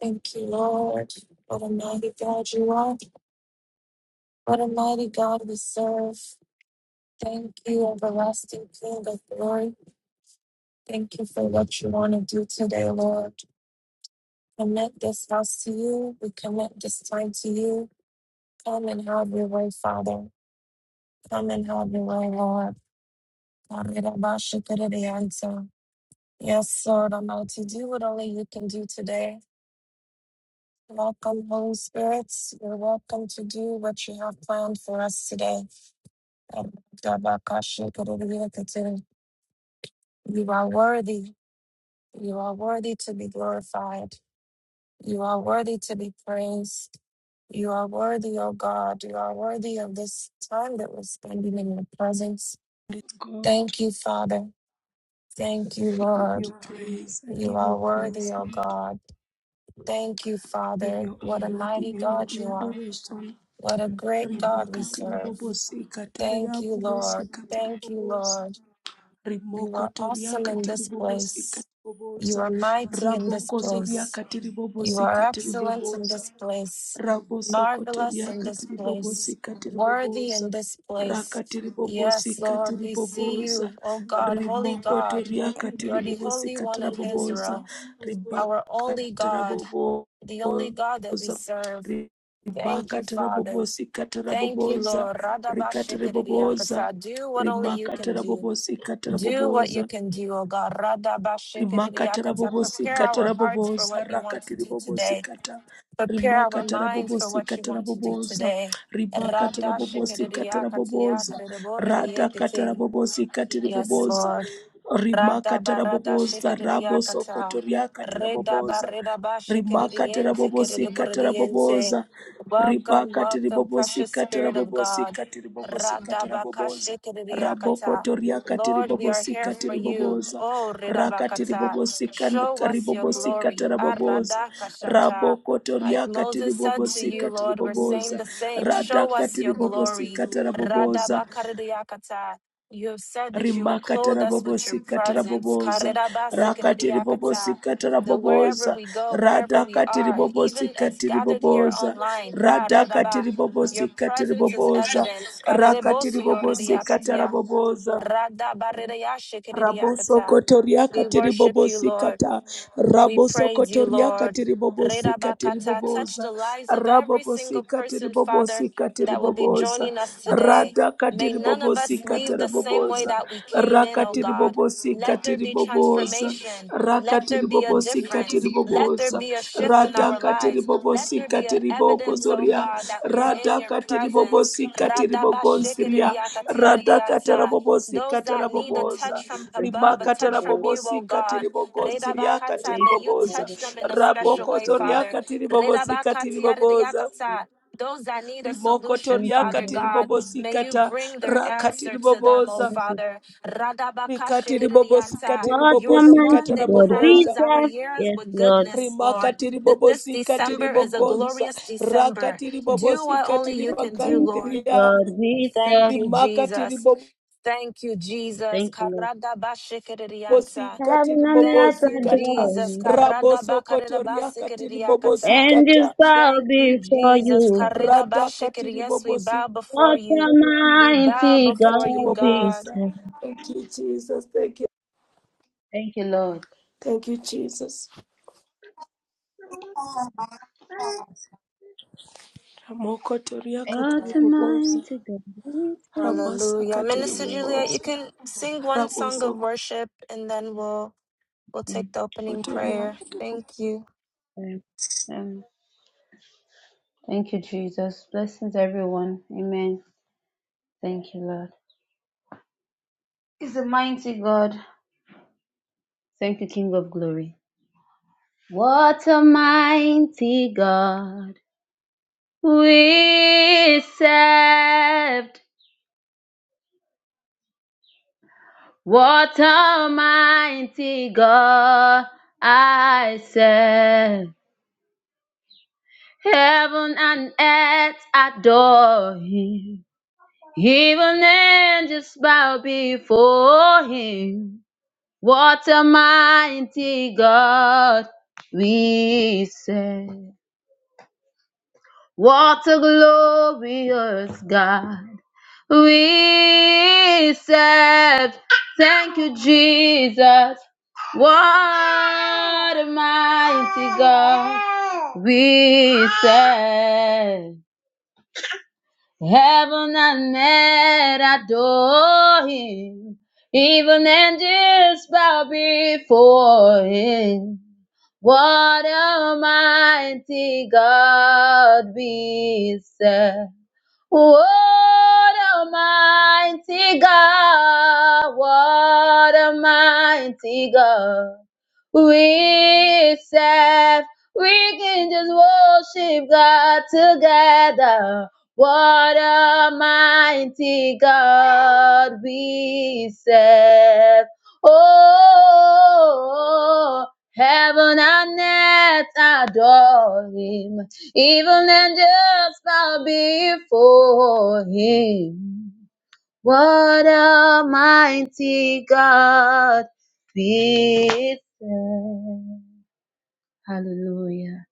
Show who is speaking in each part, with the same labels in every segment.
Speaker 1: Thank you, Lord. What a mighty God you are. What a mighty God we serve. Thank you, everlasting King of glory. Thank you for what you want to do today, Lord. Commit this house to you. We commit this time to you. Come and have your way, Father. Come and have your way, Lord. Yes, Lord, I'm out to do what only you can do today. Welcome, Holy Spirit. You're welcome to do what you have planned for us today. You are worthy. You are worthy to be glorified. You are worthy to be praised. You are worthy, O God. You are worthy of this time that we're spending in your presence.
Speaker 2: Praise God,
Speaker 1: Thank you, Father. Thank you,
Speaker 2: give
Speaker 1: Lord.
Speaker 2: you praise. I
Speaker 1: You
Speaker 2: give you
Speaker 1: are worthy,
Speaker 2: praise,
Speaker 1: O
Speaker 2: Lord.
Speaker 1: God. Thank you,
Speaker 2: Give
Speaker 1: Father.
Speaker 2: you
Speaker 1: What a
Speaker 2: honor. I give
Speaker 1: mighty
Speaker 2: you all
Speaker 1: God you
Speaker 2: the
Speaker 1: are.
Speaker 2: adoration.
Speaker 1: What a great God we
Speaker 2: Rimaka
Speaker 1: serve.
Speaker 2: tiribobosi
Speaker 1: Thank
Speaker 2: kataria
Speaker 1: you,
Speaker 2: bobosi
Speaker 1: Lord. Thank you,
Speaker 2: katiribobosa.
Speaker 1: Lord. You
Speaker 2: Rimoko
Speaker 1: are
Speaker 2: toria
Speaker 1: awesome in this
Speaker 2: katiribobosi
Speaker 1: place. You
Speaker 2: katiribobosa.
Speaker 1: are mighty in this
Speaker 2: Raboko zoria
Speaker 1: place. You
Speaker 2: katiribobosi
Speaker 1: are excellent in
Speaker 2: katiribobosa.
Speaker 1: this place.
Speaker 2: Raboso
Speaker 1: Marvelous
Speaker 2: kotoria
Speaker 1: in this
Speaker 2: katiri
Speaker 1: place.
Speaker 2: bobosi katiri
Speaker 1: Worthy in
Speaker 2: boboza,
Speaker 1: this place. Yes,
Speaker 2: boboza,
Speaker 1: Lord, we see you,
Speaker 2: boboza,
Speaker 1: O God, holy
Speaker 2: rimoko
Speaker 1: God. You are the Holy One
Speaker 2: Rabosokotoria
Speaker 1: of Israel, our only God,
Speaker 2: boboza,
Speaker 1: the only God that we
Speaker 2: katiribobosa.
Speaker 1: serve. Thank you, Father.
Speaker 2: Rakatiribobosi
Speaker 1: Thank you,
Speaker 2: katiribobosa.
Speaker 1: Lord.
Speaker 2: Rimokotoria boboza, katirabobosa. Ribakatirabobosa.
Speaker 1: Radabashikiriakata. Do what only you
Speaker 2: rimaka
Speaker 1: can do.
Speaker 2: katirabobosa. Rikatiribobosa. Rimakatirabobosi
Speaker 1: Do what you
Speaker 2: boboza
Speaker 1: can do, O God.
Speaker 2: rimakatara
Speaker 1: Radabashikiriakata. Prepare our
Speaker 2: bobosikatara
Speaker 1: hearts for
Speaker 2: boboza
Speaker 1: what you want to
Speaker 2: rakatiri
Speaker 1: do
Speaker 2: bobosi
Speaker 1: today.
Speaker 2: kata
Speaker 1: Prepare our
Speaker 2: rimakatara
Speaker 1: minds for what you
Speaker 2: bobosikatara
Speaker 1: want to do
Speaker 2: boboza
Speaker 1: today.
Speaker 2: rimakatara bobosikatara boboza radakatara
Speaker 1: Radashikiriakatiakariborediekiti.
Speaker 2: bobosikatiri
Speaker 1: Yes,
Speaker 2: boboza
Speaker 1: Lord. Rada
Speaker 2: rimakatara
Speaker 1: barada
Speaker 2: boboza
Speaker 1: shikiriakata.
Speaker 2: rabosokotoriakatara
Speaker 1: Reda
Speaker 2: boboza
Speaker 1: bareda ba
Speaker 2: rimakatara
Speaker 1: shikiriense
Speaker 2: bobosikatara
Speaker 1: kiridiboridiense.
Speaker 2: boboza
Speaker 1: Welcome,
Speaker 2: ribakati
Speaker 1: welcome, precious
Speaker 2: ribobosikati
Speaker 1: Spirit of God.
Speaker 2: rabobosikati
Speaker 1: Rada
Speaker 2: ribobosikati
Speaker 1: baka
Speaker 2: raboboza
Speaker 1: shikiriakata.
Speaker 2: rabokotoriakati
Speaker 1: Lord, we are here
Speaker 2: ribobosikati
Speaker 1: for you.
Speaker 2: riboboza
Speaker 1: Oh, reda
Speaker 2: rakati
Speaker 1: bakata.
Speaker 2: ribobosikati
Speaker 1: Show us your
Speaker 2: ribobosikati
Speaker 1: glory.
Speaker 2: raboboza
Speaker 1: Arada kashata. Like
Speaker 2: rabokotoriakati
Speaker 1: Moses said to you,
Speaker 2: ribobosikati
Speaker 1: Lord, we're saying
Speaker 2: riboboza
Speaker 1: the same. Show us
Speaker 2: radakati
Speaker 1: your
Speaker 2: ribobosi
Speaker 1: glory.
Speaker 2: katara
Speaker 1: Rada
Speaker 2: boboza
Speaker 1: bakariakata. You have said that you will clothe
Speaker 2: rimakatara
Speaker 1: us with your
Speaker 2: bobosikatara
Speaker 1: presence.
Speaker 2: boboza rakatiri
Speaker 1: Karirabasikiririyakata.
Speaker 2: bobosikatara
Speaker 1: That wherever
Speaker 2: boboza
Speaker 1: we go, wherever we
Speaker 2: radhakatiri
Speaker 1: are, even as
Speaker 2: bobosikatiri
Speaker 1: gathered here
Speaker 2: boboza
Speaker 1: online, ah, radaba,
Speaker 2: radhakatiri
Speaker 1: your
Speaker 2: bobosikatiri
Speaker 1: presence is
Speaker 2: boboza
Speaker 1: evidence.
Speaker 2: rakatiri bobosikatara
Speaker 1: Karirebosuyoririyakatia.
Speaker 2: boboza Raboso
Speaker 1: Radabaririyashikiririyakata.
Speaker 2: kotoria
Speaker 1: We
Speaker 2: katiri
Speaker 1: worship you,
Speaker 2: bobosi
Speaker 1: Lord.
Speaker 2: kata.
Speaker 1: We praise you,
Speaker 2: Rabosokotoria
Speaker 1: Lord.
Speaker 2: katiribobosikata.
Speaker 1: Redabakata, touch the lives of every
Speaker 2: Rabosokotoria
Speaker 1: single person, Father,
Speaker 2: katiribobosika
Speaker 1: that will be
Speaker 2: tiribobosa.
Speaker 1: joining us today.
Speaker 2: Rabobosika
Speaker 1: May none of us
Speaker 2: tiribobosika
Speaker 1: leave the same way
Speaker 2: boboza.
Speaker 1: that we came
Speaker 2: Rada
Speaker 1: in, oh
Speaker 2: katiri
Speaker 1: God.
Speaker 2: bobosi
Speaker 1: Let there
Speaker 2: katiri
Speaker 1: be
Speaker 2: boboza.
Speaker 1: transformation. Let there be a
Speaker 2: katiribobosika tiribobosa. Rakatiribobosika
Speaker 1: difference. Let there
Speaker 2: tiribobosa.
Speaker 1: be a
Speaker 2: Rakatiribobosika boboza.
Speaker 1: shift in
Speaker 2: Rada
Speaker 1: our lives. Let there
Speaker 2: katiribobosika
Speaker 1: be an
Speaker 2: tiribobosa.
Speaker 1: evidence, oh
Speaker 2: Bokozoria,
Speaker 1: God, that we're in
Speaker 2: Rada
Speaker 1: your presence.
Speaker 2: Katiribobosi Katiribogonsiria, Rada
Speaker 1: Radabashikiriakatiaridianta.
Speaker 2: Katarabobosi
Speaker 1: Those that need a
Speaker 3: Thank you,
Speaker 1: touch
Speaker 2: Katarabobosa,
Speaker 1: from
Speaker 3: Jesus.
Speaker 1: above, a
Speaker 3: Thank
Speaker 2: Rimaka
Speaker 3: you,
Speaker 1: touch from
Speaker 3: Lord.
Speaker 1: you, oh
Speaker 2: Tarabobosi
Speaker 1: God.
Speaker 2: Katiribogonsiria
Speaker 1: Redabakata,
Speaker 3: Thank
Speaker 1: may
Speaker 3: you,
Speaker 1: you
Speaker 2: Katiribobosa,
Speaker 1: touch
Speaker 3: Father,
Speaker 1: them in a
Speaker 3: for being
Speaker 1: special way,
Speaker 3: a
Speaker 2: Rabokozoria
Speaker 1: Father.
Speaker 2: Katiribobosi
Speaker 1: Redabakatia
Speaker 2: Katiribobosa,
Speaker 1: Those that need a
Speaker 2: Rimoko
Speaker 1: solution,
Speaker 3: Thank
Speaker 2: Toria
Speaker 3: you,
Speaker 1: Father
Speaker 3: Lord.
Speaker 1: God,
Speaker 2: Katiribobosi
Speaker 1: may you
Speaker 2: Kata,
Speaker 1: bring their answer to them, oh
Speaker 2: Rakatiribobosa,
Speaker 3: Thank you.
Speaker 1: Father.
Speaker 2: Mikatiribobosi
Speaker 1: Radabakashikiridianta.
Speaker 3: What
Speaker 1: You
Speaker 3: a
Speaker 1: are the
Speaker 2: Katiribobosi
Speaker 1: one
Speaker 3: mighty
Speaker 1: that
Speaker 3: God we
Speaker 2: Katarabobosa.
Speaker 1: crowns our
Speaker 3: serve.
Speaker 1: years
Speaker 3: Yes,
Speaker 1: with
Speaker 3: Lord.
Speaker 1: goodness, Lord.
Speaker 2: rimakatiri
Speaker 1: That this
Speaker 2: bobosikatiri
Speaker 1: December is a
Speaker 2: bogonza
Speaker 1: glorious December.
Speaker 2: rakatiri
Speaker 1: Do what
Speaker 3: What
Speaker 1: only
Speaker 2: bobosikatiri
Speaker 3: a
Speaker 1: you can do, Lord.
Speaker 3: mighty
Speaker 2: bagandria
Speaker 3: God we
Speaker 1: Thank
Speaker 3: serve.
Speaker 1: you,
Speaker 2: rimakatiri
Speaker 1: Jesus. Thank you, Jesus.
Speaker 3: Thank you, Lord.
Speaker 1: Karadabashikiridianta.
Speaker 3: Heaven
Speaker 2: bobosikatiri
Speaker 3: and
Speaker 1: Thank
Speaker 3: earth
Speaker 1: you,
Speaker 2: bobosikata
Speaker 3: adore
Speaker 1: Jesus.
Speaker 3: you.
Speaker 2: rabosokotoriakatiri
Speaker 1: Karadabakaridabasikiridiyakata.
Speaker 3: Angels
Speaker 2: bobosikata
Speaker 3: bow
Speaker 1: Thank you,
Speaker 3: before
Speaker 1: Jesus.
Speaker 3: you.
Speaker 1: Karidabashikiri.
Speaker 2: radakatiri
Speaker 1: Yes, we bow
Speaker 2: bobosikatiri
Speaker 1: before
Speaker 3: What a
Speaker 1: you. We bow
Speaker 3: mighty
Speaker 1: before you,
Speaker 3: God we
Speaker 1: God.
Speaker 2: bobosa
Speaker 3: serve.
Speaker 2: thank you jesus thank you
Speaker 3: Thank you, Lord.
Speaker 2: thank you jesus ramokotoriakatiri
Speaker 3: What a
Speaker 2: bobosa
Speaker 3: mighty God we serve.
Speaker 1: Hallelujah.
Speaker 3: Thank
Speaker 2: rabasakatiri
Speaker 1: Minister
Speaker 3: you,
Speaker 1: Juliet, you
Speaker 2: bobosa
Speaker 1: can sing one song of worship and then we'll we'll
Speaker 3: Lord.
Speaker 1: take the opening prayer.
Speaker 2: rabosokotoriakatiri
Speaker 1: Thank you.
Speaker 3: Amen. Thank you, Jesus. Blessings, everyone. Amen. Thank you, Lord. He's a mighty God. Thank you, King of Glory. What a mighty God we served. What a mighty God I serve. Heaven and earth adore him. Even angels bow before him. What a mighty God we serve. What a glorious God we serve. Thank you, Jesus. What a mighty God we serve. Heaven and earth adore him. Even angels bow before him. What a mighty God we serve. What a mighty God, what a mighty God. We serve, we can just worship God together. What a mighty God we serve. Oh, heaven and earth adore him. Even angels bow before him. What a mighty God we serve. Hallelujah.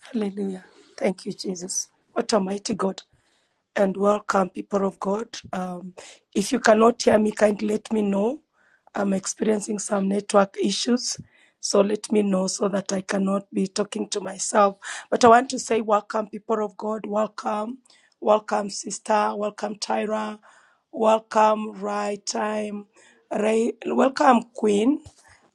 Speaker 2: Hallelujah. Thank you, Jesus. What a mighty God and welcome, people of God. Um, if you cannot hear me, kindly let me know. I'm experiencing some network issues, so let me know so that I cannot be talking to myself. But I want to say, welcome, people of God. Welcome, welcome, sister. Welcome, Tyra. Welcome, right time. Ray, welcome, Queen.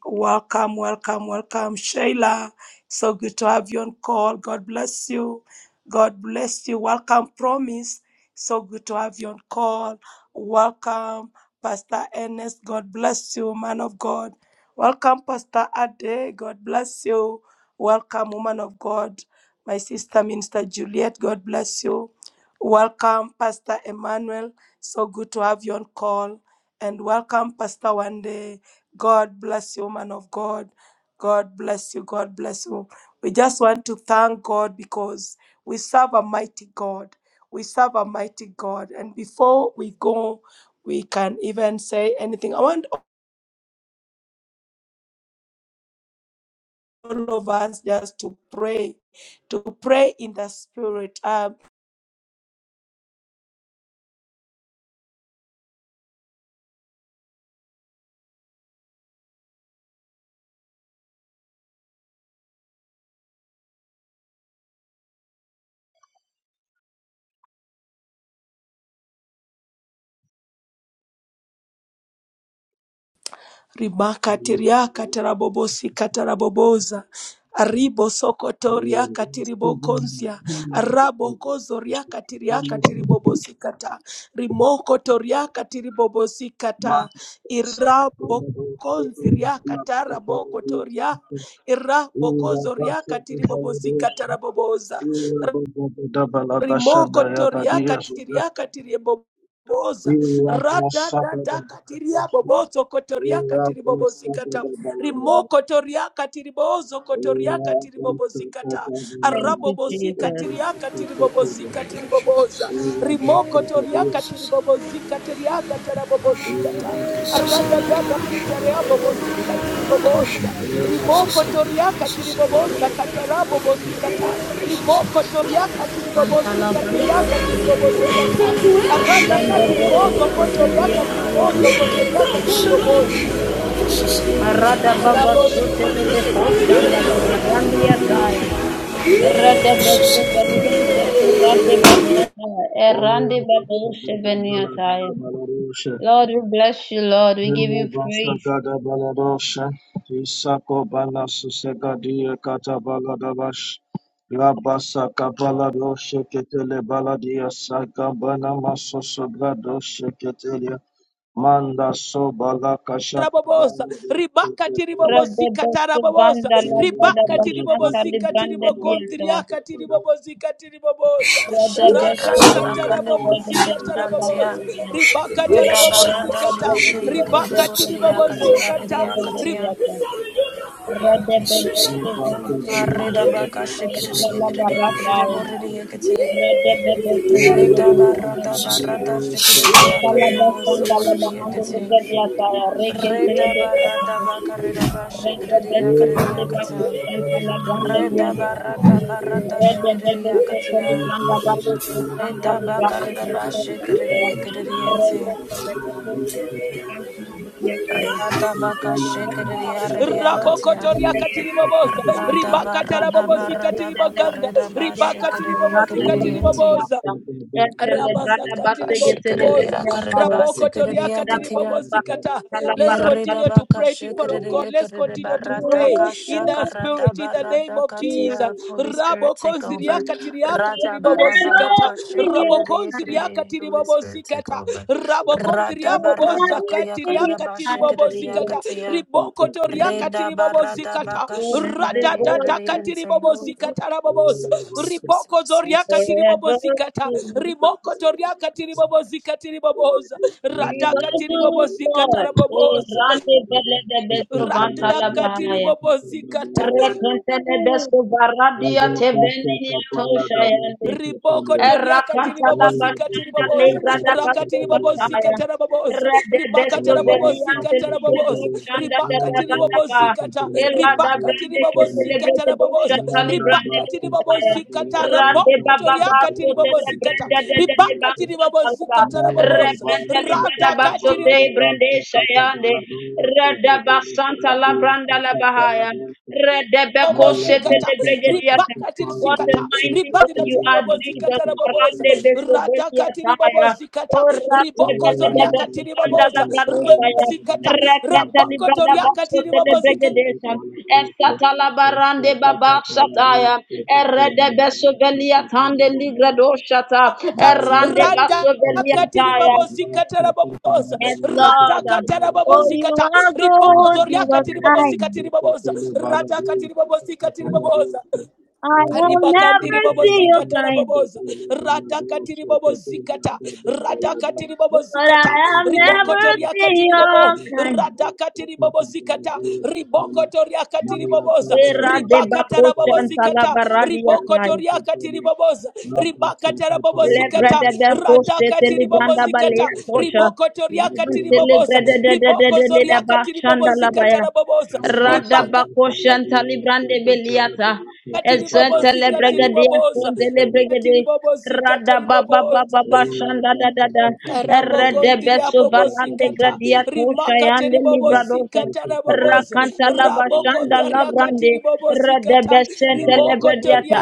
Speaker 2: Welcome, welcome, welcome, Shayla. So good to have you on call. God bless you. God bless you. Welcome, Promise. So good to have you on call. Welcome, Pastor Ernest. God bless you, man of God. Welcome, Pastor Ade. God bless you. Welcome, woman of God. My sister, Minister Juliet. God bless you. Welcome, Pastor Emmanuel. So good to have you on call. And welcome, Pastor Wande. God bless you, man of God. God bless you. God bless you. We just want to thank God because we serve a mighty God. We serve a mighty God. And before we go, we can even say anything. I want all of us just to pray, to pray in the spirit. Um, rimakatiriaka katarabobosi kataraboboza aribo sokotoria riaka
Speaker 4: Thank
Speaker 2: tiribokonzia arabo kozo katiria tiriaka tiribobosi kata rimoko toriaka tiribobosi kata irabo konzi kataraboko toria irabo kozo riaka tiribobosi kataraboboza rimoko toria katiria katiria boboza rada dada katiria bobozo kotoria katiri bobozikata rimoko toria katiri bozo kotoria katiri bobozikata
Speaker 3: Thank
Speaker 2: arabo
Speaker 3: you,
Speaker 2: bosi
Speaker 3: Jesus.
Speaker 2: katiria katiri
Speaker 5: Thank you,
Speaker 2: bobozikatiri
Speaker 5: Jesus.
Speaker 2: boboza
Speaker 5: Thank
Speaker 2: rimoko toria
Speaker 4: you.
Speaker 5: you,
Speaker 2: katiri
Speaker 5: Jesus.
Speaker 2: bobozikatiria katara bobozikata arada dada kitaria bobosikatiri boboza rimoko toria katiri boboza katara bobosikata rimoko toriaka tiribobozika
Speaker 3: Antalaba
Speaker 2: tiriaka tiribobozika ta arada
Speaker 3: Renda boka
Speaker 2: katiribozo kotoriaka
Speaker 3: shivaliati
Speaker 2: tiribozo kotoriaka
Speaker 3: gradia
Speaker 2: tiriboboza
Speaker 3: Marada baba
Speaker 2: rabosa
Speaker 3: sotelebe ko shandalabarandiata. Radebeste valiente curate bastata, errande badoshe veniataya. Lord, we bless you, Lord. We give you praise.
Speaker 4: Rabasa kabala doshe ketele baladia sakabana masoso brado Manda sobala kashaka bala
Speaker 2: raboboza
Speaker 4: bala
Speaker 2: ribaka tiribobozika
Speaker 3: Radebeste
Speaker 2: taraboboza
Speaker 3: vanda
Speaker 4: bala
Speaker 3: la vada
Speaker 2: ribaka
Speaker 3: bashanta
Speaker 2: tiribobozika
Speaker 3: librande viataya.
Speaker 2: tiribogondriaka tiribobozika tiriboboza
Speaker 3: Radebeste
Speaker 2: radaka
Speaker 3: vantale
Speaker 5: Jesus.
Speaker 2: tarabobozika
Speaker 3: radebeste kala
Speaker 1: Shakaradabakaridabakaridiyakata.
Speaker 2: taraboboza
Speaker 3: badaya.
Speaker 2: ribaka tarabobozika ta
Speaker 3: Randebeste
Speaker 2: ribaka
Speaker 3: celebeste shanta
Speaker 2: tiribobozika ta
Speaker 3: librande
Speaker 1: Redabaradashikiridiyakiridiboridiakatiyaridiakatiya.
Speaker 3: viataya. Radebeste vantale
Speaker 1: Karida
Speaker 3: viataya.
Speaker 1: baka
Speaker 3: Randa
Speaker 1: shikiri
Speaker 3: la
Speaker 1: yikiri yikiri
Speaker 3: barataya.
Speaker 1: boriri yikiti.
Speaker 3: Radebeste
Speaker 1: Rida
Speaker 3: celebeste
Speaker 1: barada
Speaker 3: shanta.
Speaker 1: barada shikiri
Speaker 3: Thank
Speaker 1: yakari bosukuri yikiti. Rida barada bakarida ba shikiri yakari yakata. Rida barada barada
Speaker 4: Thank you.
Speaker 1: shikiri yakatia.
Speaker 4: Thank
Speaker 1: Rida Reda ba shikiri yikiri yinti. Rada baka shikiri yariri yakatia.
Speaker 2: rabokotoria katiriboboza
Speaker 3: you.
Speaker 1: Rada barada
Speaker 2: ribakatarabobozika
Speaker 1: barada
Speaker 2: tiribaganda
Speaker 1: bakarida ba shikiri
Speaker 2: ribakatiribobozika
Speaker 1: yikiri yinti.
Speaker 2: tiriboboza Rabasa katiribobosa.
Speaker 1: Shikiriya karidaba
Speaker 2: Raboko toria
Speaker 1: sikiriya katiya.
Speaker 2: katiribobozikata. Let's continue
Speaker 1: Yeridaba
Speaker 2: to pray, people of God.
Speaker 1: kashikiriya
Speaker 2: Let's continue
Speaker 1: kiriba
Speaker 2: to
Speaker 1: rada
Speaker 2: pray in
Speaker 1: kasha
Speaker 2: the
Speaker 1: karada
Speaker 2: spirit, in the name
Speaker 1: barada
Speaker 2: of Jesus.
Speaker 1: katiya. Holy Spirit, take
Speaker 2: Rabokonziria
Speaker 1: over.
Speaker 2: katiria
Speaker 1: Rada barada
Speaker 2: katiribobozikata.
Speaker 1: bakashikiriya
Speaker 2: Rabokonziria
Speaker 1: kiriya. Holy Spirit, take
Speaker 2: katiribobozikata.
Speaker 1: over. Rada
Speaker 2: Rabokonziria boboza
Speaker 1: barada kaya
Speaker 2: katiria
Speaker 1: karidaba shikiriya
Speaker 2: katiribobozikata.
Speaker 1: katiya.
Speaker 2: Riboko toria
Speaker 1: Rida barada
Speaker 2: katiribobozikata.
Speaker 1: bakashikiriya
Speaker 2: Radadada
Speaker 1: kiriya. And say, Oh
Speaker 2: katiribobozikata
Speaker 1: Lord.
Speaker 2: raboboza.
Speaker 1: Source, source,
Speaker 2: Riboko
Speaker 3: And
Speaker 2: zoria
Speaker 3: forever,
Speaker 2: katiribobozikata.
Speaker 3: see you.
Speaker 2: Riboko toria katiri
Speaker 1: source.
Speaker 2: toriaka katiri tiriboboza.
Speaker 3: You
Speaker 2: Radaka
Speaker 3: are good,
Speaker 2: tiribobozika
Speaker 3: Lord. Eh,
Speaker 2: taraboboza.
Speaker 3: Rande bele de beso vanta la
Speaker 2: Radaka
Speaker 3: bahaya.
Speaker 2: tiribobozika kata,
Speaker 4: you.
Speaker 3: Rekentele beso
Speaker 4: Thank
Speaker 3: baradia
Speaker 4: you.
Speaker 3: te venini atoshayande.
Speaker 2: Riboko toria katiri
Speaker 3: Errakantala
Speaker 2: bobozi katiri
Speaker 3: bashanda
Speaker 2: tiribobozika tiriboboza.
Speaker 3: legrada
Speaker 2: Raka
Speaker 3: baso
Speaker 2: tiribobozika
Speaker 3: bataya.
Speaker 2: taraboboza.
Speaker 3: Rede
Speaker 2: Ribaka
Speaker 3: besto
Speaker 2: tarabobozika
Speaker 3: veliante lige do
Speaker 2: taraboboza.
Speaker 3: shanda da
Speaker 2: Ribaka
Speaker 3: da
Speaker 2: Tiri tiribobozika kata,
Speaker 3: Ela da
Speaker 2: Ribaka Tiri
Speaker 3: brande ke
Speaker 2: tiribobozika
Speaker 3: celebrate do
Speaker 2: taraboboza.
Speaker 3: shatali brande
Speaker 2: Ribaka
Speaker 3: do
Speaker 2: Tiri
Speaker 3: bataya.
Speaker 2: tiribobozika
Speaker 3: Rade
Speaker 2: taraboko
Speaker 3: baba
Speaker 2: toriaka
Speaker 3: baso tele
Speaker 2: tiribobozika kata,
Speaker 3: brande de de le
Speaker 2: Ribaka Tiri
Speaker 3: basanta ba.
Speaker 2: tiribobozika taraboboza.
Speaker 3: Rekrente baso
Speaker 2: Radaka
Speaker 3: te brande shayande. Rede basanta la branda la bahaya. Rede
Speaker 2: bobo
Speaker 3: beko
Speaker 4: Thank
Speaker 3: se tele
Speaker 2: zikata
Speaker 3: brande diata.
Speaker 2: ribaka tiri
Speaker 3: What a
Speaker 2: zikata
Speaker 3: mighty God
Speaker 2: ribadi na
Speaker 3: you
Speaker 2: tiri
Speaker 3: are,
Speaker 2: bobo
Speaker 3: Jesus.
Speaker 2: zikata na boboza
Speaker 3: Marande besobelia
Speaker 2: radaka tiri bobo
Speaker 3: taya. O
Speaker 2: zikata
Speaker 3: rate
Speaker 2: riboko
Speaker 3: bele de
Speaker 2: zoriaka tiri
Speaker 3: besobanda la
Speaker 2: boboza Ra-
Speaker 3: badushaya.
Speaker 2: zikata
Speaker 3: Rekenta li
Speaker 2: raboko
Speaker 3: brada
Speaker 2: toriaka tiri
Speaker 3: basote de
Speaker 2: bobo zikata
Speaker 3: begedesha. Esata la barande baba shataya. Erede besobelia tande li gradoshata. Erande
Speaker 2: rada
Speaker 3: basobelia
Speaker 2: katiri
Speaker 3: taya.
Speaker 2: babo zikata na baboza
Speaker 3: Yes,
Speaker 2: rada
Speaker 3: Lord.
Speaker 2: katara babo
Speaker 3: Oh,
Speaker 4: you.
Speaker 3: you
Speaker 2: zikata
Speaker 3: are
Speaker 4: Mala
Speaker 2: riboko
Speaker 3: good,
Speaker 2: zoria
Speaker 3: you are
Speaker 4: Baba
Speaker 2: tiri babo
Speaker 3: kind.
Speaker 2: zikatiri
Speaker 4: Basta
Speaker 2: baboza
Speaker 4: Tele Baba
Speaker 2: rada katiri babo zikatiri baboza
Speaker 3: I will
Speaker 2: Ribakandiri
Speaker 3: never
Speaker 2: bobo
Speaker 3: see you
Speaker 2: zikata na
Speaker 3: kind.
Speaker 2: boboza. Rata katiri bobo zikata. Rata katiri bobo
Speaker 3: But
Speaker 2: zikata.
Speaker 3: I have
Speaker 2: Rimoko
Speaker 3: never
Speaker 2: toria
Speaker 3: seen
Speaker 2: katiri bobo.
Speaker 3: your kind.
Speaker 2: Rata katiri bobo zikata. Riboko toria katiri boboza.
Speaker 3: Era de
Speaker 2: Ribakata
Speaker 3: bako
Speaker 2: na bobo
Speaker 3: shanta
Speaker 4: Bala
Speaker 3: la
Speaker 2: zikata.
Speaker 3: baradia
Speaker 2: Riboko
Speaker 3: taya.
Speaker 4: Basta
Speaker 2: toria
Speaker 4: Tele
Speaker 2: katiri boboza.
Speaker 4: Thank
Speaker 2: Ribakata na bobo
Speaker 3: Lebre
Speaker 2: zikata.
Speaker 3: de bako
Speaker 2: Rata
Speaker 3: shete li
Speaker 2: katiri bobo
Speaker 3: ganda
Speaker 2: zikata.
Speaker 3: balea tosha.
Speaker 2: Riboko toria katiri
Speaker 3: Mantele
Speaker 2: boboza.
Speaker 3: grada da da da
Speaker 2: Riboko
Speaker 3: da da da
Speaker 2: zoria
Speaker 3: ba
Speaker 2: katiri bobo
Speaker 3: shanda la
Speaker 2: zikata
Speaker 3: baya.
Speaker 2: na boboza.
Speaker 3: Rada
Speaker 2: Ribaka
Speaker 3: bako shanta librande beliata. Ezente
Speaker 2: katiribobozi
Speaker 3: le bregadia
Speaker 2: katiriboboza
Speaker 3: shonde le bregade.
Speaker 2: katiribobozi
Speaker 3: Rada ba ba ba
Speaker 2: katiriboboza
Speaker 3: ba ba shanda da da da. Erede
Speaker 2: ramokondiria
Speaker 3: beso valande gradia tosha
Speaker 2: rimaka
Speaker 3: yande libradosa.
Speaker 2: teribobozikata raboboza
Speaker 3: Rakanta la ba shanda la brande. Rede
Speaker 2: rabokodhariakatiribobozikata
Speaker 3: besente le bradiata.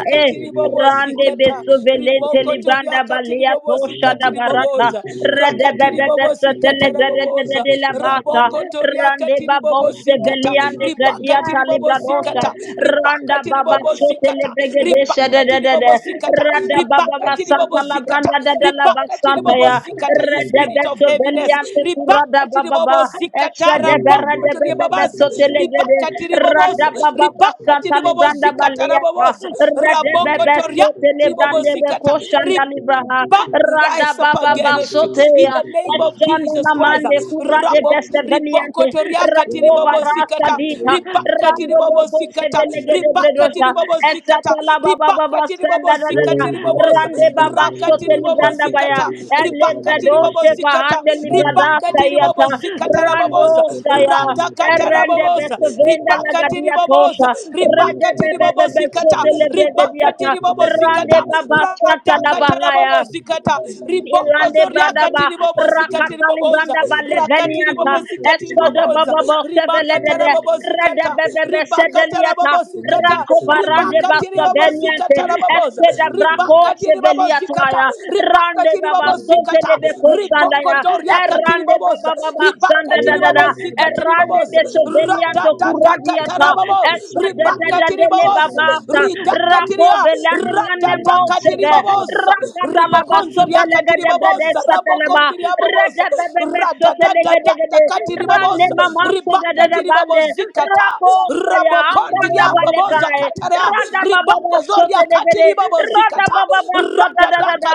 Speaker 3: Rande beso velente
Speaker 4: you.
Speaker 3: libranda balia
Speaker 4: Thank
Speaker 3: tosha da barata.
Speaker 2: rimokotoriakatiribobozikatiriboboza
Speaker 3: Rede bebe beso tele
Speaker 2: rakatiribobozikata
Speaker 3: grede de de
Speaker 2: raboboza
Speaker 3: de la basha. Rande babose
Speaker 2: rabokotoriakatiribobozikata
Speaker 3: veliande gradia talibradosha.
Speaker 2: ribakatiribobozikata
Speaker 3: Randa baba sote le
Speaker 2: ribakatiribobozikata
Speaker 3: brigade de se
Speaker 2: ribaka
Speaker 3: de de de. de
Speaker 2: tiribobo zikata
Speaker 3: Rada baba
Speaker 2: ribaka tiribobo
Speaker 3: basanta la
Speaker 2: zikata
Speaker 3: branda de de la
Speaker 2: ribaka
Speaker 3: basanta
Speaker 2: tiribobo
Speaker 3: ya.
Speaker 2: zikata you
Speaker 3: Rade
Speaker 2: spirit of
Speaker 3: beso veli
Speaker 2: heaviness
Speaker 3: Meliante
Speaker 2: ribaka
Speaker 3: kurada bababa.
Speaker 2: tiribobo zikata
Speaker 3: Eshade
Speaker 2: raboko
Speaker 3: berade bebebe
Speaker 2: tiribabaza
Speaker 3: sotelegede.
Speaker 2: ribaka
Speaker 3: Rada
Speaker 2: tiriboboza
Speaker 3: bababa
Speaker 2: ribaka
Speaker 3: santa
Speaker 2: tiribobo
Speaker 3: libranda
Speaker 2: zikata
Speaker 3: baliata.
Speaker 2: raboboza
Speaker 3: Rede
Speaker 2: raboko
Speaker 3: bebe
Speaker 2: toria tiribobo
Speaker 3: sotelebrande
Speaker 2: zikata
Speaker 3: beko shanda
Speaker 2: ribaka
Speaker 3: libraha.
Speaker 2: but
Speaker 4: you.
Speaker 2: we
Speaker 3: Rada
Speaker 2: rise up
Speaker 4: Thank
Speaker 3: bababa
Speaker 4: you.
Speaker 2: against you in
Speaker 3: soteya.
Speaker 2: the name of
Speaker 3: Eshane
Speaker 2: Jesus Christ.
Speaker 3: namande kurade
Speaker 2: Rabok
Speaker 3: beste veliante.
Speaker 2: ribokoto riakati
Speaker 3: Rakova
Speaker 2: ribobo
Speaker 3: rasa
Speaker 2: zikata
Speaker 3: dita.
Speaker 2: ribakati
Speaker 3: Rando
Speaker 2: ribobo
Speaker 3: boko
Speaker 2: zikata
Speaker 3: segede
Speaker 2: ribakati
Speaker 3: bredosa
Speaker 2: ribobo zikata
Speaker 3: esata la baba baba
Speaker 2: ribakati
Speaker 3: senda
Speaker 2: ribobo
Speaker 3: da da da
Speaker 2: zikati riboboza
Speaker 3: rande baba
Speaker 2: rakati
Speaker 3: sote
Speaker 2: ribobo
Speaker 3: libranda baya
Speaker 2: zikata
Speaker 3: ele
Speaker 2: ribakati ribobo
Speaker 3: bredosa
Speaker 2: zikata
Speaker 3: bahande librada
Speaker 2: ribakati
Speaker 3: sayata
Speaker 2: ribobo zikata
Speaker 3: rando
Speaker 2: raboboza
Speaker 3: saya
Speaker 2: radakata
Speaker 3: erende
Speaker 2: raboboza
Speaker 3: besovenda la
Speaker 2: ribakati
Speaker 3: gadia tosha
Speaker 2: riboboza
Speaker 3: rede
Speaker 2: ribakati
Speaker 3: bebe
Speaker 2: ribobo
Speaker 3: bebe
Speaker 2: zikata
Speaker 3: sote lebredia
Speaker 2: ribakati ribobo
Speaker 3: rande
Speaker 2: zikata
Speaker 3: baba sata la
Speaker 2: radakata
Speaker 3: bahaya
Speaker 2: rabobo zikata riboko
Speaker 3: Irande
Speaker 2: zoriakati
Speaker 3: Bradaba
Speaker 2: ribobo zikati
Speaker 3: Rakatali
Speaker 2: riboboza
Speaker 3: Brandaba
Speaker 4: Thank
Speaker 2: rakati
Speaker 3: Levenianta
Speaker 2: ribobo zikati
Speaker 3: Escoda
Speaker 2: riboboza
Speaker 3: Bobo
Speaker 2: ribakata
Speaker 3: Seveledede
Speaker 2: rabobo
Speaker 3: Rede
Speaker 2: zikata
Speaker 3: Bebe
Speaker 2: ribakata rabobo
Speaker 3: Sedeliata
Speaker 2: zikata
Speaker 3: Rako Barande
Speaker 2: ribakati ribobo
Speaker 3: Basoveniante
Speaker 2: zikata raboboza
Speaker 3: Esceda Braco
Speaker 2: ribakati ribobo zikata
Speaker 3: Seveliataya Rande
Speaker 2: ribakati
Speaker 3: Baba
Speaker 2: ribobo
Speaker 3: Sote
Speaker 2: zikata
Speaker 3: de Beco
Speaker 2: riboko
Speaker 3: Sandaya
Speaker 2: doriakati
Speaker 3: Errande
Speaker 2: riboboza
Speaker 3: Baba Baba Sanda
Speaker 2: ribakati
Speaker 3: da da da
Speaker 2: ribobo zikati
Speaker 3: Errande
Speaker 2: riboboza
Speaker 3: Besovelianto
Speaker 2: radada
Speaker 3: Curadiata
Speaker 2: Radadakatarababo,
Speaker 3: Eshadadadadele
Speaker 2: Ribakatiribaboza,
Speaker 3: babasa. Rako
Speaker 2: Ridakatiria,
Speaker 3: belane mane mosege.
Speaker 2: Radadakatiribaboza,
Speaker 3: Rakatalaba sobelega de brede
Speaker 2: Ribokonziriakatiribaboza,
Speaker 3: satalaba.
Speaker 2: Rabokonziriababoza,
Speaker 3: Redebebebe sotelega degede. Rane
Speaker 2: Radadadadakatiribaboza,
Speaker 3: mama sodadada bande.
Speaker 2: Ribakatiribabozikata,
Speaker 3: Rako saya ambranda
Speaker 2: Rabokondiriababoza
Speaker 3: balekai.
Speaker 2: Katara,
Speaker 3: Rada
Speaker 4: you.
Speaker 3: baba sotelegede. Rada
Speaker 2: Ribokozoriakatiribabozikata,
Speaker 3: baba sodadada.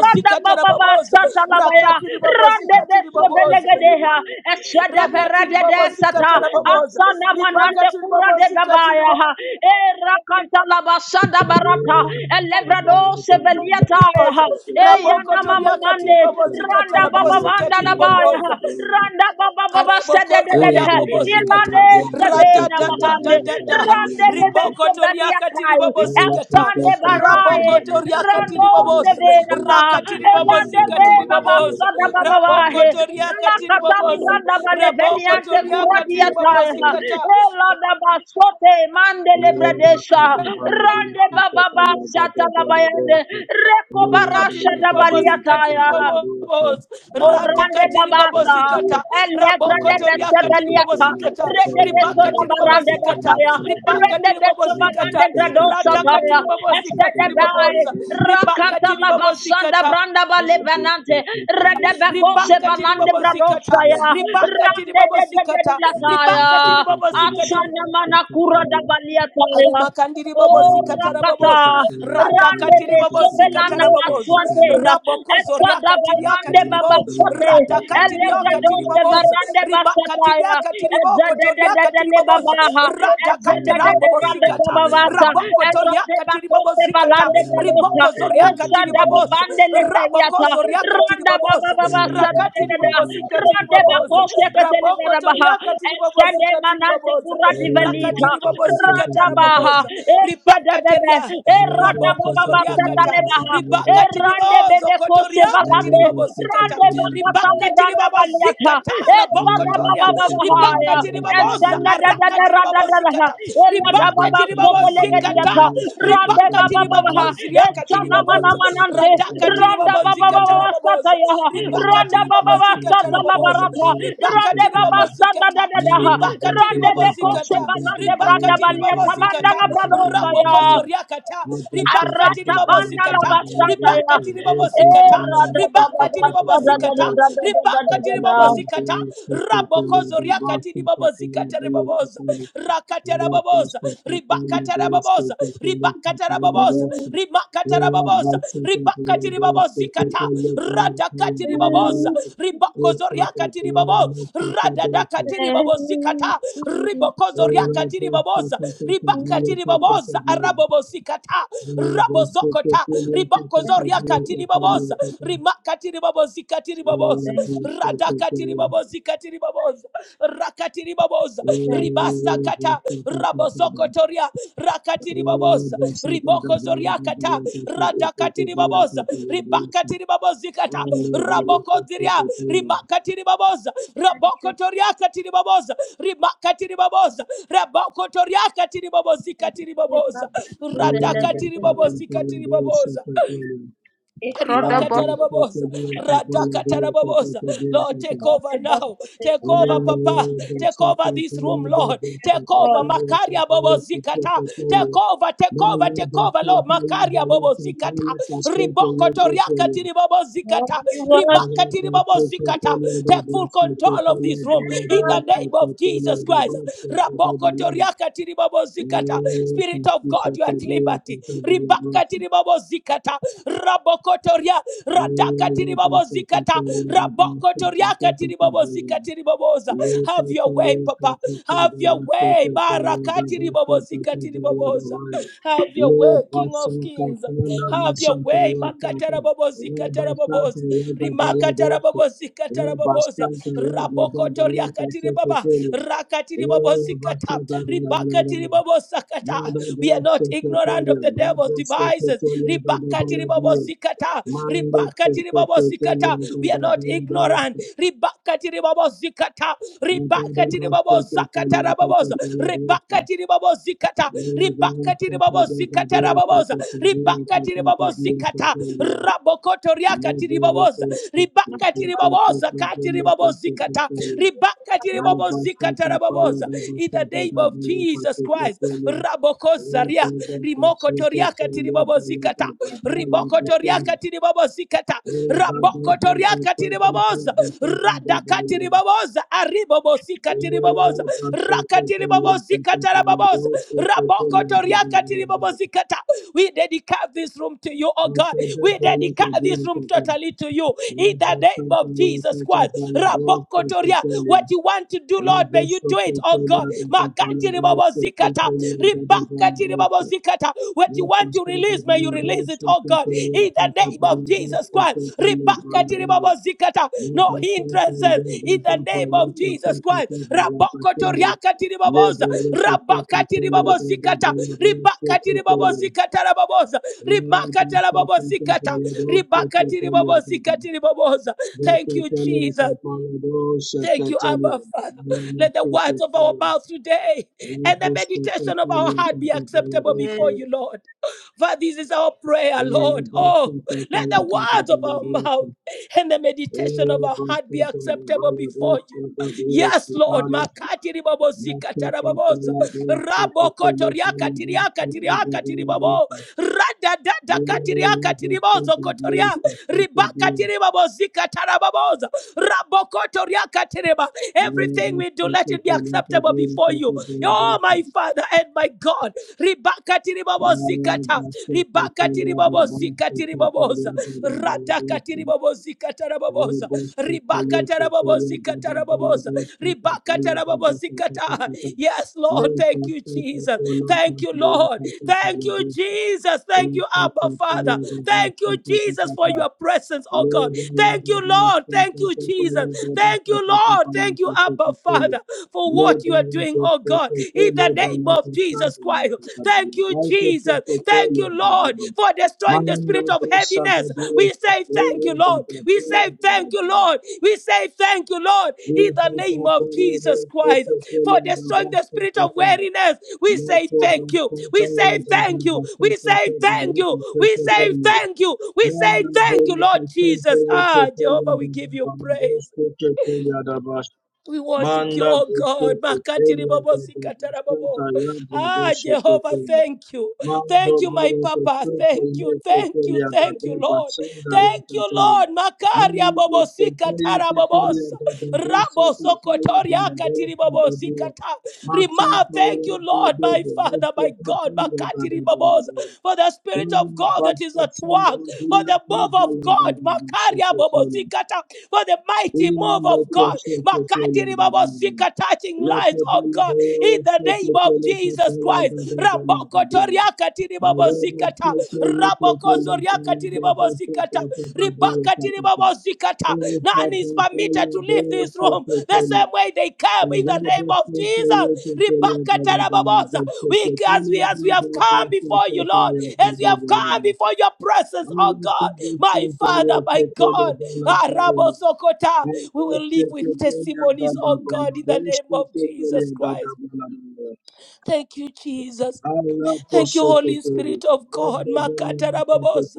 Speaker 3: Rada bababa satalabaya
Speaker 2: Rakatiribaboza.
Speaker 3: rande de
Speaker 2: Zikatiri
Speaker 4: Thank
Speaker 2: baboza,
Speaker 3: sovelegedeha eshede
Speaker 2: rakatiri
Speaker 3: verede de
Speaker 2: bobosi
Speaker 3: sata
Speaker 2: katara boboza
Speaker 3: asana manande
Speaker 2: ribakatiri
Speaker 3: kura de
Speaker 2: bobosi katiri
Speaker 3: babaya ha e rakanta labasada barata elebrado seveliata ya ha
Speaker 2: boboza
Speaker 3: e yana mama
Speaker 2: rabokotoriakatiri bobosi
Speaker 3: randa
Speaker 2: katara
Speaker 3: baba
Speaker 2: bobosi
Speaker 3: banda
Speaker 2: katiri
Speaker 3: labaya
Speaker 2: baboza.
Speaker 3: randa baba baba sede
Speaker 2: araboko
Speaker 3: de de de
Speaker 2: toria
Speaker 3: ha
Speaker 2: bobosi kata
Speaker 3: ilade sevena mahande
Speaker 2: radadadadadada
Speaker 3: Rande de
Speaker 2: ribokotoriakatiri
Speaker 3: Besoveliakai,
Speaker 2: bobosi kata
Speaker 3: Esande Barai,
Speaker 2: rabokotoriakatiri
Speaker 3: Rando
Speaker 2: boboza
Speaker 3: Sevenama,
Speaker 2: rakatiri bobosi
Speaker 3: Rande
Speaker 2: katiri
Speaker 3: Beba
Speaker 2: boboza
Speaker 3: Basada
Speaker 2: raboko
Speaker 3: Babawahe, Lakatami
Speaker 2: boboza
Speaker 3: Branda Baleveniante
Speaker 2: rabokotoriakatiri
Speaker 3: Kuradiatai,
Speaker 2: bobosi
Speaker 4: you.
Speaker 2: kata
Speaker 3: Elada Basote,
Speaker 4: Thank
Speaker 3: Mandele Bredesha, Rande Baba Basata Labayande, Reko Barasha Dabaliataya,
Speaker 2: katiribobosikatiribobosi
Speaker 3: Orande babasa,
Speaker 2: radakatiribobosikata
Speaker 3: elegra de beseveliata,
Speaker 2: rabokotoriakatiribobosikata
Speaker 3: rede beso da barande
Speaker 2: ribakatiribobosikata
Speaker 3: basaya, rende beso
Speaker 2: ribakatiribobosikata
Speaker 3: bagande gradosa taya, este de bai,
Speaker 2: radakatiribobosikatiribobosa
Speaker 3: rakanta la basanda
Speaker 2: ribakatiribobosikata
Speaker 3: branda balevenante, rede beko se valande
Speaker 2: ribakatiribobosikata
Speaker 3: bradosa ya, rande de de de
Speaker 2: ribakatiribobosikata
Speaker 3: dilataya,
Speaker 2: ribakatiribobosikatiri
Speaker 3: asana manakura da
Speaker 4: you.
Speaker 3: baliataya,
Speaker 2: Rimakandiri
Speaker 4: Thank
Speaker 2: babosi
Speaker 3: Oh,
Speaker 2: katara
Speaker 4: you.
Speaker 2: babosa.
Speaker 3: Rakata. Rande
Speaker 2: Radakatiri
Speaker 3: be
Speaker 2: babosi
Speaker 3: sovelana
Speaker 2: katara
Speaker 3: la
Speaker 2: babosa.
Speaker 3: suante.
Speaker 2: Rabokozo
Speaker 3: Eswa da
Speaker 2: riakatiri
Speaker 3: barande
Speaker 2: akatiri
Speaker 3: baba
Speaker 2: bo.
Speaker 3: sote.
Speaker 2: Radakatiri
Speaker 3: Elega
Speaker 2: akatiri
Speaker 3: doste
Speaker 2: babosa.
Speaker 3: barande
Speaker 2: Ribakatiri
Speaker 3: basataya.
Speaker 2: akatiri bo
Speaker 3: Ezza de
Speaker 2: kotori
Speaker 3: de de de
Speaker 2: akatiri
Speaker 3: le
Speaker 2: babosa.
Speaker 3: babaha. Ezza
Speaker 2: Radakate
Speaker 3: de de de
Speaker 2: rabobosi
Speaker 3: rande
Speaker 2: kata.
Speaker 3: babavasa.
Speaker 2: Rabokoto
Speaker 3: Erande
Speaker 2: riakatiri
Speaker 3: bakoste
Speaker 2: babosi kata.
Speaker 3: balande belosa.
Speaker 2: Ribokozo
Speaker 3: Eswa
Speaker 2: riakatiri
Speaker 3: da
Speaker 2: babosa.
Speaker 3: babande le deyata.
Speaker 2: Rabokozo riakatiri
Speaker 3: Randa
Speaker 2: babosa.
Speaker 3: babavasa de de
Speaker 2: Rakatiri
Speaker 3: de de.
Speaker 2: babosi katiri
Speaker 3: Rande
Speaker 2: babosa
Speaker 3: bakoste
Speaker 2: tiriboboza
Speaker 3: keteli
Speaker 2: raboko
Speaker 3: barabaha.
Speaker 2: toriaka tiribobosi
Speaker 3: Esende manante
Speaker 2: katiriboboza
Speaker 3: kura divelita.
Speaker 2: rakatiribobosi
Speaker 3: Randa baha.
Speaker 2: kataraboboza
Speaker 3: Eswa
Speaker 2: ribaka teria
Speaker 3: bebe. Errata
Speaker 2: raboko
Speaker 3: baba basata
Speaker 2: zoriakata
Speaker 3: lebaha.
Speaker 2: ribaka
Speaker 3: Errande
Speaker 2: tiribozo
Speaker 3: bebe kose
Speaker 2: kotoriaka
Speaker 3: balande.
Speaker 2: tiribobosi kata
Speaker 3: Rande bakata
Speaker 2: ribaka
Speaker 3: libranda
Speaker 2: tiribobosi
Speaker 3: baliata.
Speaker 2: kata raboko
Speaker 3: Esada
Speaker 2: toria
Speaker 3: baba baba
Speaker 2: ribaka
Speaker 3: haya.
Speaker 2: tiriboboza
Speaker 3: Esanda da da
Speaker 2: araka
Speaker 3: da ra da da
Speaker 2: tiribobosi
Speaker 3: da ha.
Speaker 2: kata
Speaker 3: Ela da
Speaker 4: Thank
Speaker 3: Elada
Speaker 2: ribaka
Speaker 3: baba sote
Speaker 2: tiribobosi
Speaker 3: lege
Speaker 2: kata
Speaker 3: diata. Rande
Speaker 2: ribaka
Speaker 3: baba baba ha.
Speaker 2: tiribokonziriaka
Speaker 3: Esana mana
Speaker 2: tiriboboza
Speaker 3: manante.
Speaker 2: radhakati
Speaker 3: Randa baba
Speaker 2: ribobozikata
Speaker 3: baba
Speaker 2: raboboza
Speaker 3: basata ya
Speaker 2: ribakati
Speaker 3: Randa baba
Speaker 2: ribobozikata
Speaker 3: basata
Speaker 2: raboboza
Speaker 3: labarata. Rande
Speaker 2: ribakati
Speaker 3: baba sanda
Speaker 2: ribobozikata
Speaker 3: da da da
Speaker 2: ribakati
Speaker 3: Rande beko se
Speaker 2: ribobozikata
Speaker 3: balande branda
Speaker 2: ribakati
Speaker 3: baliata. Banda
Speaker 2: ribobozikata
Speaker 3: la bradosa
Speaker 2: rabokozo
Speaker 3: ya.
Speaker 2: riakata ribakati
Speaker 3: Aratabanda la
Speaker 2: ribobozikata
Speaker 3: basata ya.
Speaker 2: ribakati ribobozikata
Speaker 3: Era da ba ba
Speaker 2: ribakati
Speaker 3: ba da da
Speaker 2: ribobozikata
Speaker 3: da da da da
Speaker 2: ribakati
Speaker 3: da da da.
Speaker 2: ribobozikata rabokozo riakati ribobozikata riboboza
Speaker 4: you.
Speaker 2: rakata
Speaker 4: Thank
Speaker 2: rababoza babosa, ribakatara babosa, ribakatara babosa, ribakatara babosa, Ribakati ribabosi kata, radakati ribakatarababosa radadakati ribakatarababosa rimakatarababosa ribakatiribabozikata radakatiribabosa ribakozoriakatiribabo ribakati ribokozoriakatiribabosa ribakatiribabosa arabobosikata rabozokota ribakozoriakatiribabosa
Speaker 3: Thank
Speaker 2: radakati katiribobozi katiriboboza rakatiriboboza
Speaker 3: thank
Speaker 2: ribasa kata Rabozoko
Speaker 4: you.
Speaker 2: rabozokotoria
Speaker 4: Thank
Speaker 2: rakatiriboboza ribokozoriakata Riboko zoria kata
Speaker 3: thank
Speaker 2: Raboko
Speaker 3: you Jesus.
Speaker 2: Raboko ziria ribakatiri baboza
Speaker 3: thank you
Speaker 2: Raboko
Speaker 3: Jesus.
Speaker 2: toria katiri baboza ribakatiri baboza raboko toria kata rabokoziria rimakatiriboboza rabokotoriakatiriboboza rimakatiriboboza rabokotoriakatiribobozi
Speaker 3: E ba
Speaker 2: katiriboboza
Speaker 3: ba su de la de de na.
Speaker 2: radakatiribobozi katiriboboza
Speaker 3: E kro ba su da
Speaker 2: Ribakatarabobosa,
Speaker 3: da da.
Speaker 2: radakatarabobosa. Lord, take
Speaker 3: Ra
Speaker 2: over
Speaker 3: de Kroda ba
Speaker 2: now.
Speaker 3: su de
Speaker 2: Take
Speaker 3: na na
Speaker 2: over,
Speaker 3: de Nante su de la de.
Speaker 2: Papa. Take over this room, Lord. Take over,
Speaker 3: God,
Speaker 2: Makaria Bobozikata. Take over, take over, take over, Lord. Makaria Bobozikata. Riboko Toriakati
Speaker 4: you.
Speaker 3: help
Speaker 2: Ribobozikata.
Speaker 4: Thank
Speaker 3: worship.
Speaker 2: Ribakati
Speaker 4: you.
Speaker 2: Ribobozikata. Take full control of this room in the name of Jesus Christ. Raboko Toriakati Ribobozikata. Spirit of God, you are at liberty ribakatiri babo zikata rabokotoria ratakatiri babo zikata rabokotoria katiri babo zikatiri baboza have
Speaker 4: Mando,
Speaker 2: your way papa have your way barakatiri babo zikatiri baboza have your way king of kings have your way makatara babo zikatara baboza rimakatara babo zikatara baboza Rabokotoria katiri baba rakatiri babo zikata ribakatiri babo we are not ignorant of the devil's devices. Ribakati ribabozikata. Ribakati ribabozikata. We are not ignorant. Ribakati ribabozikata.
Speaker 4: Thank
Speaker 2: Ribakati ribabozakata rababoza. Ribakati ribabozikata. Ribakati ribabozikata rababoza. Ribakati ribabozikata. Rabokoto riakati ribaboza. Ribakati ribaboza kati ribabozikata.
Speaker 4: you.
Speaker 2: Ribakati ribabozikata rababoza in the name of Jesus Christ. Raboko Zaria, Rimoko Toriaka Tiribobo Zikata,
Speaker 3: Thank you,
Speaker 2: Riboko
Speaker 3: Jesus.
Speaker 2: Toriaka Tiribobo Zikata,
Speaker 3: Thank
Speaker 2: Raboko Toriaka Tiriboboza, Radaka Tiriboboza, Aribobo Zika
Speaker 4: Thank
Speaker 2: Tiriboboza, Raka Tiribobo Zikata Rababoza, Raboko Toriaka Tiribobo Zikata. We dedicate this room to you, oh God. We dedicate this room totally to you in the name of Jesus Christ. Raboko toriaka Hallelujah. What you want to do, Lord, may you do it, oh God. Makati ribabo zikata. Ribakati ribabo zikata. What you want to release, may you release it, oh God. In the name of Jesus Christ. Ribakati
Speaker 4: you.
Speaker 2: ribabo zikata.
Speaker 4: Thank
Speaker 2: No hindrances. In the name of Jesus Christ. Rabokoto
Speaker 4: you.
Speaker 2: riakati ribaboza. Rabakati ribabo zikata. Ribakati ribabo zikata rababoza. Ribakata rababo zikata. Ribakati ribabo zikati ribaboza. Thank you, Jesus. Thank you, Abba Father. Let the words of our mouth today and the meditation of our heart be
Speaker 3: you.
Speaker 2: acceptable before
Speaker 3: Amen.
Speaker 2: you, Lord. For this is our prayer, Lord. Oh, let the words of our mouth and the meditation of our heart be acceptable before you. Yes, Lord. Makati ribabo
Speaker 4: Thank
Speaker 2: zika
Speaker 4: you.
Speaker 2: tarababoza. Rabo koto tiriaka tiriaka tiribabo rada dada katiria katiribozo kotoria ribaka tiriba bozika tarababoza rabokotoria katiriba everything we do let it be acceptable before you oh my father and my god ribaka tiribobozika ta ribaka tiribobozika tiriboboza rada katiriba katiribobozika tarababoza ribaka tarababoza. Zikatarababosa. Ribakatarababozikata. Yes, Lord. Thank you, Jesus. Thank you, Lord. Thank you, Jesus. Thank
Speaker 4: Thank
Speaker 2: you, Abba Father. Thank you, Jesus, for your presence, oh God. Thank you, Lord. Thank you, Jesus. Thank you, Lord. Thank you, Abba Father, for what you are doing, oh God, in the name of Jesus Christ. Thank you, Jesus. Jesus. Thank you, Lord, for destroying the spirit of heaviness. We say thank you, Lord. We say thank you, Lord. We say thank you, Lord, in the name of Jesus Christ, for destroying the spirit of weariness. We say thank you. We say thank you. We say thank you. We say
Speaker 4: you.
Speaker 2: thank you. We say
Speaker 4: Mwana
Speaker 2: thank you,
Speaker 4: bene
Speaker 2: Lord
Speaker 4: kachonto
Speaker 2: Jesus.
Speaker 4: yeke
Speaker 2: Ah,
Speaker 4: tele
Speaker 2: Jehovah, we
Speaker 4: ndaba
Speaker 2: give you
Speaker 4: bana
Speaker 2: praise.
Speaker 4: bosko ke tele adabash.
Speaker 2: We worship you,
Speaker 4: Manda
Speaker 2: oh
Speaker 4: bosko
Speaker 2: God.
Speaker 4: ke tele
Speaker 2: Makatiri bobo
Speaker 4: ndaba
Speaker 2: sikatara
Speaker 4: bistanta
Speaker 2: bobo.
Speaker 4: yambe
Speaker 2: Ah,
Speaker 4: deshe ke
Speaker 2: Jehovah,
Speaker 4: tele.
Speaker 2: thank you.
Speaker 4: Mando
Speaker 2: Thank you, my
Speaker 4: bene
Speaker 2: Papa.
Speaker 4: kachonto
Speaker 2: Thank you,
Speaker 4: yeke
Speaker 2: thank
Speaker 4: tele
Speaker 2: you, thank
Speaker 4: adaba
Speaker 2: you, Lord.
Speaker 4: basanda
Speaker 2: Thank
Speaker 4: yeke
Speaker 2: you,
Speaker 4: tele.
Speaker 2: Lord. Makaria
Speaker 4: Mwana
Speaker 2: bobo
Speaker 4: bosko ke
Speaker 2: sikatara
Speaker 4: yeke tele
Speaker 2: bobo.
Speaker 4: adaba basse
Speaker 2: Rabo
Speaker 4: ke tele
Speaker 2: Sokotoria
Speaker 4: bana bosko
Speaker 2: Katiribobo
Speaker 4: ke tele.
Speaker 2: Zikata. Rima,
Speaker 4: Matsanta
Speaker 2: thank you,
Speaker 4: yeke
Speaker 2: Lord,
Speaker 4: tele
Speaker 2: my Father,
Speaker 4: bosko
Speaker 2: my
Speaker 4: ke
Speaker 2: God,
Speaker 4: tele adaba.
Speaker 2: Makatiribobos,
Speaker 4: bama
Speaker 2: for the
Speaker 4: Thank
Speaker 2: Spirit of God that is at
Speaker 4: you.
Speaker 2: work, for the move of God, Makaria Bobo Zikata, for the mighty move of God, makatiri babos Zika touching lives, oh God, in the name of Jesus Christ. Raboko Toriaka Tiribabo Zikata, Raboko Zoriaka Tiribabo Zikata, Ribaka Tiribabo Zikata. None is permitted to leave this room the same way they came in the name of Jesus. Ribaka Tarababosa. We, as we as we have come before you, Lord, as we have come before your presence,
Speaker 4: Thank
Speaker 2: oh
Speaker 4: you.
Speaker 2: God, my Father, my God. Arabo Sokota. We will live with testimonies, oh God, in the name of Jesus Christ. Thank you, Jesus. Thank you, Holy Spirit of God. Makatarababosa.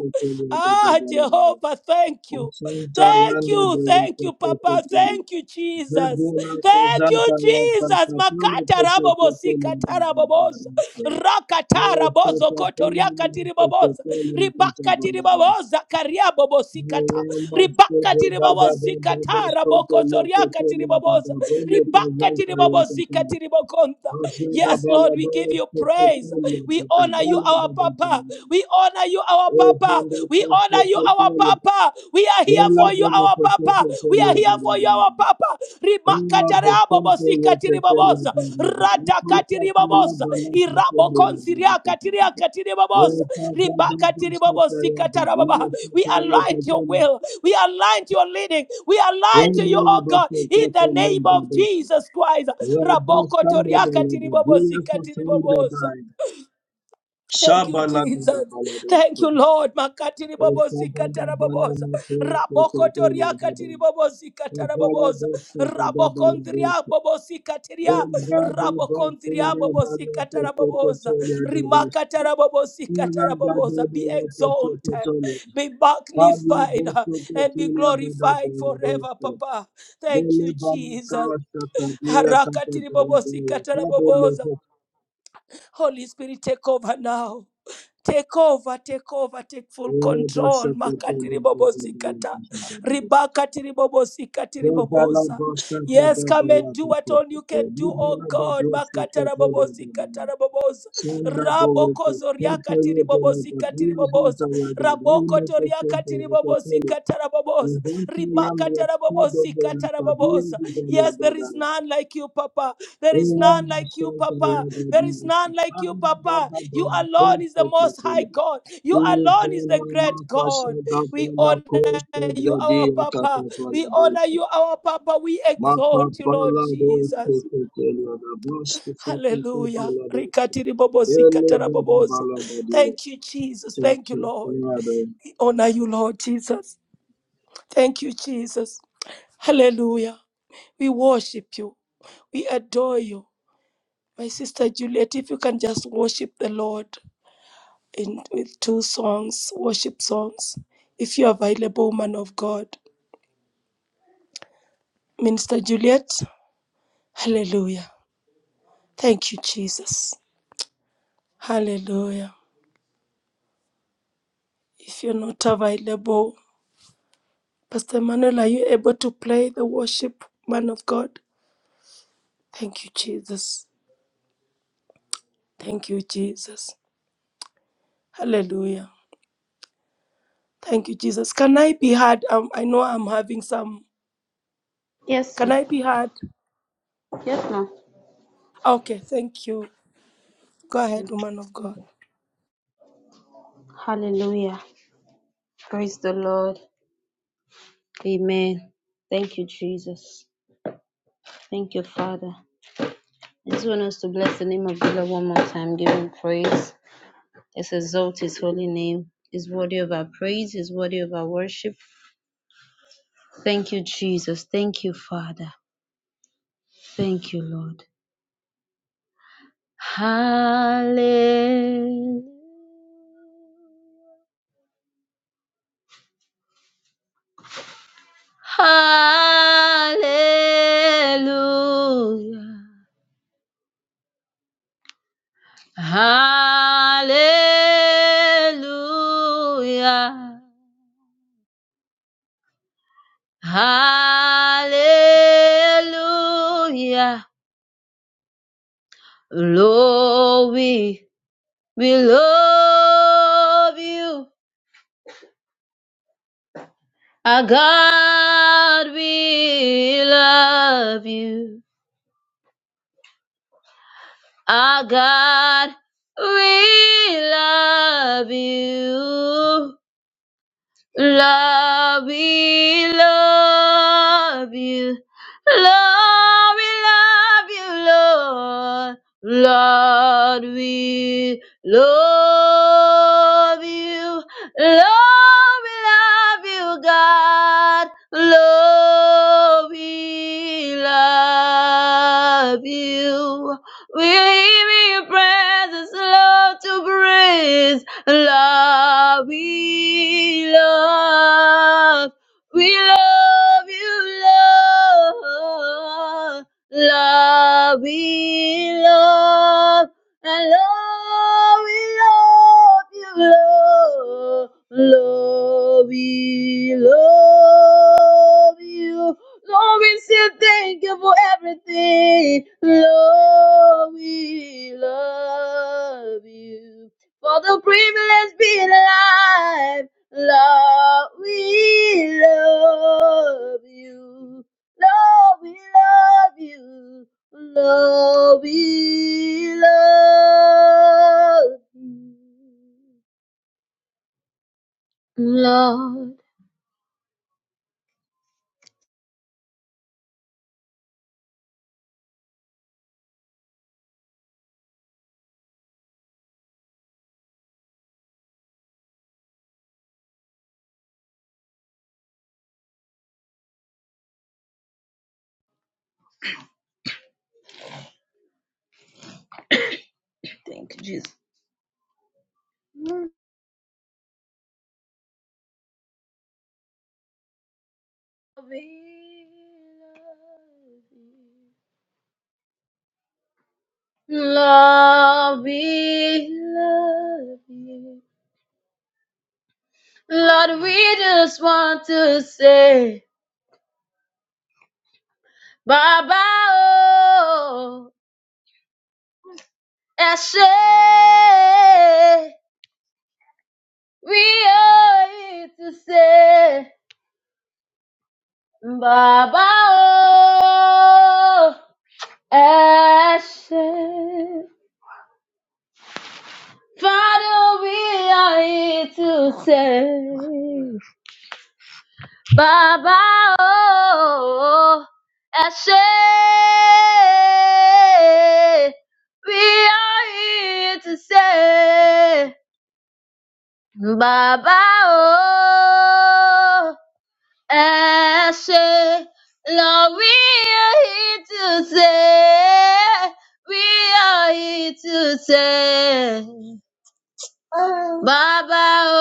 Speaker 2: Ah, Jehovah, thank you. Thank you, thank you, Papa. Thank you, Jesus. Thank you, Jesus. Makatarababosi katarababosa. Rakatarabozo kotoriakatiribabosa. Ribakatiribabosa kariababosi
Speaker 4: Thank
Speaker 2: kata. Ribakatiribabosi katarabokotoriakatiribabosa. Ribakatiribabosi katiribokonta. Yes, Lord, we give you praise. Jesus. We honor you, our Papa. We honor you, our Papa. We honor you, our Papa. We are here for you, our Papa. We are here for you, our Papa. Rimakatarabobosi katiribabosa. Radakatiribabosa. Irabokonsiria katiria katiribabosa. Ribakatiribabosi katarababa. We align to your
Speaker 4: you.
Speaker 2: will. We align to your leading. We align
Speaker 4: Pablo
Speaker 2: to you, oh
Speaker 4: Bosso
Speaker 2: God, in the name of Jesus Christ. Raboko toriaka tiribobosi katiribabosa. Thank you, Jesus. Thank you, Lord. Makatiri bobosi katarabobosa. Rabokotoria katiri bobosi katarabobosa. Rabokondria bobosi katiria. Rabokondria bobosi katarabobosa. Rimakatara bobosi katarabobosa. Be exalted, be magnified, uh, and be
Speaker 4: Cotolia Bada
Speaker 2: glorified
Speaker 4: Bolo
Speaker 2: forever,
Speaker 4: Rosso,
Speaker 2: Papa. Thank
Speaker 4: Bele
Speaker 2: you,
Speaker 4: banta
Speaker 2: Jesus.
Speaker 4: shaka dia kata
Speaker 2: Harakatiri
Speaker 4: bele
Speaker 2: bobosi
Speaker 4: bele kabo
Speaker 2: katarabobosa.
Speaker 4: loho
Speaker 2: Holy Spirit, take over now. Take over, take over, take full
Speaker 4: ere
Speaker 2: control.
Speaker 4: basha kata
Speaker 2: Makati
Speaker 4: bele bele bele
Speaker 2: ribobosikata.
Speaker 4: kishin kabo.
Speaker 2: Ribakati ribobosikati
Speaker 4: Bota la
Speaker 2: riboboza.
Speaker 4: basha kata
Speaker 2: Yes, come and
Speaker 4: bala
Speaker 2: do what
Speaker 4: kata
Speaker 2: only you
Speaker 4: kata.
Speaker 2: can do,
Speaker 4: Liba
Speaker 2: oh
Speaker 4: la da
Speaker 2: God.
Speaker 4: joshu
Speaker 2: Makata
Speaker 4: kata bele
Speaker 2: rabobosikata
Speaker 4: bele.
Speaker 2: raboboza.
Speaker 4: Sunda bole
Speaker 2: Raboko
Speaker 4: kata. Kata
Speaker 2: zoriakati
Speaker 4: ye bele kata.
Speaker 2: ribobosikati
Speaker 4: Dia santa
Speaker 2: riboboza.
Speaker 4: ya
Speaker 2: Raboko toriakati ribobosikata raboboza. Ribakata rabobosikata raboboza. Yes, there is none like you, Papa. There is
Speaker 4: Ora
Speaker 2: none like you,
Speaker 4: masonto ya
Speaker 2: Papa. There is
Speaker 4: dadi,
Speaker 2: none like you,
Speaker 4: ama
Speaker 2: Papa.
Speaker 4: baba
Speaker 2: You
Speaker 4: baba
Speaker 2: alone is
Speaker 4: pompo
Speaker 2: the most high
Speaker 4: tuyo.
Speaker 2: God. You
Speaker 4: Tuzo
Speaker 2: alone is the
Speaker 4: na
Speaker 2: great
Speaker 4: mafasho
Speaker 2: God.
Speaker 4: dabo
Speaker 2: We
Speaker 4: na
Speaker 2: honor
Speaker 4: koste
Speaker 2: you, our
Speaker 4: bredi
Speaker 2: Papa.
Speaker 4: akata pala
Speaker 2: We honor
Speaker 4: dote.
Speaker 2: you, our Papa. We
Speaker 4: Maka
Speaker 2: exalt you, Lord
Speaker 4: pala dote
Speaker 2: Jesus.
Speaker 4: tuyo na basta tuyo
Speaker 2: Hallelujah.
Speaker 4: pala dote. Ele baba bala dadi.
Speaker 2: Thank you, Jesus. Thank
Speaker 4: Thank
Speaker 2: you,
Speaker 4: you.
Speaker 2: Lord.
Speaker 4: Ora do.
Speaker 2: We honor you, Lord Jesus. Thank you, Jesus. Hallelujah. We worship you. We adore you. My sister Juliet, if you can just worship the Lord. in with two songs, worship songs. If you're available, man of God, Minister Juliet, hallelujah. Thank you, Jesus. Hallelujah. If you're not available, Pastor Manuel, are you able to play the worship, man of God? Thank you, Jesus. Thank you, Jesus. Hallelujah. Thank you, Jesus. Can I be heard? Um, I know I'm having some.
Speaker 3: Yes,
Speaker 2: Can
Speaker 3: ma'am.
Speaker 2: I be heard?
Speaker 3: yes, ma'am.
Speaker 2: Okay, thank you. Go ahead, woman of God.
Speaker 3: Hallelujah. Praise the Lord. Amen. Thank you, Jesus. Thank you, Father. I just want us to bless the name of the Lord one more time, give him praise. Let's exalt his holy name. He's worthy of our praise, he's worthy of our worship. Thank you, Jesus. Thank you, Father. Thank you, Lord. Hallelujah. Hallelujah. Hallelujah. Hallelujah. Lord, we, we love you. Our God, we love you. Our God, we love you. Lord, we love you. Lord, we love you, Lord. Lord, we love you. Lord, we love you, God. Lord, we love you. We leave in your presence, Lord, to breathe. Love, we love, we love you, Lord. Love, we love, and Lord, we love you, Lord. Love, we love you. Lord, we say thank you for everything. Lord, we love you. For the privilege being alive, Lord, we love you. Lord, we love you. Lord, we love you. Lord, Lord, we love you. Lord, we love you. Lord, we just want to say. Bàbá o, ẹ ṣé we owe you to say. Bàbá o, ẹ ṣé. Father, we are here to say. Bàbá o, ẹ ṣé. We are here to say. Bàbá o, ẹ ṣe lọ, we are here to say, we are here to say. Bàbá o,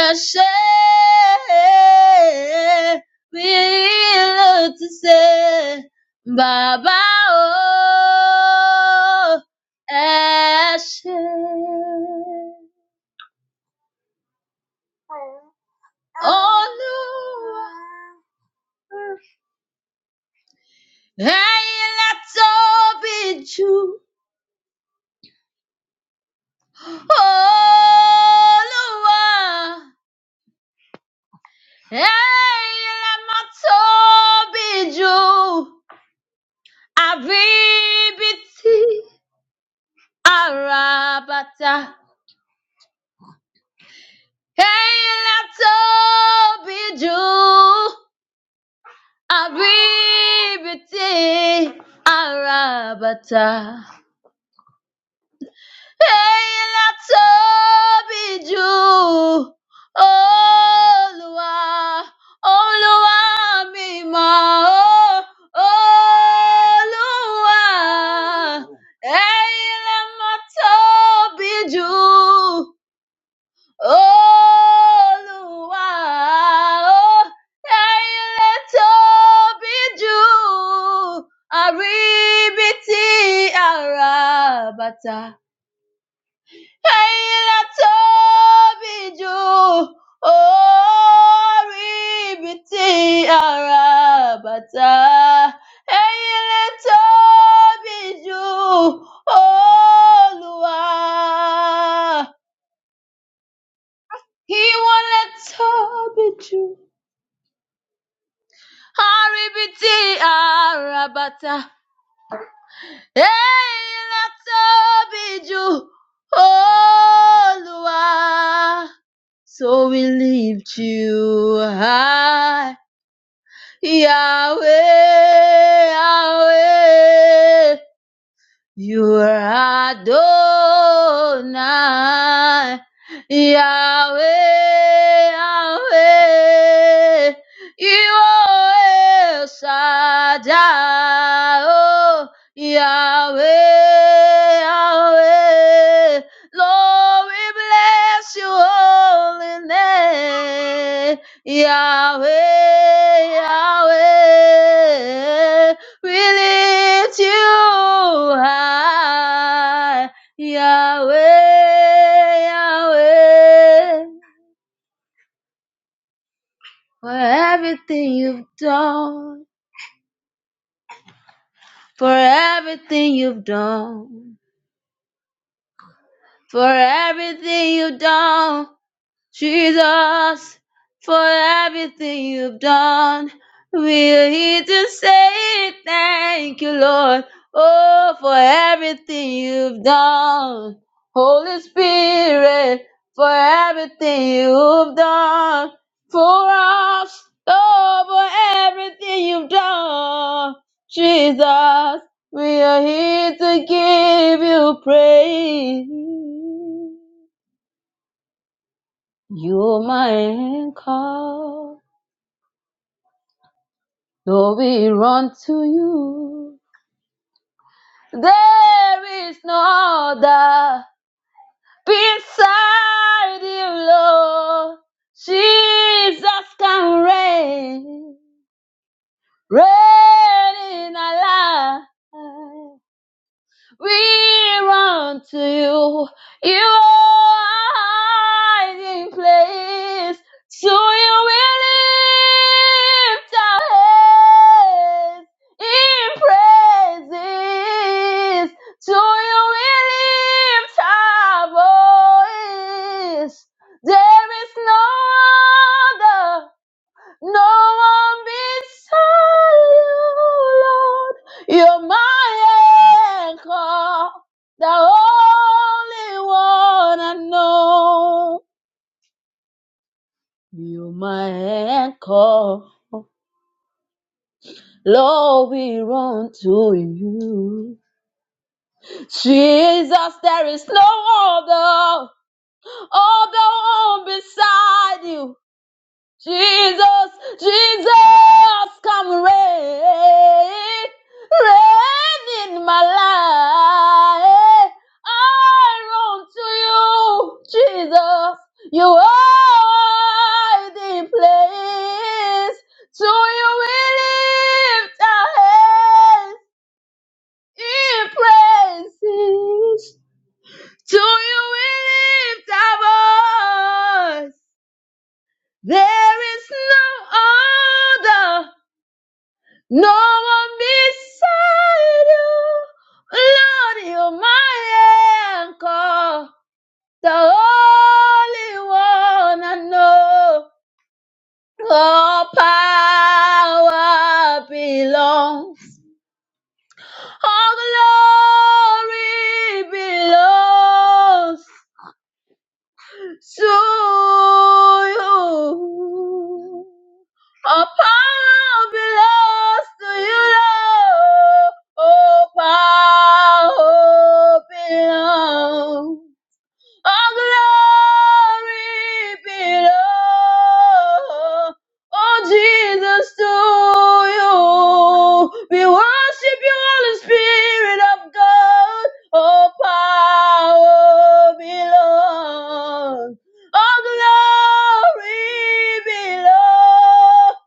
Speaker 3: ẹ ṣe, we are here to say. Bàbá o, ẹ ṣe. Olúwa ẹ̀yin lẹ tóbi jù. Olúwa ẹ̀yin lẹ mà tóbi jù. Àbí ibi tí ara bàtà ẹ̀yin lẹ tóbi jù. Àbí ibi tí ara bàtà. Ẹ̀yin la tóbi jù. Olúwa, Olúwa mi mọ̀ ọ́. Olúwa, ẹ̀yin la mọ̀ tóbi jù. Olúwa, ó, la tóbi jù. tí àrà bàtà. Ẹ̀yin lẹ tóbi jù, orí ibi tí a ra bàtà. Ẹ̀yin lẹ tóbi jù, Olúwa. Ìwọ lẹ tóbi jù, orí ibi tí a bàtà. Ẹ̀yin tóbi jù, Olúwa. So we lift you high, Yahweh, Yahweh. You are Adonai, Yahweh, Yahweh. You are El Shaddai, oh, Yahweh, Yahweh. Lord, we bless your holy name, Yahweh, Yahweh. We lift you high, Yahweh, Yahweh, for everything you've done, for everything you've done, for everything you've done. Jesus, for everything you've done, we're here to say thank you, Lord. Oh, for everything you've done. Holy Spirit, for everything you've done for us. Oh, for everything you've done. Jesus, we are here to give you praise. You're my anchor, though we run to you. There is no other beside you, Lord. Jesus can reign, reign in our life. We run to you. You are our hiding place. So you will lift our heads in praises. So you will lift our voice. There is no other. No one beside you, Lord. You're my anchor, the only one I know. You're my anchor, Lord. We run to you, Jesus. There is no other, other one beside you. Jesus, Jesus, come rain, rain in my life. I run to you, Jesus. You are the place. To you we lift our hands in praises. To you we lift our voice. There is no other, no one beside you. Lord, you're my anchor, the only one I know. All power belongs, all glory belongs. to you. All power belongs to you, Lord. All power belongs. All glory belongs, oh Jesus, to you. We worship you, Holy Spirit of God. All power belongs, all glory belongs,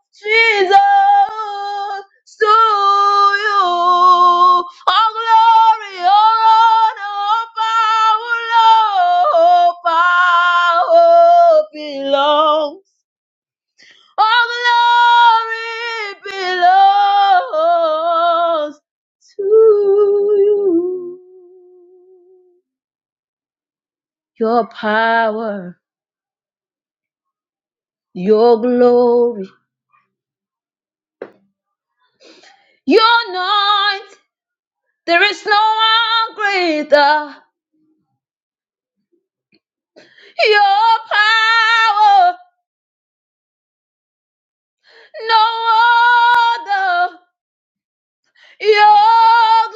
Speaker 3: Jesus to you. All glory, all honor, all power, Lord, power belongs. All glory belongs to you. Your power, your glory, your anoint. There is no one greater. Your power. no other. Your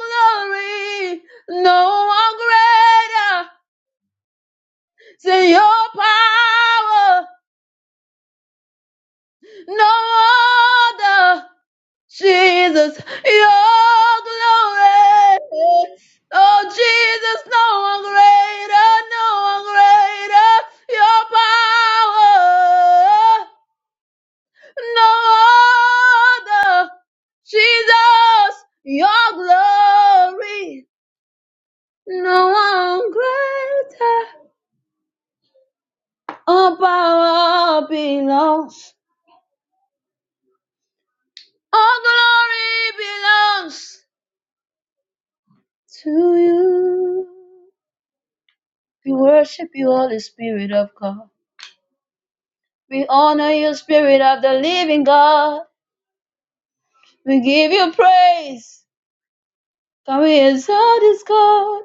Speaker 3: glory, no one greater than your power, no other. Jesus, your glory. Oh, Jesus, no one greater, no one greater. Your power, no other. Jesus, your glory. No one greater. All power belongs. All glory belongs to you. We worship you, Holy Spirit of God. We honor you, Spirit of the living God. We give you praise. Can we exalt this God?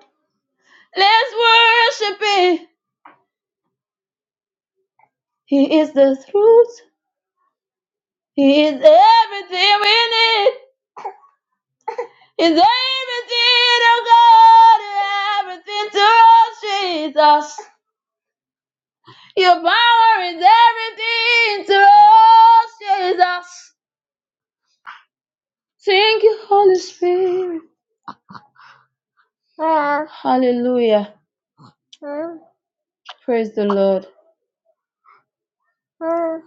Speaker 3: Let's worship Him. He is the truth. He is everything we need. Is everything, oh God, everything to us, Jesus. Your power is everything to us, Jesus. Thank you, Holy Spirit. Ah. Hallelujah. Ah. Praise the Lord. Ah.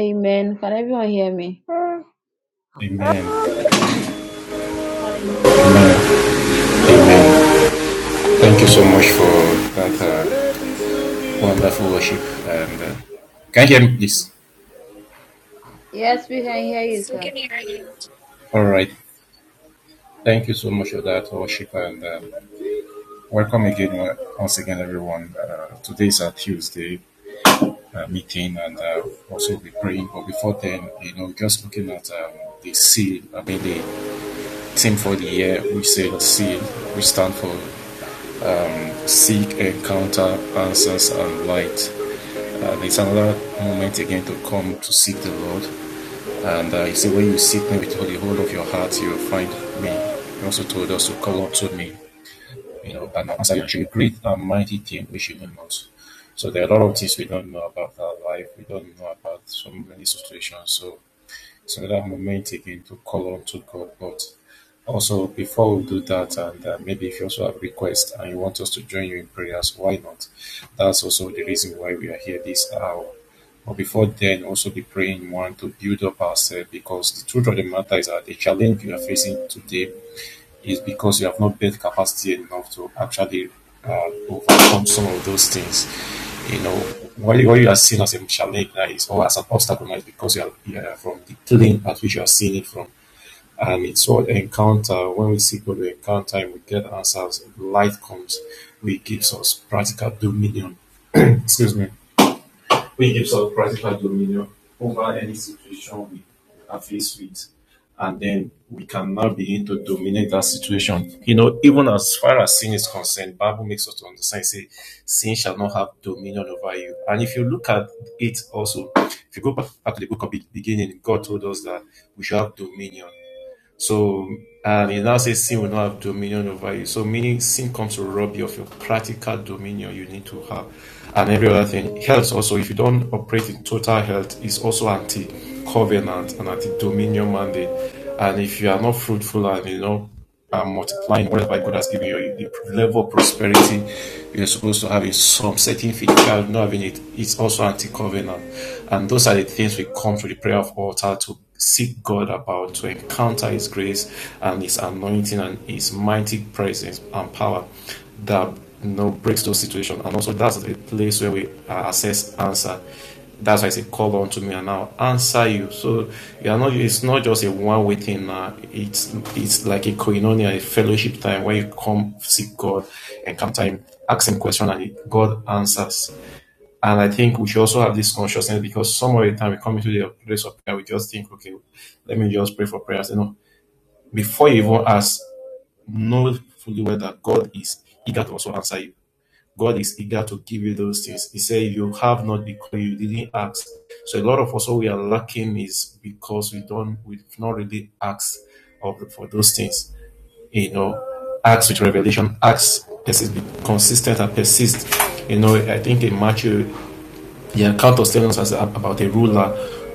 Speaker 3: Amen. Can everyone hear me? Ah.
Speaker 5: Amen. Amen.
Speaker 3: Hallelujah.
Speaker 5: Amen. Thank you so much for that. Uh, Wonderful worship and uh, can you hear me, please?
Speaker 3: Yes, we can hear
Speaker 1: One
Speaker 3: you, sir.
Speaker 1: second here.
Speaker 5: All right. Thank you so much for that worship and um, welcome again uh, once again, everyone. Uh, today our Tuesday uh, meeting and uh, also we'll be praying. But before then, you know, just looking at um, the seal. I mean, the theme for the year we say the seal, We stand for seek, encounter, answers, and light. Uh, there's another moment again to come to seek the Lord. And uh, he said, When you seek me with the whole of your heart, you will find me. He also told us to call unto me, you know, and I'll answer you great and mighty thing which you know not. So there are a lot of things we don't know about our life, we don't know about so many situations. So it's another moment again to call on to God. But also, before we do that, and uh, maybe if you also have requests and you want us to join you in prayers, why not? That's also the reason why we are here this hour. But before then, also be praying one to build up ourselves because the truth of the matter is that the challenge we are facing today is because you have not built capacity enough to actually uh, overcome some of those things. You know, what, you are seeing as a challenge now is or as an obstacle now is because you are, you are from the lane at which you are seeing it from. And it's all encounter. When we see God, we encounter and we get answers. Light comes, we gives us practical dominion. Excuse me which gives us practical dominion over any situation we are faced with. And then we can now begin to dominate that situation. You know, even as far as sin is concerned, the Bible makes us to understand, say, sin shall not have dominion over you. And if you look at it also, if you go back to the book of be- beginning, God told us that we shall have dominion. So, and it now says sin will not have dominion over you. So, meaning sin comes to rob you of your practical dominion you need to have. And every other thing. Health also, if you don't operate in total health, is also anti covenant and anti dominion mandate. And if you are not fruitful and you know are multiplying whatever God has given you. The level of prosperity you're supposed to have is some certain thing. you are not having it, it's also anti covenant. And those are the things we come to the prayer of altar to seek God about, to encounter His grace and His anointing and His mighty presence and power that you know breaks those situations. And also, that's the place where we uh, assess answer that's why it's a call unto me, and I'll answer you. So you are not. It's not just a one-way thing. Now. It's it's like a koinonia, a fellowship time where you come seek God, encounter Him, ask Him question, and God answers. And I think we should also have this consciousness because some of the time we come into the place of prayer, we just think, okay, let me just pray for prayers. You know, before you even ask, know fully well that God is eager to also answer you. God is eager to give you those things. He said, you have not because you didn't ask. So a lot of us what we are lacking is because we don't we've not really asked of the, for those things. You know, ask with revelation, ask persist, be consistent and persist. You know, I think in Matthew the account of Stephen was about a ruler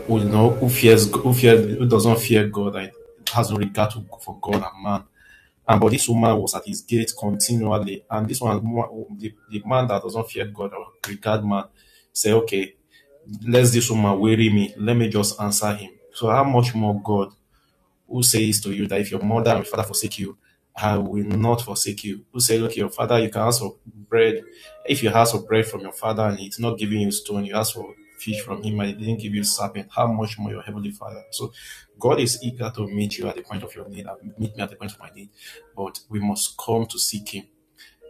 Speaker 5: who you know who fears who fears who doesn't fear God and has no regard to, for God and man. And but this woman was at his gate continually. And this one, the, the man that doesn't fear God or regard man, say, okay, let this woman weary me. Let me just answer him. So how much more God? who says to you that if your mother and your father forsake you, I will not forsake you. Who says, Look, your father, you can ask for bread. If you ask for bread from your father and it's not giving you stone, you ask for fish from him and he didn't give you serpent, how much more your heavenly father? So God is eager to meet you at the point of your need, and meet me at the point of my need. But we must come to seek him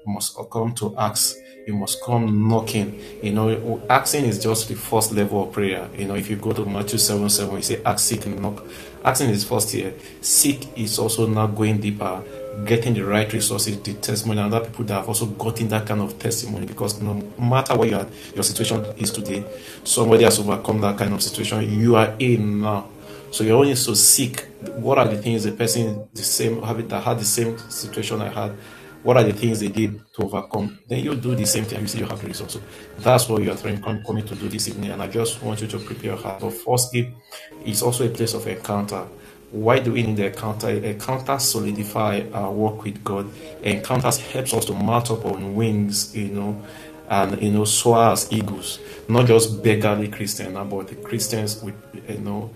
Speaker 5: must come to ask. You must come knocking. You know, asking is just the first level of prayer. You know, if you go to Matthew 7 7, you say, ask, seek, and knock. Asking is first here. Seek is also now going deeper, getting the right resources, the testimony, and other people that have also gotten that kind of testimony. Because no matter what your, your situation is today, somebody has overcome that kind of situation. You are in now. So you're only so sick. What are the things the person the same having that had the same situation I had? What are the things they did to overcome? Then you do the same thing and you see you have the result. So that's what you are trying come, coming to do this evening. And I just want you to prepare your heart. But firstly, it's also a place of encounter. Why do we need the encounter? Encounters solidify our work with God. Encounters helps us to mount up on wings, you know, and you know, soar as eagles. Not just beggarly Christians, but the Christians with you know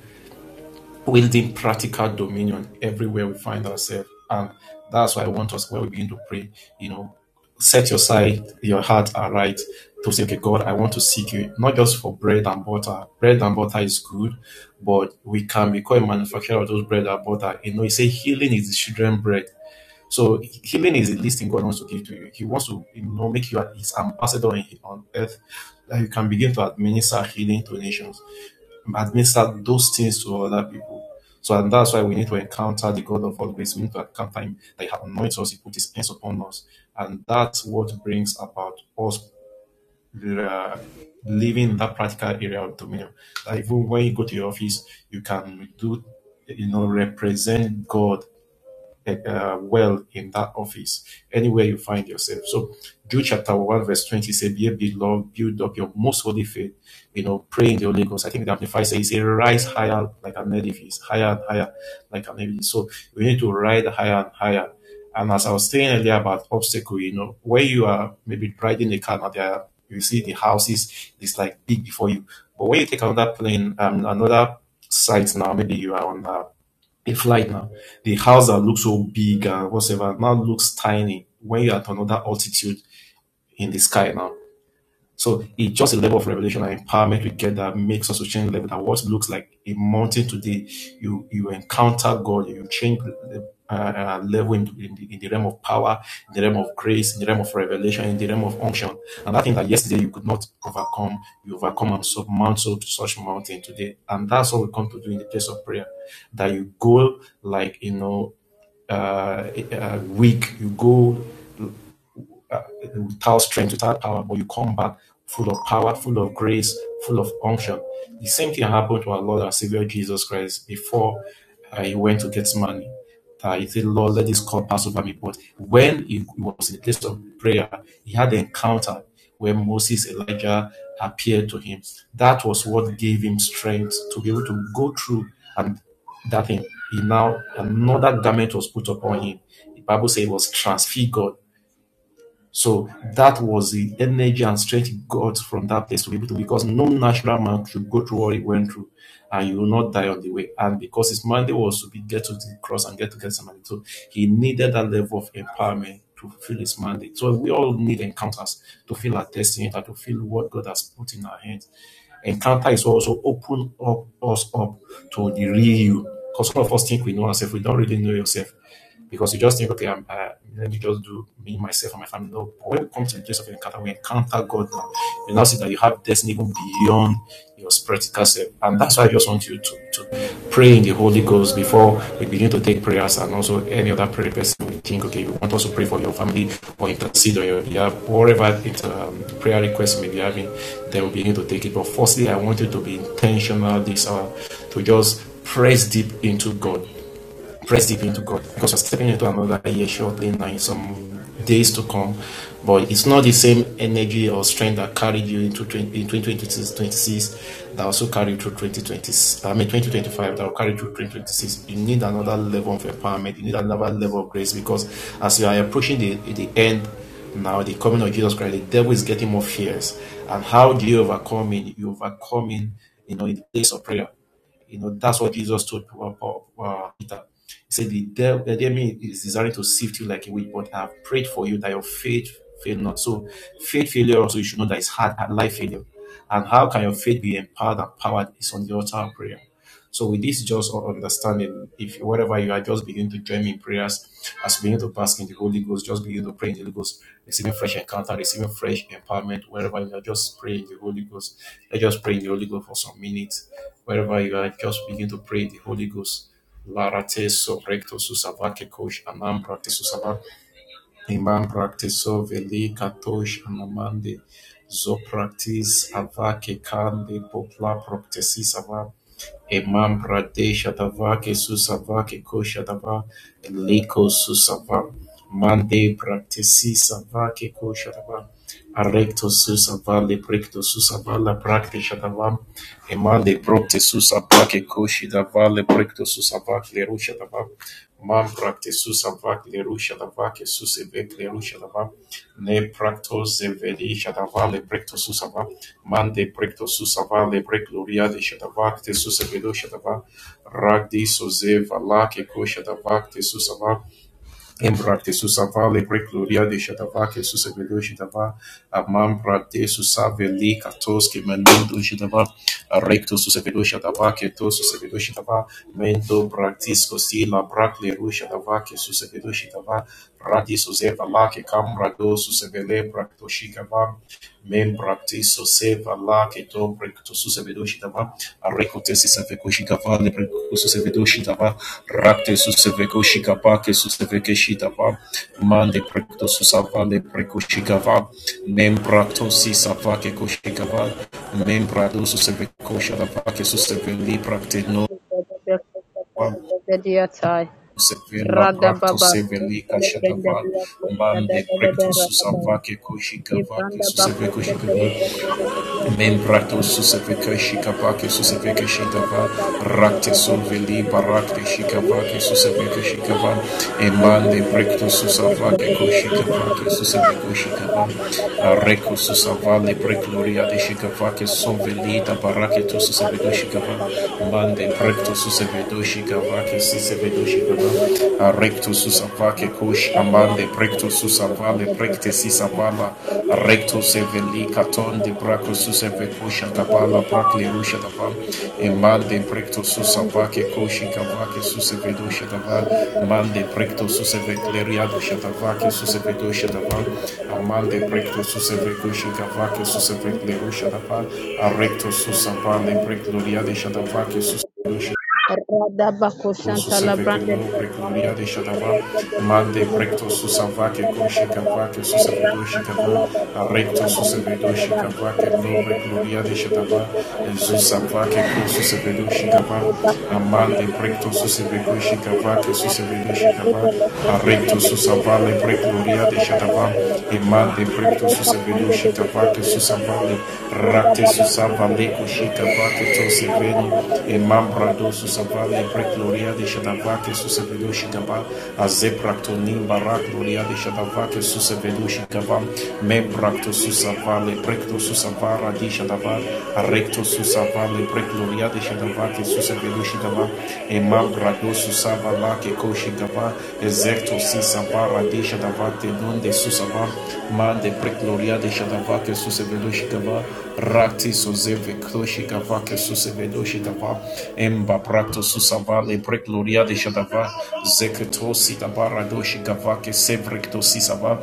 Speaker 5: wielding practical dominion everywhere we find ourselves. And that's why I want us, when we begin to pray, you know, set your side, your heart aright to say, okay, God, I want to seek you, not just for bread and butter. Bread and butter is good, but we can become a manufacturer of those bread and butter. You know, you say healing is the children's bread. So healing is the least thing God wants to give to you. He wants to, you know, make you his ambassador on earth, that you can begin to administer healing to nations, administer those things to other people. So and that's why we need to encounter the God of all grace. We need to encounter Him that He anoints us, He put His hands upon us, and that's what brings about us uh, living in that practical area of dominion. That even when you go to your office, you can do, you know, represent God eh, uh, well in that office, anywhere you find yourself. So, Jude chapter 1, verse 20 says, Be ye beloved, build up your most holy faith, you know, pray in the Holy Ghost. I think the Amplified says, Rise higher like an edifice, higher and higher like an edifice. So, we need to ride higher and higher. And as I was saying earlier about obstacle, you know, where you are maybe riding a car, now there are, you see the houses, it's like big before you. But when you take another plane, um, another site now, maybe you are on a if like now, the house that looks so big and whatever now looks tiny when you're at another altitude in the sky now. So it's just a level of revelation and empowerment we get that makes us to change level. That what looks like a mountain today, you you encounter God, you change the uh, uh, level in, in, the, in the realm of power, in the realm of grace, in the realm of revelation, in the realm of unction. And that thing that yesterday you could not overcome, you overcome and surmount so to such mountain today. And that's what we come to do in the place of prayer. That you go like you know uh, uh, weak, you go uh, without strength, without power, but you come back full of power, full of grace, full of unction. The same thing happened to our Lord and Savior Jesus Christ before uh, he went to Gethsemane. Uh, he said, Lord, let this cup pass over me. But when he was in the place of prayer, he had an encounter where Moses, Elijah appeared to him. That was what gave him strength to be able to go through and that thing. He now, another garment was put upon him. The Bible says he was transfigured so that was the energy and strength he got from that place to be able to, because no natural man should go through what he went through, and you will not die on the way. And because his mandate was to be get to the cross and get to Gethsemane, so he needed that level of empowerment to fulfill his mandate. So we all need encounters to feel our destiny, and to feel what God has put in our hands encounter is also open up us up to the real you. Because all of us think we know ourselves, we don't really know yourself because you just think, okay, I'm, uh, let me just do me, myself, and my family. No, but when we come to the place of encounter, we encounter God now. You now see that you have destiny even beyond your practical self, and that's why I just want you to, to, to pray in the Holy Ghost before we begin to take prayers and also any other prayer person we think, okay, we want us to pray for your family or intercede on your behalf, whatever it, um, prayer request may be having, then we begin to take it. But firstly, I want you to be intentional this hour to just press deep into God Press deep into God because we're stepping into another year shortly now in some days to come. But it's not the same energy or strength that carried you into in 2026 26 that also carried through 2020, I mean 2025 that will carry through 2026. You need another level of empowerment. You need another level of grace because as you are approaching the, the end now, the coming of Jesus Christ, the devil is getting more fierce. And how do you overcome it? You overcome it, you know, in the place of prayer. You know, that's what Jesus told uh, uh, uh, Peter. He said, the, devil, the enemy is desiring to sift you like a wheat, but I have prayed for you that your faith fail not. So faith failure also, you should know that it's hard, at life failure. And how can your faith be empowered and powered is on the altar of prayer. So with this just un- understanding, if whatever you are, just begin to join me in prayers as you begin to bask in the Holy Ghost, just begin to pray in the Holy Ghost, receiving fresh encounter, receiving fresh empowerment, wherever you are, just pray in the Holy Ghost. Let's just pray in the Holy Ghost for some minutes. Wherever you are, just begin to pray in the Holy Ghost. Larate so recto susava ke anam practice susava imam practice so veli katosh anamande zo practice avake kande popla practice susava Imam Pradesh Atavake Susavake Koshatava Liko Susava Mande Praktisi Savake Koshatava Arecto Susava Leprecto Susava La Praktishatava Emande Procte Susavake Koshitava Leprecto Susavake Lerushatava Mam praktisushava lerushadava kesusevek lerushadava ne praktosevelishadava lebrektosusava man de praktosusavat le lebrekloria de shadava tesuseveloshadava ragdisosevala kekoshadava tesusava Îmbrăte-sus savale de ședava, că sus avelio ședava, amam brate sus aveli, ca tos, că menundu ședava, recto sus avelio ședava, că tos sus avelio ședava, mento bractis cosi la bracle ru ședava, că sus avelio ședava, radis sus eva la, că cam rados, sus avele bracto și Mem-baptizo seva-la ketom recto-sus vedoshitava, arrecto-tesis avekoshitava, lebrecto-sus vedoshitava, racte-sus vekoshikapa, que-sus vekeshitava, mande-brecto-sus ava, lebrekoshikava, mem-bracto-sis ava, kekoshikava, mem-brado-sus vekoshitava, que-sus velibra-tenova, Sevela bracto
Speaker 3: Radababa.
Speaker 5: seveli kashadava mande brecto susavake koshigavake
Speaker 3: Ebranda
Speaker 5: suseve
Speaker 3: bako peteli
Speaker 5: koshigava
Speaker 3: bende legedia bota
Speaker 5: Membrato
Speaker 3: tali
Speaker 5: susefeka
Speaker 3: legedia bati.
Speaker 5: shikapake susefeka
Speaker 3: Rada baba
Speaker 5: shikapa
Speaker 3: bako
Speaker 5: rakte
Speaker 3: peteli benda
Speaker 5: soveli
Speaker 3: legedia bota
Speaker 5: barakte
Speaker 3: tali
Speaker 5: shikapake
Speaker 3: legedia pura
Speaker 5: susefeka
Speaker 3: baba.
Speaker 5: shikapa
Speaker 3: Eze
Speaker 5: emande
Speaker 3: pele
Speaker 5: prekto
Speaker 3: bende deshte
Speaker 5: susavake ko
Speaker 3: legedia bende
Speaker 5: shikapake
Speaker 3: legedia.
Speaker 5: susefeko shikapa
Speaker 3: Rada baba
Speaker 5: areko
Speaker 3: bako peteli bende
Speaker 5: susavale
Speaker 3: legedia
Speaker 5: prekloria
Speaker 3: bota
Speaker 5: de
Speaker 3: yande
Speaker 5: shikapake
Speaker 3: pura baba
Speaker 5: soveli
Speaker 3: haya.
Speaker 5: tabarake to
Speaker 3: Ele brada
Speaker 5: susefeko shikapa
Speaker 3: shapa legedia
Speaker 5: mande
Speaker 3: legedia
Speaker 5: prekto
Speaker 3: bota.
Speaker 5: susefedo shikapake susefedo
Speaker 3: Run
Speaker 5: shikapa arekto
Speaker 3: with
Speaker 5: susavake ko shikapa amande precto susavale precte sisapala recto seveli caton de braco suseve coxa gabala pracle rusha dava emande precto susavaque coxi cavaque susevedo shadava mande precto suseve cleriado shadavaque susevedo shadava amande precto suseve coxi cavaque suseve cleru shadava arrecto susavale precloriade shadavaque
Speaker 3: the Rada bakoshanta La
Speaker 5: susaveke
Speaker 3: Brande
Speaker 5: lopre gloria
Speaker 3: Fire.
Speaker 5: de shadava
Speaker 3: Reda
Speaker 5: mande precto susavake koshikavake susavedo shikava recto susavedo shikavake lopre gloria de shadava susavake kosusavedo shikava amande precto susaveko shikavake susavedo shikava recto susavale pre gloria de shadava emande precto Raketo Susabelu Shikabake Susavale Rate
Speaker 3: Baba, Costa,
Speaker 5: Susavale
Speaker 3: the Dia Costa.
Speaker 5: Kushikabake Toseveni
Speaker 3: Araba, the first
Speaker 5: Emambrado Susavale
Speaker 3: Arababakosakalabakalabadiapa.
Speaker 5: Brek Gloria de Shadavake Susavelu Shikaba Azepraktonim Barak Gloria de Shadavake Susavelu Shikaba Membrakto Susavale Brekto Susavara di Shadava Arecto Susavale Brek Gloria de Shadavake Susavelu velushigaba, Emma Gradosu Savala Kekoshigaba, Ezecto Sisaba Radesha Tenon de Susaba, Man de Precloria de Shadava Kesuse Rati Sozeve Kloshigava Kesuse Emba Prato Susaba Le Precloria de Shadava, Zeketo Sitaba Radoshigava Kesevrecto Sisaba,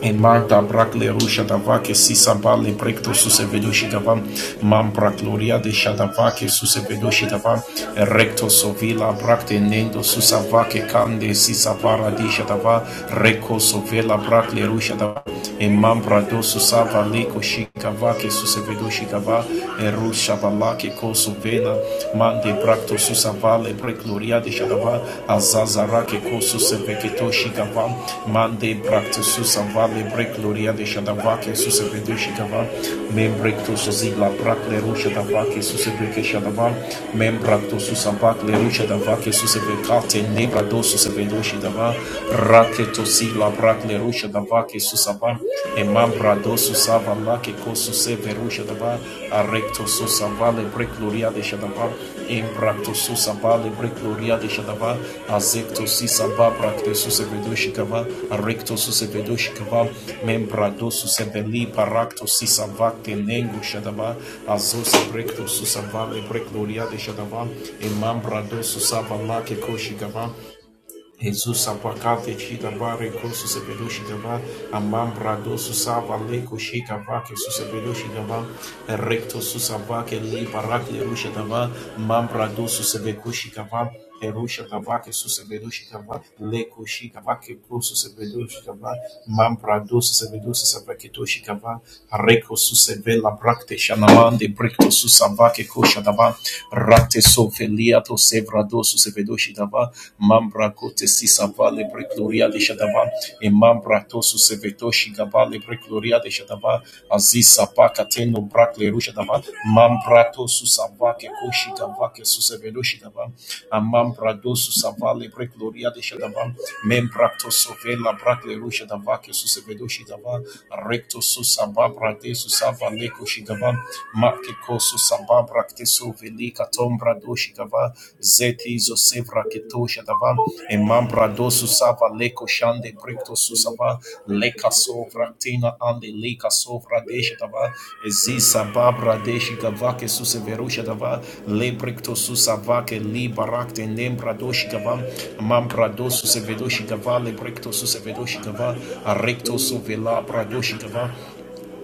Speaker 5: În Magda brac le rușa da vache si samba le brec to suse vedo și da vam mam brac gloria de șa da vache suse vedo și da vam recto sovila brac de nendo susa vache cande si savara di șa da va reco sovela brac le rușa da va în mam susa valeco și cavache suse vedo și da va în Vale gloria de Shadava, Azazarake Kosus Veketoshikava, Mande Bractus Vale gloria de Shadava, Jesus Vedoshikava, Membrectus Zigla Bracle Rusha Dava, Jesus Veke Shadava, Membractus Vacle Rusha Dava, Jesus Vekate, Nebradosus Vedoshidava, Raketosila Bracle Rusha Dava, Jesus Abba, Emambradosus Avalake Kosus Verusha Dava, Arectosus Vale gloria de Shadava, Imprakto susaba libre gloria de shadava. Azekto sisaba prakto susevedo shikava. Arekto susevedo shikava. Membrado suseveli parakto sisava tenengo shadava. Azos brekto susaba libre gloria de shadava. Emambrado susaba la ke koshikava. Jesus apacate chica bare cosu se peluche gaba amam brado su sava leco chica vaque su se peluche gaba recto su sabake li barake rusha gaba mam brado su se becushi gaba Erusha Gabake Susebedushi Gaba, Leko Shikabake Pro Susebedushi Gaba, Mam Prado Susebedusi Sabaketoshi Gaba, Reko Susebela Brakte Shanamande Brekto Susabake Kosha Daba, Rakte Sofeli. Lia to sevra dosu sevedo shidava mambra kote sisava lebre gloria de shadava e mambra tosu sevedo shigava lebre gloria de shadava aziz sapa kateno brak leru shadava mambra tosu sava ke koshi gava ke su sevedo shidava a mambra dosu sava lebre gloria de shadava membra tosu vela brak shadava ke su sevedo shidava recto su sava brate su sava leko shidava kosu sambambra kteso velika tombra doshikava zeti zo sevra ketosha dava e mambra dosu sava leko shande brikto susava leka sovra tina ande leka sovra desha dava e zi sababra deshi gava ke suseverusha dava le brikto susava ke li barakte nembra doshi gava mambra dosu sevedoshi gava le brikto susevedoshi gava a recto sovela bradoshi gava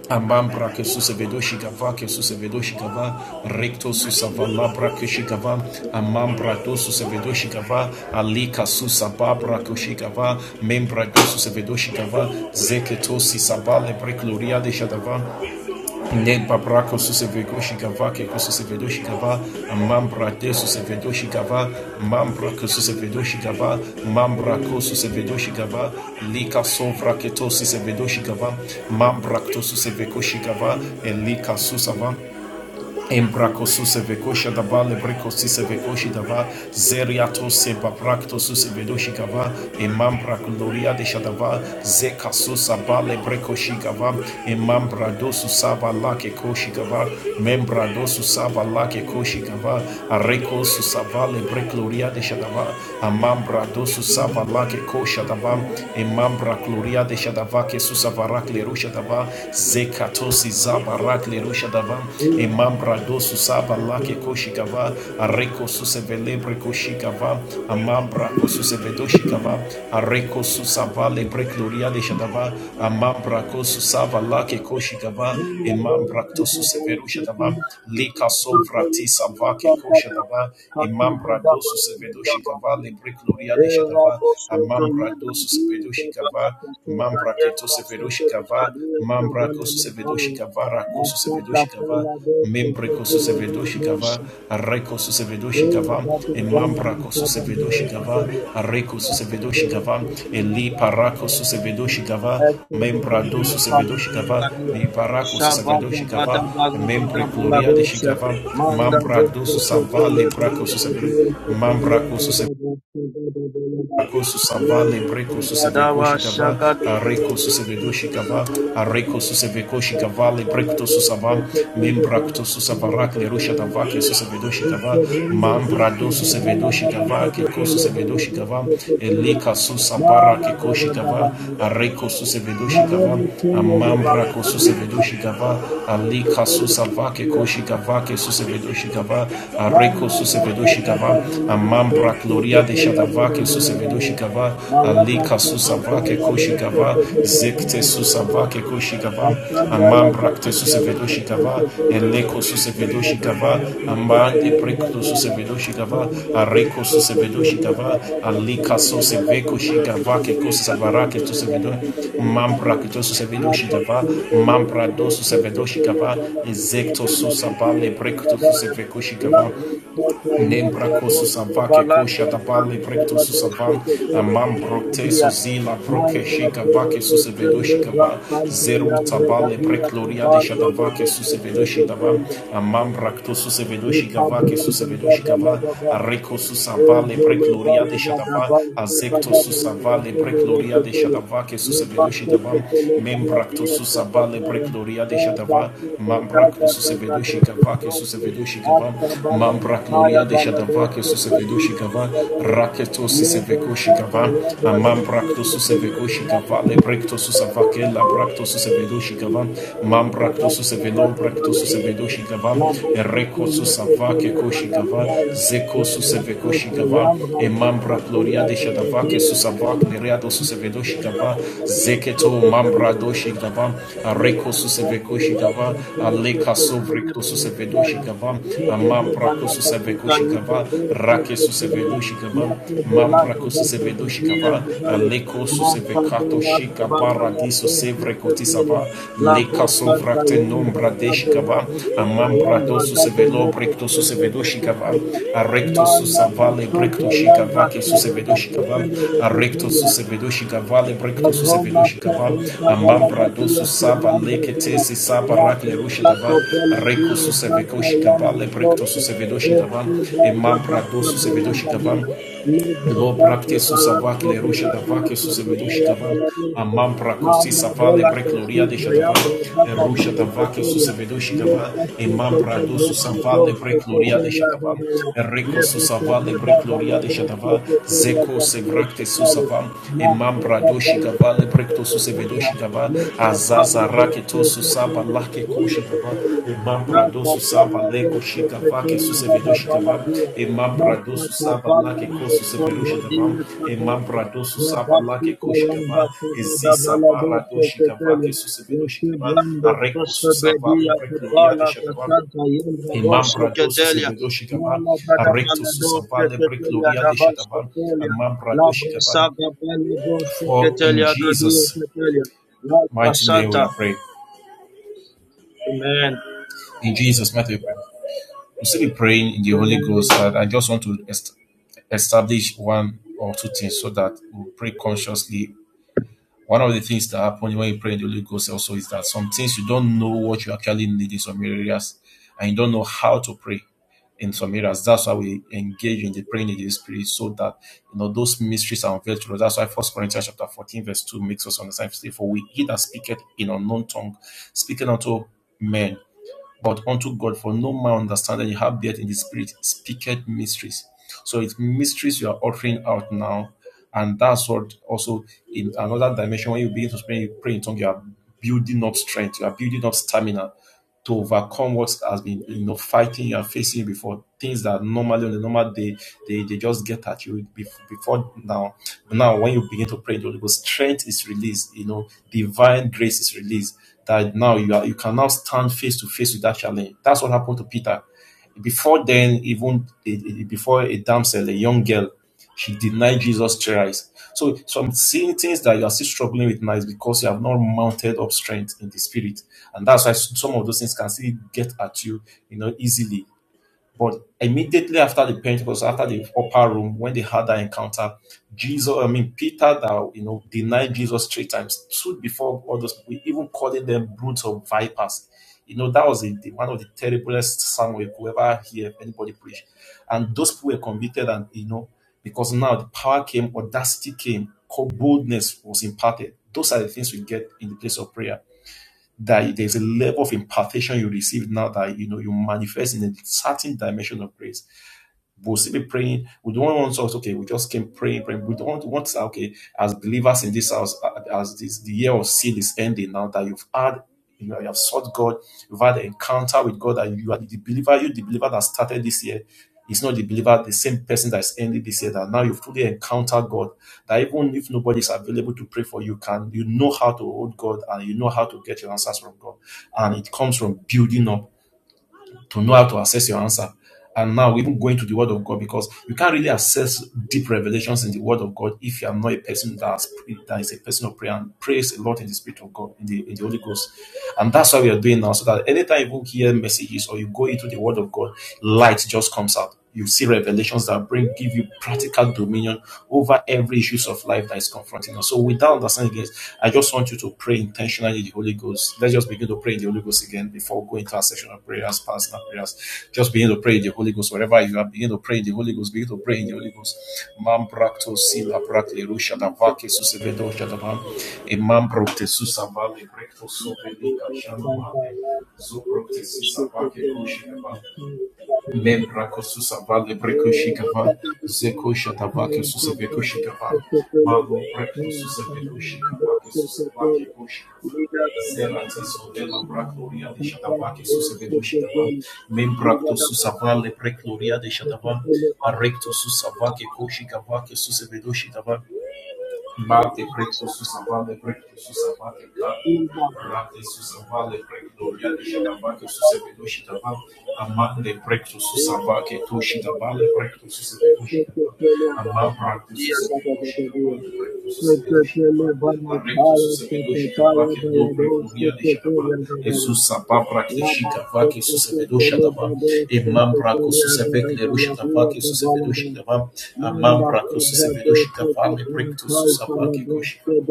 Speaker 5: Amambra que susevedo shikava que susevedo shikava recto susava labra que shikava amambra do susevedo shikava alika susababra que
Speaker 4: Ora
Speaker 5: shikava membra do susevedo shikava zeketo sisaba lebre de shadava Nel paprako susevedo shikava keko susevedo shikava mambrate susevedo shikava mambrako susevedo shikava
Speaker 4: do.
Speaker 5: mambrako
Speaker 4: Ora
Speaker 5: susevedo
Speaker 4: do.
Speaker 5: shikava lika sovra keto susevedo shikava mambrakto suseveko shikava elika susava Embraco susevekoshi dava lebreko susevekoshi dava zeriato sebabrakto susevedoshi gava emambra gloria de shadava zeka susaba lebreko shigava emambra do susaba lake koshi gava membra do lake koshi gava areko susaba lebre
Speaker 4: Thank
Speaker 5: gloria de shadava amambra do susaba lake kosha dava emambra gloria de shadava ke susavara kleru Zekatosi Zabarak Lerusha Davam, Imambra Dosu Saba Lake Koshikava, Areko Susevelebre Koshikava, Amambra Kosusevedoshikava, Areko Susava Lebre Gloria de Shadava, Amambra Kosusava Lake Koshikava, Imambra Tosuseverusha Dava, Lika Sovrati Savake Koshadava, Imambra Dosu
Speaker 4: you.
Speaker 5: Sevedoshikava, Lebre Gloria
Speaker 4: Thank
Speaker 5: de Shadava, Amambra Dosu Sevedoshikava, Mambra Keto Severoshikava, Mambra kosu sevedoshikava, kosu sevedoshikava, membre kosu sevedoshikava,
Speaker 4: you.
Speaker 5: reko su
Speaker 4: Oh,
Speaker 5: sevedoshikava,
Speaker 4: that
Speaker 5: e
Speaker 4: is one of
Speaker 5: mambra
Speaker 4: my
Speaker 5: kosu
Speaker 4: favorite
Speaker 5: sevedoshikava,
Speaker 4: relationships.
Speaker 5: reko su
Speaker 4: My the
Speaker 5: sevedoshikava,
Speaker 4: relationship
Speaker 5: e
Speaker 4: is my
Speaker 5: li
Speaker 4: father's
Speaker 5: parako su
Speaker 4: relationship.
Speaker 5: sevedoshikava,
Speaker 4: As to the
Speaker 5: membra
Speaker 4: devil, my
Speaker 5: dosu
Speaker 4: father's
Speaker 5: sevedoshikava,
Speaker 4: relationship.
Speaker 5: li parako su
Speaker 4: Shabada
Speaker 5: sevedoshikava,
Speaker 4: bada bada bada
Speaker 5: membre
Speaker 4: bada
Speaker 5: gloria de
Speaker 4: dosha.
Speaker 5: shikava,
Speaker 4: Manda
Speaker 5: mambra
Speaker 4: gosta
Speaker 5: dosu
Speaker 4: te te
Speaker 5: savale
Speaker 4: le
Speaker 5: brako
Speaker 4: bala
Speaker 5: su
Speaker 4: bada dosha
Speaker 5: sevedoshikava,
Speaker 4: kala
Speaker 5: mambra kosu
Speaker 4: bada dosha bada bala bada. Le
Speaker 5: Akosusava lebreko
Speaker 4: bada bada washa
Speaker 5: susevekoshikava
Speaker 4: gada bala
Speaker 5: areko
Speaker 4: dosha bada
Speaker 5: susevedoshikava
Speaker 4: bala
Speaker 5: areko
Speaker 4: bada. Mawada
Speaker 5: susevekoshikava
Speaker 4: saka
Speaker 5: lebrekto susava membrakto susavarak lerushadava ke shikava mambrado Susevedo shikava susevedoshikava ke shikava elika susabara ke koshikava shikava susevedoshikava amambrako shikava alika susava ke koshikava shikava susevedoshikava areko shikava
Speaker 4: pala
Speaker 5: mam. Mambra Gloria de Shadavake Susemedoshikava, Alika Susavake
Speaker 4: bese
Speaker 5: Koshikava,
Speaker 4: tekelia bebe
Speaker 5: Zekte
Speaker 4: bebe
Speaker 5: Susavake
Speaker 4: bebe.
Speaker 5: Koshikava,
Speaker 4: Thank
Speaker 5: Amambrakte Susevedoshikava, Eleko Susevedoshikava, Amande Brekto Susevedoshikava, Areko Susevedoshikava, Alika Suseveko Shikavake Kosavarake Susevedo, Mambra Kito Susevedoshikava, Mambra Dosusevedoshikava, Ezekto Susabale Brekto Susevekoshikava, Nembrakosu Savake Kosha Dabale Brektosu Savan Amam Brokteso
Speaker 4: you.
Speaker 5: Zila
Speaker 4: Manda
Speaker 5: Brokeshika
Speaker 4: breve
Speaker 5: Vake
Speaker 4: te chende
Speaker 5: Susevedoshika Va
Speaker 4: rasante
Speaker 5: Zeru
Speaker 4: yandre
Speaker 5: Tabale
Speaker 4: gadia te
Speaker 5: Brekloria de
Speaker 4: bando go
Speaker 5: Shadavake
Speaker 4: bete te
Speaker 5: Susevedoshika Va
Speaker 4: chende.
Speaker 5: Amam Braktosu Sevedoshika Vake
Speaker 4: Ikabela da da
Speaker 5: Susevedoshika
Speaker 4: bala
Speaker 5: Va
Speaker 4: da ba.
Speaker 5: Areko Susavale
Speaker 4: Ezele
Speaker 5: Brekloria
Speaker 4: bala
Speaker 5: de
Speaker 4: da da
Speaker 5: Shadava
Speaker 4: ba. Suka
Speaker 5: Azekto
Speaker 4: da bala da
Speaker 5: Susavale
Speaker 4: chende
Speaker 5: Brekloria de Shadavake
Speaker 4: Le pasto
Speaker 5: Susevedoshika
Speaker 4: te
Speaker 5: Va
Speaker 4: kaya
Speaker 5: Membrakto
Speaker 4: diya se
Speaker 5: susabale
Speaker 4: kachaya.
Speaker 5: brekloria de
Speaker 4: O
Speaker 5: shadava.
Speaker 4: basto te
Speaker 5: Membrakto susevedoshi gava ke susevedoshi gava.
Speaker 4: Asta bala na
Speaker 5: Membrakloria de
Speaker 4: bala do
Speaker 5: shadava ke
Speaker 4: se
Speaker 5: susevedoshi
Speaker 4: kadiya
Speaker 5: gava. Raketo
Speaker 4: Lord, the
Speaker 5: sisevekoshi
Speaker 4: Thank
Speaker 5: gava.
Speaker 4: you. the Lord,
Speaker 5: Membrakto susevekoshi gava le brekto susavake la brakto susevedoshi gava. Membrakto
Speaker 4: the
Speaker 5: susevelo brakto susevedoshi gava. Reko susavake koshi gava. Zeko susevedoshi Sevekoshigava, Emambra Gloria de Shadavake, Susavak, Nereado Susevedoshigava,
Speaker 4: Lord,
Speaker 5: Zeketo,
Speaker 4: the
Speaker 5: Mambra
Speaker 4: Lord,
Speaker 5: Doshigava, Areko Susevekoshigava, Aleka Sovrekto Susevedoshigava, Amambra Kosusevekoshigava, Rake Susevedoshigava, Mambra Kosusevedoshigava, Aleko Susevekato Shikabara Diso Sevrekotisava,
Speaker 4: La
Speaker 5: leka
Speaker 4: bosta
Speaker 5: sovrakte
Speaker 4: yandra
Speaker 5: nombra
Speaker 4: da bela
Speaker 5: deshikava
Speaker 4: da sita
Speaker 5: amambra
Speaker 4: yandra da
Speaker 5: dosus velo
Speaker 4: bela da
Speaker 5: brekto sus
Speaker 4: sende
Speaker 5: velo
Speaker 4: de
Speaker 5: shikava
Speaker 4: tepelia.
Speaker 5: arekto sus
Speaker 4: Manda
Speaker 5: avale
Speaker 4: bosta
Speaker 5: brekto
Speaker 4: yandra
Speaker 5: shikava ke
Speaker 4: da
Speaker 5: sus velo
Speaker 4: bela da
Speaker 5: shikava
Speaker 4: sende de
Speaker 5: arekto
Speaker 4: tepelia.
Speaker 5: sus velo shikava le brekto sus
Speaker 4: Roma
Speaker 5: velo shikava
Speaker 4: Sabrata
Speaker 5: amambra
Speaker 4: Balada
Speaker 5: dosus
Speaker 4: Dias
Speaker 5: sava
Speaker 4: Grande
Speaker 5: lekete
Speaker 4: Villa,
Speaker 5: se sava rakle
Speaker 4: Rado
Speaker 5: rushikava
Speaker 4: Saco Pela
Speaker 5: reko
Speaker 4: Dias
Speaker 5: sus
Speaker 4: Banta
Speaker 5: velo
Speaker 4: Yam
Speaker 5: shikava le brekto
Speaker 4: Rigoste,
Speaker 5: sus velo
Speaker 4: Esti Rada Basta
Speaker 5: dosus velo
Speaker 4: Balada Dias, Libre
Speaker 5: Lo
Speaker 4: Basta
Speaker 5: brakte susavak
Speaker 4: Barasco
Speaker 5: le rusha
Speaker 4: Bela
Speaker 5: davak
Speaker 4: Dias
Speaker 5: susevedush
Speaker 4: Secretaria
Speaker 5: davan.
Speaker 4: Bela Dias,
Speaker 5: Amam brakosi
Speaker 4: Manda
Speaker 5: savale
Speaker 4: Bola
Speaker 5: brekloria de
Speaker 4: Tashita
Speaker 5: shadavan.
Speaker 4: Yam Rada
Speaker 5: Rusha
Speaker 4: Dias
Speaker 5: davak
Speaker 4: Secretaria, Thank
Speaker 5: susevedush davan. Emam brado susavale brekloria de shadavan. Reko susavale brekloria de shadavan. Zeko se brakte susavam. Emam brado shigavale brekto susevedush Dava, Azaza raketo susaba lake koshi dava, Imam brado susaba leko shikava ke susevedo shikava,
Speaker 4: you
Speaker 5: Imam brado
Speaker 4: basta
Speaker 5: susaba lake kosu sevedo shikava, Imam brado susaba lake koshikava,
Speaker 4: basta da
Speaker 5: Ezi saba
Speaker 4: Balado
Speaker 5: rado shikava
Speaker 4: Sototelio,
Speaker 5: ke susevedo shikava,
Speaker 4: Yakublando
Speaker 5: Areko
Speaker 4: Sosa
Speaker 5: susaba
Speaker 4: Bedia
Speaker 5: lebre gloria de
Speaker 4: Kopala
Speaker 5: shikava,
Speaker 4: Casanta Yanga
Speaker 5: Imam
Speaker 4: Dosa
Speaker 5: brado
Speaker 4: Catelia,
Speaker 5: susevedo shikava,
Speaker 4: mala bada
Speaker 5: Arekto
Speaker 4: Balado
Speaker 5: susaba lebre
Speaker 4: Catelia
Speaker 5: gloria
Speaker 4: da
Speaker 5: de
Speaker 4: Basta
Speaker 5: shikava,
Speaker 4: Tolia,
Speaker 5: Imam brado
Speaker 4: Labra
Speaker 5: shikava.
Speaker 4: Saga Balado
Speaker 5: For in
Speaker 4: Catelia da Dio
Speaker 5: Jesus'
Speaker 4: Catelia, Like
Speaker 5: mighty name we
Speaker 4: Casanta.
Speaker 5: are praying.
Speaker 4: Amen.
Speaker 5: In Jesus' mighty name. We will. still be praying in the Holy
Speaker 4: Amen.
Speaker 5: Ghost, and
Speaker 4: Amen.
Speaker 5: I just want to est- establish one or two things so that we we'll pray consciously. One of the things that happen when you pray in the Holy Ghost also is that some things you don't know what you actually need in some areas, and you don't know how to pray in some areas. That's why we engage in the praying in the Spirit, so that you know those mysteries are unveiled to us. That's why First Corinthians chapter fourteen verse two makes us understand. For we he that speaketh in unknown tongue, speaking unto men but unto God, for no man understandeth you have yet in the spirit speaketh mysteries. So it's mysteries you are uttering out now. And that's what also in another dimension, when you begin to pray, pray in tongues, you are building up strength, you are building up stamina to overcome what has been you know fighting you are facing before things that normally on the normal day they, they just get at you before now. But now when you begin to pray, the Holy Ghost strength is released, you know, divine grace is released. That now you are you can now stand face to face with that challenge. That's what happened to Peter. Before then, even before a damsel, a young girl, she denied Jesus thrice. So, so I'm seeing things that you are still struggling with now is because you have not mounted up strength in the spirit, and that's why some of those things can still get at you, you know, easily but immediately after the Pentecost, after the upper room, when they had that encounter, Jesus, I mean Peter, that you know denied Jesus three times, stood before all those people, even calling them brutes of vipers. You know that was the, the- one of the terriblest sermon you could ever hear anybody preach, and those people were convicted, and you know because now the power came, audacity came, boldness was imparted. Those are the things we get in the place of prayer that there's a level of impartation you receive now that you know you manifest in a certain dimension of grace. We'll still be praying. We don't want to say, okay, we just came praying, praying. We don't want, want to say, okay, as believers in this house, uh, as this the year of seal is ending now that you've had you, know, you have sought God, you've had an encounter with God, and you are the believer, you the believer that started this year. It's not the believer, the same person that's ended this year that now you've truly encountered God. That even if nobody's available to pray for you, can you know how to hold God and you know how to get your answers from God. And it comes from building up to know how to assess your answer. And now, we're even going to the Word of God, because you can't really assess deep revelations in the Word of God if you are not a person that's, that is a person of prayer and prays a lot in the Spirit of God, in the, in the Holy Ghost. And that's what we are doing now, so that anytime you hear messages or you go into the Word of God, light just comes out you see revelations that bring give you practical dominion over every issues of life that is confronting us. So with that understanding, guys, I just want you to pray intentionally in the Holy Ghost. Let's just begin to pray in the Holy Ghost again before going to our session of prayers, personal prayers. Just begin to pray in the Holy Ghost. Wherever you are, begin to pray in the Holy Ghost. Begin to pray in the Holy Ghost. Mam brakto sila brakle rusha da vake susevedo shadabam. Imam brokte susavale brekto soveli kashanamale. Zubrokte sisavake Lembrako susava lebreko shikava zeko shatava ke susaveko shikava malo breko susaveko shikava ke susava ke koshikava zeratizo de la bracloria de shatava ke susaveko shikava membrakto susava lebrekloria de shatava recto susava ke koshikava ke susaveko shikava Mate precto susavale precto susavate taco, rate susavale precto
Speaker 4: Thank
Speaker 5: riade shitavake
Speaker 4: you.
Speaker 5: susevedo shitaval, amande precto susavake to shitavale precto susevedo shitaval, ama practo susevedo shitavale precto susevedo
Speaker 4: Sekretele
Speaker 5: shitaval,
Speaker 4: bana
Speaker 5: arrecto
Speaker 4: kaya
Speaker 5: susevedo
Speaker 4: sekretaya
Speaker 5: shitavake no
Speaker 4: bayado
Speaker 5: precto riade
Speaker 4: sekretele
Speaker 5: shitaval,
Speaker 4: gadaba.
Speaker 5: ezus sapa practe
Speaker 4: Sambra
Speaker 5: shitavake susevedo shitaval, imam brako susevek lerushkavake susevedoshikava amam braco susavedushi davam, Le brako susevedoshikava lebrekto susavake koshikava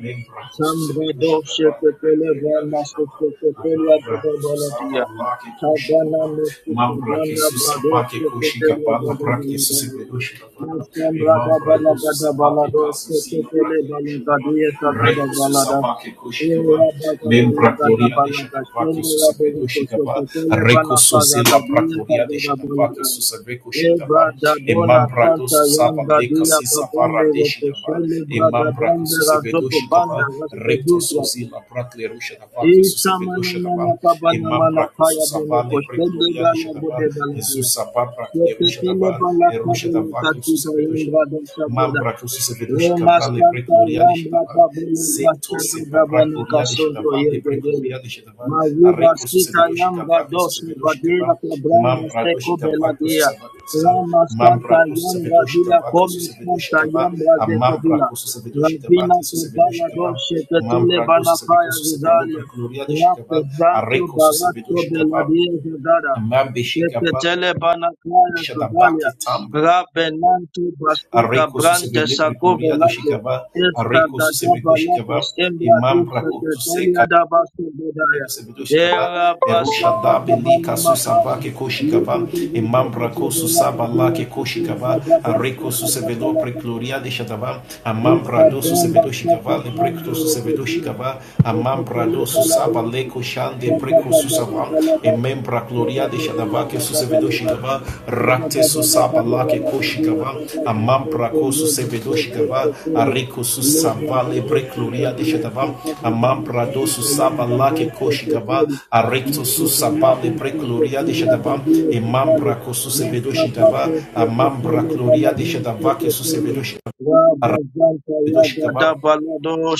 Speaker 5: Mem brako susevedoshikava lebreklerushkava Amambrake susava lake koshikava mambrake susavake koshikava labrake susevedoshikava imam
Speaker 4: da
Speaker 5: brako
Speaker 4: bala gada bala
Speaker 5: susavake
Speaker 4: do, se te
Speaker 5: kasusila
Speaker 4: tele
Speaker 5: brake
Speaker 4: bala gadiya sa gada
Speaker 5: Reiko
Speaker 4: bala da.
Speaker 5: susavake koshikava,
Speaker 4: Thank
Speaker 5: membra gloria de shadavake susegredo shikava, Reiko sozela bra gloria de shadavake susaveko shikava, emambra do susava leka sisavara de shikava, emambra ko susevedo shikava, Reiko sozela bra kleru shadavake susevedo shadava, emambra ko susavale bre gloria de shadava, Ezusa babra kleru shadava, Erusha davake susevedo shikava,
Speaker 4: you.
Speaker 5: Mambra to Sevedoshika Valley, Break
Speaker 4: Remastanta
Speaker 5: Gloria de
Speaker 4: yamba
Speaker 5: Shetava,
Speaker 4: Babulu
Speaker 5: Zecto
Speaker 4: Bashaka
Speaker 5: Sepa Bra
Speaker 4: Dabani
Speaker 5: Gloria de
Speaker 4: Kasunto
Speaker 5: Shetava, le Break
Speaker 4: Yegedele.
Speaker 5: Gloria de Shetava,
Speaker 4: Mayuba
Speaker 5: Areco
Speaker 4: Sita
Speaker 5: Susevedoshika
Speaker 4: Yamba
Speaker 5: Vaki,
Speaker 4: Doshi
Speaker 5: Susevedoshika
Speaker 4: Badia
Speaker 5: Vam,
Speaker 4: Kabranda
Speaker 5: Mambra
Speaker 4: Seko
Speaker 5: Doshika Vaki,
Speaker 4: Beladia.
Speaker 5: Susevedoshika
Speaker 4: Rama
Speaker 5: Mambra
Speaker 4: Santa
Speaker 5: to
Speaker 4: Yamba
Speaker 5: Sevedoshika
Speaker 4: Dia
Speaker 5: Vaki,
Speaker 4: Komi
Speaker 5: Susevedoshika
Speaker 4: Santa
Speaker 5: Vam,
Speaker 4: Yamba Deko
Speaker 5: Amambra
Speaker 4: Bila.
Speaker 5: to Sevedoshika
Speaker 4: Rabina
Speaker 5: Vaki,
Speaker 4: Kubala
Speaker 5: Susevedoshika Vam,
Speaker 4: Doshe Petele
Speaker 5: Mambra to Sevedo
Speaker 4: Banakaya
Speaker 5: Susevendo,
Speaker 4: Vizalia.
Speaker 5: Break Gloria de
Speaker 4: Rafa
Speaker 5: Shikava,
Speaker 4: Zanto
Speaker 5: Areco
Speaker 4: Barato
Speaker 5: Susevedoshika Vam,
Speaker 4: Beladia Zadada.
Speaker 5: Amambe Shikava.
Speaker 4: Sheketele banakaya kavalia.
Speaker 5: Shadabake
Speaker 4: Rabenanto basuga
Speaker 5: areko
Speaker 4: brande
Speaker 5: susevele
Speaker 4: sagove
Speaker 5: prekloria do
Speaker 4: lake.
Speaker 5: Chicava,
Speaker 4: Esta
Speaker 5: areko susevego
Speaker 4: gadaba lake
Speaker 5: Chicava, e
Speaker 4: stembra dusha
Speaker 5: mambraco
Speaker 4: ketelia
Speaker 5: suseca.
Speaker 4: da basu bedaya.
Speaker 5: Sebedo Shitava,
Speaker 4: Era basa
Speaker 5: Erusha da
Speaker 4: bada
Speaker 5: Beli
Speaker 4: bana
Speaker 5: Kasu Samba
Speaker 4: makaya.
Speaker 5: ke
Speaker 4: Libo
Speaker 5: Koshikava,
Speaker 4: de de de de
Speaker 5: Emambra
Speaker 4: de de
Speaker 5: Kosu
Speaker 4: lake
Speaker 5: Saba La
Speaker 4: dia
Speaker 5: ke
Speaker 4: ketelia
Speaker 5: Koshikava,
Speaker 4: da basa
Speaker 5: Areko
Speaker 4: bada
Speaker 5: Susebedo
Speaker 4: lake.
Speaker 5: Precloria de Shadava,
Speaker 4: Esta
Speaker 5: Amambra do
Speaker 4: bomba
Speaker 5: Susebedo
Speaker 4: está
Speaker 5: Shikava, Le
Speaker 4: tratando de
Speaker 5: Susebedo
Speaker 4: pedir
Speaker 5: Shikava,
Speaker 4: de que
Speaker 5: Amambra
Speaker 4: se
Speaker 5: do
Speaker 4: le Da la
Speaker 5: Susaba
Speaker 4: voz.
Speaker 5: Le shande
Speaker 4: da da
Speaker 5: Breco
Speaker 4: da da
Speaker 5: susaba.
Speaker 4: da da da.
Speaker 5: Emembra
Speaker 4: Da da
Speaker 5: Gloria de
Speaker 4: da
Speaker 5: Shadava
Speaker 4: da da
Speaker 5: ke
Speaker 4: da da
Speaker 5: Susebedo
Speaker 4: da. da
Speaker 5: Gava,
Speaker 4: Rabba
Speaker 5: Ratesu Lake Koshigava, Amampra Kosu Sevedoshigava, Areko Susavale Brecluria de Shadava, Amampra Dosu Saba Lake Koshigava, Arecto Susabale Brecluria de Shadava, Emampra Kosu Sevedoshigava, Amambra Gloria de Shadava, Kesu Sevedoshigava.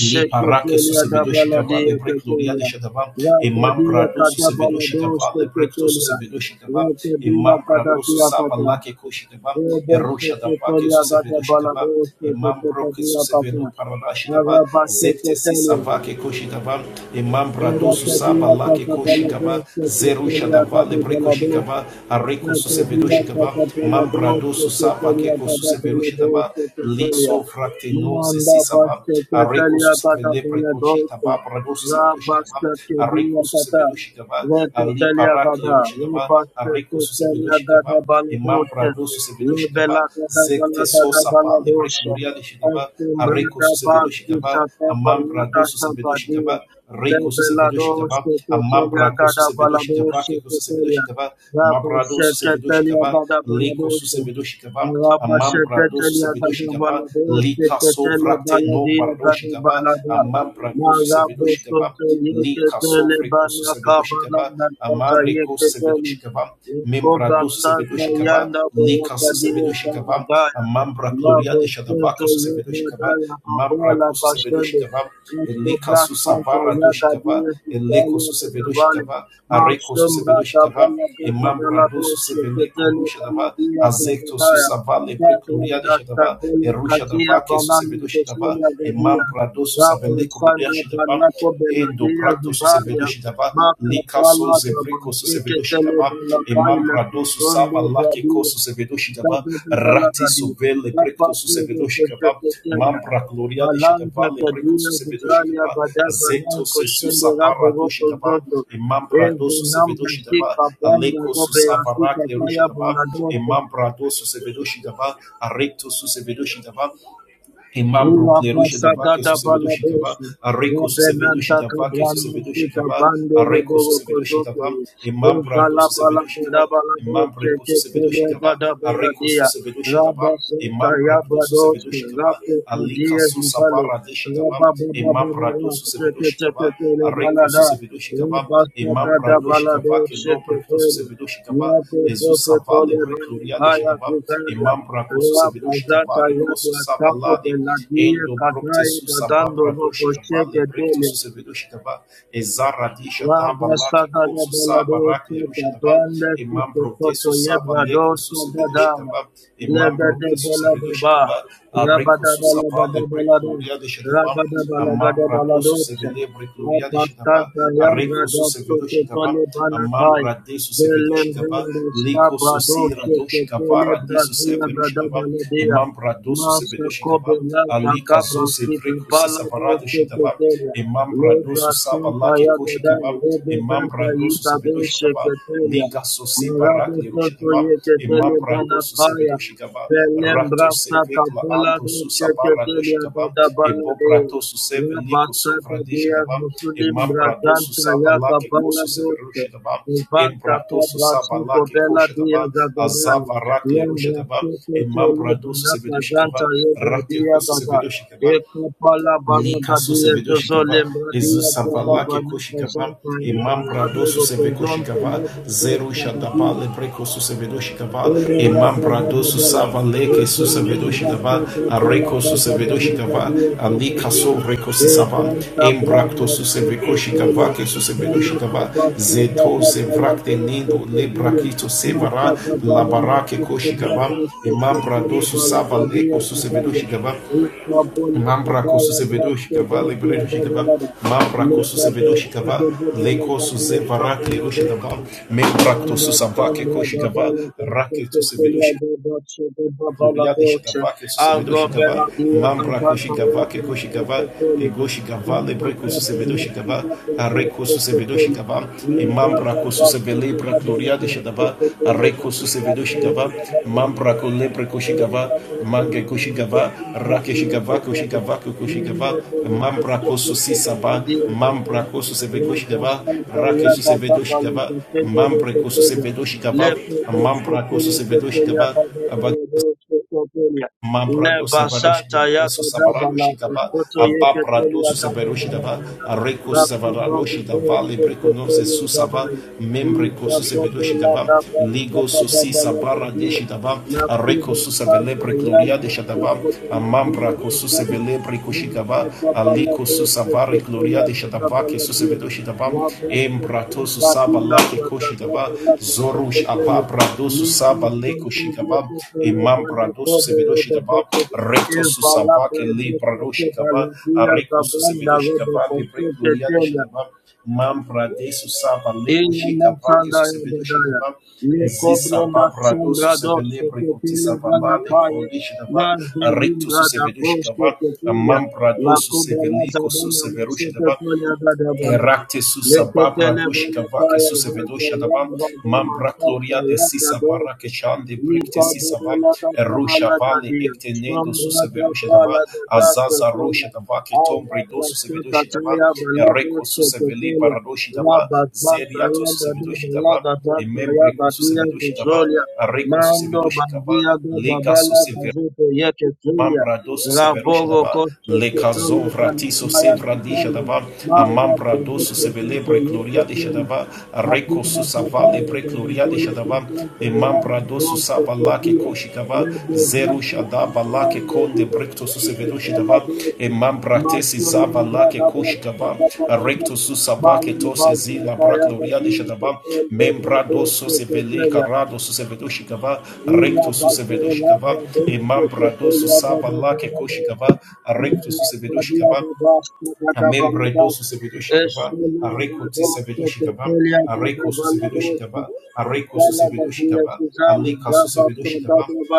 Speaker 5: Le parake su se vedo și cavale gloria de șadava e mam
Speaker 4: Ragadia
Speaker 5: prado su se vedo și
Speaker 4: Katabalado
Speaker 5: cavale to su se
Speaker 4: Steketelia,
Speaker 5: vedo și cava e mam prado su saba
Speaker 4: Rakadiakadasiakata.
Speaker 5: la che co și cava e roșa da va che su se vedo și
Speaker 4: Roboseketoriagadabala.
Speaker 5: cava e mam bro che su se
Speaker 4: Roseketekadiakata.
Speaker 5: vedo parada și cava zecte si
Speaker 4: Arabaskeketelia.
Speaker 5: sava che koshigava imambra
Speaker 4: Thank
Speaker 5: dosu saba lake koshigava zeru shadava lebre koshigava areko susevedo shigava mambra dosu saba keko suseveru shadava liso frakte non se si saba areko susevele prekochita babra dosu sevedo shigava areko susevedo shigava ali parakle rushigava areko susevedo shigava imambra brado sevedo shigava zekte so saba lebre gloria de shigava areko susevedo shigava amam brado susevedoshi
Speaker 4: you.
Speaker 5: gaba reiko
Speaker 4: Lebelado
Speaker 5: susevedoshi gaba amam
Speaker 4: Sheketelia
Speaker 5: brako
Speaker 4: Gada
Speaker 5: susevedoshi
Speaker 4: Balado
Speaker 5: gaba keko susevedoshi
Speaker 4: Sheketelia
Speaker 5: gaba
Speaker 4: Rabba
Speaker 5: mabrado susevedoshi
Speaker 4: Sheketelia
Speaker 5: gaba
Speaker 4: Gada
Speaker 5: leko
Speaker 4: Balado
Speaker 5: susevedoshi gaba
Speaker 4: Rabba
Speaker 5: amam brado
Speaker 4: Sheketelia
Speaker 5: susevedoshi
Speaker 4: Gada
Speaker 5: gaba
Speaker 4: Balado
Speaker 5: lika
Speaker 4: Sheketelia
Speaker 5: sovrate non
Speaker 4: Baladia
Speaker 5: bardoshi
Speaker 4: Gada
Speaker 5: gaba
Speaker 4: Balada
Speaker 5: amam brado
Speaker 4: Marabo
Speaker 5: susevedoshi gaba
Speaker 4: Soto
Speaker 5: lika
Speaker 4: Yeketele
Speaker 5: sovreko
Speaker 4: Bana
Speaker 5: susevedoshi gaba
Speaker 4: Kabalanda
Speaker 5: amam
Speaker 4: Sota
Speaker 5: reko
Speaker 4: Yeketeli
Speaker 5: susevedoshi gaba
Speaker 4: Yakoba
Speaker 5: membrado
Speaker 4: Santa
Speaker 5: susevedoshi gaba
Speaker 4: Yanda
Speaker 5: lika
Speaker 4: Boroka Dia
Speaker 5: susevedoshi
Speaker 4: Gada
Speaker 5: gaba
Speaker 4: Baya
Speaker 5: amam brakloria de
Speaker 4: Rabba
Speaker 5: shadabake
Speaker 4: Soto
Speaker 5: susevedoshi gaba
Speaker 4: Yeketele Kapala
Speaker 5: Mambrako
Speaker 4: Pashende
Speaker 5: Susebedoshitava, Elika
Speaker 4: Sombra Santa
Speaker 5: Susavara Doshitava,
Speaker 4: Yagadir
Speaker 5: Eleko
Speaker 4: Italia de Davale,
Speaker 5: Susebedoshitava,
Speaker 4: Mount
Speaker 5: Areko
Speaker 4: Sombra
Speaker 5: Susebedoshitava,
Speaker 4: Tabella de Davella
Speaker 5: Emambrado
Speaker 4: Dolce,
Speaker 5: Suseveleko
Speaker 4: Tetele
Speaker 5: Rushadava,
Speaker 4: Paladia de
Speaker 5: Azekto
Speaker 4: Davaya,
Speaker 5: Susavale
Speaker 4: Pedro
Speaker 5: Precluria de
Speaker 4: da
Speaker 5: Shadava,
Speaker 4: Stadella Cazia
Speaker 5: Erushadava, Que
Speaker 4: Banani
Speaker 5: Susebedoshitava,
Speaker 4: Toselia Gadia,
Speaker 5: Emambrado
Speaker 4: Rabo
Speaker 5: Susaveleko
Speaker 4: Sandra
Speaker 5: Rodeashitava,
Speaker 4: Banato Belladia
Speaker 5: endoprakto
Speaker 4: Zubaya,
Speaker 5: susevedoshidava
Speaker 4: Maca
Speaker 5: likaso
Speaker 4: Pala da
Speaker 5: zevreko
Speaker 4: Bantu Ketele
Speaker 5: susevedoshidava
Speaker 4: Bella Caila
Speaker 5: emambrado susava
Speaker 4: Tisonde
Speaker 5: lakeko
Speaker 4: Gadia,
Speaker 5: susevedoshidava rati
Speaker 4: Kabadabalagadia,
Speaker 5: sovele prekto susevedoshidava
Speaker 4: Kapakovokosheketela,
Speaker 5: mambra gloria de shidava
Speaker 4: Balanga
Speaker 5: lebreko
Speaker 4: Kadina Vizalia
Speaker 5: susevedoshidava
Speaker 4: Badabalan
Speaker 5: zeto sesu
Speaker 4: Koshendo Raboroko
Speaker 5: saparadoshidava
Speaker 4: Zoto,
Speaker 5: emambrado
Speaker 4: Evo Namra
Speaker 5: susevedoshidava
Speaker 4: Sika Banda
Speaker 5: aleko
Speaker 4: Gobe
Speaker 5: susavarak
Speaker 4: Asuka Kaya
Speaker 5: lerushidava emambrado susevedoshidava arekto susevedoshidava Imambro
Speaker 4: Rula
Speaker 5: cleruche
Speaker 4: basa
Speaker 5: dava que
Speaker 4: gada
Speaker 5: sucedeu
Speaker 4: bala
Speaker 5: chegava,
Speaker 4: beshi.
Speaker 5: a rico sucedeu
Speaker 4: Rebenanta
Speaker 5: chegava que
Speaker 4: kabranda
Speaker 5: sucedeu
Speaker 4: sita
Speaker 5: chegava,
Speaker 4: bande
Speaker 5: a rico
Speaker 4: rebobo
Speaker 5: sucedeu
Speaker 4: kozoke.
Speaker 5: chegava, imambra do
Speaker 4: Inkala bala
Speaker 5: sucedeu
Speaker 4: gada
Speaker 5: chegava,
Speaker 4: bala
Speaker 5: imambra
Speaker 4: beshi
Speaker 5: do
Speaker 4: ke
Speaker 5: sucedeu
Speaker 4: tele
Speaker 5: chegava,
Speaker 4: gada
Speaker 5: a
Speaker 4: bala
Speaker 5: rico
Speaker 4: dia.
Speaker 5: sucedeu
Speaker 4: Rabba
Speaker 5: chegava,
Speaker 4: santa
Speaker 5: imambra do
Speaker 4: yabra
Speaker 5: sucedeu
Speaker 4: doske.
Speaker 5: chegava,
Speaker 4: Rapo
Speaker 5: a lica
Speaker 4: kadia juzale.
Speaker 5: susabara de chegava,
Speaker 4: Rabba baba baba
Speaker 5: imambra do
Speaker 4: ras.
Speaker 5: sucedeu
Speaker 4: Teke teke
Speaker 5: chegava, a
Speaker 4: tele bala
Speaker 5: rico
Speaker 4: da.
Speaker 5: sucedeu chegava,
Speaker 4: Rubasa
Speaker 5: imambra
Speaker 4: gada
Speaker 5: do
Speaker 4: bala
Speaker 5: chegava que
Speaker 4: doske
Speaker 5: lobre do
Speaker 4: tele.
Speaker 5: sucedeu
Speaker 4: Yapo
Speaker 5: Jesus
Speaker 4: Boko tole
Speaker 5: savale
Speaker 4: bani
Speaker 5: recluria de
Speaker 4: kaya
Speaker 5: chegava, imambra do sucedeu chegava,
Speaker 4: Rabazata
Speaker 5: rico
Speaker 4: Yadu Astako
Speaker 5: susabala de
Speaker 4: Beladia
Speaker 5: Endo brokte
Speaker 4: Katrai
Speaker 5: su sababra
Speaker 4: Badando Boko
Speaker 5: doshikava le
Speaker 4: Sheke
Speaker 5: brekto
Speaker 4: Dele
Speaker 5: su sevedoshikava e zara di shatamba lake ko
Speaker 4: Rabasakada
Speaker 5: su saba rak
Speaker 4: Beladosi,
Speaker 5: le rushikava
Speaker 4: Kapanda,
Speaker 5: e mambro de su
Speaker 4: Koto
Speaker 5: saba leko su
Speaker 4: Yebradosi, Badama,
Speaker 5: sevedoshikava e mambro
Speaker 4: Legade
Speaker 5: de su
Speaker 4: Beladaba,
Speaker 5: sevedoshikava a reko
Speaker 4: Rabada
Speaker 5: su saba
Speaker 4: Balagada
Speaker 5: le
Speaker 4: Balado,
Speaker 5: brekloria de shatava
Speaker 4: Rabada
Speaker 5: a
Speaker 4: Balagada
Speaker 5: mambra do su
Speaker 4: Baladosi,
Speaker 5: sevele brekloria de shatava
Speaker 4: Rapastanta
Speaker 5: a
Speaker 4: Yam
Speaker 5: reko su
Speaker 4: Radoso
Speaker 5: sevedoshikava
Speaker 4: Kotole
Speaker 5: a
Speaker 4: Banatai,
Speaker 5: mambra de su sevedoshikava
Speaker 4: Belembrando
Speaker 5: leko su sira
Speaker 4: Sabradosi, Ketele
Speaker 5: doshikavara di su
Speaker 4: Brazia, Brada
Speaker 5: e
Speaker 4: Baladia,
Speaker 5: mambra do su
Speaker 4: Masa Kobe Lanta
Speaker 5: Alika zose
Speaker 4: Cabrasti,
Speaker 5: vreko sisa varado
Speaker 4: Paladosi,
Speaker 5: shikava,
Speaker 4: Ketele.
Speaker 5: emambra dosu saba lake
Speaker 4: Lebrasintaya Gada,
Speaker 5: koshikava,
Speaker 4: Rebezanta
Speaker 5: emambra dosu
Speaker 4: Yibade
Speaker 5: sevedoshikava,
Speaker 4: Sheketelia,
Speaker 5: liga sosi barak
Speaker 4: Marabe Soto
Speaker 5: lerushikava,
Speaker 4: Yeketele
Speaker 5: emambra dosu
Speaker 4: Banakaya,
Speaker 5: sevedoshikava, rato
Speaker 4: Belembrasa
Speaker 5: sevekla
Speaker 4: Kapola
Speaker 5: ando
Speaker 4: de
Speaker 5: susa barra
Speaker 4: Sheketelia
Speaker 5: doshikava,
Speaker 4: Gada
Speaker 5: ebobra
Speaker 4: Banade,
Speaker 5: dosu seveliko
Speaker 4: Labasa
Speaker 5: sovra
Speaker 4: Gadia
Speaker 5: deshikava,
Speaker 4: Musulim
Speaker 5: emambra dosu
Speaker 4: Brazanta
Speaker 5: saba lake
Speaker 4: Yakapala
Speaker 5: kosu
Speaker 4: Goshe,
Speaker 5: Severushidaba,
Speaker 4: Ivanka
Speaker 5: Embratosu
Speaker 4: Kabrasuko
Speaker 5: Sabalake
Speaker 4: Bela Dia
Speaker 5: Koshataba,
Speaker 4: Zagadaya,
Speaker 5: Azava Rakle Rushataba,
Speaker 4: Lembrasuko Tele
Speaker 5: Imambradosu
Speaker 4: Banaka
Speaker 5: Sevedoshikaba,
Speaker 4: Zanta Yebadia
Speaker 5: Rakekosu
Speaker 4: Gada,
Speaker 5: Sevedoshikaba,
Speaker 4: Ekapala
Speaker 5: lika
Speaker 4: barada dia
Speaker 5: susevedo
Speaker 4: soso
Speaker 5: shigava
Speaker 4: lembra
Speaker 5: ezu
Speaker 4: dia baba
Speaker 5: savala
Speaker 4: bana
Speaker 5: keko
Speaker 4: kazon
Speaker 5: shigava
Speaker 4: kaya
Speaker 5: Imam brado
Speaker 4: bada go
Speaker 5: suseveko
Speaker 4: kazon
Speaker 5: shigava
Speaker 4: kaya
Speaker 5: zeru shadaba
Speaker 4: bada
Speaker 5: lebreko susevedo shigava
Speaker 4: Thank
Speaker 5: Imam brado susava leke susevedo shigava areko susevedo shigava alika sovreko sisava embrakto suseveko shigava ke susevedo shigava zeto zevrakte nindo lebrakito sevara labarake koshigava Imam brado susava leko susevedo shigava Mambra kosusevedo shikava lebredo shikava mambra kosusevedo shikava leko suze varak lerushikava
Speaker 4: you.
Speaker 5: membra kosu
Speaker 4: Manda
Speaker 5: samvake
Speaker 4: pele
Speaker 5: koshi
Speaker 4: da
Speaker 5: kava
Speaker 4: bela
Speaker 5: raketu
Speaker 4: kete
Speaker 5: se
Speaker 4: pele
Speaker 5: rake
Speaker 4: da bache da babala
Speaker 5: Gloriade
Speaker 4: doce.
Speaker 5: Shagavake Susevedo
Speaker 4: Ago
Speaker 5: Shigava,
Speaker 4: bela dia
Speaker 5: Mambra
Speaker 4: cantanta ya
Speaker 5: Koshigavake
Speaker 4: kete
Speaker 5: Koshigava,
Speaker 4: pele.
Speaker 5: Ego Shigava,
Speaker 4: Inta
Speaker 5: Lebreco
Speaker 4: kete
Speaker 5: Susevedo
Speaker 4: neti
Speaker 5: Shigava,
Speaker 4: da bela
Speaker 5: Areco
Speaker 4: kete
Speaker 5: Susevedo
Speaker 4: pele.
Speaker 5: Shigava, E
Speaker 4: Libra
Speaker 5: Mambra
Speaker 4: da bache
Speaker 5: Kosusebelebra
Speaker 4: da bela
Speaker 5: Gloriade Shadava,
Speaker 4: kete pele da
Speaker 5: Areco Susevedo
Speaker 4: bache ya
Speaker 5: Shigava,
Speaker 4: da babala
Speaker 5: Mambra
Speaker 4: doce.
Speaker 5: Colebre Koshigava,
Speaker 4: Esta kete
Speaker 5: Mange
Speaker 4: neti
Speaker 5: Koshigava,
Speaker 4: kete da
Speaker 5: Rake
Speaker 4: bela
Speaker 5: Shigava
Speaker 4: kete pele.
Speaker 5: Koshigava Koshigava,
Speaker 4: Mundo bela
Speaker 5: Mambra
Speaker 4: kete
Speaker 5: Kosusi
Speaker 4: pele da dia
Speaker 5: Mambra
Speaker 4: cantanta.
Speaker 5: Kosusevego Shigava,
Speaker 4: Lebasanta
Speaker 5: Rake Susevedo Shigava, Mambre Kosusevedo Shigava, Mambra Kosusevedo Shigava, Abad Mambrado Savaroshi
Speaker 4: Yagadabala,
Speaker 5: Savaradoshi Daba
Speaker 4: Soto
Speaker 5: Ababrado
Speaker 4: Yeketelia
Speaker 5: Savaroshi
Speaker 4: Gadabala,
Speaker 5: Daba Areco Savaradoshi
Speaker 4: Rakabala,
Speaker 5: Dava Lebreconose
Speaker 4: Sotolia
Speaker 5: Susava
Speaker 4: Gabala,
Speaker 5: Membreco Susavedoshi
Speaker 4: Izakabala
Speaker 5: Dava
Speaker 4: Daba,
Speaker 5: Ligo Susi
Speaker 4: Sabadabala
Speaker 5: Sabara
Speaker 4: Gadia,
Speaker 5: Deshi Dava Areco
Speaker 4: Nakuba Santa
Speaker 5: Susavelebre Gloria de
Speaker 4: Yam,
Speaker 5: Shadava
Speaker 4: Sakabala
Speaker 5: Amambra
Speaker 4: Dia,
Speaker 5: Cosusavelebre
Speaker 4: Thank
Speaker 5: Coshigava, shadava aliko susavari gloria de shadava ke susevedo shidava embrato susaba lake koshidava zorush ababra do susaba leko shidava emambra do susevedo shidava recto susaba ke libra do shidava areko susevedo shidava libre gloria de
Speaker 4: you.
Speaker 5: shadava mambra de susaba leko shidava ke susevedo shidava Ezisa
Speaker 4: Lekobrenda
Speaker 5: babrado
Speaker 4: sembra dosto
Speaker 5: susevelebre kutisa
Speaker 4: tepele
Speaker 5: valade
Speaker 4: vanataye
Speaker 5: kurudishi dava,
Speaker 4: nazda
Speaker 5: rictus
Speaker 4: limbra da
Speaker 5: susevedushi
Speaker 4: posto
Speaker 5: dava,
Speaker 4: tepelia la
Speaker 5: amambrado
Speaker 4: kubela
Speaker 5: susevelico
Speaker 4: zadana
Speaker 5: Suseverush
Speaker 4: masuka
Speaker 5: Dava,
Speaker 4: tonya gada balova
Speaker 5: Erakte susa babra
Speaker 4: leketele
Speaker 5: doshi gavake
Speaker 4: vanataye
Speaker 5: susa
Speaker 4: zante
Speaker 5: vedosha davam
Speaker 4: limbra dema
Speaker 5: mambra
Speaker 4: santa
Speaker 5: gloria de sisa
Speaker 4: yaka
Speaker 5: barra kechan de brikte sisa vam erusha vale ekte nendo suse verusha davam azaza rusha davake tombre do suse vedoshi davam ereko susa veli baradoshi davam zeriato susa vedoshi davam Emembre kusu sevedoshi dava, areko susa
Speaker 4: Mando
Speaker 5: vedoshi kava,
Speaker 4: bandia do
Speaker 5: lega
Speaker 4: babala
Speaker 5: susa
Speaker 4: gazoto yeke zolia
Speaker 5: Mambra dosu severusha
Speaker 4: raboro
Speaker 5: daba
Speaker 4: kosto
Speaker 5: le
Speaker 4: ketolo
Speaker 5: kazon vratiso
Speaker 4: banataya
Speaker 5: sevradisha
Speaker 4: kitolo
Speaker 5: daba a
Speaker 4: mara
Speaker 5: mambra dosu
Speaker 4: bogoto kito
Speaker 5: sevelebre gloria de
Speaker 4: yeke
Speaker 5: shadaba a reko
Speaker 4: Mapima
Speaker 5: susava
Speaker 4: shataya
Speaker 5: lebre gloria de
Speaker 4: gadagole
Speaker 5: shadaba
Speaker 4: kumtante
Speaker 5: e mambra
Speaker 4: yana
Speaker 5: dosu
Speaker 4: mbote
Speaker 5: saba lake
Speaker 4: tetia.
Speaker 5: koshikava
Speaker 4: Lebe
Speaker 5: zeru
Speaker 4: zante
Speaker 5: shadaba lake
Speaker 4: kumtante
Speaker 5: konde
Speaker 4: vide
Speaker 5: brekto su
Speaker 4: mkite
Speaker 5: severusha
Speaker 4: kala
Speaker 5: koshitava e
Speaker 4: dete.
Speaker 5: mambratesi
Speaker 4: Maso
Speaker 5: zava
Speaker 4: yenda
Speaker 5: lake
Speaker 4: dabra
Speaker 5: koshitava
Speaker 4: shataka dada.
Speaker 5: recto susavake
Speaker 4: Bali
Speaker 5: tos ezila
Speaker 4: bazeta ya
Speaker 5: bracloria de
Speaker 4: gadiyo
Speaker 5: shitava
Speaker 4: tetelte
Speaker 5: membrado
Speaker 4: bradote
Speaker 5: sose vele
Speaker 4: tetelia.
Speaker 5: carado sose vedoshitava
Speaker 4: Ila
Speaker 5: recto sose
Speaker 4: bazo
Speaker 5: vedoshitava
Speaker 4: labra
Speaker 5: e
Speaker 4: dote
Speaker 5: mambrado
Speaker 4: tetelia
Speaker 5: susava lake
Speaker 4: badabela dosi
Speaker 5: koshitava
Speaker 4: Thank
Speaker 5: recto sose vedoshitava a membro edoso sevedo shikava, A reco ti sevedo shikava, A reco su sevedo shikava, A reco su sevedo shikava,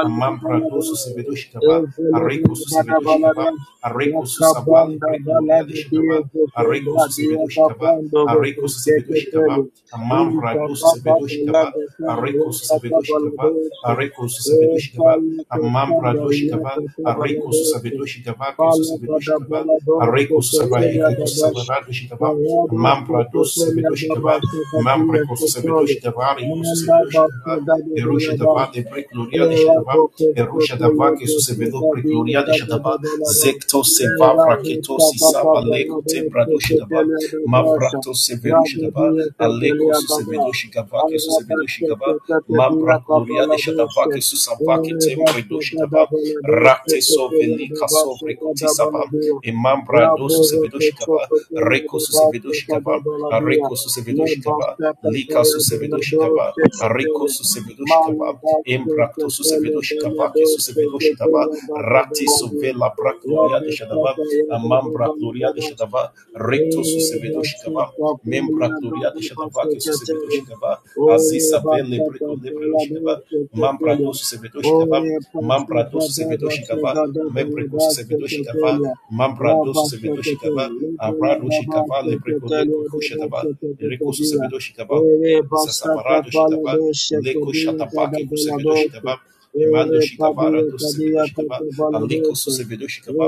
Speaker 5: A Amembredo susevedoshigava, areko tisavedoshigava, areko susevedoshigava, areko susevedoshigava, alika susevedoshigava, amambrado susevedoshigava, areko susevedoshigava, areko susavale brecloria de shigava, areko susevedoshigava, areko susevedoshigava, amambrado susevedoshigava, areko susevedoshigava, areko susevedoshigava, amambrado shigava, areko
Speaker 4: you.
Speaker 5: גדול שטבע,
Speaker 4: Pala
Speaker 5: כסוס גדול
Speaker 4: bada
Speaker 5: שטבע,
Speaker 4: bala dos te
Speaker 5: הריקוס סבא,
Speaker 4: ketelia da
Speaker 5: איקרדוס סבא,
Speaker 4: bash.
Speaker 5: רדו שטבע,
Speaker 4: Pala dos
Speaker 5: ממ
Speaker 4: te
Speaker 5: פרדוס סבדו
Speaker 4: da
Speaker 5: שטבע,
Speaker 4: bash
Speaker 5: ממ
Speaker 4: kadia
Speaker 5: פרקוס סבדו
Speaker 4: kostoli.
Speaker 5: שטבע, ריקוס
Speaker 4: Manda
Speaker 5: סבדו
Speaker 4: bash
Speaker 5: שטבע,
Speaker 4: da da
Speaker 5: Erusha
Speaker 4: da da
Speaker 5: Dava, de Precloria
Speaker 4: Thank
Speaker 5: de Shadava, Erusha Dava, que se vedo Precloria de Shadava, Zecto Seva, Vraketo Sisaba, Leco Tembrado Shidava, Mabrato Severusha Dava, Aleco Susevedo Shigava, que Susevedo Shigava, Mambra gloria de shadava que susava que tembre do shidava rate soveli kasovre kotisava
Speaker 4: you.
Speaker 5: e mambra do
Speaker 4: Rabogo
Speaker 5: susevedo shikava
Speaker 4: Toko Tele
Speaker 5: reko
Speaker 4: de
Speaker 5: susevedo
Speaker 4: Basha Kada
Speaker 5: shikava
Speaker 4: Bolabia,
Speaker 5: areko susevedo
Speaker 4: Ne
Speaker 5: shikava
Speaker 4: Basha
Speaker 5: lika
Speaker 4: Kataya de
Speaker 5: susevedo
Speaker 4: Nado
Speaker 5: shikava areko
Speaker 4: Sekatele,
Speaker 5: susevedo
Speaker 4: Mali
Speaker 5: shikava
Speaker 4: Basha
Speaker 5: embrakto susevedo
Speaker 4: Katele de
Speaker 5: shikava que
Speaker 4: Nado
Speaker 5: susevedo shidava
Speaker 4: Sekatele Baba
Speaker 5: rati
Speaker 4: Bolabia,
Speaker 5: sovela bra gloria de
Speaker 4: Rabu
Speaker 5: shadava
Speaker 4: Kataya de
Speaker 5: mambra gloria de
Speaker 4: Baba
Speaker 5: shadava recto susevedo shikava membra gloria de shadava que susevedo shikava Azisavele breko lepredoshikava, mampradoso sevedoshikava, mampradoso sevedoshikava, membrecoso sevedoshikava, mampradoso sevedoshikava, abradoshikava, lebreko leco kushadava, recoso sevedoshikava, lisasabarado shitava, leco shatabake kusevedoshikava, Emando
Speaker 4: Ore
Speaker 5: shikavara
Speaker 4: Padilla
Speaker 5: dos
Speaker 4: Cadia
Speaker 5: sevedoshikava, aliko
Speaker 4: Catabaladosa,
Speaker 5: susevedoshikava,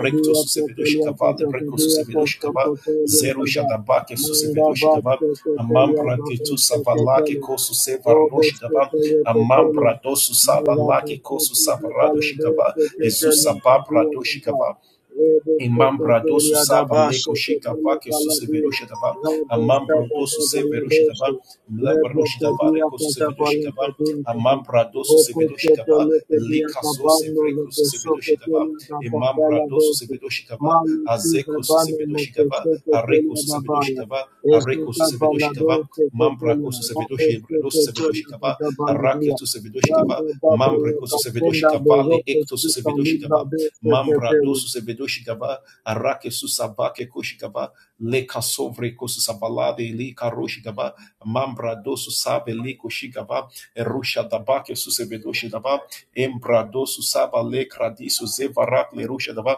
Speaker 5: recto
Speaker 4: Cotelia
Speaker 5: susevedoshikava, lebreco
Speaker 4: Cotelia
Speaker 5: susevedoshikava,
Speaker 4: Cotelia
Speaker 5: zero
Speaker 4: Tada
Speaker 5: shadabake
Speaker 4: Manda
Speaker 5: susevedoshikava,
Speaker 4: Vaste Cotelia
Speaker 5: Amambra de tu
Speaker 4: Babaste
Speaker 5: savalake
Speaker 4: Cotelia
Speaker 5: kosu sevarno
Speaker 4: Robos
Speaker 5: shigaba.
Speaker 4: Cotelia Cotelia
Speaker 5: Amambra dosu
Speaker 4: Manda
Speaker 5: savalake
Speaker 4: Vaste
Speaker 5: kosu
Speaker 4: Cotelia
Speaker 5: savarado shigaba.
Speaker 4: Balabaste
Speaker 5: Ezusa
Speaker 4: Cotelia Cotelia Cotelia
Speaker 5: babra
Speaker 4: Robos
Speaker 5: Imambra su
Speaker 4: Cotelia
Speaker 5: saba
Speaker 4: Dabaste
Speaker 5: leko shika
Speaker 4: Cotelia
Speaker 5: vake su se
Speaker 4: Balabia
Speaker 5: verusha daba.
Speaker 4: Robos
Speaker 5: Amambra dosu
Speaker 4: Cotelia
Speaker 5: se verusha daba.
Speaker 4: Balabaste
Speaker 5: Mlaba
Speaker 4: Rebla
Speaker 5: rusha daba
Speaker 4: Cotelia
Speaker 5: reko su se verusha
Speaker 4: Cotelia
Speaker 5: daba.
Speaker 4: Cotelia
Speaker 5: Amambra dosu
Speaker 4: Thank
Speaker 5: se verusha daba. Lika zo se vreko su se verusha daba. Imambra dosu se verusha daba. Azeko su se verusha daba. Areko su se verusha daba. Areko su se verusha daba. Mambra ko su se verusha dosu se verusha daba. Arake tu se verusha daba. Mambre ko su se verusha daba. Le ekto su se verusha daba mambra dosu se vedoshigaba arake susabake koshigaba le kasovre kosusabalade li karoshigaba mambra dosu sabe li koshigaba erusha dabake susevedoshigaba embra dosu saba le kradisu zevarak le rusha daba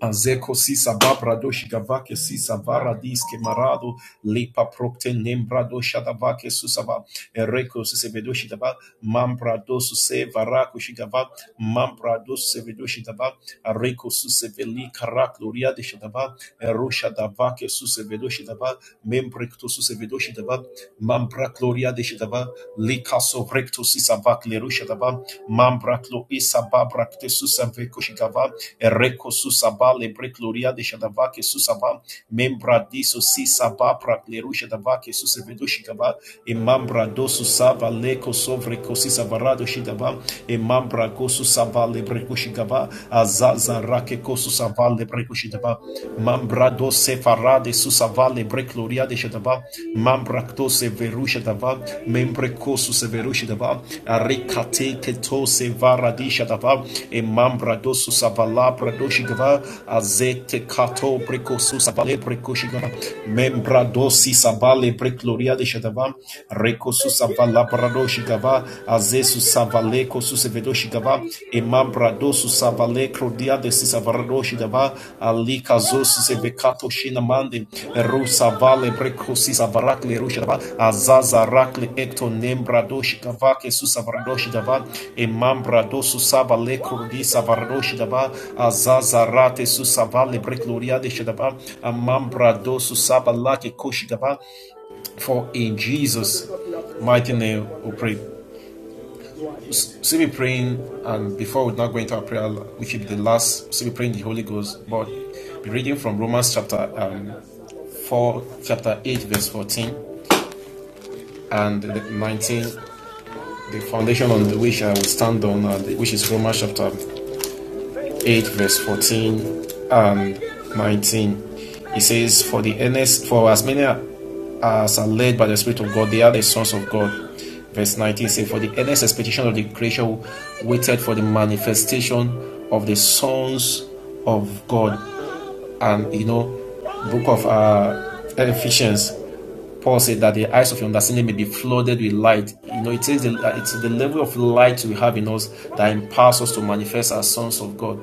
Speaker 5: Azeko sisa babrado shigavake sisa varadis ke marado lepa propte nembrado shadavake susava ereko susevedo shidava mambrado suse varako shigava mambrado susevedo shidava areko suseveli karak loria de shidava ero shadavake susevedo shidava membrekto susevedo shidava mambrak loria de shidava likaso vrekto sisa vak leru Mambratlo Isaba Brakte Susaveko Shigava, Ereko Susaba Lebre Gloria de Shadavake Susava, Membradiso Sisaba Brakleru Shadavake Susavedo Shigava, e Mambra Dosu Sava Leko Sovreko Sisavarado Shidava, e Mambra Gosu Sava Lebreko Shigava, Azaza Rake Kosu Sava Lebreko Shidava, Mambra Dose Farade ne Brekloria de Shadaba, Mambrakto Severushadava, Membrekosu Severushadava, Arikate Keto Sevaradishadava, E Mambradosu Savala Pradoshigava, Azete Kato Brekosu Sabale Brekoshigava, Membradosi Sabale Brekloria de Shadava, Rekosu Savala Pradoshigava, Azesu Savale Kosu se Sevedoshigava, Imam Bradosu Savale Crodia de Sisavardoshi Dava Ali Kazos Sevecato Shinamande Rusa Vale Brecosi Savarakle Rushava Azaza Rakle Ecto Nembradoshi Kavake Susavardoshi Dava Imam Bradosu Savale Crodi Savardoshi Dava Azaza Rate Susavale Brecloria de Shadava Imam Bradosu Savalake Koshi Dava For in Jesus' mighty name we pray still be praying, and before we now go into our prayer, we should the last, still be praying the Holy Ghost, but be reading from Romans chapter um, 4, chapter 8, verse 14, and 19, the foundation on the which I will stand on, and which is Romans chapter 8 verse 14 and 19 it says for the earnest for as many as are led by the spirit of god they are the sons of god verse 19 says for the earnest expectation of the creation waited for the manifestation of the sons of god and you know book of uh, ephesians Paul said that the eyes of your understanding may be flooded with light. You know, it takes the, uh, it's the level of light we have in us that empowers us to manifest as sons of God.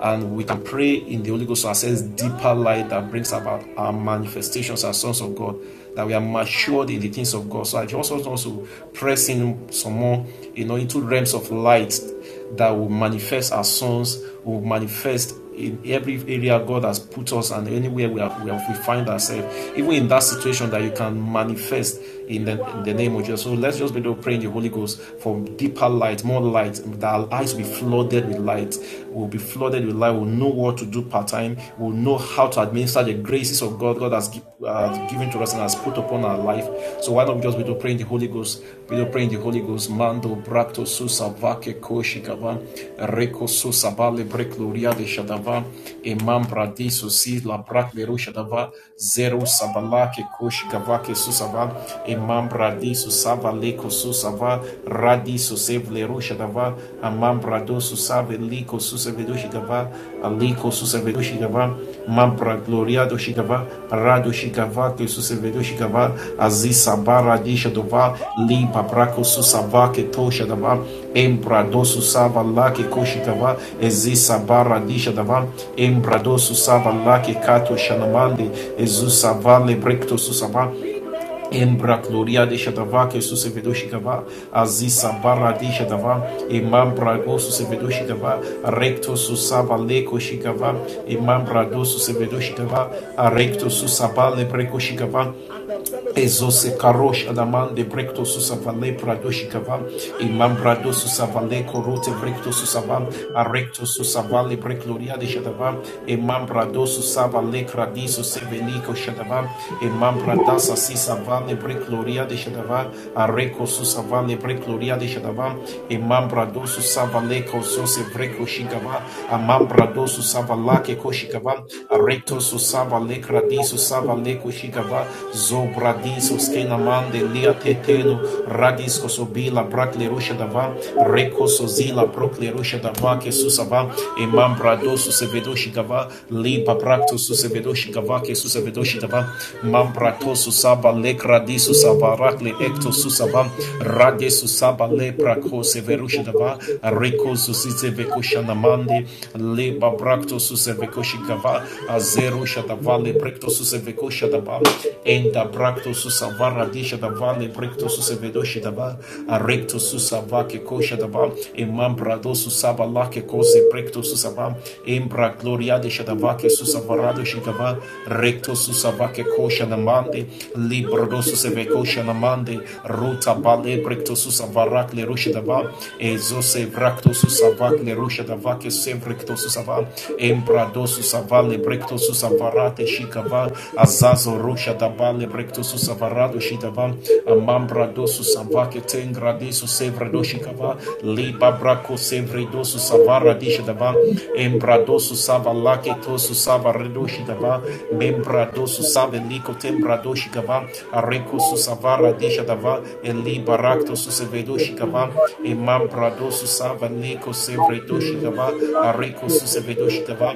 Speaker 5: And we can pray in the Holy Ghost to access deeper light that brings about our manifestations as sons of God, that we are matured in the things of God. So I just want us to press in some more, you know, into realms of light that will manifest as sons, will manifest in every area God has put us and anywhere we, are, we, we find ourselves, even in that situation that you can manifest in the, in the name of Jesus. So let's just be able to pray in the Holy Ghost for deeper light, more light, that our eyes will be flooded with light. We'll be flooded with light. We'll know what to do part time. We'll know how to administer the graces of God God has gi- uh, given to us and has put upon our life. So why not just be able to pray in the Holy Ghost? Be able to pray in the Holy Ghost. Mando, bra brato susava ke koshikava reko susava le brekluria de shadava imam bradi susi la brak leru shadava zero sabala ke koshikava ke susava imam bradi susava le ko susava radi susev leru shadava imam brado susave le ko susave do shadava ali ko susave do shadava imam bragloria do shadava rado shadava ke susave do shadava aziz sabara di shadava Abraco Susava Ketoshadava, Embrado Susava Lake Koshitava, Ezisabara Dishadava, Embrado Susava Lake Kato Shanamande, Ezusava Lebrecto Susava, Embra gloria de Shadava, que su sevedo Shikava, Azisa barra de Shadava, Imam brago su sevedo Shikava, Recto su sabaleco Shikava, Imam brado su sevedo Shikava, Recto su sabale breco Shikava, Bezose karosh adaman de brekto susavale pradoshikavam. imam brado susavale korote brekto susavam arekto susavale brekloria de shadavam imam brado susavale kradiso seveliko shadavam imam bradasa sisavale brekloria de shadavam areko susavale brekloria de shadavam imam brado susavale kosose breko shikava amam brado susavalake koshikava arekto susavale kradiso savale de kushigava zobradiso skenamande lia teteno radisko sobila braklerusha dava rekoso zila proklerusha dava kesusava imam bradoso sevedoshi gava liba braktoso sevedoshi gava kesusavedoshi dava mam
Speaker 4: you.
Speaker 5: bratoso saba lekradiso savarakle ekto susava radeso saba leprako severusha dava rekoso sisevekoshanamande liba braktoso sevekoshi gava azeru shadava vale brecto suseveco shadaba enda bracto susavara disha da vale brecto susevedo shidaba a recto susava que coxa daba emambra do susaba lá que cose brecto susava embra gloria de shadava que susavarado shigava recto susava ke coxa namande libro do suseveco shanamande ruta bale brecto susavarak le rusha daba
Speaker 4: Thank
Speaker 5: ezo se bracto susavak le rusha dava que sempre que susava embra do susava le Brektosu savarate shikava azazo rocha dabale brektosu savaradu shidavam amam brado su savake ten brade su sevredo shikava liba brako sevredo su savaradi shidavam embrado su sava lake to su sava redo shidavam membrado su saveliko ten brado shikava areko su savaradi
Speaker 4: you.
Speaker 5: shidavam
Speaker 4: Thank
Speaker 5: eli barakto su sevedo shikava emam brado su saveniko sevredo shikava areko su sevedo shikava.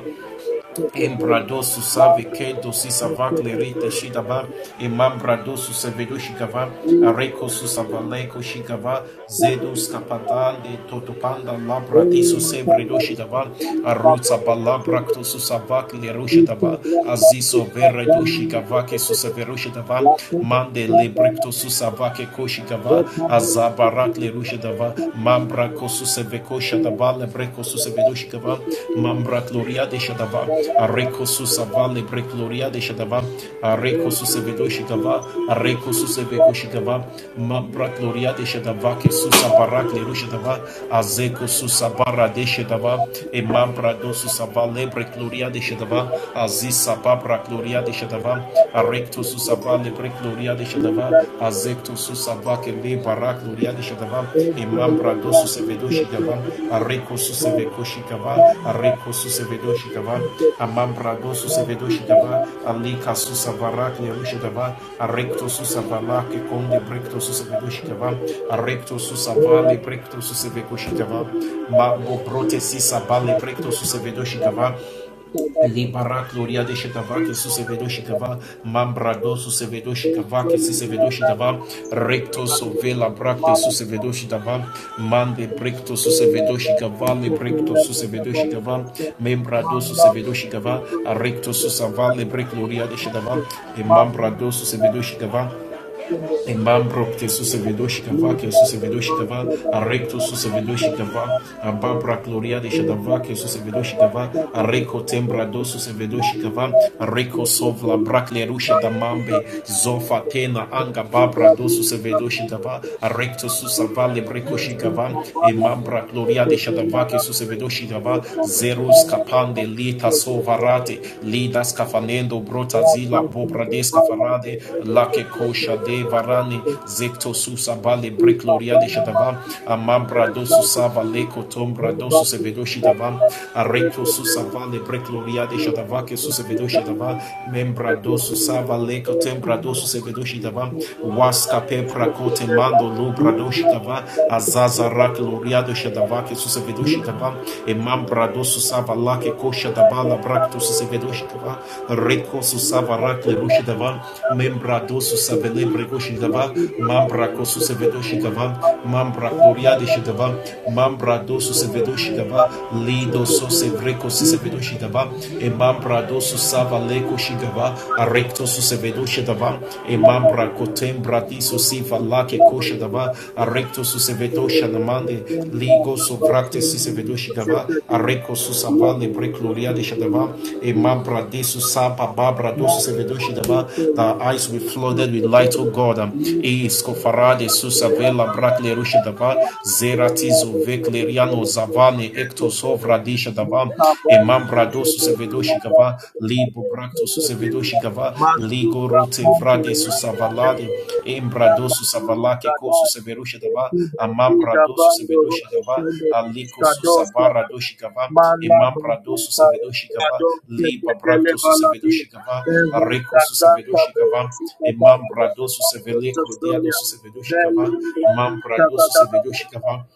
Speaker 5: Embradosu save que dosi sava clerite shidava emambradosu sevedu shigava areko susavaleko shigava zedus kapatande totopanda labratiso sevredu shigava arutsa balabrakto susava cleru shidava aziso veredu shigava que susaveru shidava mande lebrecto
Speaker 4: you.
Speaker 5: susava que koshigava
Speaker 4: Thank
Speaker 5: azabarat leru shidava Mambra Kosuseveko Shadaba Lebreko Susevedoshkava Mambra Gloria de Shadaba Areko Susava Lebre Gloria de Shadaba Areko Susevedoshkava Areko Suseveko Shikava Mambra Gloria de Shadava Kesusa Barak Leru Shadava Azeko Susabara de Shadava E Mambra Dosusava Lebre Gloria de Shadava Azisa Babra Gloria de Shadava Arecto Susava Lebre gloria de shadava azekto susabake le barak gloria de shadava imam brado susevedo shigava areko suseveko shigava areko susevedo shigava amam brado susevedo shigava alika
Speaker 4: you.
Speaker 5: susavarak le shadava arekto susavala ke
Speaker 4: Thank
Speaker 5: konde brekto susevedo shigava arekto susavale brekto suseveko shigava ma bo prote sisabale brekto susevedo Libara gloria de shikava que su sevedo shikava mambrado
Speaker 4: you.
Speaker 5: su sevedo shikava
Speaker 4: Libra
Speaker 5: que su sevedo shikava recto sovela bracte se vedo shikava mande brecto se vedo shikava le brecto su sevedo shikava membrado su sevedo shikava recto su savale bre gloria de shikava e mambrado se vedo shikava Imambrok su se vedoshikava, ke su se Imambrokte Susavedoshikava, Susavedoshikava, se Susavedoshikava,
Speaker 4: the
Speaker 5: Ababra Gloria de
Speaker 4: Thank
Speaker 5: Shadava, Susavedoshikava, Areco Tembrado Susavedoshikava, Areco Sovla Braclerusha Damambe, Zofatena Anga Babra do Susavedoshikava, Arecto Susava Lebrekoshikava, Imambra Gloria de Shadava, Susavedoshikava, Zerus Capande Lita Sovarate, lidas kafanendo brota zila bobradeska farade lake kosha de varani
Speaker 4: you.
Speaker 5: zekto susa bale brekloria de shadavam amambra dosu sava leko tombra dosu sevedoshi davam arekto susa vale brekloria de shadava ke susa vedoshi dava membra dosu sava leko tembra dosu sevedoshi dava waska pepra kote mando lubra doshi dava azaza rak loria de kosha dava que su se vedoshi dava e mambra do su sava la que kosha dava la
Speaker 4: Thank you. Thank
Speaker 5: brak to su se vedoshi dava reko su sava rak le rushi dava membra do su save le bregoshi dava mambra ko su se vedoshi dava mambra gloria de shi dava mambra do su vedoshi dava lido so vreko su vedoshi dava e mambra do su sava le koshi dava recto su se vedoshi dava e mambra Ra kotem bradiso si valake kosha dava arrecto su sevedosha namande ligo sovrate vrate si sevedoshi dava arreco su savale brecloria de shadava e mambra desu
Speaker 4: you.
Speaker 5: sapa babra
Speaker 4: Mas
Speaker 5: dosu sevedoshi dava
Speaker 4: siento
Speaker 5: the
Speaker 4: un
Speaker 5: eyes will be
Speaker 4: curso
Speaker 5: flooded with
Speaker 4: que
Speaker 5: light oh
Speaker 4: tiene
Speaker 5: God um, e
Speaker 4: mismo que la
Speaker 5: scofarade
Speaker 4: santa
Speaker 5: su
Speaker 4: y la
Speaker 5: savela
Speaker 4: santa
Speaker 5: bracle
Speaker 4: de
Speaker 5: rusha
Speaker 4: la
Speaker 5: dava
Speaker 4: santa. Ella
Speaker 5: zeratizo
Speaker 4: de que te
Speaker 5: vecleriano
Speaker 4: vele que soy
Speaker 5: zavane ecto
Speaker 4: este pero.
Speaker 5: sovra disha dava
Speaker 4: Nunca
Speaker 5: e
Speaker 4: vale que
Speaker 5: mambra
Speaker 4: se le dé la gana
Speaker 5: vedoshigava
Speaker 4: de la
Speaker 5: libo
Speaker 4: gente
Speaker 5: bractus
Speaker 4: que tiene.
Speaker 5: sevedoshigava
Speaker 4: Mas
Speaker 5: ligo rote vrade
Speaker 4: tu
Speaker 5: susavalade embrado
Speaker 4: Shamba hili
Speaker 5: susavalake ko
Speaker 4: baadaye
Speaker 5: suseveroshigava
Speaker 4: Ekuda Vida
Speaker 5: amambrado
Speaker 4: Bando Robo
Speaker 5: susevedoshigava
Speaker 4: Shende
Speaker 5: aliko
Speaker 4: Skadosta
Speaker 5: susabara doshigava
Speaker 4: Mala
Speaker 5: emambrado
Speaker 4: Bukuta
Speaker 5: susevedoshigava
Speaker 4: Yabradon
Speaker 5: liba
Speaker 4: Teketele
Speaker 5: bractus
Speaker 4: Baladi
Speaker 5: susevedoshigava
Speaker 4: Eva
Speaker 5: areko
Speaker 4: Brazanta
Speaker 5: susevedoshigava
Speaker 4: Borosita Kaya
Speaker 5: emambrado
Speaker 4: Gana Bando
Speaker 5: susevelecro diado
Speaker 4: Australia
Speaker 5: susevedoshigava
Speaker 4: Velen Brazista
Speaker 5: mambrado
Speaker 4: Kata Kata
Speaker 5: susevedoshigava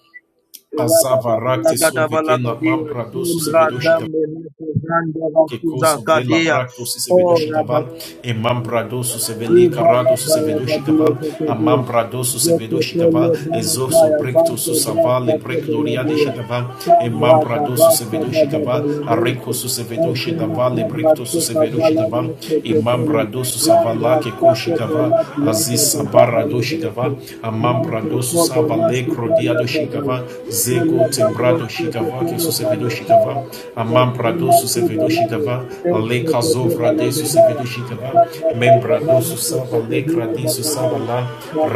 Speaker 5: Azava rakte sove kena mam
Speaker 4: Rabadabalagadabalagadea, Kimbra
Speaker 5: pradosu
Speaker 4: Dambe Neto Zanda
Speaker 5: che
Speaker 4: Vakuza
Speaker 5: coso vela bracto si se vedoshi
Speaker 4: Kadea,
Speaker 5: dava e man bradoso se veli
Speaker 4: Ivala
Speaker 5: carado se
Speaker 4: baya
Speaker 5: vedoshi
Speaker 4: badia
Speaker 5: dava a man
Speaker 4: zekedia.
Speaker 5: se vedoshi dava
Speaker 4: Zeketole
Speaker 5: e
Speaker 4: bana kaya
Speaker 5: brecto su
Speaker 4: vante brasta
Speaker 5: savale brec
Speaker 4: tebe la
Speaker 5: gloria de
Speaker 4: dia.
Speaker 5: shadava e
Speaker 4: Sandra
Speaker 5: man
Speaker 4: da
Speaker 5: bradoso se
Speaker 4: basta da
Speaker 5: vedoshi
Speaker 4: da da
Speaker 5: dava
Speaker 4: la
Speaker 5: a reco
Speaker 4: doce.
Speaker 5: se vedoshi
Speaker 4: Ezena
Speaker 5: dava le
Speaker 4: kabla
Speaker 5: brecto se
Speaker 4: seka
Speaker 5: vedoshi
Speaker 4: vala
Speaker 5: dava
Speaker 4: doce
Speaker 5: e man
Speaker 4: tepele. Landra
Speaker 5: savala che coshi
Speaker 4: sate de
Speaker 5: dava
Speaker 4: la dia de
Speaker 5: aziz
Speaker 4: da da da
Speaker 5: sabara
Speaker 4: la
Speaker 5: dava
Speaker 4: doce.
Speaker 5: a
Speaker 4: Mente
Speaker 5: amambrado
Speaker 4: kobe
Speaker 5: susaba
Speaker 4: nasi
Speaker 5: lekro
Speaker 4: dalia
Speaker 5: diado
Speaker 4: da da
Speaker 5: shigava
Speaker 4: la. Thank
Speaker 5: zego tembrado shigava que susevedo shigava amambrado sevedo shigava aleka zovra de susevedo shigava membrado susaba lekra di susaba la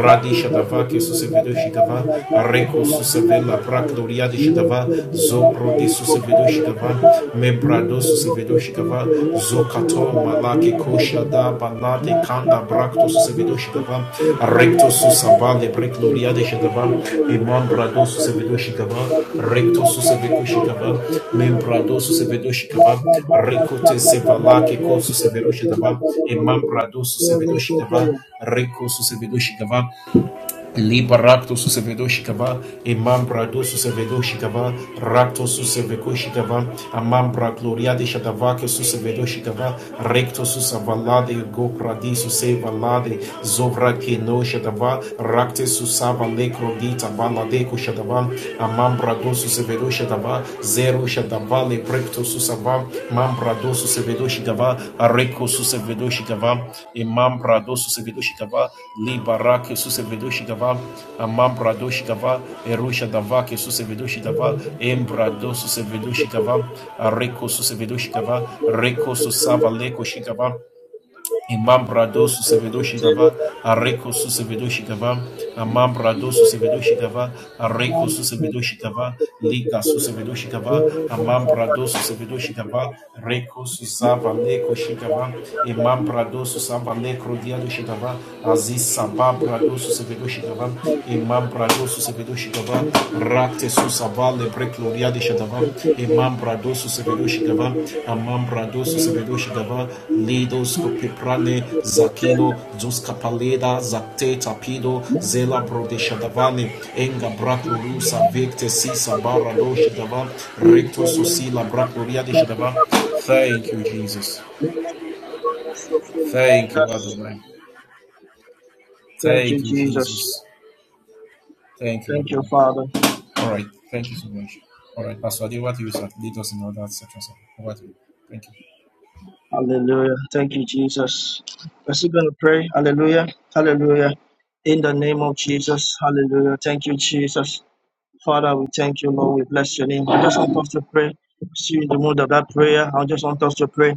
Speaker 5: radi shadava que su sevedo shigava areko susevela brak doria de shigava zopro de sevedo shigava membra Bradosu Sevedoshikava, Zokato, Malake, Koshada,
Speaker 4: you.
Speaker 5: Balate, Kanda, Braktosu Sevedoshikava, Rectosu Sabale, Brekloria de Shadava, Imam Bradosu Sevedoshikava, Rectosu Sevekoshikava, Mem Bradosu Sevedoshikava, Recote Sevalake, Kosu Sevedoshikava, Imam Bradosu Sevedoshikava, Recosu Sevedoshikava, Liba rakto su sevedoshikava, imam brado su sevedoshikava, rakto su sevekoshikava, amam brakloria de shadavake su sevedoshikava, recto su savalade, go pradisu sevalade, zovra keno shadava, rakte su savalekro dita balade ko shadava, amam brado su sevedoshikava, zero shadava le precto susava mambrado susevedo shikava areco susevedo shikava e mambrado susevedo shikava li barake susevedo shikava a mambrado shikava eru shadava que susevedo shikava embrado susevedo shikava areco susevedo shikava reco susava leco shikava Imambrado susevedo shigava, areko susevedo shigava, amambrado susevedo shigava, areko susevedo shigava, liga susevedo shigava, amambrado susevedo shigava, reko susava leko shigava,
Speaker 4: Thank
Speaker 5: imambrado
Speaker 4: you.
Speaker 5: susava lekro diado shigava, aziz sabambrado susevedo shigava, imambrado susevedo shigava, Rakte susava lebre gloria de shadava, imam brado susevelo shigava, amam brado susevelo shigava, lidos copiprane, zakino, dus capaleda, zakte tapido, zela brode shadavane, enga bracloru savecte si sabara do shigava, recto susila bracloria de shadava. Thank you, Jesus. Thank you, Adonai.
Speaker 4: Thank you,
Speaker 5: Thank you,
Speaker 4: Jesus.
Speaker 5: Jesus. Thank you,
Speaker 4: Thank you,
Speaker 5: Adonai.
Speaker 4: Father.
Speaker 5: All right. Thank you so much. All right, Pastor Adewa, you lead us in all that section. So over to you. Thank you.
Speaker 4: Hallelujah. Thank you, Jesus. We're still going to pray. Hallelujah. Hallelujah. In the name of Jesus. Hallelujah. Thank you, Jesus. Father, we thank you, Lord. We bless your name. I just want us to pray. See you in the mood of that prayer. I just want us to pray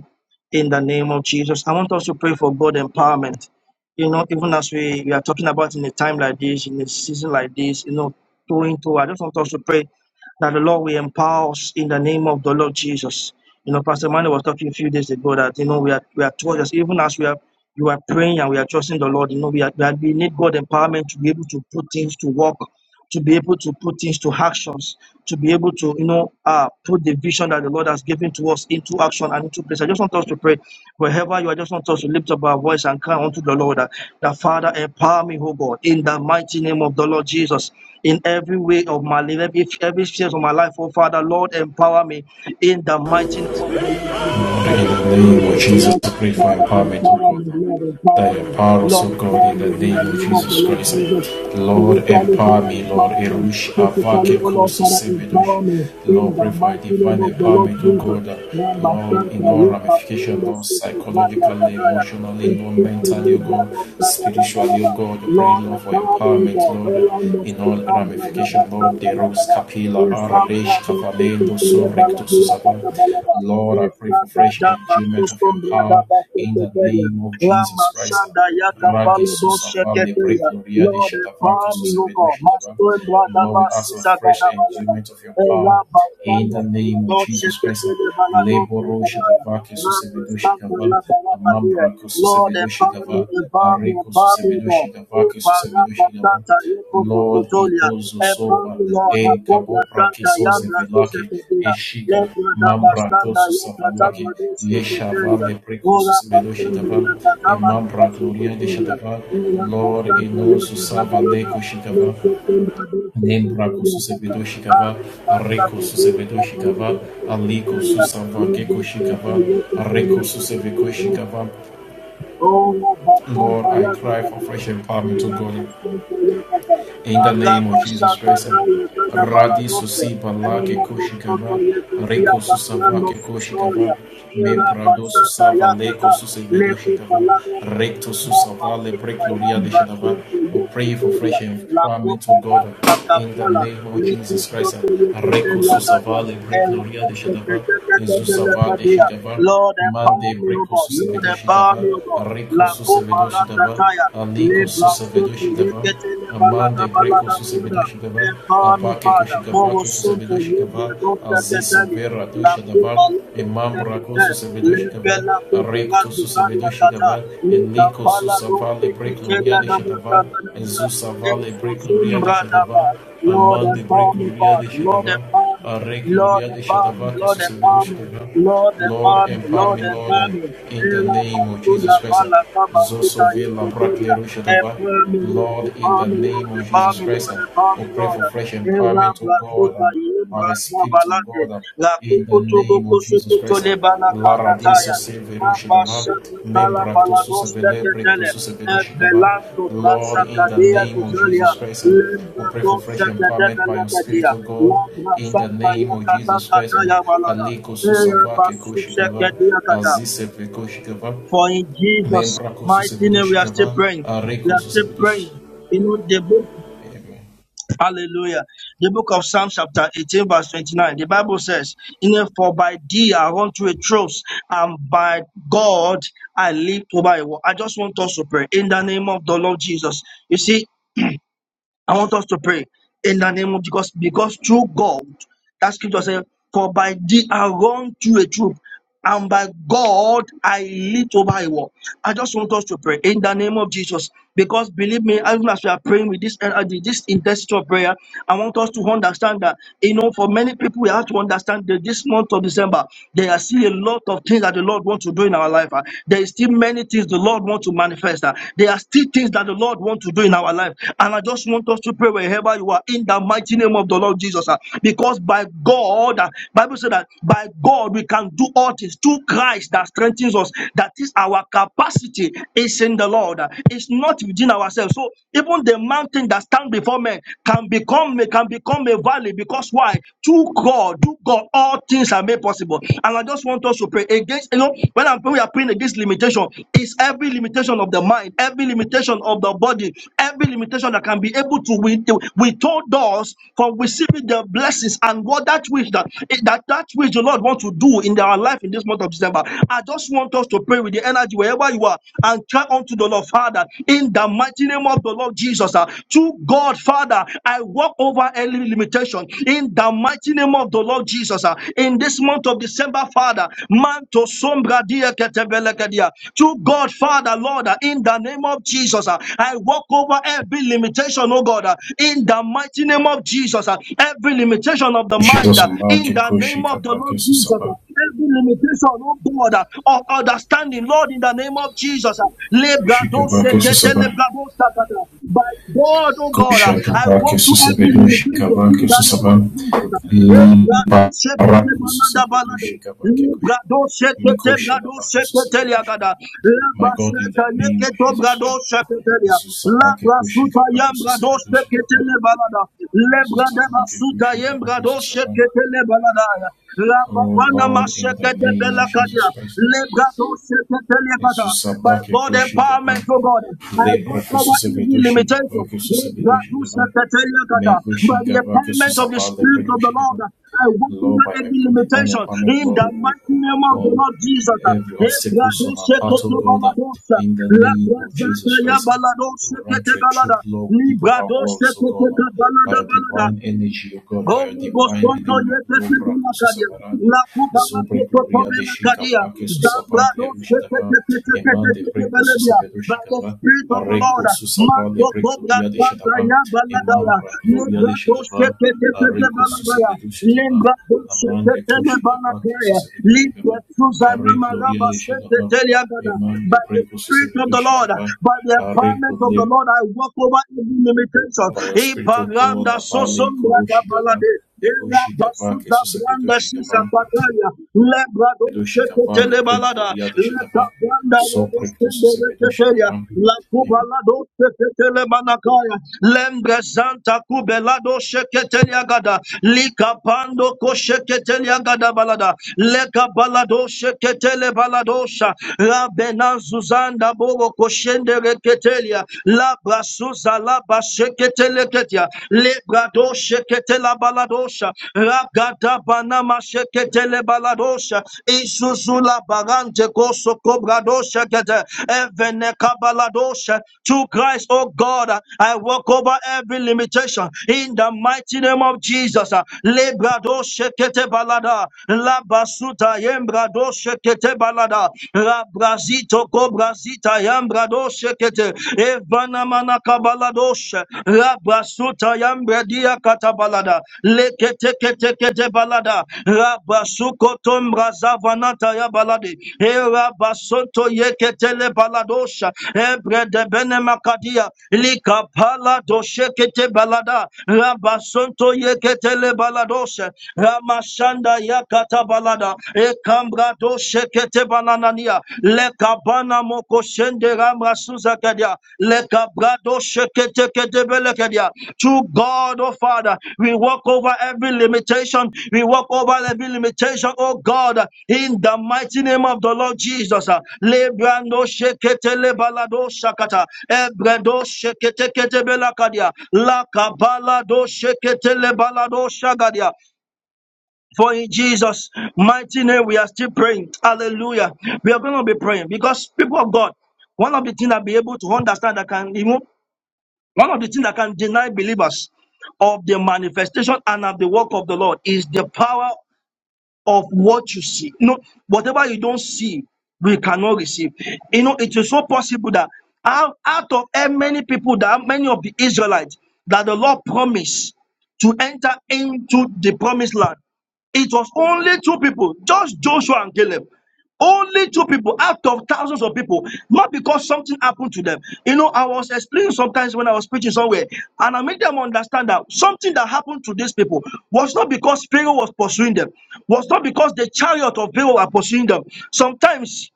Speaker 4: in the name of Jesus. I want us to pray for God empowerment. You know, even as we, we are talking about in a time like this, in a season like this, you know, two into, I just want us to pray that the Lord will empower us in the name of the Lord Jesus. You know, Pastor Manu was talking a few days ago that, you know, we are, we are told us, even as we are, you are praying and we are trusting the Lord, you know, we, are, we, are, we need God empowerment to be able to put things to work to be able to put things to actions, to be able to, you know, uh, put the vision that the Lord has given to us into action and into place. I just want us to pray wherever you are, I just want us to lift up our voice and cry unto the Lord that, that Father, empower me, oh God, in the mighty name of the Lord Jesus, in every way of my life, every, every phase of my life, oh Father, Lord, empower me in the mighty name of the Lord Jesus, by
Speaker 5: Father, in
Speaker 4: the
Speaker 5: the
Speaker 4: Spirit
Speaker 5: name of
Speaker 4: of the
Speaker 5: Jesus,
Speaker 4: Lord.
Speaker 5: I pray for
Speaker 4: Father,
Speaker 5: empowerment, oh
Speaker 4: empower
Speaker 5: God.
Speaker 4: me, Lord,
Speaker 5: That
Speaker 4: empower
Speaker 5: you
Speaker 4: me,
Speaker 5: empower us, oh
Speaker 4: Lord,
Speaker 5: God,
Speaker 4: empower
Speaker 5: in the
Speaker 4: me in
Speaker 5: name
Speaker 4: the
Speaker 5: of
Speaker 4: name of the
Speaker 5: Jesus
Speaker 4: Lord
Speaker 5: Christ.
Speaker 4: Jesus.
Speaker 5: Lord,
Speaker 4: Spiritually,
Speaker 5: empower
Speaker 4: Father,
Speaker 5: me, Lord.
Speaker 4: empower me.
Speaker 5: Erush avake
Speaker 4: Physically, O Lord,
Speaker 5: kosu
Speaker 4: Father,
Speaker 5: sevedosh.
Speaker 4: empower me in
Speaker 5: Lord,
Speaker 4: the
Speaker 5: pray for a
Speaker 4: mighty
Speaker 5: divine
Speaker 4: name of the Lord
Speaker 5: empowerment, oh
Speaker 4: Jesus.
Speaker 5: God.
Speaker 4: Ramba
Speaker 5: Lord, in
Speaker 4: Santa,
Speaker 5: all
Speaker 4: Yeka,
Speaker 5: ramifications,
Speaker 4: Bruno,
Speaker 5: Lord,
Speaker 4: Sister, Radia,
Speaker 5: psychologically,
Speaker 4: Gadaya. Lord,
Speaker 5: emotionally, Lord, mentally, oh God, spiritually, oh God, I pray, Lord, for
Speaker 4: empower me,
Speaker 5: empowerment,
Speaker 4: God.
Speaker 5: Lord,
Speaker 4: Well, I must
Speaker 5: in
Speaker 4: be
Speaker 5: all
Speaker 4: some brother,
Speaker 5: ramifications,
Speaker 4: but some
Speaker 5: Lord, de rose capilla, aradesh,
Speaker 4: to to
Speaker 5: cavalendo,
Speaker 4: to
Speaker 5: so
Speaker 4: le
Speaker 5: recto,
Speaker 4: baladi, apata
Speaker 5: susaba.
Speaker 4: balada.
Speaker 5: Lord, I
Speaker 4: In
Speaker 5: pray
Speaker 4: some
Speaker 5: for fresh
Speaker 4: brother, but to
Speaker 5: enjoyment of your
Speaker 4: some brother,
Speaker 5: power in the name of Jesus Christ.
Speaker 4: Lamashanda
Speaker 5: Rage
Speaker 4: Yakabalo
Speaker 5: susava lebre
Speaker 4: Sheketeya.
Speaker 5: gloria de
Speaker 4: Lord,
Speaker 5: shatava que
Speaker 4: empower me, O
Speaker 5: susevedo
Speaker 4: God.
Speaker 5: shatava.
Speaker 4: Master and brother
Speaker 5: Lord, we ask for
Speaker 4: Basisa
Speaker 5: fresh
Speaker 4: Gadabaya.
Speaker 5: enjoyment of your power in
Speaker 4: Rabasanda
Speaker 5: the name of Jesus Christ.
Speaker 4: Sheketeya Balado
Speaker 5: Leboro
Speaker 4: Gadabaya.
Speaker 5: shatava que susevedo
Speaker 4: Rabasanda
Speaker 5: shatava.
Speaker 4: Labalabadia.
Speaker 5: Amambra que
Speaker 4: Lord,
Speaker 5: susevedo
Speaker 4: empower me,
Speaker 5: shatava.
Speaker 4: empower me,
Speaker 5: Areko
Speaker 4: empower me,
Speaker 5: susevedo
Speaker 4: O God.
Speaker 5: shatava que susevedo shatava.
Speaker 4: Eparapasanta
Speaker 5: Lord,
Speaker 4: Yekosototolia.
Speaker 5: idoso
Speaker 4: Empower
Speaker 5: sova
Speaker 4: me, Lord.
Speaker 5: en
Speaker 4: Nakobra
Speaker 5: kabopra que
Speaker 4: Santa Yandra
Speaker 5: sozevela que
Speaker 4: Sheketeya. Lebradabastanda
Speaker 5: Mambratosus Savalaki, Yeshava
Speaker 4: Yakatamadusiketelia, Ora
Speaker 5: Leprecosus
Speaker 4: Bastanda
Speaker 5: Medoshitava, and
Speaker 4: Yakatamanu
Speaker 5: Mambra Gloria de
Speaker 4: Pasiketelia,
Speaker 5: Shatava,
Speaker 4: Ora
Speaker 5: Lord
Speaker 4: Bastanda
Speaker 5: Inosus
Speaker 4: Yakadabalada,
Speaker 5: Savaleco Shitava,
Speaker 4: Leketenda Duseketelia
Speaker 5: Nembracosus
Speaker 4: Kata,
Speaker 5: Evedoshikava,
Speaker 4: Aru Bastata
Speaker 5: Arecosus
Speaker 4: Dura Kabalada
Speaker 5: Evedoshikava,
Speaker 4: Seketelia,
Speaker 5: Alicosus Savakeco Shikava,
Speaker 4: Lebradabastanda Yakatelia
Speaker 5: Arecosus
Speaker 4: Kadabalada,
Speaker 5: Evecoshikava.
Speaker 4: Oh, Bashan
Speaker 5: Lord, I
Speaker 4: Taya
Speaker 5: cry for
Speaker 4: Kadabala.
Speaker 5: fresh empowerment, O
Speaker 4: Ela
Speaker 5: God.
Speaker 4: Bashan Taya Kada.
Speaker 5: In the
Speaker 4: Ala
Speaker 5: name of Jesus
Speaker 4: Bashan
Speaker 5: Christ,
Speaker 4: Taya Kada
Speaker 5: Radi
Speaker 4: Baladose.
Speaker 5: Susiba Lake
Speaker 4: Ela Bashan
Speaker 5: Koshikava,
Speaker 4: Taya Kada
Speaker 5: Reko Susavake
Speaker 4: Baladose.
Speaker 5: Koshikava,
Speaker 4: Historia. Ela
Speaker 5: Membrado
Speaker 4: Bashan
Speaker 5: Susava
Speaker 4: Taya
Speaker 5: Leko
Speaker 4: Kada.
Speaker 5: Susevedo
Speaker 4: Lepo
Speaker 5: Shikava,
Speaker 4: Baladose.
Speaker 5: Recto
Speaker 4: Baba
Speaker 5: Susavale
Speaker 4: Sita
Speaker 5: Precloria
Speaker 4: Yam
Speaker 5: de Shadava.
Speaker 4: Rasul
Speaker 5: We
Speaker 4: Tuyo
Speaker 5: pray for
Speaker 4: Ketoria.
Speaker 5: fresh
Speaker 4: La
Speaker 5: empowerment,
Speaker 4: Copa
Speaker 5: O God,
Speaker 4: Vasta
Speaker 5: in the
Speaker 4: Capola.
Speaker 5: name of
Speaker 4: Lord,
Speaker 5: Jesus
Speaker 4: empower
Speaker 5: Christ, Reko Susavale Precloria de Shadava, Susava de Shikava. Mande
Speaker 4: me, O
Speaker 5: breko
Speaker 4: God. Lord, empower
Speaker 5: susevedoshigava,
Speaker 4: me, O God.
Speaker 5: reko
Speaker 4: La copa
Speaker 5: susevedoshigava,
Speaker 4: razataya. Le
Speaker 5: aliko
Speaker 4: blasoto
Speaker 5: susevedoshigava,
Speaker 4: yekete le balada
Speaker 5: amande breko
Speaker 4: balada balada.
Speaker 5: susevedoshigava,
Speaker 4: Empower me,
Speaker 5: abake
Speaker 4: Father.
Speaker 5: koshigava
Speaker 4: Moro
Speaker 5: ke
Speaker 4: sunto
Speaker 5: susevedoshigava,
Speaker 4: yebre dosta
Speaker 5: aziso
Speaker 4: tetani.
Speaker 5: vera
Speaker 4: La
Speaker 5: doshadava,
Speaker 4: copa lado
Speaker 5: imam brako
Speaker 4: tetani. Le
Speaker 5: susevedoshigava,
Speaker 4: bela copa
Speaker 5: arekto
Speaker 4: razu bani akata.
Speaker 5: susevedoshigava,
Speaker 4: Le
Speaker 5: eliko
Speaker 4: tapala dosta
Speaker 5: susavale
Speaker 4: tetani
Speaker 5: brekloria de
Speaker 4: adabata.
Speaker 5: shadava,
Speaker 4: balada.
Speaker 5: ezusavale brekloria de shadava,
Speaker 4: Lord
Speaker 5: amande
Speaker 4: empower me,
Speaker 5: brekloria de
Speaker 4: Father. Lord
Speaker 5: shadava,
Speaker 4: empower me.
Speaker 5: a re
Speaker 4: Lord
Speaker 5: gloria de
Speaker 4: empower me. Lord empower me.
Speaker 5: Shadava, que
Speaker 4: Lord
Speaker 5: su servidor
Speaker 4: empower me.
Speaker 5: Lord, empower me,
Speaker 4: Lord
Speaker 5: Lord,
Speaker 4: empower
Speaker 5: uh,
Speaker 4: me.
Speaker 5: in the
Speaker 4: Ela
Speaker 5: name of
Speaker 4: bazula
Speaker 5: Jesus Christ. uh,
Speaker 4: bala kaba suta
Speaker 5: Zosovila
Speaker 4: yeke dula.
Speaker 5: Braklerushatava.
Speaker 4: Empower me, Lord.
Speaker 5: Lord, in
Speaker 4: Empower
Speaker 5: the
Speaker 4: me,
Speaker 5: name
Speaker 4: Lord.
Speaker 5: of
Speaker 4: Empower
Speaker 5: Jesus
Speaker 4: me,
Speaker 5: Christ,
Speaker 4: Lord.
Speaker 5: uh,
Speaker 4: Empower
Speaker 5: we
Speaker 4: me,
Speaker 5: pray
Speaker 4: Lord.
Speaker 5: for fresh
Speaker 4: Ela
Speaker 5: empowerment, of God,
Speaker 4: bazuta
Speaker 5: and
Speaker 4: yimbra
Speaker 5: the Spirit of
Speaker 4: zabalate.
Speaker 5: God, uh,
Speaker 4: La
Speaker 5: in the
Speaker 4: kukutu
Speaker 5: name of
Speaker 4: bukusu
Speaker 5: Jesus Christ. uh,
Speaker 4: kutule bala
Speaker 5: Lara diso
Speaker 4: kasataya.
Speaker 5: severushatava.
Speaker 4: Mabasakatala
Speaker 5: Membraktosusa
Speaker 4: balados teketele.
Speaker 5: velebrektosusa vedoshitava.
Speaker 4: Evelando
Speaker 5: Lord,
Speaker 4: brasa
Speaker 5: in the
Speaker 4: kadea
Speaker 5: name of
Speaker 4: zuzalia.
Speaker 5: Jesus Christ. uh, we
Speaker 4: Lembra
Speaker 5: pray for
Speaker 4: dosa
Speaker 5: fresh empowerment
Speaker 4: kadebe
Speaker 5: by your Spirit,
Speaker 4: lebedia.
Speaker 5: O God,
Speaker 4: Lambra
Speaker 5: in the
Speaker 4: santa
Speaker 5: name of
Speaker 4: yakata
Speaker 5: Jesus Christ.
Speaker 4: kata ya balada.
Speaker 5: Aliko
Speaker 4: Eya
Speaker 5: susava ke
Speaker 4: basu
Speaker 5: koshikava,
Speaker 4: sekedia kata.
Speaker 5: koshikava,
Speaker 4: For in Jesus'
Speaker 5: membra
Speaker 4: mighty
Speaker 5: kosusevedo
Speaker 4: name we are still
Speaker 5: shikava,
Speaker 4: praying. We
Speaker 5: areko
Speaker 4: are still
Speaker 5: susevedo
Speaker 4: praying. You know, the book Hallelujah. The book of Psalm, chapter 18, verse 29, the Bible says, In a for by thee I run to a trust, and by God I live over a wall. I just want us to pray in the name of the Lord Jesus. You see, I want us to pray in the name of because because through God, that scripture says, For by thee I run through a troop, and by God I leap over a wall. I just want us to pray in the name of Jesus. Because believe me, even as we are praying with this uh, this intensity of prayer, I want us to understand that you know, for many people, we have to understand that this month of December, there are still a lot of things that the Lord wants to do in our life. ah. There is still many things the Lord wants to manifest. ah. There are still things that the Lord wants to do in our life. And I just want us to pray wherever you are in the mighty name of the Lord Jesus. ah. Because by God, ah, Bible said that by God we can do all things through Christ that strengthens us. That is our capacity is in the Lord. ah. It's not within ourselves. So even the mountain that stands before men can become can become a valley because why? Through God, do God all all things are made possible. And I just want us to pray against, you know, when I'm praying, we are praying against limitation. It's every limitation of the mind, every limitation of the body, every limitation that can be able to with- withhold us from receiving the blessings and what that which that that that which the Lord wants to do in our life in this month of December. I just want us to pray with the energy wherever you are and cry unto the Lord, Father, in the mighty name name of the Lord Jesus. ah. To God, Father, I walk over any limitation in the mighty name of the Lord Jesus. ah. In this month of December, Father, man to sombra dia ketebelekedia. To God, Father, Lord, ah, in the name of Jesus, ah, I walk over every limitation, oh God, ah, in the mighty name of Jesus, ah, every limitation of the mind,
Speaker 5: Jesus
Speaker 4: ah, in
Speaker 5: amake
Speaker 4: the name of the
Speaker 5: koshikava
Speaker 4: Lord
Speaker 5: ke
Speaker 4: Jesus, ah,
Speaker 5: susava,
Speaker 4: every limitation, oh God, ah, of understanding, Lord, in the name of Jesus. ah. Lebrado
Speaker 5: koshikava ke
Speaker 4: sekete lebrado ta uh, By God, oh God, uh, I walk to every limitation
Speaker 5: shikava ke
Speaker 4: in the name
Speaker 5: susava,
Speaker 4: of Jesus. uh. Eh, brado shete te balada
Speaker 5: susevedo
Speaker 4: balada.
Speaker 5: shikava ke
Speaker 4: Eh, brado shete te
Speaker 5: mekosha
Speaker 4: brado
Speaker 5: lavake susevedo shikava.
Speaker 4: sheliagada.
Speaker 5: My God, in the name of Jesus
Speaker 4: Sobrado
Speaker 5: Christ.
Speaker 4: Shaketelia,
Speaker 5: Jesús sabá que
Speaker 4: Labra Suta
Speaker 5: kushigama que
Speaker 4: Yambrado
Speaker 5: shigama.
Speaker 4: Shaketele Balada, Lebra
Speaker 5: Jesus
Speaker 4: Deba
Speaker 5: sabá que
Speaker 4: Suta
Speaker 5: kushigama que
Speaker 4: Yambrado
Speaker 5: shigama.
Speaker 4: Shaketele Balada,
Speaker 5: Oh
Speaker 4: Rababana
Speaker 5: Lord, in the
Speaker 4: Masheke de
Speaker 5: name of
Speaker 4: Belakadia,
Speaker 5: Jesus Christ.
Speaker 4: Lebrado Shaketele Bata,
Speaker 5: Jesus
Speaker 4: by
Speaker 5: sabá que
Speaker 4: God
Speaker 5: kushigama.
Speaker 4: empowerment, oh God, I
Speaker 5: Lepra
Speaker 4: walk
Speaker 5: que
Speaker 4: over
Speaker 5: sucebedu
Speaker 4: every limitation,
Speaker 5: shigama que sucebedu shigama. May
Speaker 4: by the
Speaker 5: kushigama que
Speaker 4: empowerment of the
Speaker 5: susabá lepra
Speaker 4: Spirit of the Lord,
Speaker 5: kushigama.
Speaker 4: I walk
Speaker 5: Lord,
Speaker 4: over
Speaker 5: by
Speaker 4: every
Speaker 5: your divine
Speaker 4: limitation
Speaker 5: empowerment,
Speaker 4: in
Speaker 5: Lord,
Speaker 4: the
Speaker 5: we
Speaker 4: mighty name of the
Speaker 5: overcome
Speaker 4: Lord Jesus.
Speaker 5: every obstacle on our path, oh God,
Speaker 4: Ebradoshetotobaladosa,
Speaker 5: in the name of Jesus Christ. We will run through a troop,
Speaker 4: labrazatayabaladoseketebalada,
Speaker 5: Lord, deep of our worlds, oh God, by your
Speaker 4: libradosetotokabaladabalada.
Speaker 5: divine energy, oh God, by
Speaker 4: Oh,
Speaker 5: your divine
Speaker 4: Bosonto,
Speaker 5: enablement, Lord,
Speaker 4: Yepetuakadia, La
Speaker 5: Bracoso
Speaker 4: Cadia,
Speaker 5: Savarade,
Speaker 4: La Cubana,
Speaker 5: Zobre Gloria de
Speaker 4: Cotobela Cadia,
Speaker 5: Shikava, Kesusava,
Speaker 4: Zambrado,
Speaker 5: Clevushitava, Emande Breco
Speaker 4: Melodia,
Speaker 5: Susavedo
Speaker 4: by the
Speaker 5: Shikava,
Speaker 4: Spirit of the Lord,
Speaker 5: Areco Susava,
Speaker 4: Manto
Speaker 5: Lebre
Speaker 4: Cobra
Speaker 5: Gloria de
Speaker 4: Santa
Speaker 5: Shadava,
Speaker 4: Yabaladaya,
Speaker 5: Emambra Gloria de
Speaker 4: Lembrato,
Speaker 5: Shadava, Areco
Speaker 4: Shepetebaladaya,
Speaker 5: Susavedo Shitava,
Speaker 4: Lembrato,
Speaker 5: Amange Koshikava,
Speaker 4: Shepetebaladaya,
Speaker 5: Kesusavedo
Speaker 4: Libra Susana
Speaker 5: arre gloria
Speaker 4: Maraba,
Speaker 5: de Shekabah,
Speaker 4: Shepetelia,
Speaker 5: Iman
Speaker 4: by
Speaker 5: de
Speaker 4: the
Speaker 5: Precoso
Speaker 4: Spirit of
Speaker 5: Servidor
Speaker 4: the Lord,
Speaker 5: Shekabah,
Speaker 4: by the
Speaker 5: arre
Speaker 4: empowerment of the
Speaker 5: gloria
Speaker 4: Lord, I walk over every limitation.
Speaker 5: by your spiritual God,
Speaker 4: Ipaganda
Speaker 5: Abale
Speaker 4: sosombra
Speaker 5: Koro
Speaker 4: da
Speaker 5: Shekabah,
Speaker 4: balade.
Speaker 5: Ego
Speaker 4: Ela
Speaker 5: Shekabah, que
Speaker 4: basuza
Speaker 5: su
Speaker 4: branda sisa
Speaker 5: Shekabah,
Speaker 4: pataya. Lebrado
Speaker 5: Servidor Shekabah, le
Speaker 4: seketele
Speaker 5: pre
Speaker 4: balada.
Speaker 5: gloria de
Speaker 4: Leta
Speaker 5: Shekabah,
Speaker 4: branda
Speaker 5: so
Speaker 4: robo
Speaker 5: Precoso
Speaker 4: stende
Speaker 5: Servidor
Speaker 4: reketeria.
Speaker 5: Shekabah,
Speaker 4: La
Speaker 5: Iman
Speaker 4: kubalado seketele manakaya. Lembre santa kubelado seketeria gada. Lika pando ko seketeria gada balada. Leka balado seketele baladosha. Rabena zuzanda boro koshende reketelia. La brasoza la bashekete leketia. Le brado shekete la baladosha. Ragada banama shekete le baladosha. Isuzu la barante koso kobradosha kete. Evene kabaladosha. Through Christ, oh God, uh, I walk over every limitation in the mighty name of Jesus. uh, Lebrado shekete balada, labasuta yembrado shekete balada, labrazito kobrazita yambrado shekete, evana manaka baladosh, labasuta yambredia katabalada, lekete kete kete balada balada rabasukoto mrazavanata ya balade e rabasonto yeketele baladosha ebre de bene makadia likapala doshekete balada rabasonto yeketele baladosha ramashanda yakata balada e kambra doshekete bananania lekabana mokoshende ramra Rabasuza Lekabrado Sheketekedebelekedia. To God, oh Father, we walk over every limitation. We walk over every limitation, oh God, in the mighty name of the Lord Jesus. Lebrando Sheketelebelado Shakata. Ebredo Sheketeketebelakadia. Lakabalado Sheketelebelado Shagadia. For in Jesus' mighty name, we are still praying. Hallelujah. We are going to be praying because people of God, one of the things that be able to understand that can remove, one of the things that can deny believers of the manifestation and of the work of the Lord is the power of what you see. You know, whatever you don't see, we cannot receive. You know, it is so possible that out, out of eh, many people, that many of the Israelites that the Lord promised to enter into the promised land. It was only two people, just Joshua and Caleb. Only two people out of thousands of people, not because something happened to them. You know, I was explaining sometimes when I was preaching somewhere, and I made them understand that something that happened to these people was not because Pharaoh was pursuing them, was not because the chariot of Pharaoh were pursuing them. Sometimes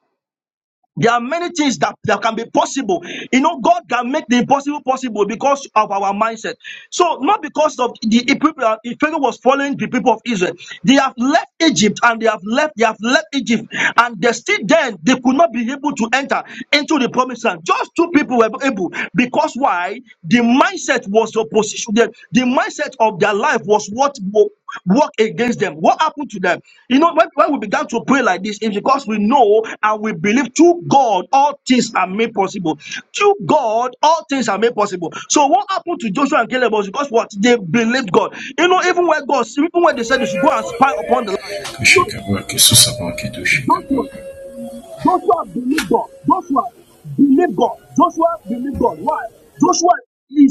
Speaker 4: there are many things that, that can be possible. You know, God can make the impossible possible because of our mindset. So, not because of the people, uh, if Pharaoh was following the people of Israel. They have left Egypt and they have left, they have left Egypt, and they still then they could not be able to enter into the promised land. Just two people were able because why? The mindset was opposition. The, the mindset of their life was what wo- worked against them. What happened to them? You know, when, when we began to pray like this, it's because we know and we believe through God, all things are made possible. Through God, all things are made possible. So what happened to Joshua and Caleb was because what they believed God. You know, even when God, even when they said they should go and spy upon the land,
Speaker 5: de Shekabah, que su que do
Speaker 4: Joshua
Speaker 5: Shekabah.
Speaker 4: Joshua believed God. Joshua believed God. Joshua believed God. Why? Joshua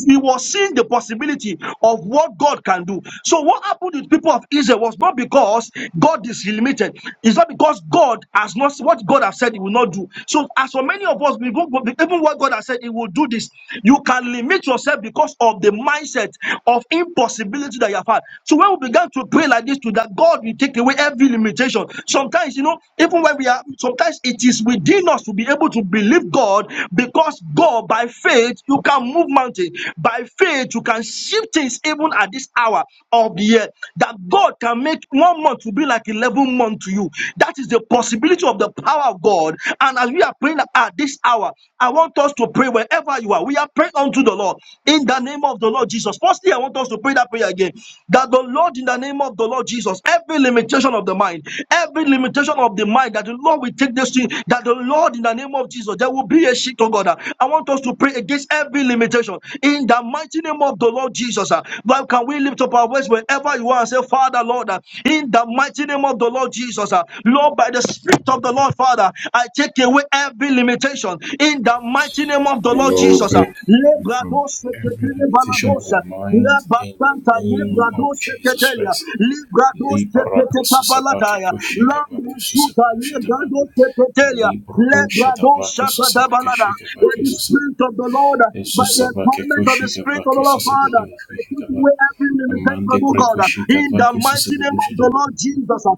Speaker 4: he was seeing the possibility of what God can do. So what happened with people of Israel was not because God is limited. It's not because God has not what God has said he will not do. So as for many of us, we go, even what God has said he will do this. You can limit yourself because of the mindset of impossibility that you have had. So when we began to pray like this this to that God will take away every limitation. Sometimes, you know, even when we are, sometimes it is within us to be able to believe God because God, by faith, you can move mountains. By faith, you can shift things even at this hour of the year. That God can make one month to be like 11 months to you. That is the possibility of the power of God. And as we are praying at this hour, I want us to pray wherever you are. We are praying unto the Lord in in the name of the Lord Jesus. Firstly, I want us to pray that prayer again. That the Lord, in the name of the Lord Jesus, every limitation of the mind, every limitation of the mind, that the Lord will take this thing, that the Lord, in the name of Jesus, there will be a shift, oh God. I want us to pray against every limitation in the mighty name of the Lord Jesus. ah. Now, can we lift up our voice wherever you are and say, Father, Lord, ah, in the mighty name of the Lord Jesus, ah, Lord, by the Spirit of the Lord, Father, I take away every every limitation in the mighty name of the Lord Jesus. uh, Lebrados
Speaker 5: Every
Speaker 4: Seketele
Speaker 5: limitation of
Speaker 4: Balados,
Speaker 5: the
Speaker 4: uh,
Speaker 5: mind in the
Speaker 4: Labasanta
Speaker 5: name of
Speaker 4: Lebrados
Speaker 5: Jesus
Speaker 4: Seketelia,
Speaker 5: Christ.
Speaker 4: Lebrados
Speaker 5: Li barako
Speaker 4: Seketeka
Speaker 5: susabake
Speaker 4: Balataya,
Speaker 5: koshikabake
Speaker 4: Lambrusuta
Speaker 5: susabidoshitaba.
Speaker 4: Lebrados Seketelia,
Speaker 5: Libro dosha
Speaker 4: Lebrados
Speaker 5: davake
Speaker 4: Shakata
Speaker 5: susabeke
Speaker 4: Balada.
Speaker 5: shike
Speaker 4: By
Speaker 5: vake
Speaker 4: the
Speaker 5: susabe.
Speaker 4: Spirit of the Lord, uh, by
Speaker 5: Jesus
Speaker 4: the
Speaker 5: sabake
Speaker 4: empowerment of the
Speaker 5: koshike
Speaker 4: Spirit of the
Speaker 5: vake
Speaker 4: Lord
Speaker 5: susabe
Speaker 4: Father, I put
Speaker 5: shikaba.
Speaker 4: away every limitation,
Speaker 5: Amande
Speaker 4: O God,
Speaker 5: preko
Speaker 4: uh,
Speaker 5: shike
Speaker 4: in the
Speaker 5: vake
Speaker 4: mighty name
Speaker 5: susabe
Speaker 4: of the
Speaker 5: shide.
Speaker 4: Lord Jesus. uh,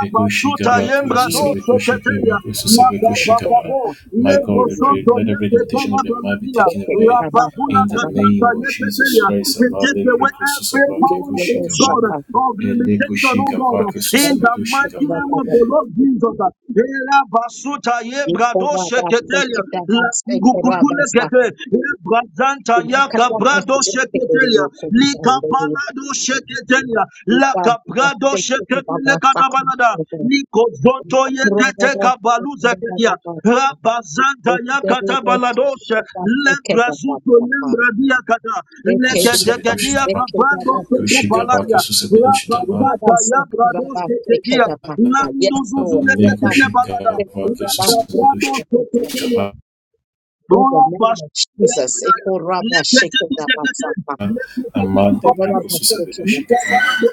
Speaker 5: Eko shike vake
Speaker 4: Yembrados
Speaker 6: Yere
Speaker 5: susabe koshike
Speaker 4: Seketelia,
Speaker 5: vake susabe koshikaba.
Speaker 6: koşturma,
Speaker 4: Makapapabo,
Speaker 5: My God, we
Speaker 6: koşturma,
Speaker 5: pray,
Speaker 4: Lebosonto,
Speaker 5: let every limitation
Speaker 4: Yepetana
Speaker 5: of the mind be
Speaker 4: Banadia,
Speaker 5: taken away.
Speaker 6: koşturma, basta,
Speaker 4: Rababuna
Speaker 5: In the
Speaker 6: basta, basta.
Speaker 4: Kasanta,
Speaker 5: name of Jesus
Speaker 4: Yepetea.
Speaker 5: Christ,
Speaker 4: We take
Speaker 5: Abale
Speaker 4: away
Speaker 5: preko
Speaker 4: every
Speaker 6: Yere
Speaker 5: susabake
Speaker 4: power,
Speaker 6: yere
Speaker 4: oh
Speaker 5: koshikaba.
Speaker 4: God,
Speaker 6: şapa,
Speaker 4: of
Speaker 5: Ele
Speaker 4: limitation, oh
Speaker 5: koshike
Speaker 4: God,
Speaker 5: vake
Speaker 4: in
Speaker 5: susabe
Speaker 4: the
Speaker 6: basta,
Speaker 4: mighty
Speaker 5: doshikaba.
Speaker 4: name of
Speaker 6: basta,
Speaker 4: the Lord Jesus. Era basuta ye brado
Speaker 6: yekora basta,
Speaker 4: sheketelia,
Speaker 6: keda
Speaker 4: la
Speaker 6: basta, kora
Speaker 4: kungukutule
Speaker 6: basta.
Speaker 4: kete, ye brazanta
Speaker 6: Bugün
Speaker 4: yaka
Speaker 6: kata
Speaker 4: brado
Speaker 6: basta,
Speaker 4: sheketelia,
Speaker 6: koşturma,
Speaker 4: Lika
Speaker 6: koşturma.
Speaker 4: sheketelia la
Speaker 6: Yeka
Speaker 4: kaprado
Speaker 6: basta, keda
Speaker 4: sheketele
Speaker 6: basta,
Speaker 4: kanabalada
Speaker 6: koşturma.
Speaker 4: niko zonto
Speaker 6: Kora
Speaker 4: yekete
Speaker 6: basta,
Speaker 4: kabaluza
Speaker 6: keda
Speaker 4: kelia
Speaker 6: basta.
Speaker 4: Rabazanta
Speaker 6: Yekere
Speaker 4: yakata
Speaker 6: yere
Speaker 4: baladoshe
Speaker 6: koşturma, basta, keda
Speaker 4: lebrazuto
Speaker 6: basta.
Speaker 4: lembradia kata
Speaker 6: Yekere
Speaker 5: Kosusabe
Speaker 4: legedegedia
Speaker 6: basta,
Speaker 5: doshikaba.
Speaker 6: keda
Speaker 4: kapando soko
Speaker 5: Koshikaba ke
Speaker 4: baladia
Speaker 5: susabe
Speaker 6: Yes,
Speaker 5: doshikaba.
Speaker 4: Rabazanta yabradoshe kedia landuzuzu
Speaker 6: Lord.
Speaker 4: leketele balada
Speaker 5: Lekušikava
Speaker 4: Rababrado
Speaker 5: Kesusavedushikava
Speaker 4: sokotelia
Speaker 6: In the
Speaker 4: Bura
Speaker 6: name
Speaker 4: baş-
Speaker 6: of Jesus.
Speaker 4: Lepetepetepe, lepetepetepe,
Speaker 5: Amande Prekususavedushikava
Speaker 4: libabalo,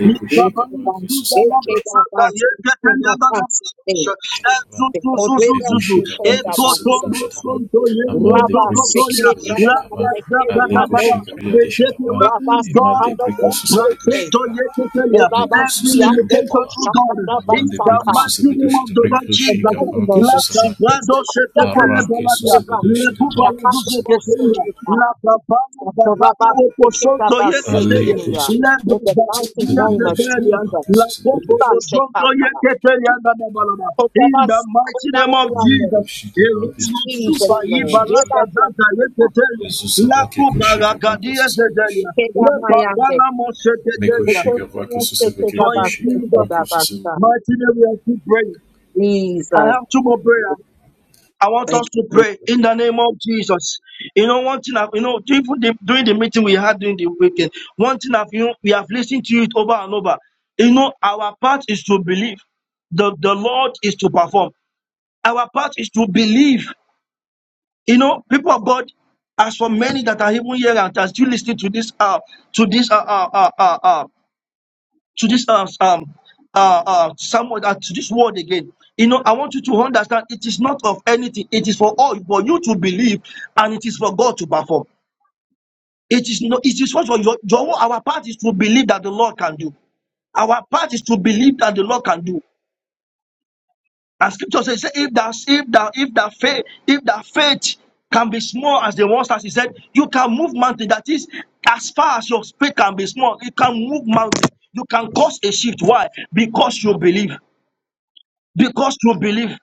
Speaker 5: Lekushikava
Speaker 4: libabalo, libabalo,
Speaker 5: Kesusavedushikava
Speaker 4: sata, yeketen yadana buluşa, ezuzu, zuzu, zuzu,
Speaker 5: Lekushikava
Speaker 4: ekotombo,
Speaker 6: Rabba
Speaker 5: Kesusavedushikava
Speaker 4: sonto, yembro,
Speaker 5: Amande
Speaker 4: sokotoya, la,
Speaker 5: Prekususavedushikava
Speaker 4: la, da, da, da, da, da,
Speaker 5: Alekushikavia
Speaker 4: ve tepe
Speaker 5: Deshatava
Speaker 4: ve undora,
Speaker 5: Amande Prekususavedushikava
Speaker 4: Every limitation,
Speaker 5: Lekasusavedushikava
Speaker 4: oh God, in
Speaker 5: Amande
Speaker 4: the mighty name of
Speaker 5: Prekususavedushikava
Speaker 4: the Lord
Speaker 6: The
Speaker 4: Jesus.
Speaker 6: mighty
Speaker 5: Lekushikava
Speaker 6: name
Speaker 4: La
Speaker 6: of
Speaker 5: Kesusava
Speaker 6: Jesus.
Speaker 4: cabrado se te pele
Speaker 6: Shabbat,
Speaker 5: Arake
Speaker 4: baladia.
Speaker 6: Eva,
Speaker 4: Le cuba
Speaker 5: Susavedushikava
Speaker 4: le
Speaker 6: Shabbat,
Speaker 4: duze que te
Speaker 5: Kesusavedushikava
Speaker 6: Oshita,
Speaker 4: La cabamo, babamo,
Speaker 6: Satoraba,
Speaker 4: o posoto
Speaker 6: Sekitaba,
Speaker 4: ye
Speaker 5: Lekus
Speaker 6: Sekirida.
Speaker 4: que
Speaker 6: In the mighty
Speaker 4: Zakaria
Speaker 6: name of
Speaker 5: Jesus,
Speaker 4: Tetelian,
Speaker 6: Jesus.
Speaker 4: Lakobo
Speaker 6: Riba,
Speaker 4: Wozoto
Speaker 6: Shekapa,
Speaker 4: Yeketelian Nanabalaba. In the
Speaker 6: Kotabas,
Speaker 4: mighty name of
Speaker 6: Kodamayande.
Speaker 4: Jesus,
Speaker 6: In
Speaker 5: Mengoševaké,
Speaker 4: Irina
Speaker 6: Jesus'
Speaker 4: Supa
Speaker 6: name.
Speaker 4: Ibalaka
Speaker 5: Sosevedoševaké,
Speaker 6: Riba,
Speaker 4: Zata
Speaker 6: Shekapa,
Speaker 4: Yeketelian,
Speaker 5: Sosevaké,
Speaker 4: Lakuba
Speaker 5: Koševaké,
Speaker 4: Rakadia Zedelia,
Speaker 6: Kedamayande.
Speaker 4: Lekapana Moshe Tetelia. For in
Speaker 6: Kotabas,
Speaker 4: Jesus'
Speaker 6: Sekidabasa.
Speaker 4: mighty name we are still praying. I
Speaker 6: Jesus.
Speaker 4: have two more prayers. I want
Speaker 6: Thank
Speaker 4: us to
Speaker 6: you
Speaker 4: pray in the name of Jesus. You know, one thing I've, you know, during the, during the meeting we had during the weekend, one thing I've, you know, we have listened to it over and over. You know, our part is to believe. The, the Lord is to perform. Our part is to believe. You know, people of God, as for many that are even here and are still listening to this, uh, to this, uh, uh, uh, uh, uh, to this um, um uh, uh, somewhat uh, to this word again. You know, I want you to understand it is not of anything, it is for all for you to believe, and it is for God to perform. It is no, it is what for your, your our part is to believe that the Lord can do. Our part is to believe that the Lord can do. And scripture says, say, if that if that if that faith, if that faith can be small as the ones as he said, you can move mountain. That is as far as your faith can be small, you can move mountain. You can cause a shift. Why? Because you believe. because through belief.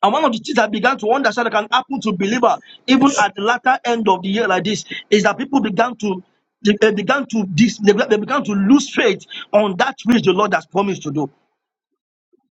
Speaker 4: And one of the things that I began to understand that can happen to believer, even at the latter end of the year like this, is that people began to they, they began to dis, they, they began to lose faith on that which the Lord has promised to do.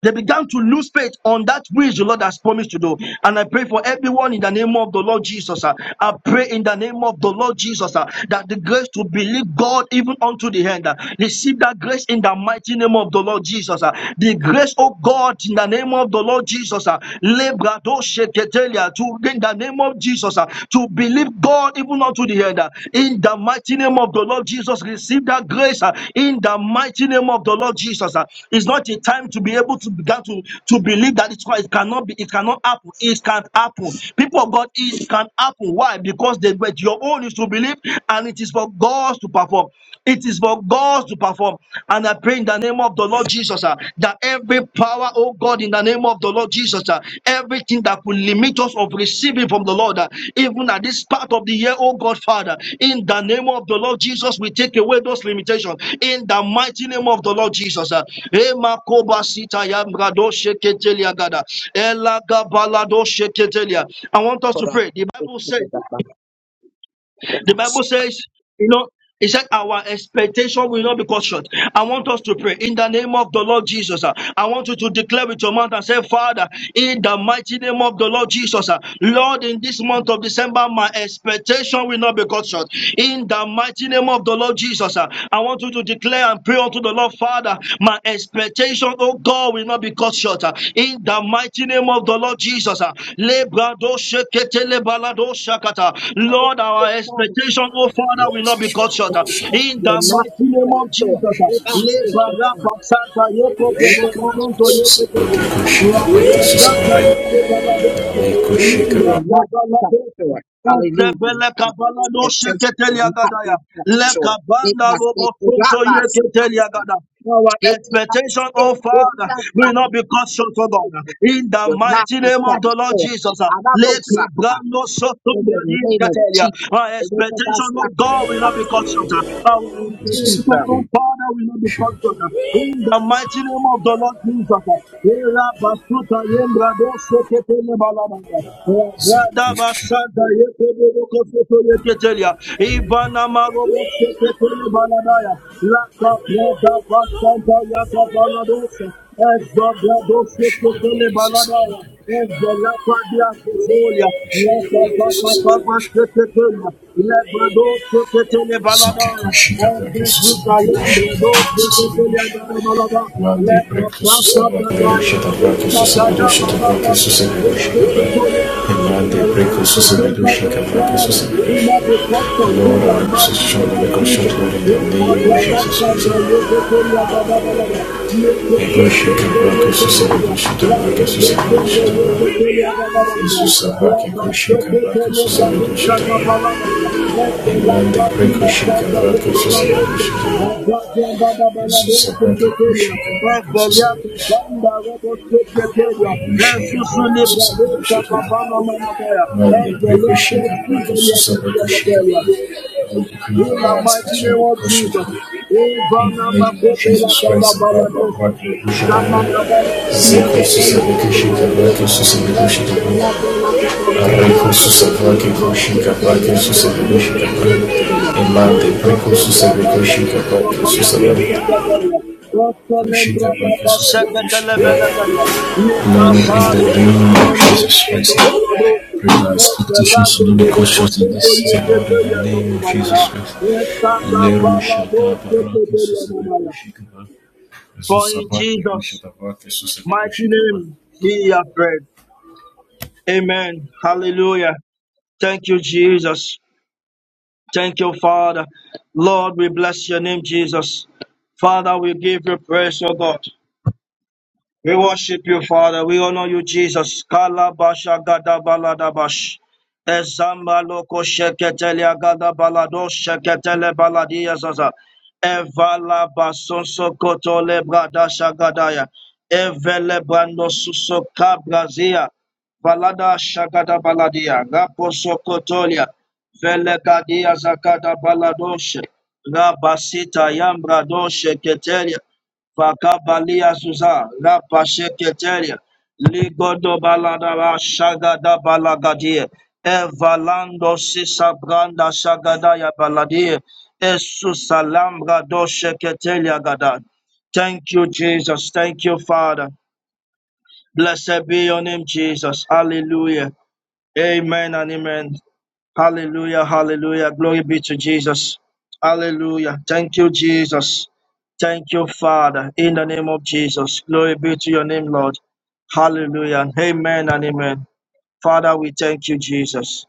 Speaker 4: They began to lose faith on that which the Lord has promised to do. And I pray for everyone in the name of the Lord Jesus. ah. I pray in the name of the Lord Jesus ah, that the grace to believe God even unto the end. ah. Receive that grace in the mighty name of the Lord Jesus. ah. The grace, of God, in the name of the Lord Jesus. ah. Lebrado sheketelia, To in the name of Jesus ah, to believe God even even unto the end. uh, In the mighty name of the Lord Jesus, receive that grace. uh, In the mighty name of the Lord Jesus, uh, it's not a time to be able to begin to, to believe that it's, it cannot be, it cannot happen. It can happen. People of God, it can happen. Why? Because they were your own is to believe, and it is for God to perform. It is for God to perform. And I pray in the name of the Lord Jesus ah, that every power, oh God, in the name of the Lord Jesus, ah, everything that could limit us of receiving from the Lord, ah, even at this part of the year, oh God, Father, in the name of the Lord Jesus, we take away those limitations. In the mighty name of the Lord Jesus. ah. Ema sita ya mrado sheketelia gada. Ela sheketelia. I want us to
Speaker 6: for
Speaker 4: pray. The Bible says. The Bible says, you know, it said our expectation will not be cut short. I want us to pray in the name of the Lord Jesus. uh, I want you to declare with your mouth and say, Father, in the mighty name of the Lord Jesus, uh, Lord, in this month of December, my expectation will not be cut short. In the mighty name of the Lord Jesus, uh, I want you to declare and pray unto the Lord, Father, my expectation, oh God, will not be cut short. uh, In the mighty name of the Lord Jesus, uh, Lebrado Lord, our
Speaker 6: our
Speaker 4: expectation, oh Father, will not be cut short. In
Speaker 6: You
Speaker 4: the
Speaker 6: will not
Speaker 4: mighty
Speaker 6: be
Speaker 4: name
Speaker 6: cut
Speaker 4: of
Speaker 6: short.
Speaker 4: Jesus.
Speaker 6: We're about speaking time. We're about speaking will not cut short. Hallelujah.
Speaker 4: Utebele
Speaker 6: My
Speaker 4: kabala no sheketeli
Speaker 6: will not
Speaker 4: agadaya.
Speaker 6: be cut
Speaker 4: Leka
Speaker 6: short. It
Speaker 4: banda
Speaker 6: must
Speaker 4: robo
Speaker 6: be good
Speaker 4: kunto
Speaker 6: about
Speaker 4: yeketeli
Speaker 6: sometimes.
Speaker 4: agada. Our
Speaker 6: It must
Speaker 4: expectation,
Speaker 6: be
Speaker 4: oh
Speaker 6: good
Speaker 4: Father,
Speaker 6: about
Speaker 4: will not be cut short, oh God.
Speaker 6: sometimes.
Speaker 4: In the
Speaker 6: Will not
Speaker 4: mighty
Speaker 6: be
Speaker 4: name
Speaker 6: cut
Speaker 4: of the Lord
Speaker 6: short.
Speaker 4: Jesus, uh, Leka
Speaker 6: Ababosaka,
Speaker 4: brando soto
Speaker 6: In
Speaker 4: bredi
Speaker 6: the name of
Speaker 4: yeketelia.
Speaker 6: Jesus.
Speaker 4: our
Speaker 6: It is about
Speaker 4: expectation, oh God, will not be cut
Speaker 6: sometimes.
Speaker 4: short. uh. Our expectation,
Speaker 6: Jesus.
Speaker 4: oh Father, will not be cut short. uh. In the mighty name of the Lord Jesus, uh, Ela basuta yembra do seke tele balabala. Brada basada yeke de boko soto yeke telia. Ivana marobo seke tele baladaya.
Speaker 5: Ashitavati Sasavati Vashi
Speaker 4: Laka brada basada yaka baladosa. Ezdo brado seke tele baladaya. Ezdo lapa dia kesolia. Laka
Speaker 5: Ashitavati
Speaker 4: papa
Speaker 5: Sasavati
Speaker 4: papa
Speaker 5: Vashi
Speaker 4: seke tele. Lebrado seke tele
Speaker 5: Zuki
Speaker 4: baladaya.
Speaker 5: Kushitavati
Speaker 4: Ezdo
Speaker 5: Sasavati
Speaker 4: salam
Speaker 5: Vashi
Speaker 4: brado seke
Speaker 5: Sasavati
Speaker 4: tele
Speaker 5: Vashi
Speaker 4: baladaya.
Speaker 5: Vande
Speaker 4: Let the
Speaker 5: Prekta
Speaker 4: blast of the
Speaker 5: Susavati
Speaker 4: fire, it's
Speaker 5: Ashitavati
Speaker 4: the God
Speaker 5: Sasavati
Speaker 4: of the love
Speaker 5: Ashitavati
Speaker 4: the
Speaker 5: Sasavati
Speaker 4: Lord,
Speaker 5: Vashi
Speaker 4: the Holy Ghost.
Speaker 5: Vande
Speaker 4: Our
Speaker 5: Prekta Susavati
Speaker 4: expectation is
Speaker 5: Ashitavati
Speaker 4: God.
Speaker 5: Sasavati
Speaker 4: We
Speaker 5: Vashi
Speaker 4: must be prospered
Speaker 5: Lord,
Speaker 4: in the
Speaker 5: our
Speaker 4: mighty
Speaker 5: position
Speaker 4: name
Speaker 5: on
Speaker 4: of
Speaker 5: the cross,
Speaker 4: Jesus.
Speaker 5: Lord, in the
Speaker 4: It's the
Speaker 5: name of
Speaker 4: blood of
Speaker 5: Jesus
Speaker 4: Santa,
Speaker 5: Christ.
Speaker 4: you can tell you the Babalada. You can
Speaker 5: Işık
Speaker 4: tell
Speaker 5: evrak
Speaker 4: the
Speaker 5: Isus'a bir
Speaker 4: Babalada.
Speaker 5: ışık evrak Isus'a bir
Speaker 4: the Babalada. Thank
Speaker 5: Надя прикусила, Ватусуса прикусила,
Speaker 4: you. In the
Speaker 5: Ватукритова
Speaker 4: mighty
Speaker 5: специально
Speaker 4: name of
Speaker 5: прикусила.
Speaker 4: Jesus.
Speaker 5: In the
Speaker 4: Ivana
Speaker 5: name of
Speaker 4: makopela
Speaker 5: Jesus
Speaker 4: kaba
Speaker 5: Christ and God, the blood
Speaker 4: baladosta.
Speaker 5: of Yeshua,
Speaker 4: Zamana balagadia
Speaker 5: Zeko Susa
Speaker 4: kapaya kaba
Speaker 5: Vakushika, Vako
Speaker 4: baladosta.
Speaker 5: Susa
Speaker 4: Ekbela
Speaker 5: Vakushika,
Speaker 4: bala kaba
Speaker 5: Areko
Speaker 4: baladosta.
Speaker 5: Susa Vaki
Speaker 4: Uba
Speaker 5: Kushika,
Speaker 4: senta
Speaker 5: Vako Susa
Speaker 4: yandra dia
Speaker 5: Vakushika,
Speaker 4: kapela baladosta.
Speaker 5: Imante
Speaker 4: Lesko
Speaker 5: Preko Susa
Speaker 4: sembra baba
Speaker 5: Vakushika,
Speaker 4: senta
Speaker 5: Vako Susa
Speaker 4: baladosta
Speaker 5: Vakushika,
Speaker 4: kapela. Lesko lembra
Speaker 5: Vako
Speaker 4: baba
Speaker 5: Susa
Speaker 4: shakete
Speaker 5: Vakushika,
Speaker 4: lebele kadia. For in
Speaker 5: Laurel in the name of Jesus Christ. Prayer expectations to the cause short in this season, Lord, in the name of Jesus Christ. Leru Shataba Raki Susabeku Shikaba. Jesus Abak Leru
Speaker 4: Jesus'
Speaker 5: Shataba Kesusabeku
Speaker 4: mighty
Speaker 5: Shikaba.
Speaker 4: name we are prayed. Amen. Hallelujah. Thank you, Jesus. Thank you, Father. Lord, we bless your name, Jesus. Father, we give you praise, O God. We worship you, Father. We honor you, Jesus. Kalabasha gadabaladabash. Ezamba loko sheketelia gadabalado sheketele baladia zaza. Evala basonso kotole bradasha gadaya. Evele brando suso kabrazia. Valada shagada baladia. Raposo kotolia. Vele gadia zakada baladoshe. Rabasita yambra ketelia. Fakabalia Suza, La Pasheketelia, Ligodo Baladara Shagada Balagadia, Evalando Sisa Branda Shagadaya Baladia, Esusa Lambra Do Gada. Thank you, Jesus. Thank you, Father. Blessed be your name, Jesus. Hallelujah. Amen and amen. Hallelujah, hallelujah. Glory be to Jesus. Hallelujah. Thank you, Jesus. Thank you, Father, in the name of Jesus. Glory be to your name, Lord. Hallelujah. Amen and amen. Father, we thank you, Jesus.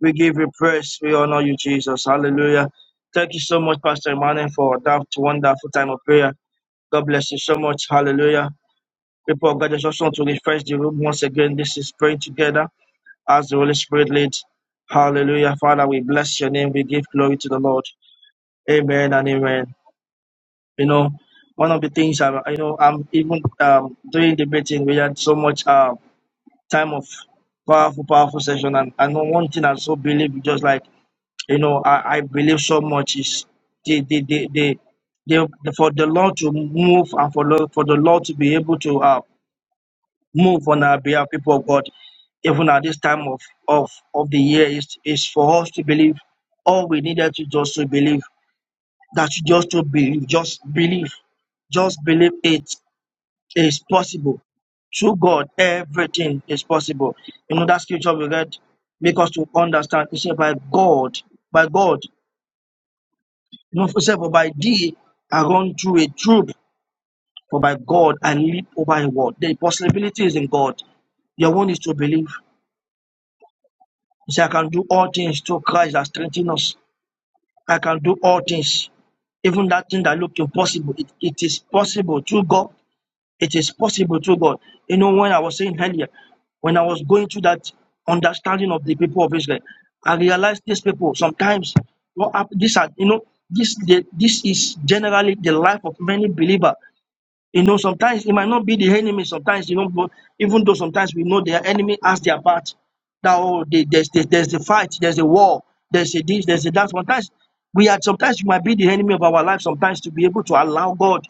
Speaker 4: We give you praise. We honor you, Jesus. Hallelujah. Thank you so much, Pastor Emmanuel, for that wonderful time of prayer. God bless you so much. Hallelujah. People of God, I just want to refresh the room once again. This is praying together as the Holy Spirit leads. Hallelujah. Father, we bless your name. We give glory to the Lord. Amen and amen. You know, one of the things I, you know, I'm even um, during the meeting, we had so much uh, time of powerful, powerful session. And, and one thing I so believe, just like, you know, I, I believe so much is the, the, the, the, the, the, for the Lord to move and for, for the Lord to be able to uh, move on our behalf, people of God, even at this time of, of, of the year, is, is for us to believe. All we needed to just to believe, that you just to believe, just believe, just believe it is possible. Through God, everything is possible. You know, that scripture we read make us to understand. It said, by God, by God, you know, it said, for by thee I run through a troop, for by God I leap over a wall. The possibility is in God. Your one is to believe. He said, I can do all things through Christ that strengthens us. I can do all things. Even that thing that looked impossible, it, it is possible through God. It is possible through God. You know, when I was saying earlier, when I was going through that understanding of the people of Israel, I realized these people sometimes what hap- these are you know this the, this is generally the life of many believers you know, sometimes it might not be the enemy. Sometimes you know, even though sometimes we know their enemy has their part. That oh, they, there's there's there's a fight, there's a war, there's a this, there's a that. Sometimes we are sometimes we might be the enemy of our life. Sometimes to be able to allow God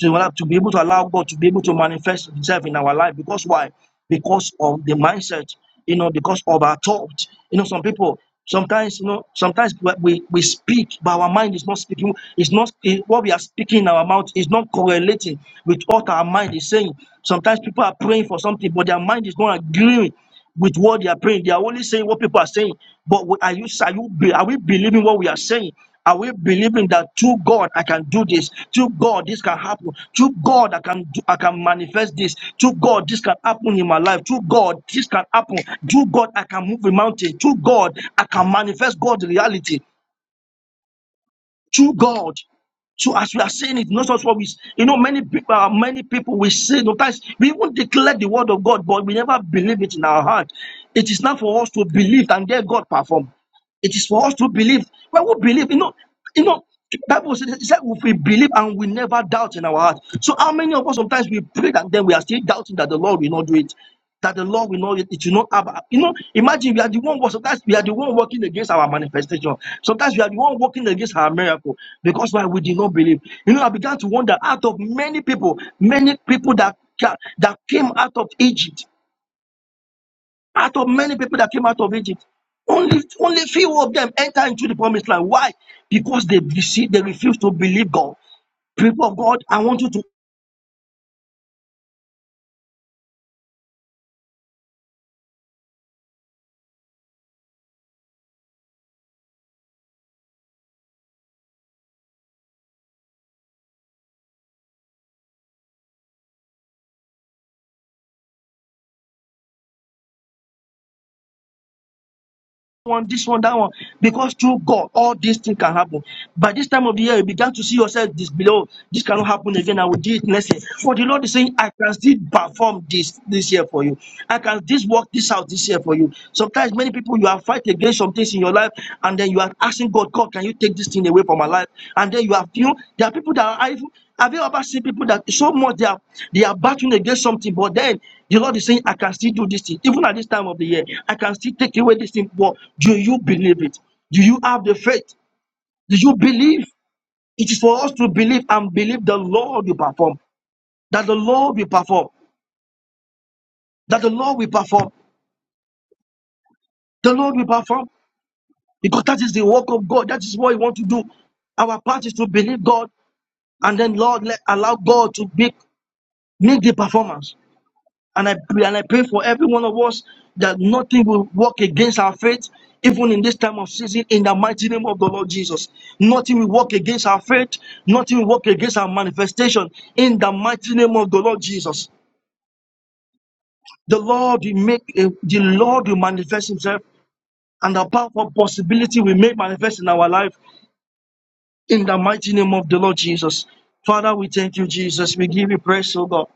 Speaker 4: to to be able to allow God to be able to manifest Himself in our life. Because why? because of the mindset, you know, because of our thought. You know, some people sometimes, you know, sometimes we, we we speak, but our mind is not speaking. It's not it, what we are speaking in our mouth is not correlating with what our mind is saying. Sometimes people are praying for something, but their mind is not agreeing with what they are praying. They are only saying what people are saying. But we- are you are you be- are we believing what we are saying? Are we believing that through God I can do this? Through God this can happen. Through God I can do, I can manifest this. Through God this can happen in my life. Through God this can happen. Through God I can move a mountain. Through God I can manifest God's reality. True God. So as we are saying it, not just what we, you know, many people, uh, many people we say sometimes we even declare the word of God, but we never believe it in our heart. It is not for us to believe and let God perform. It is for us to believe. When we believe, you know, you know, the Bible says it said if we believe and we never doubt in our heart. So how many of us sometimes we pray and then we are still doubting that the Lord will not do it, that the Lord will not it it will not happen. You know, imagine we are the one sometimes we are the one working against our manifestation. Sometimes we are the one working against our miracle because why we did not believe. You know, I began to wonder out of many people, many people that ca- that came out of Egypt. Out of many people that came out of Egypt, only only few of them enter into the promised land. Why? Because they received, they refuse to believe God. People of God, I want you to one, this one, that one. Because through God, all these things can happen. By this time of the year, you began to see yourself this below. This cannot happen again. I will do it next year. For the Lord is saying, I can still perform this this year for you. I can this work this out this year for you. Sometimes many people you are fighting against some things in your life, and then you are asking God, God, can you take this thing away from my life? And then you have you know, there are people that are evil. have you ever seen people that so much they are they are battling against something, but then the Lord is saying, I can still do this thing. Even at this time of the year, I can still take away this thing. But do you believe it? Do you have the faith? Do you believe? It is for us to believe and believe the Lord will perform. That the Lord will perform. That the Lord will perform. The Lord will perform. Because that is the work of God. That is what we want to do. Our part is to believe God and then Lord let allow God to make, make the performance. And I pray and I pray for every one of us that nothing will work against our faith, even in this time of season, in the mighty name of the Lord Jesus. Nothing will work against our faith, nothing will work against our manifestation, in the mighty name of the Lord Jesus. The Lord will make a- the Lord will manifest Himself, and the powerful possibility will make manifest in our life, in the mighty name of the Lord Jesus. Father, we thank you, Jesus. We give you praise, O God.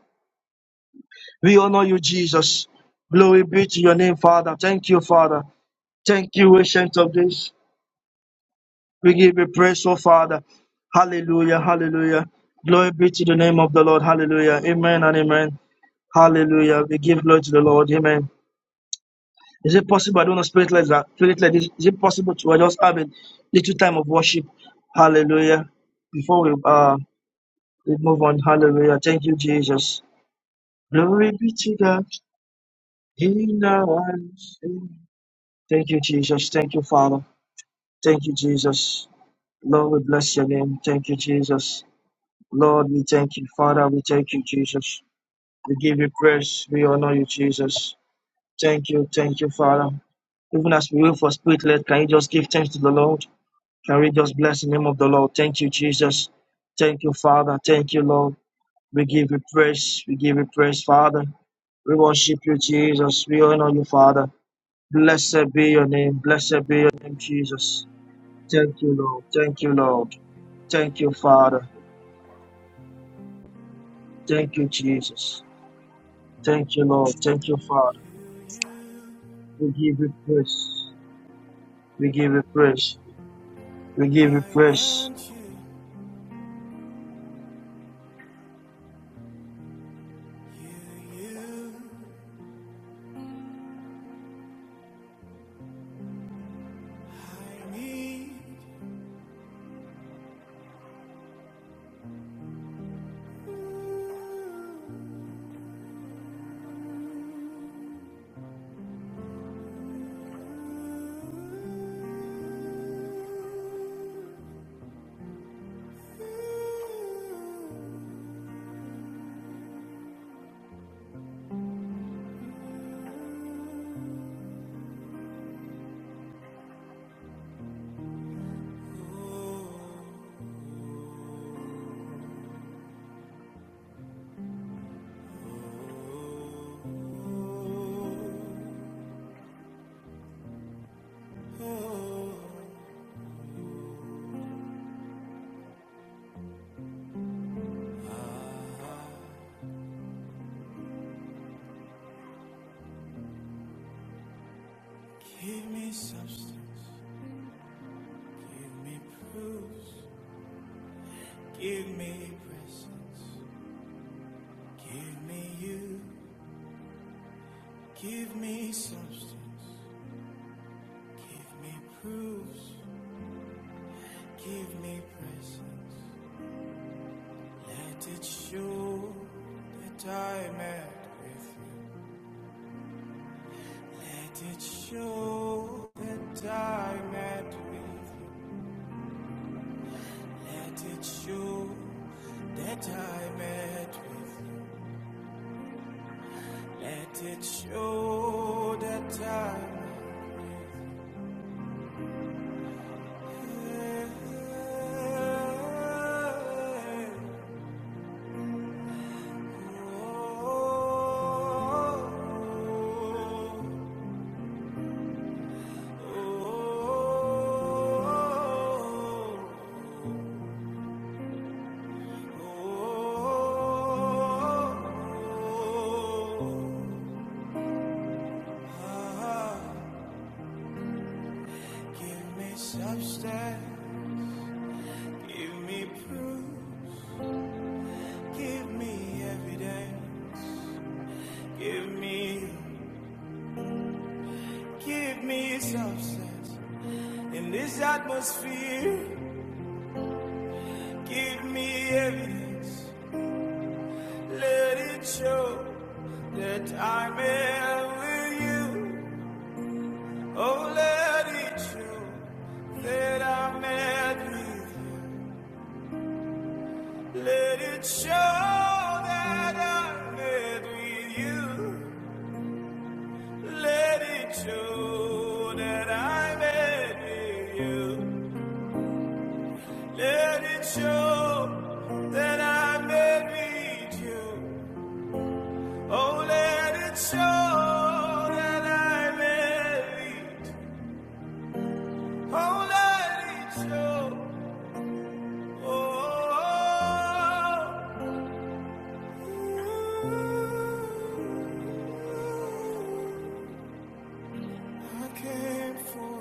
Speaker 4: We honor you, Jesus. Glory be to your name, Father. Thank you, Father. Thank you, ancient of this. We give you praise, oh Father. Hallelujah, hallelujah. Glory be to the name of the Lord. Hallelujah. Amen and amen. Hallelujah. We give glory to the Lord. Amen. Is it possible? I don't know spirit like that. Spirit like this. Is it possible to I just have a little time of worship? Hallelujah. Before we uh we move on. Hallelujah. Thank you, Jesus. Glory be to God in our lives. Thank you, Jesus. Thank you, Father. Thank you, Jesus. Lord, we bless your name. Thank you, Jesus. Lord, we thank you. Father, we thank you, Jesus. We give you praise. We honor you, Jesus. Thank you, thank you, Father. Even as we wait for spirit led, can you just give thanks to the Lord? Can we just bless the name of the Lord? Thank you, Jesus. Thank you, Father. Thank you, Lord. We give you praise. We give you praise, Father. We worship you, Jesus. We honor you, Father. Blessed be your name. Blessed be your name, Jesus. Thank you, Lord. Thank you, Lord. Thank you, Father. Thank you, Jesus. Thank you, Lord. Thank you, Father. We give you praise. We give you praise. We give you
Speaker 7: I
Speaker 4: praise.
Speaker 7: want you, you, you. I need you. Oh, give me substance, give me proofs, give me presence, give me you. Give me substance, give me proofs, give me presence. Let it show that I met with you. Let it show that I met with you. Let it show that I met with you. Let it show that I met with you. oh, oh, oh, oh. oh, oh. Give me substance, give me proof, give me evidence, give me, give me substance. In this atmosphere, give me evidence, let it show that I'm in with you. Oh, let it show that I met with you. Let it show that I met with you. Let it show that I met with you. Let it show that I met with you. Oh, let it show that I met with you. Oh, let it show. Oh, oh, oh. I came for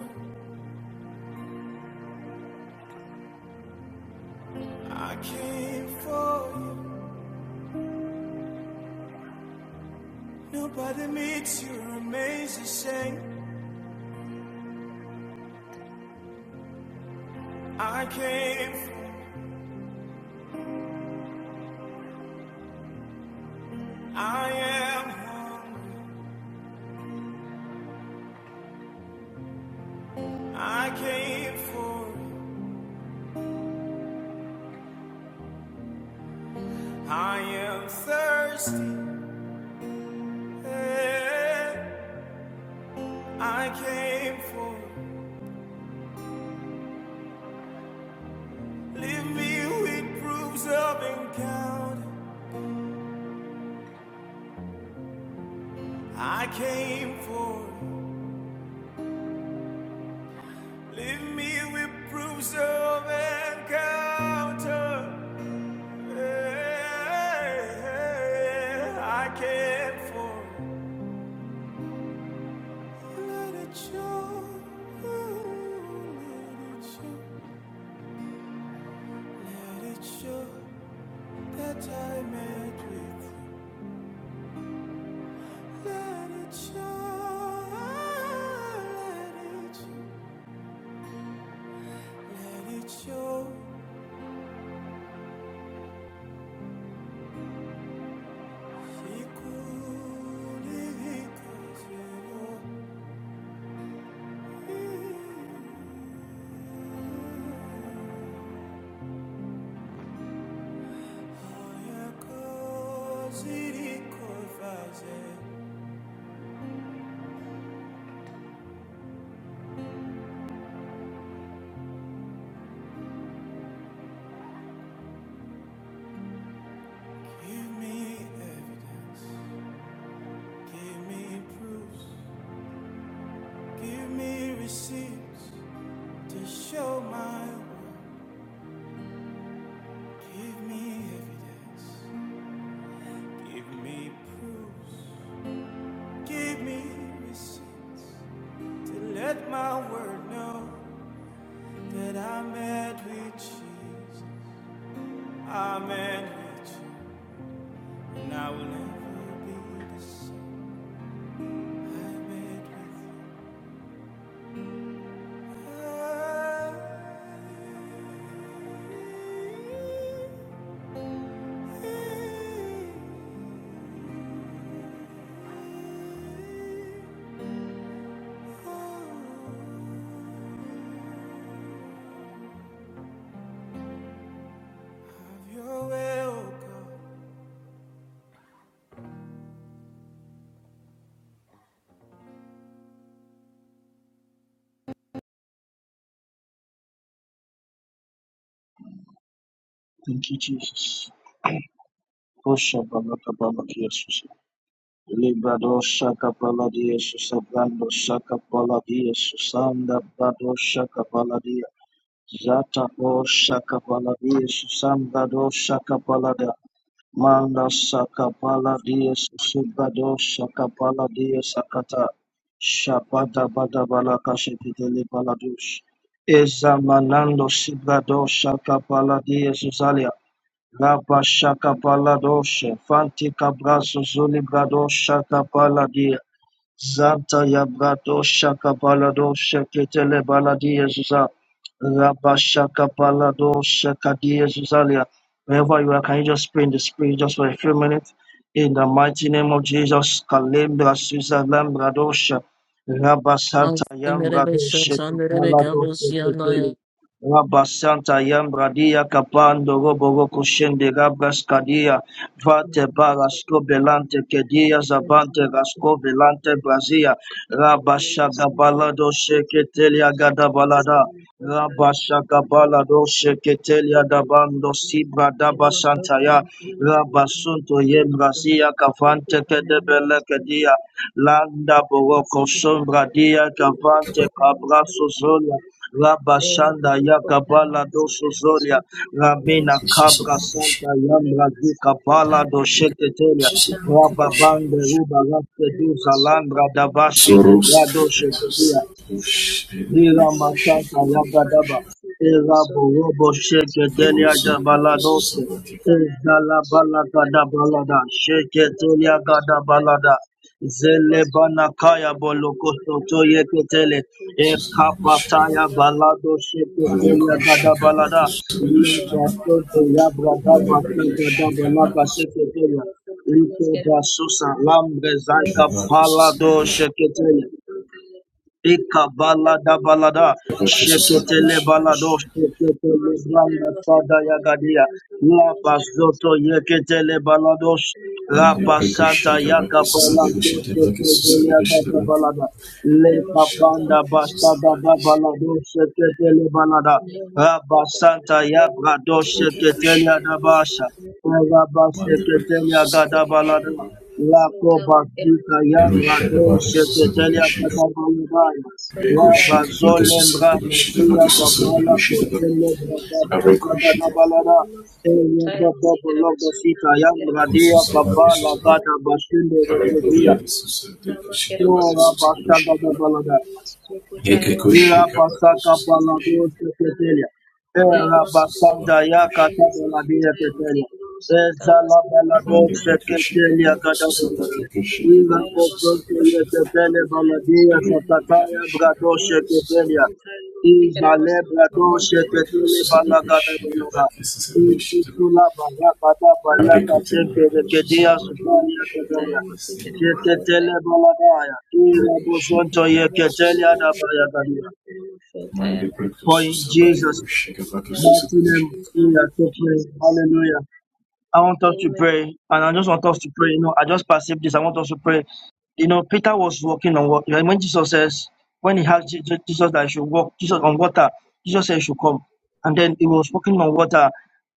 Speaker 7: I came for you. Nobody meets your amazing shame. I came for I am hungry. I came for I am thirsty. Hey, I came for Leave me with proofs of encounter. I came for Leave me with proofs of encounter. Yeah, I can't for Let it show. Let it show. Let it show that I met with you. Let it show. Let it show. Let it show. She could. He could. You know. Mm. Give me evidence, give me proofs, give me receipts to show my work. Give me evidence, give me proofs, give me receipts to let my word know that I'm at with Jesus. I'm at with you, and I will never be the same. I made with my own hands. Have your welcome.
Speaker 4: Thank you, Jesus. Osha balaka balaka Jesus. Librado shaka baladi Jesus. Brando shaka baladi Jesus. Sanda brado shaka baladi. Zata o shaka baladi Jesus. Sanda do shaka balada. Manda Sakapala Dia Subado Sakapala Dia Sakata Shabada Badabala Kashipitele Baladush Ezamanando Sibado Sakapala Dia Suzalia Rabba Shakapala Doshe Fanti Cabraso Zulibrado Shakapala Dia Zanta Yabrato Shaka Balado Sheketele Baladia Zuza Rabba Shaka Balado Shekadia Zuzalia. Wherever you are, can you just pray in the spirit just for a few minutes? In the mighty name of Jesus, Kalembra Suza Lambradosha Rabba Santa
Speaker 8: Mansın nereye
Speaker 4: Yambrado
Speaker 8: beşen, çan nereye
Speaker 4: Shekabalado
Speaker 8: kabus
Speaker 4: Sheketele Rabba Santa Yambradia Kapando Roboroko Shende Rabras Kadia Vate
Speaker 9: Thank
Speaker 4: barasko belante kedia zabante rasco belante brazia. Rabashaga balado sheketelia gada balada. Rabashaga balado sheketelia dabando sibra daba santaya. Rabasunto yem brazia kavante kedebele kedia. Landa boroko sombra dia kavante kabraso zolia. Rabashanda ya kabala doso zolia. Rabena
Speaker 9: you.
Speaker 4: Cabra
Speaker 5: Kesusabeku
Speaker 4: Santa Yambra Duca
Speaker 9: Lemasoko
Speaker 4: Pala do
Speaker 5: Shikaba.
Speaker 4: Sheketelia,
Speaker 5: Kesusabeku
Speaker 4: Rababande
Speaker 5: Shikaba.
Speaker 4: Ruba Raste Duza Lambra Davashe,
Speaker 5: Soros
Speaker 4: Lebrado Shekelia,
Speaker 5: Kepetus. Kush in the break
Speaker 4: Hira Matata
Speaker 5: Kushikaba
Speaker 4: Yagadaba,
Speaker 5: Kushikaba.
Speaker 4: Era Borobo Sheke
Speaker 5: I go
Speaker 4: Delia
Speaker 5: so break
Speaker 4: Dabaladote,
Speaker 5: Kesusabeku Shikaba.
Speaker 4: Ezala Balada da balada, Sheke Delia Gadabalada, Zele Banakaya Bolokoso Toyeketele,
Speaker 5: Kesusabeku Shikaba.
Speaker 4: Ekapataya Balado Sheke
Speaker 5: Aleko
Speaker 4: Delia
Speaker 5: Shikaba
Speaker 4: Gadabalada,
Speaker 5: Kesusabeku
Speaker 9: Thank
Speaker 5: Shikaba.
Speaker 9: you.
Speaker 4: Lebasote Yabrada
Speaker 9: Thank
Speaker 4: Basanta da
Speaker 5: Maledeprecash,
Speaker 4: balaka
Speaker 5: Kavakis,
Speaker 4: Sheke Delia, Ito Basusa Lambre Zaika
Speaker 5: Kavakis,
Speaker 4: Palado
Speaker 5: Susadevish,
Speaker 4: Sheke Delia. Ikabalada balada, balada,
Speaker 5: Kavakis,
Speaker 4: sheketele balado,
Speaker 5: Susadevish,
Speaker 4: sheketele branda sada yagadia, lapazoto yeketele balados,
Speaker 5: Maledeprecash,
Speaker 4: rapasata
Speaker 5: Kavakis,
Speaker 4: yakabalado,
Speaker 5: Susadevish,
Speaker 9: you.
Speaker 5: Devakis,
Speaker 4: sheketele
Speaker 5: Susadevish,
Speaker 4: bada
Speaker 5: Devakis,
Speaker 4: balada,
Speaker 9: Queremos
Speaker 4: lekabanda
Speaker 9: usarlo,
Speaker 5: Shadavakis,
Speaker 9: queremos
Speaker 4: bastada da
Speaker 5: Susavakis,
Speaker 9: entender,
Speaker 4: balado,
Speaker 9: queremos pensar.
Speaker 4: sheketele balada,
Speaker 9: Leer un poco,
Speaker 4: rabasanta
Speaker 9: leer más un
Speaker 4: yabrado,
Speaker 9: poco, leer más
Speaker 4: sheketele
Speaker 5: Kavakis,
Speaker 9: un poco,
Speaker 5: Kavakis,
Speaker 4: adabasha,
Speaker 9: leer
Speaker 4: lapa
Speaker 9: más
Speaker 4: sheketele
Speaker 5: Maledeprecash,
Speaker 9: un poco,
Speaker 4: agada balada,
Speaker 5: Susavakis,
Speaker 9: queremos
Speaker 4: Lako
Speaker 9: soltar, queremos
Speaker 4: Bazika
Speaker 5: Kavakis,
Speaker 9: soltar,
Speaker 4: Yambrado
Speaker 5: Shadavakis,
Speaker 9: leer más
Speaker 4: Sheketelia
Speaker 9: un
Speaker 5: Susadevish,
Speaker 9: poco, leer
Speaker 4: Kadabalabaya
Speaker 9: más
Speaker 5: Kavakis,
Speaker 9: soltar.
Speaker 5: Kavakis,
Speaker 4: Rabazole
Speaker 9: Queremos
Speaker 5: Susadevish,
Speaker 9: soltar,
Speaker 4: Mbrabadia
Speaker 5: Devakis,
Speaker 4: Babala
Speaker 5: Susadevish, Devakis,
Speaker 4: Koshele
Speaker 9: queremos soltar, queremos
Speaker 4: Brababa
Speaker 9: soltar.
Speaker 5: Arekosh, Kavakis,
Speaker 4: Sabadabalada
Speaker 9: Queremos soltar,
Speaker 4: Eya Bababo
Speaker 9: queremos soltar, queremos soltar,
Speaker 4: Logosita
Speaker 9: queremos
Speaker 4: Yambradia
Speaker 9: soltar.
Speaker 4: Babala
Speaker 5: Susavakis,
Speaker 4: Gada Bashinde
Speaker 9: Queremos
Speaker 4: Rekedia
Speaker 9: soltar,
Speaker 5: Arekoriadis,
Speaker 9: queremos soltar,
Speaker 5: Susadevish,
Speaker 9: queremos
Speaker 5: Devakis,
Speaker 4: Ora
Speaker 9: soltar.
Speaker 5: Susadevish, Devakis,
Speaker 4: Bashaga
Speaker 9: Nemasokotaya
Speaker 4: Ira
Speaker 5: Yakakoshi Kabaki
Speaker 4: pasaka
Speaker 9: Masekumasokotaya
Speaker 5: Society
Speaker 4: palado
Speaker 9: Maskeramasota
Speaker 4: tetelia. Era
Speaker 5: Arekosu
Speaker 4: basanda
Speaker 5: Sabaki
Speaker 9: Nemasokotaya
Speaker 4: ya
Speaker 5: Koshi
Speaker 4: kata la
Speaker 5: Kabaki
Speaker 4: dia
Speaker 9: Nemasokotaya
Speaker 4: tetelia.
Speaker 9: Masekumasota
Speaker 4: Eza la balado
Speaker 5: Kabandi
Speaker 9: Maskeramasota
Speaker 5: Rekoshi
Speaker 4: tetelia
Speaker 5: Kabaki
Speaker 4: gada bora.
Speaker 5: Susabaki Koshi
Speaker 4: Ira
Speaker 5: Kabaki
Speaker 9: Nemasokotaya
Speaker 4: bosoto ye
Speaker 5: Susabashi
Speaker 9: Masekumasota
Speaker 4: tetele baladia
Speaker 9: Maskeramasota
Speaker 4: sakataya
Speaker 5: Rekoshi
Speaker 4: brado
Speaker 5: Kabaki
Speaker 4: tetelia.
Speaker 5: Susabaki
Speaker 9: Nemasokotaya Masekumasota Maskeramasota
Speaker 4: Iza le brado
Speaker 5: Amandi Rekosu
Speaker 4: tetele
Speaker 5: Sabaki
Speaker 4: balagada bora.
Speaker 5: Shikabaki Susabashi
Speaker 4: Isutula bara bada balata
Speaker 5: Rekoten
Speaker 4: shente
Speaker 5: Rekosu
Speaker 4: rekedia
Speaker 5: Sabaki
Speaker 4: supalia
Speaker 5: Koshi
Speaker 9: Nemasokotaya Nemasokotaya Masekumasota Nemasokotaya
Speaker 4: tetelia.
Speaker 5: Kabaki Sima
Speaker 9: Masekumasota
Speaker 4: Sheketele baladaya. Ira
Speaker 5: Ruki
Speaker 4: bosonto ye
Speaker 5: Shikabaki
Speaker 4: ketelia da
Speaker 5: Susabashi
Speaker 4: baya
Speaker 9: Maskeramasota
Speaker 5: Mandi
Speaker 4: for
Speaker 5: Rekosu
Speaker 4: in
Speaker 5: Sabaki
Speaker 9: Name
Speaker 4: Jesus'
Speaker 9: of the
Speaker 5: Koshi Kabaki
Speaker 9: Buddha
Speaker 4: mighty
Speaker 5: Susabashi
Speaker 4: name
Speaker 9: in the
Speaker 4: we are
Speaker 9: name of
Speaker 4: suffering.
Speaker 9: Jesus.
Speaker 4: Hallelujah. I want us to pray, and I just want us to pray. You know, I just perceived this. I want us to pray. You know, Peter was walking on water. When Jesus says, when he asked Je- Je- Jesus that he should walk, Jesus on water, Jesus said he should come, and then he was walking on water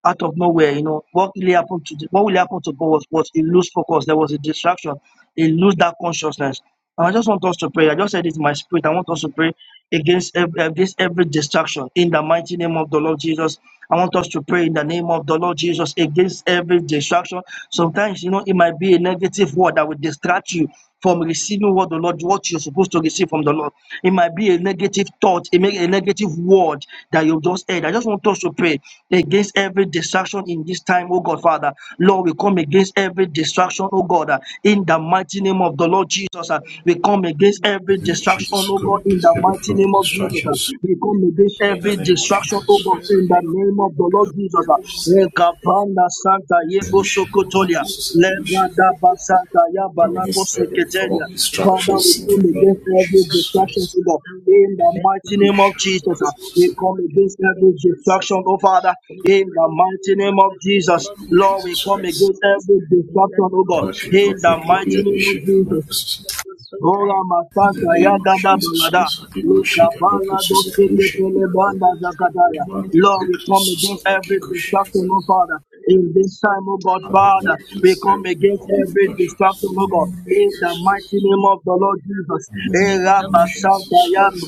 Speaker 4: out of nowhere. You know, what really happened to the, what really happened to God was, was he lose focus. There was a distraction. He lose that consciousness. And I just want us to pray. I just said it in my spirit. I want us to pray against every, against every distraction in the mighty name of the Lord Jesus. I want us to pray in the name of the Lord Jesus against every distraction. Sometimes, you know, it might be a negative word that will distract you from receiving what the Lord, what you're supposed to receive from the Lord. It might be a negative thought, it may a negative word that you've just heard. I just want us to pray against every distraction in this time, oh God, Father. Lord, we come against every distraction, oh God, uh, in the mighty name of the Lord Jesus. uh, We come against every
Speaker 5: in
Speaker 9: Amen.
Speaker 4: distraction,
Speaker 5: Jesus,
Speaker 4: oh
Speaker 5: come
Speaker 4: God, in
Speaker 5: against
Speaker 4: the
Speaker 5: every
Speaker 4: mighty
Speaker 5: form
Speaker 4: name
Speaker 5: of
Speaker 4: of Jesus.
Speaker 5: distraction,
Speaker 4: uh, We
Speaker 9: Instructions
Speaker 4: come against
Speaker 5: In the
Speaker 4: every
Speaker 5: name of
Speaker 4: distraction, oh
Speaker 5: Jesus
Speaker 4: God,
Speaker 5: Christ,
Speaker 4: in
Speaker 5: I
Speaker 4: the
Speaker 5: give
Speaker 4: name of the Lord Jesus. uh,
Speaker 5: "Evolution
Speaker 4: Ekapanda Santa Yebo
Speaker 5: solution and not
Speaker 4: Sokotolia.
Speaker 5: Jesus evolution.
Speaker 4: Lebrada Basanta
Speaker 5: Come
Speaker 4: Yabalako
Speaker 5: against every form
Speaker 4: Secretaria.
Speaker 5: of
Speaker 4: Father, we
Speaker 5: distractions in the
Speaker 4: come
Speaker 5: name
Speaker 4: against
Speaker 5: of
Speaker 4: every
Speaker 5: Jesus
Speaker 4: destruction
Speaker 5: Christ.
Speaker 4: in the
Speaker 9: and we
Speaker 4: in the
Speaker 5: And
Speaker 9: invent
Speaker 4: mighty
Speaker 9: within
Speaker 4: name
Speaker 9: our
Speaker 4: of
Speaker 5: evolution and
Speaker 4: Jesus.
Speaker 5: not
Speaker 4: uh,
Speaker 9: destinies. We
Speaker 4: We
Speaker 5: Jesus
Speaker 9: come
Speaker 4: come
Speaker 9: against
Speaker 4: against
Speaker 9: it in
Speaker 4: every
Speaker 9: Jesus'
Speaker 4: destruction, oh
Speaker 9: name.
Speaker 4: Father,
Speaker 9: We
Speaker 4: in
Speaker 9: pray
Speaker 4: the
Speaker 9: that we
Speaker 4: mighty
Speaker 9: will
Speaker 4: name
Speaker 9: have
Speaker 4: of
Speaker 9: the
Speaker 5: in the
Speaker 9: fruit
Speaker 4: Jesus.
Speaker 9: of
Speaker 5: name of
Speaker 9: mind,
Speaker 4: Lord,
Speaker 9: the
Speaker 4: we
Speaker 5: Jesus
Speaker 4: come
Speaker 9: fruit of
Speaker 5: Christ.
Speaker 4: against
Speaker 9: tongues.
Speaker 4: every
Speaker 9: In the
Speaker 4: destruction, oh
Speaker 9: name of
Speaker 4: God,
Speaker 5: Back it up,
Speaker 4: in
Speaker 9: Jesus,
Speaker 5: your
Speaker 4: the
Speaker 9: name. we
Speaker 5: glory,
Speaker 4: mighty
Speaker 9: must
Speaker 5: the
Speaker 4: name of
Speaker 5: issue of
Speaker 4: Jesus.
Speaker 9: forgive
Speaker 5: Marcus.
Speaker 9: us.
Speaker 4: Ora
Speaker 5: In the
Speaker 9: Do
Speaker 4: masanta ya
Speaker 5: name
Speaker 9: not
Speaker 5: of
Speaker 4: gada
Speaker 9: forget
Speaker 5: Jesus
Speaker 4: balada.
Speaker 5: Christ, I give
Speaker 9: to
Speaker 5: you
Speaker 4: Lika
Speaker 5: shake
Speaker 9: follow
Speaker 5: and
Speaker 9: us
Speaker 5: back
Speaker 9: on
Speaker 5: your
Speaker 4: bala
Speaker 9: Instagram.
Speaker 4: doske
Speaker 9: We
Speaker 5: evolution.
Speaker 4: tekele
Speaker 9: are also
Speaker 4: banda
Speaker 9: on Facebook.
Speaker 4: zakataya.
Speaker 9: We
Speaker 5: Demand
Speaker 9: are
Speaker 5: the
Speaker 4: Lord,
Speaker 9: also
Speaker 4: we
Speaker 5: breakthrough,
Speaker 9: on
Speaker 4: come against
Speaker 9: Twitter.
Speaker 5: Susabaki
Speaker 4: every
Speaker 9: We are also on YouTube.
Speaker 5: Koshika.
Speaker 4: destruction, oh Father.
Speaker 9: We are
Speaker 4: In this
Speaker 9: also
Speaker 4: time, oh
Speaker 9: on
Speaker 4: God,
Speaker 5: Other
Speaker 4: Father,
Speaker 5: than
Speaker 4: we
Speaker 5: this,
Speaker 4: come
Speaker 5: every
Speaker 4: against
Speaker 5: form
Speaker 9: Instagram.
Speaker 5: of
Speaker 4: every
Speaker 5: distractions
Speaker 4: destruction,
Speaker 5: in
Speaker 4: oh
Speaker 5: the
Speaker 4: God.
Speaker 5: name
Speaker 9: We are also on Facebook.
Speaker 5: of
Speaker 9: We
Speaker 4: In
Speaker 9: are
Speaker 4: the
Speaker 5: Jesus
Speaker 9: also
Speaker 5: Christ.
Speaker 4: mighty name of
Speaker 9: on
Speaker 4: the Lord Jesus.
Speaker 5: In
Speaker 9: Twitter. We are also on YouTube. We are
Speaker 5: the
Speaker 4: Era
Speaker 5: name of
Speaker 4: basanta
Speaker 5: Jesus
Speaker 9: also
Speaker 4: ya
Speaker 5: Christ.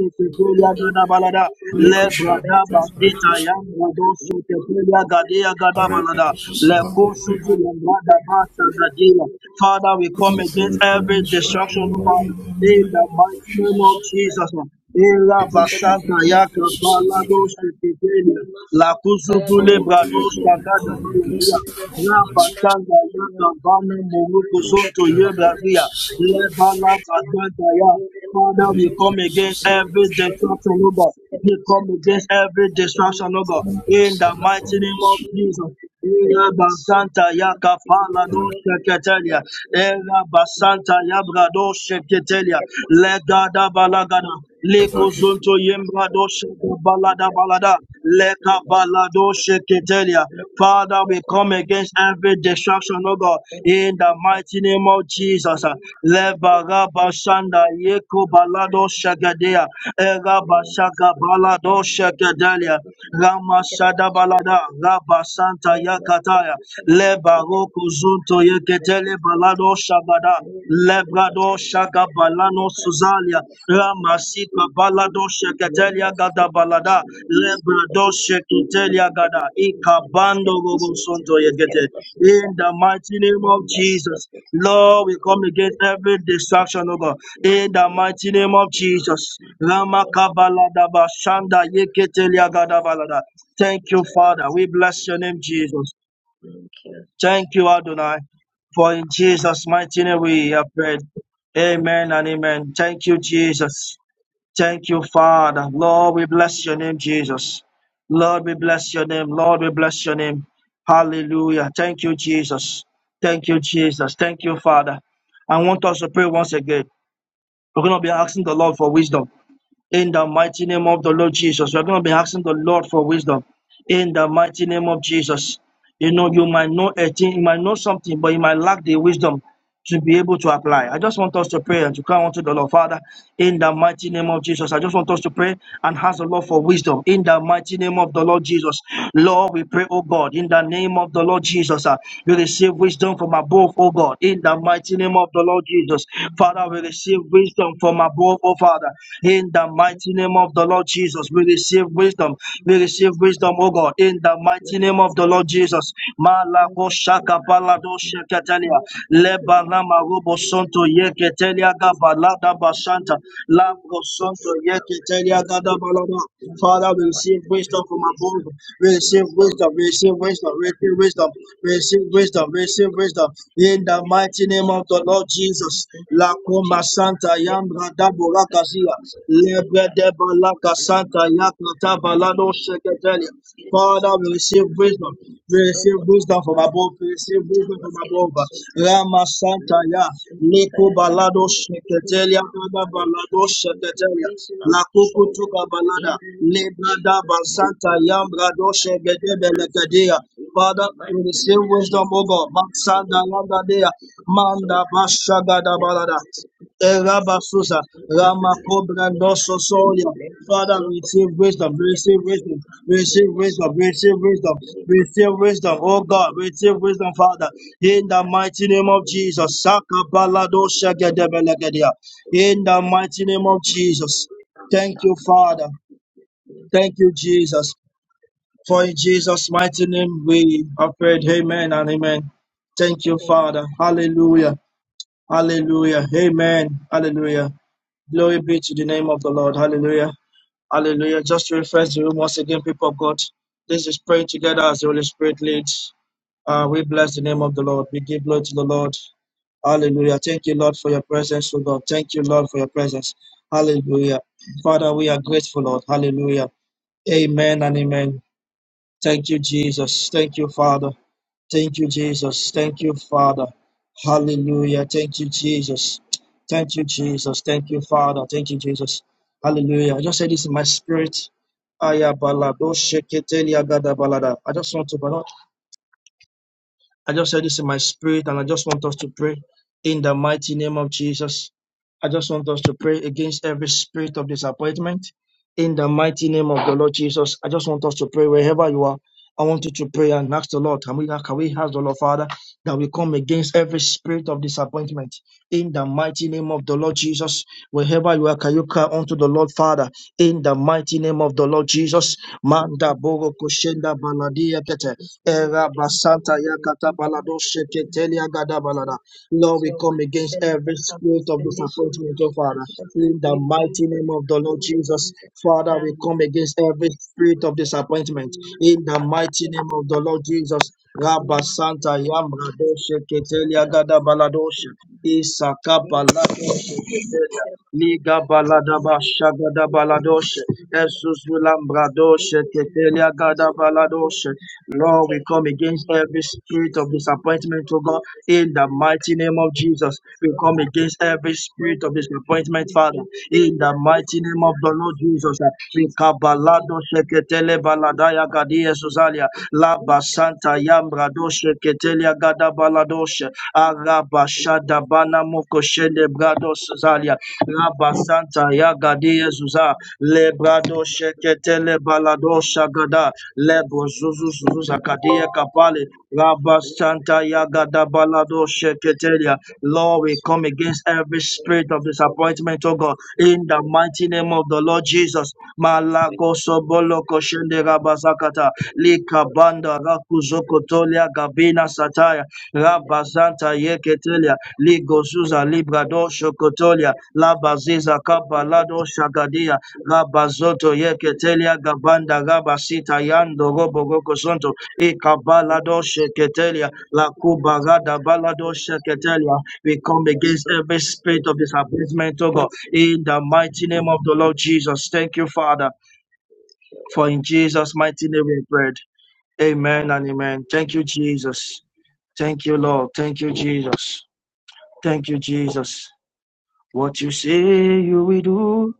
Speaker 9: on Instagram.
Speaker 4: tekele ya
Speaker 9: We are also on Facebook. We
Speaker 4: gada balada. Le
Speaker 9: are
Speaker 4: brada
Speaker 5: Laiku-šādi
Speaker 9: also on
Speaker 4: basita
Speaker 5: projektus
Speaker 9: Twitter. We are also on YouTube. We are also on Instagram. We are
Speaker 4: ya
Speaker 9: also
Speaker 5: varētu
Speaker 9: on Facebook.
Speaker 5: uzlabot,
Speaker 9: We are also on Twitter.
Speaker 4: Father,
Speaker 9: We
Speaker 4: we
Speaker 9: are
Speaker 4: come
Speaker 9: also on
Speaker 5: projektu
Speaker 4: against
Speaker 9: YouTube.
Speaker 4: every
Speaker 5: reformas
Speaker 4: destruction
Speaker 5: šajā
Speaker 9: Name
Speaker 4: of
Speaker 9: us,
Speaker 4: our
Speaker 9: so that
Speaker 5: novietnē
Speaker 4: in
Speaker 9: we
Speaker 4: the
Speaker 9: have to
Speaker 4: mighty name of Jesus. Era
Speaker 5: tikuši
Speaker 4: Basanta Yaka
Speaker 5: ievērotas
Speaker 4: Balado
Speaker 5: vairākas
Speaker 4: Shikedelia, Lakuzugule
Speaker 5: Our
Speaker 4: Brado
Speaker 5: Diabolic
Speaker 4: Shagada
Speaker 5: Communities
Speaker 4: Balabia.
Speaker 5: from all this
Speaker 4: Rapatanga Yaka Bame Moruko Zonto
Speaker 5: structure covers
Speaker 4: Yebrazia,
Speaker 5: several
Speaker 4: Le bala basanta ya. Father, we come
Speaker 5: related
Speaker 4: against
Speaker 5: specific
Speaker 4: every destruction, Lord God. We come against every destruction, Lord
Speaker 5: communities
Speaker 4: God.
Speaker 5: from the
Speaker 4: In the
Speaker 5: spiritual
Speaker 4: mighty name of
Speaker 5: carpus.
Speaker 4: Jesus. Era basanta ya kapala do
Speaker 9: be
Speaker 4: sheketelia.
Speaker 9: able to
Speaker 4: Ela
Speaker 9: they
Speaker 4: basanta
Speaker 9: look for
Speaker 4: ya
Speaker 9: the
Speaker 4: brado
Speaker 9: same, they
Speaker 4: sheketelia.
Speaker 9: get
Speaker 4: Legada balagada.
Speaker 5: Alright,
Speaker 4: Lekozonto yembrado do sheke balada balada. Leka balado sheketelia. Father, we come against every destruction, Lord God. In the mighty name of Jesus. Lebara Bashanda Yeko Balado Shagadea Eraba Balado Shagadelia Rama Balada Raba Yakataya Lebaroko Zunto Yeketele
Speaker 9: Thank you.
Speaker 4: Balado Shagada
Speaker 9: Thank
Speaker 4: Lebrado Shaga Balano Suzalia Rama Balado Sheketelia Gada Balada Lebrado Sheketelia Gada Ikabando Robo Sonto Yekete in the mighty name of Jesus Lord, we come against every distraction, oh God, in the mighty name of Jesus. Ramakabaladaba Shanda Yeketeliagadabalada. Thank you, Father. We bless your name, Jesus. Thank you, Adonai. For in Jesus' mighty name we have prayed. Amen and amen. Thank you, Jesus. Thank you, Father. Lord, we bless your name, Jesus. Lord, we bless your name. Lord, we bless your name. Hallelujah. Thank you, Jesus. Thank you, Jesus. Thank you, Father. I want us to pray once again. We're going to be asking the Lord for wisdom. In the mighty name of the Lord Jesus, we're going to be asking the Lord for wisdom. In the mighty name of Jesus. You know, you might know a thing, you might know something, but you might lack the wisdom to be able to apply. I just want us to pray and to cry unto the Lord, Father, in the mighty name of Jesus. I just want us to pray and ask the Lord for wisdom in the mighty name of the Lord Jesus. Lord, we pray, oh God, in the name of the Lord Jesus. uh, we receive wisdom from above, oh God, in the mighty name of the Lord Jesus. Father, we receive wisdom from above, oh
Speaker 9: you.
Speaker 4: Father, in the
Speaker 9: Thank
Speaker 4: mighty name of the Lord Jesus. We receive wisdom. We receive wisdom, oh God, in the mighty name of the Lord
Speaker 9: you.
Speaker 4: Jesus. Ma
Speaker 9: Wisdom, the
Speaker 4: Alakoshaka Balado Shekatelia,
Speaker 9: reason I'm
Speaker 4: Lebarama Rubo Yeketelia Gabalada Bashanta, Labro Yeketelia Gada Balada. Father, we receive
Speaker 9: actually
Speaker 4: wisdom from
Speaker 9: wisdom,
Speaker 4: above. We receive
Speaker 9: wisdom
Speaker 4: wisdom, we
Speaker 9: in
Speaker 4: receive wisdom,
Speaker 9: everything
Speaker 4: we
Speaker 9: that we
Speaker 4: receive
Speaker 9: do
Speaker 4: wisdom,
Speaker 9: in the
Speaker 4: we
Speaker 9: name
Speaker 4: receive
Speaker 9: of Jesus,
Speaker 4: wisdom, we
Speaker 9: give
Speaker 4: receive wisdom.
Speaker 9: wisdom
Speaker 4: In
Speaker 9: in the
Speaker 4: the mighty name of
Speaker 9: relationships
Speaker 4: the
Speaker 9: we are
Speaker 4: Lord
Speaker 9: giving
Speaker 4: Jesus,
Speaker 9: us in the
Speaker 4: La
Speaker 9: name of
Speaker 4: Coma
Speaker 9: Jesus.
Speaker 4: Santa
Speaker 9: Let not
Speaker 4: Yambra
Speaker 9: the us
Speaker 4: Daborakazia,
Speaker 9: in the same
Speaker 4: Lebre
Speaker 9: time.
Speaker 4: de Balaka
Speaker 9: Let us
Speaker 4: Santa
Speaker 9: put the
Speaker 4: Yakata
Speaker 9: time, must give
Speaker 4: Balado
Speaker 9: us the
Speaker 4: Sheketelia.
Speaker 9: time, must give us
Speaker 4: Father,
Speaker 9: the
Speaker 4: we receive
Speaker 9: time.
Speaker 4: wisdom.
Speaker 9: Marriage,
Speaker 4: Receive wisdom from above. Receive wisdom from above. Rama Santa Ya. Leko balado sheketelia dada balado
Speaker 9: we pray for
Speaker 4: sheketelia.
Speaker 9: raising
Speaker 4: La
Speaker 9: our
Speaker 4: kuku tuka
Speaker 9: children
Speaker 4: balada.
Speaker 9: in the name of
Speaker 4: Lebrada
Speaker 9: Jesus. We
Speaker 4: basanta
Speaker 9: pray for
Speaker 4: yam brado
Speaker 9: marriage
Speaker 4: shegedebe
Speaker 9: finances
Speaker 4: lekedia.
Speaker 9: in the
Speaker 4: Father, we
Speaker 9: mighty name
Speaker 4: receive
Speaker 9: of
Speaker 4: wisdom, O
Speaker 9: Jesus.
Speaker 4: God. Mansanda yanda dea. Manda bashaga da
Speaker 9: Let Let
Speaker 4: balada. Rabasusa, Ramakobra, Nososolia.
Speaker 9: Let us
Speaker 4: Father, receive wisdom,
Speaker 9: us
Speaker 4: receive wisdom,
Speaker 9: us
Speaker 4: receive wisdom, receive wisdom, receive wisdom, oh God, receive wisdom, Father, in the mighty name of Jesus. Sakabalado shagedebelegedia. In the mighty
Speaker 9: go
Speaker 4: name of Jesus. Thank you,
Speaker 9: for
Speaker 4: Father. Thank you,
Speaker 9: that.
Speaker 4: Jesus. For in Jesus' mighty name we have prayed. Amen and amen. Thank you,
Speaker 9: Amen.
Speaker 4: Father. Hallelujah. Hallelujah. Amen. Hallelujah. Glory be to the name of the Lord. Hallelujah. Hallelujah. Just to refresh the room once again, people of God. This is praying together as the Holy Spirit leads. Uh, we bless the name of the Lord. We give glory to the Lord. Hallelujah. Thank you, Lord, for your presence, O God. Thank you, Lord, for your presence. Hallelujah. Father, we are grateful, Lord. Hallelujah. Amen and amen. Thank you, Jesus. Thank you, Father. Thank you, Jesus. Thank you, Father. Hallelujah. Thank you, Jesus. Thank you, Jesus. Thank you, Father. Thank you, Jesus. Hallelujah. I just say this in my spirit. Aya balado sheketeli agada balada. I just want to balance. I just said this in my spirit, and I just want us to pray in the mighty name of Jesus. I just want us to pray against every spirit of disappointment in the mighty name of the Lord Jesus. I just want us to pray wherever you are. I want you to pray and ask the Lord. Can we, can we ask the Lord, Father, that we come against every spirit of disappointment in the mighty name of the Lord Jesus? Wherever you are, can you cry unto the Lord, Father, in the mighty name of the Lord
Speaker 9: As
Speaker 4: Jesus? Manda bogo koshenda baladia kete. Era basanta yakata balado sheketelia gada balada. Lord, we
Speaker 9: your
Speaker 4: come
Speaker 9: word
Speaker 4: against
Speaker 9: says
Speaker 4: every
Speaker 9: that our
Speaker 4: spirit of
Speaker 9: visitation will
Speaker 4: disappointment,
Speaker 9: not
Speaker 4: oh
Speaker 9: be cut
Speaker 4: Father.
Speaker 9: short,
Speaker 4: In the
Speaker 9: we bring
Speaker 4: mighty name of the Lord
Speaker 9: to the
Speaker 4: Jesus,
Speaker 9: peace of
Speaker 4: Father,
Speaker 9: that
Speaker 4: we come
Speaker 9: man
Speaker 4: against every spirit of
Speaker 9: disappointed. We
Speaker 4: disappointment.
Speaker 9: will not be
Speaker 4: In the mighty
Speaker 9: disappointed in
Speaker 4: name
Speaker 9: the
Speaker 4: of the
Speaker 9: name of
Speaker 4: Lord Jesus,
Speaker 9: Jesus. We
Speaker 4: Rabba
Speaker 9: must be
Speaker 4: Santa
Speaker 9: able
Speaker 4: Yambrado
Speaker 9: to consult
Speaker 4: Sheketelia
Speaker 9: our
Speaker 4: Gada
Speaker 9: message.
Speaker 4: Baladoshe, Isaka
Speaker 9: Being
Speaker 4: Balado
Speaker 9: strengthened,
Speaker 4: Sheketelia,
Speaker 9: confident,
Speaker 4: Liga
Speaker 9: and
Speaker 4: Baladaba
Speaker 9: full of
Speaker 4: Shagada Baladoshe,
Speaker 9: expectation
Speaker 4: Jesus
Speaker 9: our
Speaker 4: Ulambrado
Speaker 9: expectations and the
Speaker 4: Sheketelia
Speaker 9: next
Speaker 4: Gada
Speaker 9: story will not
Speaker 4: Baladoshe,
Speaker 9: be
Speaker 4: Lord, we
Speaker 9: disappointed
Speaker 4: come
Speaker 9: in the
Speaker 4: against
Speaker 9: name
Speaker 4: every
Speaker 9: of
Speaker 4: spirit
Speaker 9: Jesus.
Speaker 4: of
Speaker 9: In the name
Speaker 4: disappointment,
Speaker 9: of
Speaker 4: oh God,
Speaker 9: Jesus,
Speaker 4: in the
Speaker 9: we
Speaker 4: mighty name
Speaker 9: come
Speaker 4: of
Speaker 9: against
Speaker 4: Jesus.
Speaker 9: this
Speaker 4: We
Speaker 9: growth
Speaker 4: come
Speaker 9: of our
Speaker 4: against every spirit of
Speaker 9: disappointment in
Speaker 4: disappointment, Father,
Speaker 9: any
Speaker 4: in the
Speaker 9: area of
Speaker 4: mighty
Speaker 9: our
Speaker 4: name of the
Speaker 9: life.
Speaker 4: Lord
Speaker 9: In the
Speaker 4: Jesus.
Speaker 9: name of
Speaker 4: We
Speaker 9: Jesus, We
Speaker 4: kabalado sheketele baladaya gadia suzalia, laba santa yambra doshe ketelia gada baladoshe, arabashada bana mokoshende brado suzalia, raba santa yagadia suza, le brado sheketele baladosha gada, lebo zuzu zuzu zakadia kapale rabba yagada balado sheketelia lord we come against every spirit of disappointment oh god in the mighty name of the lord jesus malago sobolo koshende rabba likabanda rakuzokotolia gabina sataya Rabazanta santa yeketelia ligozuza librado shokotolia labaziza kabalado shagadia Gabazoto yeketelia gabanda gabasita yando robo goko ikabalado sheketelia la kubagada balado sheketelia. We come against every spirit of disappointment, oh God,
Speaker 9: Thank
Speaker 4: in the
Speaker 9: you.
Speaker 4: mighty name of the
Speaker 9: Thank
Speaker 4: Lord Jesus. Thank you, Father, for in
Speaker 9: you.
Speaker 4: Jesus' mighty name we prayed. Amen and amen. Thank you, Jesus. Thank you, Lord. Thank you, Jesus. Thank you, Jesus. What you say you will do,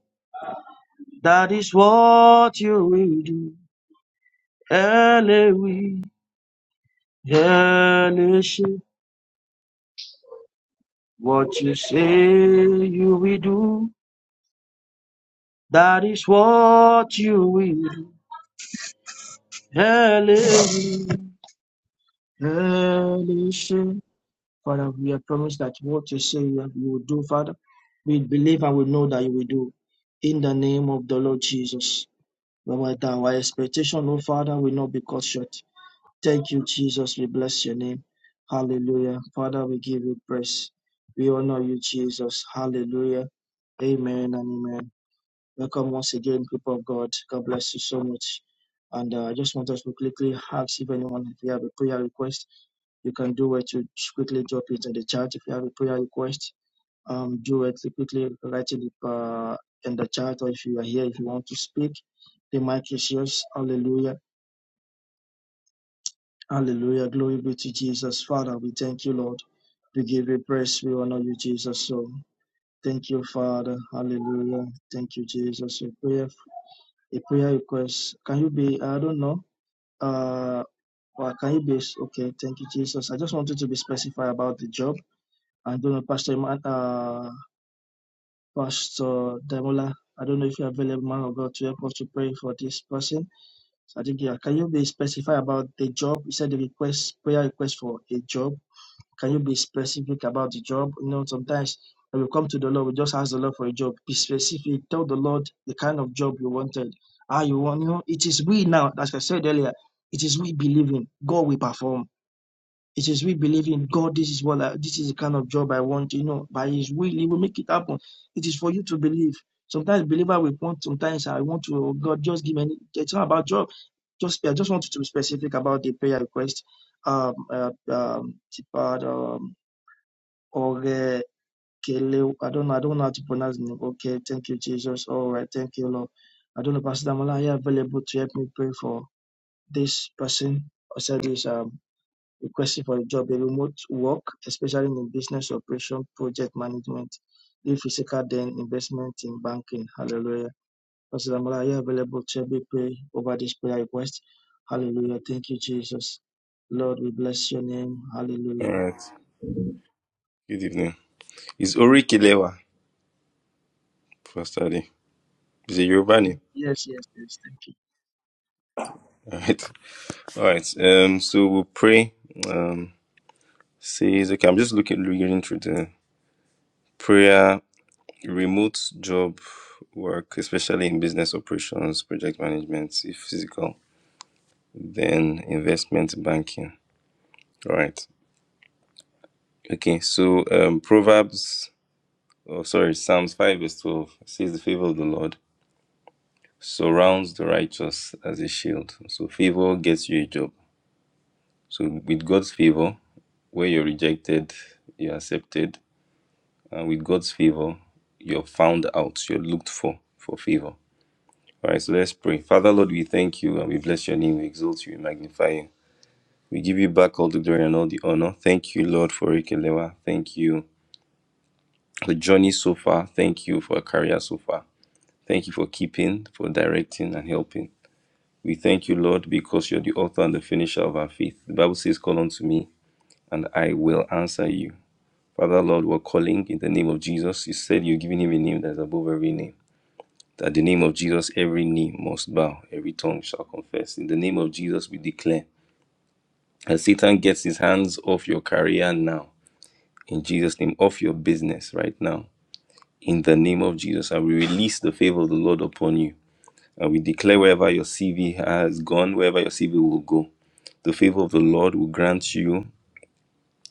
Speaker 4: that is what you will do. Elohim, Elohim, what you say you will do, that is what you will do. Elohim, Elohim. Father, we have promised that what you say you you will do, Father, we believe and we know that you will do. In the name of the Lord Jesus. But our expectation, oh Father, will not be cut short. Thank you, Jesus. We bless your name. Hallelujah. Father, we give you praise. We honor you, Jesus. Hallelujah. Amen and amen. Welcome once again, people of God. God bless you so much. And uh, I just want us to quickly ask if anyone, if you have a prayer request, you can do it. You quickly drop it in the chat. If you have a prayer request, um, do it quickly. Write it uh, in the chat, or if you are here, if you want to speak, the mic is yours. Hallelujah. Hallelujah. Glory be to Jesus. Father, we thank you, Lord. We give you praise. We honor you, Jesus. So thank you, Father. Hallelujah. Thank you, Jesus. A prayer, a prayer request. Can you be, I don't know, uh, or can you be, okay, thank you, Jesus. I just wanted to be specified about the job. I don't know, Pastor, Eman- uh, Pastor Demola, I don't know if you're available, man of God, to help us to pray for this person. So I think, yeah, can you be specified about the job? You said the request, prayer request for a job Can you be specific about the job? You know, sometimes when we come to the Lord, we just ask the Lord for a job. Be specific. Tell the Lord the kind of job you wanted. Ah, you want, you know, it is we now, as I said earlier, it is we believing God will perform. It is we believing God, this is what I, this is the kind of job I want, you know, by his will, he will make it happen. It is for you to believe. Sometimes believer will want, sometimes I want to, oh God, just give me, it's not about job. Just, I just want you to be specific about the prayer request. Um, uh, um, Oge Kele. I don't know. I don't know how to pronounce the name. Okay, thank you, Jesus. All right, thank you, Lord. I don't know, Pastor Damola, are you available to help me pray for this person? I said this um requesting for a job, a remote work, especially in business operation, project management, if physical then investment in banking. Hallelujah. Pastor Damola, are you available to help me pray over this prayer request? Hallelujah. Thank you, Jesus. Lord, we bless your name.
Speaker 10: All
Speaker 4: Hallelujah.
Speaker 10: right. Good evening. It's Ori Kilewa, for study. It's a Yoruba name.
Speaker 4: Yes, yes, yes. Thank you.
Speaker 10: All right. All right. Um, so we'll pray. Um, says, okay, I'm just looking, reading through the prayer, remote job work, especially in business operations, project management, if physical, then investment banking. All right. Okay. So, um, Proverbs, oh, sorry, Psalms 5 verse 12 says, the favor of the Lord surrounds the righteous as a shield. So, favor gets you a job So, with God's favor, where you're rejected, you're accepted. And with God's favor, you're found out, you're looked for for favor. All right, so let's pray. Father, Lord, we thank you and we bless your name, we exalt you, we magnify you. We give you back all the glory and all the honor. Thank you, Lord, for Ikelewa. Thank you for the journey so far. Thank you for a career so far. Thank you for keeping, for directing, and helping. We thank you, Lord, because you're the author and the finisher of our faith. The Bible says, Call unto me, and I will answer you. Father, Lord, we're calling in the name of Jesus. You said you're giving him a name that is above every name. That the name of Jesus, every knee must bow, every tongue shall confess. In the name of Jesus, we declare. As Satan gets his hands off your career now, in Jesus' name, off your business right now, in the name of Jesus, and we release the favor of the Lord upon you. And we declare wherever your CV has gone, wherever your CV will go, the favor of the Lord will grant you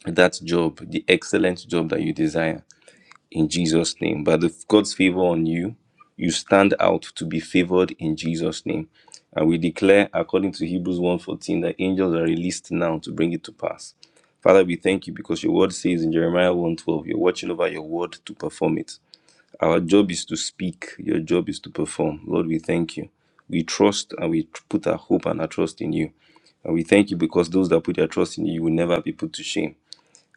Speaker 10: that job, the excellent job that you desire. in Jesus' name. By the God's favor on you, you stand out to be favored in Jesus' name. And we declare, according to Hebrews 1:14, that angels are released now to bring it to pass. Father, we thank you because your word says in Jeremiah 1:12, you're watching over your word to perform it. Our job is to speak, your job is to perform. Lord, we thank you. We trust and we tr- put our hope and our trust in you. And we thank you because those that put their trust in you will never be put to shame.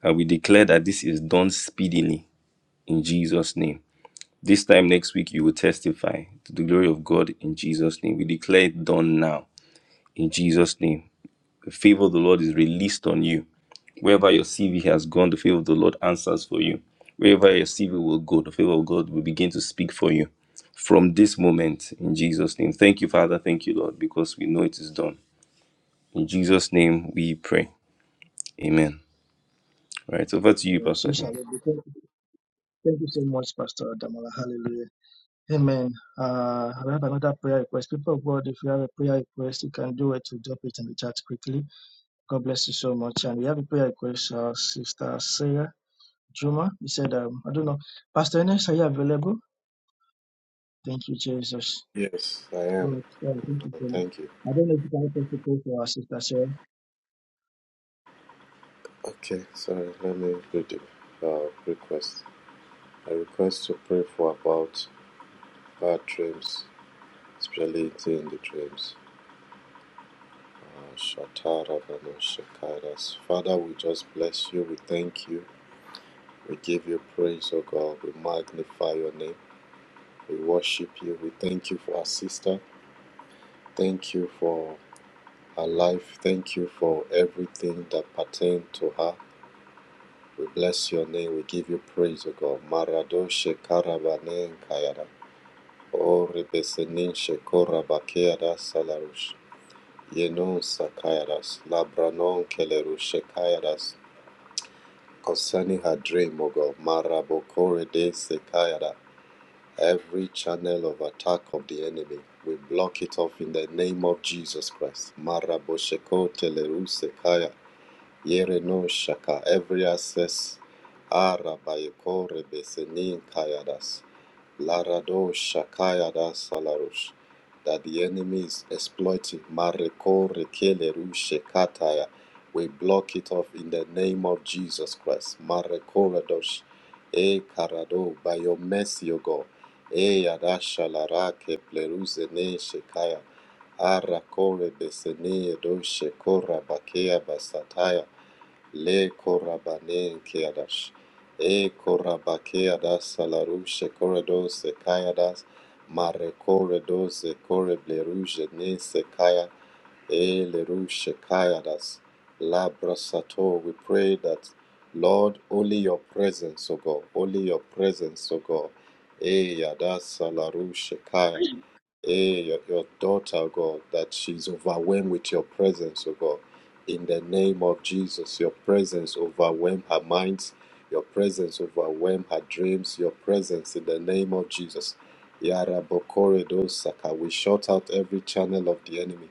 Speaker 10: And we declare that this is done speedily in Jesus' name. This time next week, you will testify to the glory of God in Jesus' name. We declare it done now in Jesus' name. The favor of the Lord is released on you. Wherever your CV has gone, the favor of the Lord answers for you. Wherever your CV will go, the favor of God will begin to speak for you from this moment in Jesus' name. Thank you, Father. Thank you, Lord, because we know it is done. In Jesus' name we pray. Amen. All right, over to you,
Speaker 4: Amen.
Speaker 10: Pastor
Speaker 4: So
Speaker 10: D.
Speaker 4: shall it be. Thank you thank you so much, Pastor Damola. Hallelujah. Amen. Uh, I have another prayer request. People of God, if you have a prayer request, you can do it to drop it in the chat quickly. God bless you so much. And we have a prayer request, uh, Sister Sarah Juma. he said, um, I don't know, Pastor Ernest, are you available? Thank you, Jesus.
Speaker 11: Yes, I am.
Speaker 4: Oh, God, thank you
Speaker 11: Uh,
Speaker 4: so much.
Speaker 11: Thank you.
Speaker 4: I don't know if you can help us to pray for our Sister Sarah.
Speaker 11: Okay, so let me read the uh, request. I request to pray for about bad dreams, spirituality in the dreams. Uh, Shatara Vano Shakaras. Father, we just bless you. We thank you. We give you praise, O God. We magnify your name. We worship you. We thank you for our sister. Thank you for her life. Thank you for everything that pertained to her. We bless your name. We give you praise, O God. Marado shekarabane kayada. O rebesenin shekorabakeada salarush. Yenon sakayadas. Labranon kelerush shekayadas. Concerning her dream, O God. Marabokore de sekayada. Every channel of attack of the enemy, we block it off in the name of Jesus Christ. Marabosheko teleru sekaya. Yere no shaka every access arabayeko rebesenin kayadas larado shakayadas salarush that the enemy is exploiting mareko rekeleru shekataya we block it off in the name of Jesus Christ mareko radosh e karado by your mercy O God e yadasha larake pleruzene shekaya arakore besene edo shekora bakea basataya Le korabane keadas. E korabakeadas salarushe koredos se kayadas. Mare koredos se korebleruje ne se kaya. E lerushe kayadas. Labrasato, we pray that, Lord, only your presence, O God, only your presence, O God. E yadas salarushe kaya eh, your, your daughter, oh God, that she's overwhelmed with your presence, oh God. In the name of Jesus, your presence overwhelm her minds, your presence overwhelm her dreams, your presence in the name of Jesus. Yara Bokore do Saka, we shut out every channel of the enemy.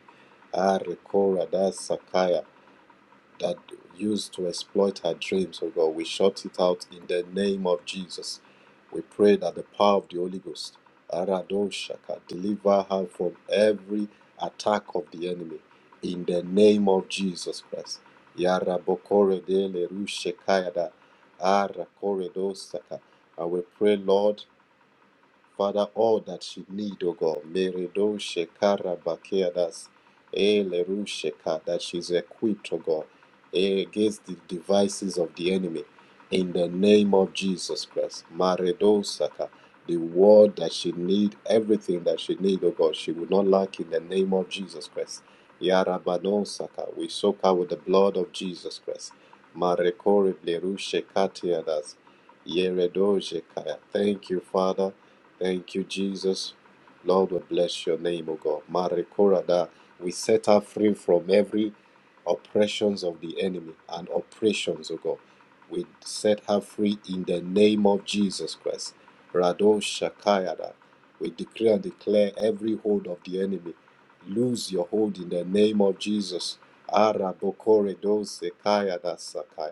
Speaker 11: Ah, Rekora da Sakaya that used to exploit her dreams, oh God. We shut it out in the name of Jesus. We pray that the power of the Holy Ghost, Aradoshaka, deliver her from every attack of the enemy in the name of Jesus Christ. Yarabokore de lerushekayada, arakoredosaka. And we pray, Lord, Father, all that she need, O God, Meredo Shekara Bakeadas, Eleru Sheka, that she's equipped, O God, against the devices of the enemy. In the name of Jesus Christ, Maredo Saka, the word that she need, everything that she need, O God, she will not lack in the name of Jesus Christ. Yarabano Saka, we soak her with the blood of Jesus Christ. Marekore Leru Shekatiadas, Yeredo Shekaya. Thank you, Father Thank you, Jesus. Lord, we bless your name, O God. Marekorada, we set her free from every oppressions of the enemy and oppressions, O God. We set her free in the name of Jesus Christ. Rado Shakayada. We decree and declare every hold of the enemy. Lose your hold in the name of Jesus. Arabokore do sekayada sakai.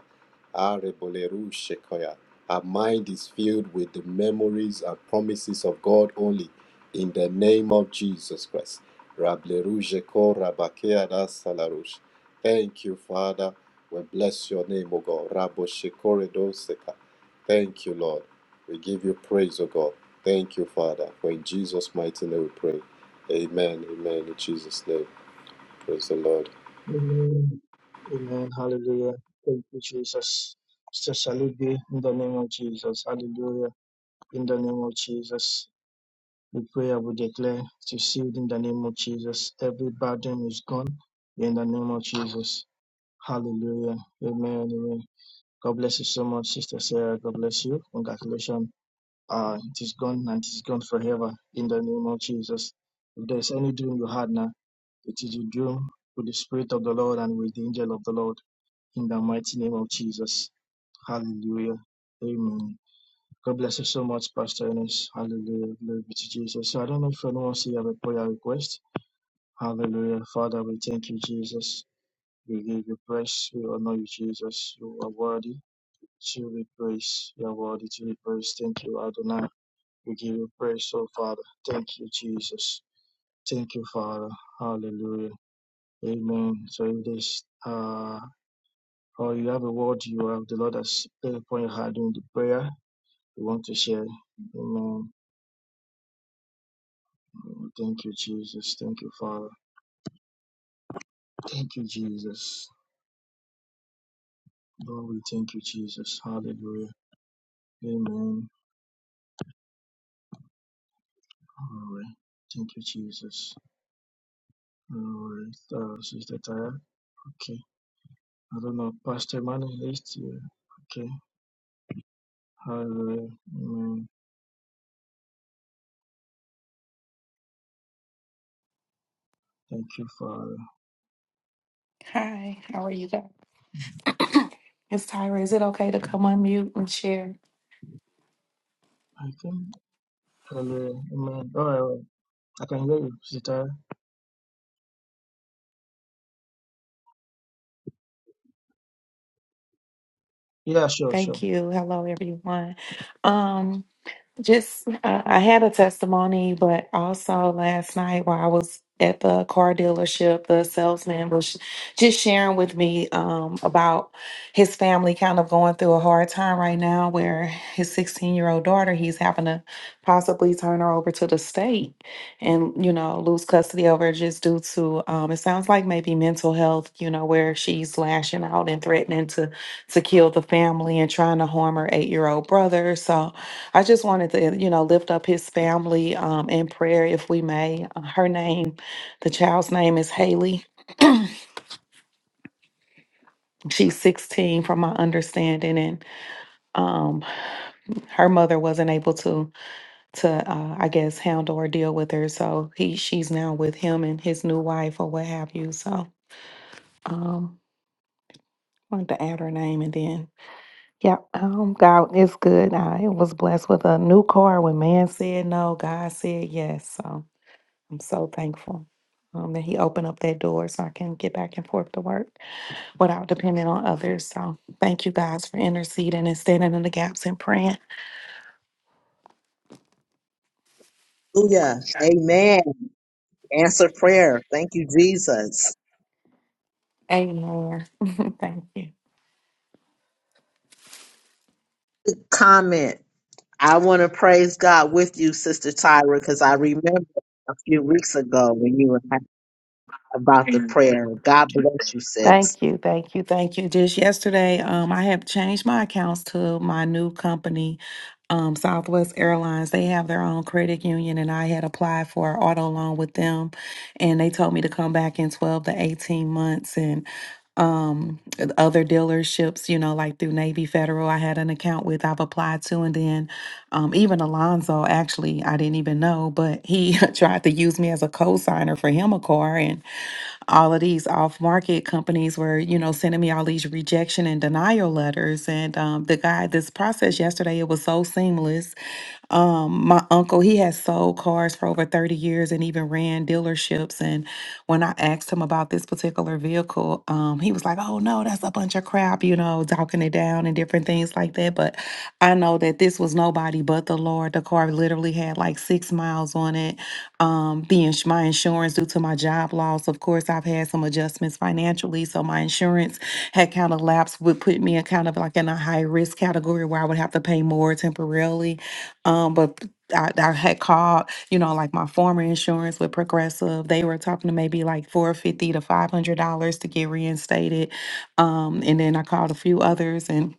Speaker 11: Areboleru Shekoya. Our mind is filled with the memories and promises of God only. In the name of Jesus Christ. Rableruje ko rabakea da salarush. Thank you, Father. We bless your name, O God. Raboshe kore Thank you, Lord. We give you praise, O God. Thank you, Father. For in Jesus' mighty name we pray. Amen. Amen. In Jesus' name. Praise the Lord.
Speaker 4: Amen. Amen. Hallelujah. Thank you, Jesus. Sister Salute be in the name of Jesus. Hallelujah. In the name of Jesus, we pray and we declare it is sealed in the name of Jesus. Every burden is gone in the name of Jesus. Hallelujah. Amen. Amen. God bless you so much, Sister Sarah. God bless you. Congratulations. Uh, it is gone and it is gone forever in the name of Jesus. If there's any dream you had now, it is your dream with the Spirit of the Lord and with the angel of the Lord in the mighty name of Jesus. Hallelujah. Amen. God bless you so much, Pastor Ernest. Hallelujah. Glory be to Jesus. So I don't know if anyone else here have a prayer request. Hallelujah. Father, we thank you, Jesus. We give you praise. We honor you, Jesus. You are worthy to be praised. You are worthy to be praised. Thank you, Adonai. We give you praise, oh Father. Thank you, Jesus. Thank you, Father. Hallelujah. Amen. So if there's uh or you have a word you have the Lord has put upon your heart during the prayer, you want to share. Amen. Thank you, Jesus. Thank you, Father. Thank you, Jesus. Lord, we thank you, Jesus. Hallelujah. Amen. All right. Thank you, Jesus. All right. Uh, Sister Taya. Okay. I don't know. Pastor Manny is here. Okay. Hallelujah. Amen. Thank you, Father.
Speaker 12: Hi, how are you guys? It's Tyra. Is it okay to come on mute and share?
Speaker 4: I think. Hallelujah. Amen. All right. All right. I can hear you, Sister Taya. Yeah, sure, sure.
Speaker 12: Thank you. Hello, everyone. Um, Just, uh, I had a testimony, but also last night while I was at the car dealership, the salesman was just sharing with me um, about his family kind of going through a hard time right now, where his 16 year old daughter, he's having to possibly turn her over to the state and, you know, lose custody over her just due to, um, it sounds like maybe mental health, you know, where she's lashing out and threatening to, to kill the family and trying to harm her eight year old brother. So, I just wanted to, you know, lift up his family um, in prayer, if we may. Uh, Her name, the child's name is Haley. She's 16, from my understanding, and um, her mother wasn't able to, to uh, I guess, handle or deal with her. So he, she's now with him and his new wife, or what have you. So, um, wanted to add her name, and then, yeah, um, God is good. I was blessed with a new car when man said no, God said yes. So. I'm so thankful um, that he opened up that door so I can get back and forth to work without depending on others. So thank you guys for interceding and standing in the gaps and praying.
Speaker 6: Hallelujah. Amen. Jesus.
Speaker 12: Amen. thank you.
Speaker 6: Comment. I want to praise God with you, Sister Tyra, because I remember a few weeks ago when you were talking about the prayer. God bless you, sis.
Speaker 12: Thank you, thank you, thank you. Just yesterday, um, I have changed my accounts to my new company, um, Southwest Airlines. They have their own credit union, and I had applied for an auto loan with them, and they told me to come back in twelve to eighteen months. And um, other dealerships, you know, like through Navy Federal, I had an account with. I've applied to, and then um, even Alonzo. Actually, I didn't even know, but he tried to use me as a co-signer for him a car, and all of these off market companies were, you know, sending me all these rejection and denial letters. And um, the guy, this process yesterday, it was so seamless. Um, my uncle, he has sold cars for over 30 years and even ran dealerships. And when I asked him about this particular vehicle, um, he was like, oh no, that's a bunch of crap, you know, talking it down and different things like that. But I know that this was nobody but the Lord. The car literally had like six miles on it um, the ins- my insurance due to my job loss. Of course, I've had some adjustments financially, so my insurance had kind of lapsed, would put me in kind of like in a high risk category where I would have to pay more temporarily. Um, but I, I had called, you know, like my former insurance with Progressive. They were talking to maybe like four fifty to five hundred dollars to get reinstated. Um, and then I called a few others and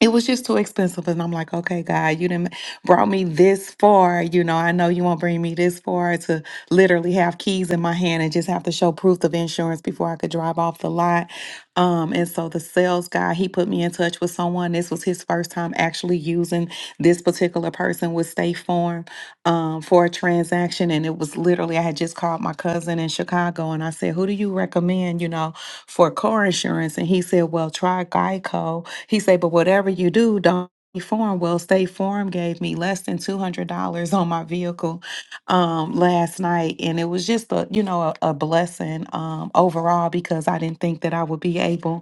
Speaker 12: it was just too expensive and i'm like okay god you didn't brought me this far you know i know you won't bring me this far to literally have keys in my hand and just have to show proof of insurance before i could drive off the lot um and so the sales guy he put me in touch with someone this was his first time actually using this particular person with state farm um for a transaction and it was literally i had just called my cousin in chicago and i said who do you recommend you know for car insurance and he said well try geico he said, but whatever you do, don't be foreign. Well, State Farm gave me less than two hundred dollars on my vehicle um, last night, and it was just a you know a, a blessing um, overall because I didn't think that I would be able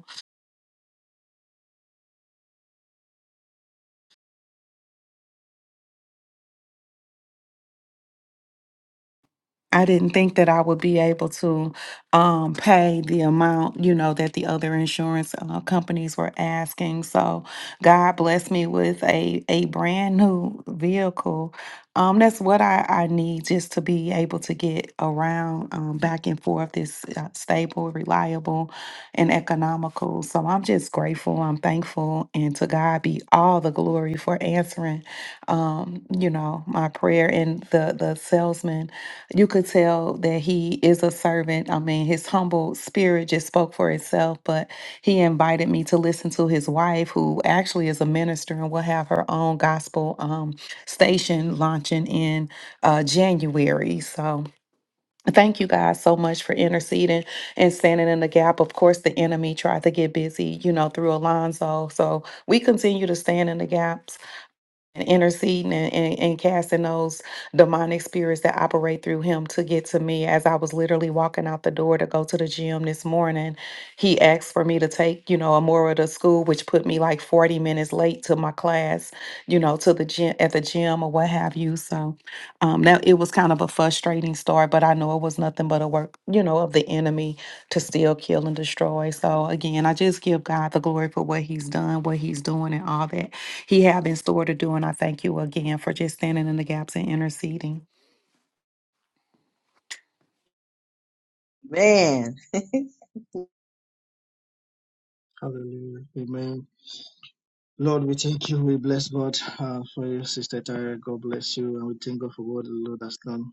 Speaker 12: I didn't think that I would be able to um, pay the amount, you know, that the other insurance uh, companies were asking. So God blessed me with a a brand new vehicle. Um, that's what I, I need just to be able to get around um, back and forth. It's uh, stable, reliable, and economical. So I'm just grateful. I'm thankful, and to God be all the glory for answering, um, you know, my prayer and the the salesman you could tell that he is a servant. I mean, his humble spirit just spoke for itself, but he invited me to listen to his wife, who actually is a minister and will have her own gospel um, station launching in uh, January. So thank you guys so much for interceding and standing in the gap. Of course, the enemy tried to get busy, you know, through Alonzo. So we continue to stand in the gap and interceding and, and, and casting those demonic spirits that operate through him to get to me. As I was literally walking out the door to go to the gym this morning, he asked for me to take, you know, Amora to school, which put me like 40 minutes late to my class, you know, to the gym at the gym or what have you. So um now it was kind of a frustrating start, but I know it was nothing but a work, you know, of the enemy to steal, kill and destroy. So again, I just give God the glory for what he's done, what he's doing and all that. He have in store to do. And I thank you again for just standing in the gaps and interceding.
Speaker 6: Man,
Speaker 4: Hallelujah. Amen. Lord, we thank you. We bless God uh, for you, Sister Tyra. God bless you. And we thank God for what the Lord has done.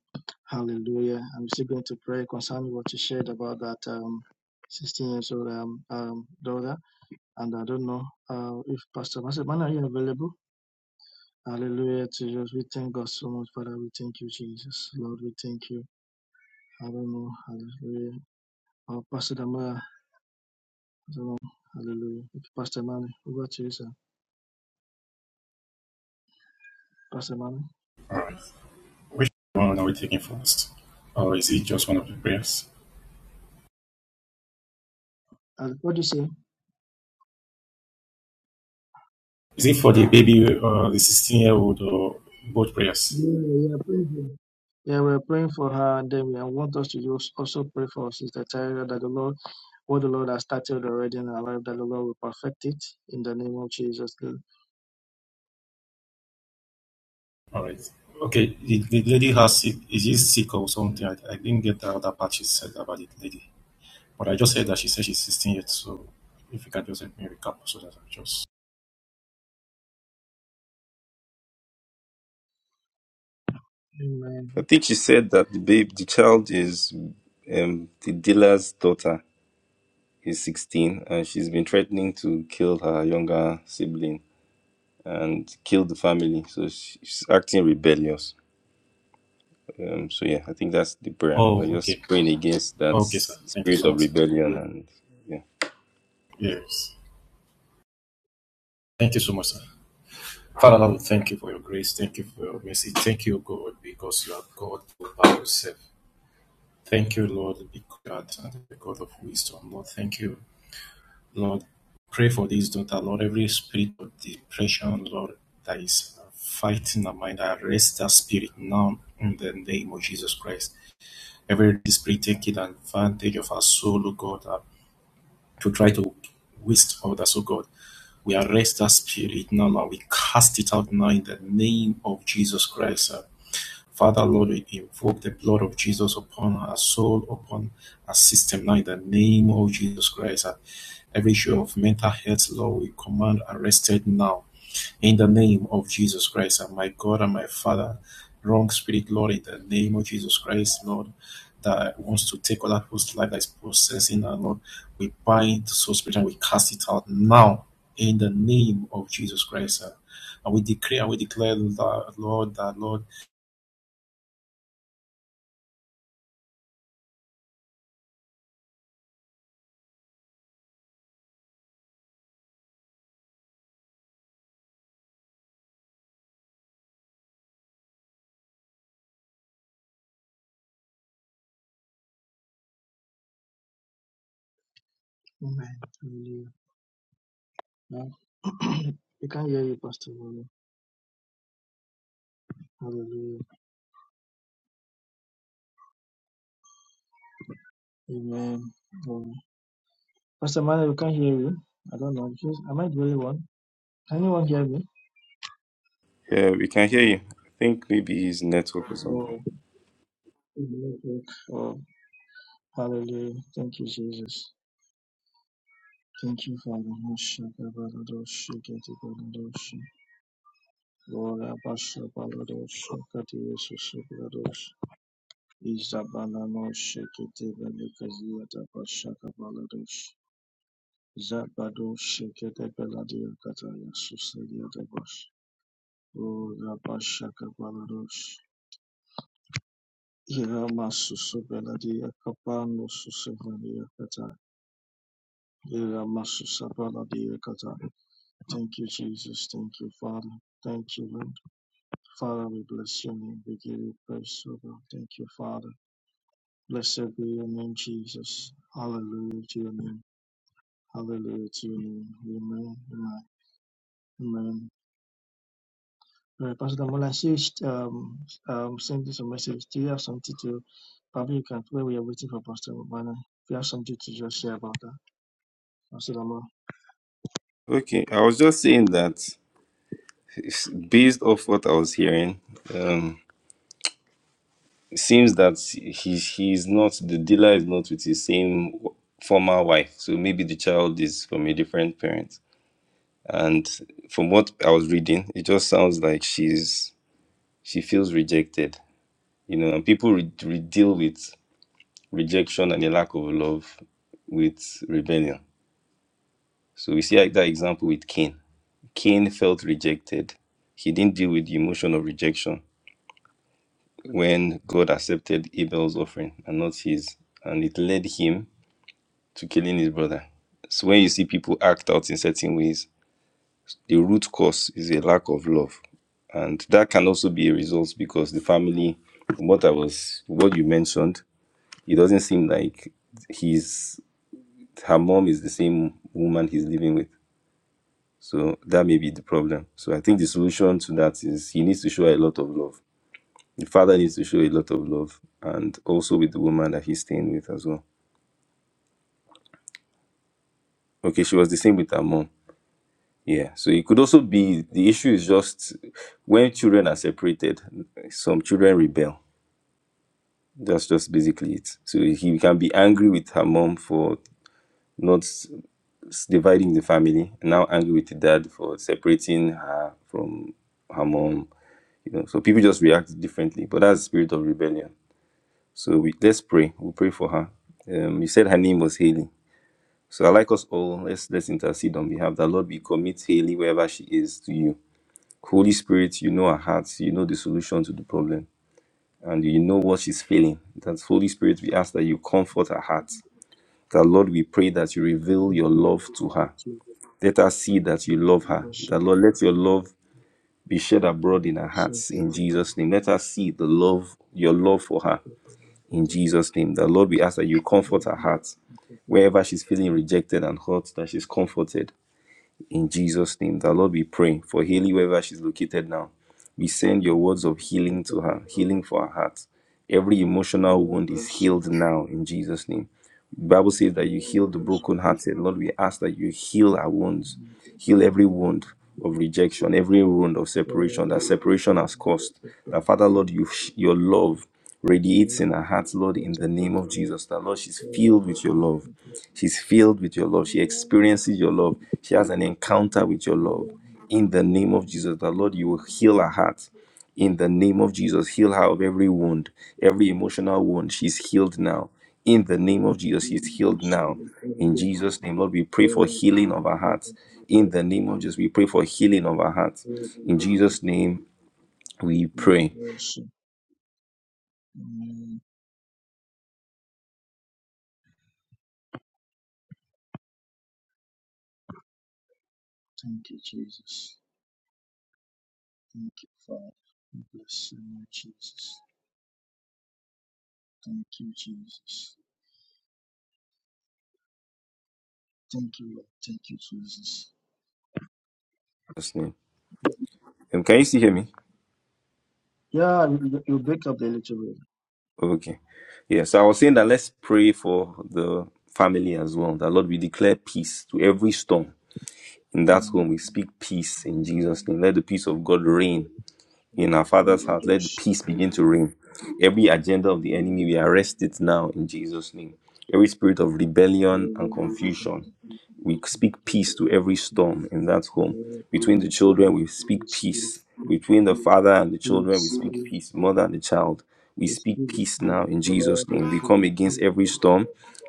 Speaker 4: Hallelujah. I'm still going to pray concerning what you shared about that um, 16 years old um, um, daughter. And I don't know uh, if Pastor Master Man, are you available? Hallelujah to you. We thank God so much, Father. We thank you, Jesus. Lord, we thank you. I don't know. Hallelujah. Oh, Pastor Damaya, I don't know. Hallelujah. Pastor Mani, over to you, sir. Pastor Mani.
Speaker 5: Which one are we taking first? Or is it just one of the prayers?
Speaker 4: Uh, What do you say?
Speaker 5: Is it for the baby or the 16 year old or both prayers?
Speaker 4: Yeah, yeah, praise God. Yeah, we're praying for her, and then we I want us to just also pray for Sister Tyra that the Lord, what the Lord has started already in her life, that the Lord will perfect it in the name of Jesus.
Speaker 5: All right. Okay. The, the lady has sick. Is she sick or something? I, I didn't get that other part she said about the lady. But I just heard that she said she's 16 yet. So if you can just help me recap so that I just.
Speaker 4: Amen.
Speaker 10: I think she said that the babe, the child is um, the dealer's daughter. He's 16, and she's been threatening to kill her younger sibling and kill the family. So she's acting rebellious. Um, so yeah, I think that's the prayer. Like
Speaker 5: Oh,
Speaker 10: just
Speaker 5: okay.
Speaker 10: praying against that
Speaker 5: Okay, sir. Thank you
Speaker 10: spirit
Speaker 5: so
Speaker 10: of
Speaker 5: much, sir.
Speaker 10: rebellion, and yeah,
Speaker 5: Yes. Thank you so much, sir. Father, Lord, thank you for your grace. Thank you for your mercy. Thank you, God, because you are God all by yourself. Thank you, Lord, because you are the God of wisdom. Lord, thank you Lord, pray for this daughter, Lord. Every spirit of depression, Lord, that is fighting her mind, arrest that spirit now in the name of Jesus Christ. Every spirit taking advantage of our soul, oh God, uh, to try to waste others, oh God. We arrest that spirit now, Lord. We cast it out now in the name of Jesus Christ. Uh, Father Lord, we invoke the blood of Jesus upon our soul, upon our system now in the name of Jesus Christ. And every issue of mental health, Lord, we command arrested now in the name of Jesus Christ. And my God and my Father, wrong spirit, Lord, in the name of Jesus Christ, Lord, that wants to take other people's life that is possessing our Lord. We bind the soul spirit and we cast it out now in the name of Jesus Christ. And we decree and we declare, that, Lord, that Lord.
Speaker 4: Amen. Hallelujah. Yeah. we can't hear you, Pastor Manu. Hallelujah. Amen. Amen. Pastor Manu, we can't hear you. I don't know. Just- Am I the only one? Can anyone hear me?
Speaker 10: yeah, we can hear you. I think maybe his network or something.
Speaker 4: Oh, it's the network. Oh, hallelujah. Thank you, Jesus. Thank you, Father. Lora basha baladosh kati yesu baladosh. Izabana no shekete belekazia da basha kabaladosh. Zabado shekete beladia kata yesu selia da bash. Lora basha kabaladosh. Ira masusu beladia kapano susu valia kata. Ira masusa baladia kata. Thank you, Jesus. Thank you, Father. Thank you, Lord. Father, we bless your name. We give you praise, O God. Thank you, Father. Blessed be your name, Jesus. Hallelujah to your name. Hallelujah to your name. Amen. Amen. Amen. Alright, Pastor Damola, I see you um, um, sent this a message. Do you have something to, probably you can, where we are waiting for Pastor Mana, if you have something to just share about that, Pastor Damola,
Speaker 10: Okay, I was just saying that it's- based off what I was hearing, um, it seems that he he's not the dealer is not with his same former wife. So maybe the child is from a different parent And from what I was reading, it just sounds like she's she feels rejected, you know, and people re- re- deal with rejection and a lack of love with rebellion. So we see like that example with Cain. Cain felt rejected. He didn't deal with the emotion of rejection when God accepted Abel's offering and not his, and it led him to killing his brother. So when you see people act out in certain ways, the root cause is a lack of love and that can also be a result because the family from what i was what you mentioned it doesn't seem like he's her mom is the same woman he's living with so that may be the problem so i think the solution to that is he needs to show a lot of love the father needs to show a lot of love and also with the woman that he's staying with as well okay she was the same with her mom yeah so it could also be the issue is just when children are separated some children rebel That's just basically it. So he can be angry with her mom for not s- s- dividing the family, now angry with the dad for separating her from her mom. You know, so people just react differently. But that's the spirit of rebellion. So we, let's pray. We'll pray for her. Um, you said her name was Haley. So I like us all. Let's let's intercede on behalf that Lord, we commit Haley wherever she is to you. Holy Spirit, you know her heart. You know the solution to the problem, and you know what she's feeling. That Holy Spirit, we ask that you comfort her heart That Lord, we pray that you reveal
Speaker 4: in the
Speaker 10: your
Speaker 4: name
Speaker 10: love
Speaker 4: of
Speaker 10: to her.
Speaker 4: Jesus,
Speaker 10: Let her see that you love her. That Lord, let your love be shed abroad in her hearts
Speaker 4: we worship you, we
Speaker 10: in
Speaker 4: worship you, we worship you, we worship you, we worship you, we worship you, we worship you, we
Speaker 10: Jesus' name. Let her see the love, your love for her in Jesus' name. That Lord, we ask that you comfort her heart. Wherever she's feeling rejected and hurt, that she's comforted in Jesus' name. That Lord, we pray for Haley wherever she's located now. We send your words of healing to her, healing for her heart. Every emotional wound is healed now in Jesus' name. Bible says that you heal the
Speaker 4: worship you,
Speaker 10: brokenhearted. Lord, we ask that you heal our wounds,
Speaker 4: we worship
Speaker 10: heal
Speaker 4: you,
Speaker 10: every wound of rejection, every wound of
Speaker 4: Thank
Speaker 10: separation that separation has caused. That Father, Lord, you your love radiates in her heart, Lord, in the name of Jesus. That Lord, she's filled with your love. She's filled with your love. She experiences your love. She has an encounter with your love. In the name of Jesus, that Lord, you will heal her heart in the name of Jesus. Heal her of every wound, every emotional wound. She's healed now. In the name of Jesus, she's healed now. In Jesus' name, Lord, we pray for healing of our hearts. In the name of Jesus, we pray for healing of our hearts. In Jesus' name, we pray. In
Speaker 4: you, Jesus. Thank you, Father. We Bless you, Lord Jesus. Thank you, Jesus. Thank you, Lord. Thank you, Jesus.
Speaker 10: Jesus' name. Um, Can you still hear me?
Speaker 4: Yeah, you, you you break up a little bit.
Speaker 10: Okay. Yeah, so I was saying that let's pray for the family as well. That Lord, we declare peace to every storm. In that
Speaker 4: Mm,
Speaker 10: home,
Speaker 4: the
Speaker 10: we speak peace in Jesus' name. Let the peace of God reign in our
Speaker 4: word
Speaker 10: Father's
Speaker 4: of
Speaker 10: house.
Speaker 4: God
Speaker 10: Let
Speaker 4: should
Speaker 10: peace
Speaker 4: be,
Speaker 10: begin to reign. Every agenda of the
Speaker 4: mm,
Speaker 10: enemy, we arrest it now in Jesus' name. Every spirit of
Speaker 4: the
Speaker 10: rebellion and
Speaker 4: word of
Speaker 10: confusion,
Speaker 4: God should
Speaker 10: we speak peace to every
Speaker 4: be,
Speaker 10: storm in that home.
Speaker 4: Amen.
Speaker 10: Between the
Speaker 4: In
Speaker 10: children, we speak peace. Between the father and the children, we speak peace. Mother and the child, we speak peace now in Jesus' name. We come against every storm,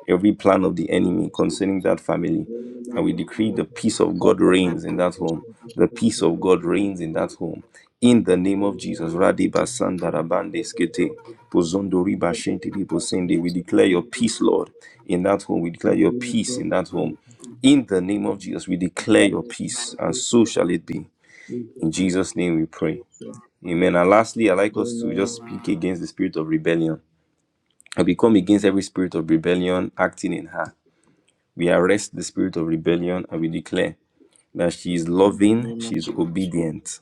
Speaker 10: every plan of the enemy concerning that family. And we decree the peace of God reigns in that home. The peace of God reigns in that home. In the name of Jesus, Radiba Sandarabande Skete. Pozondo riba shente ribo sende. We declare your peace, Lord, in that home. We declare your peace in that home. In the name of Jesus, we declare your peace, and so shall it be. In Jesus' name we pray. Amen. And lastly, I'd like us to just speak against the spirit of rebellion. And we come against every spirit of rebellion acting in her. We arrest the spirit of rebellion and we declare that she is
Speaker 4: the
Speaker 10: loving,
Speaker 4: name
Speaker 10: she
Speaker 4: of
Speaker 10: is
Speaker 4: Jesus,
Speaker 10: obedient,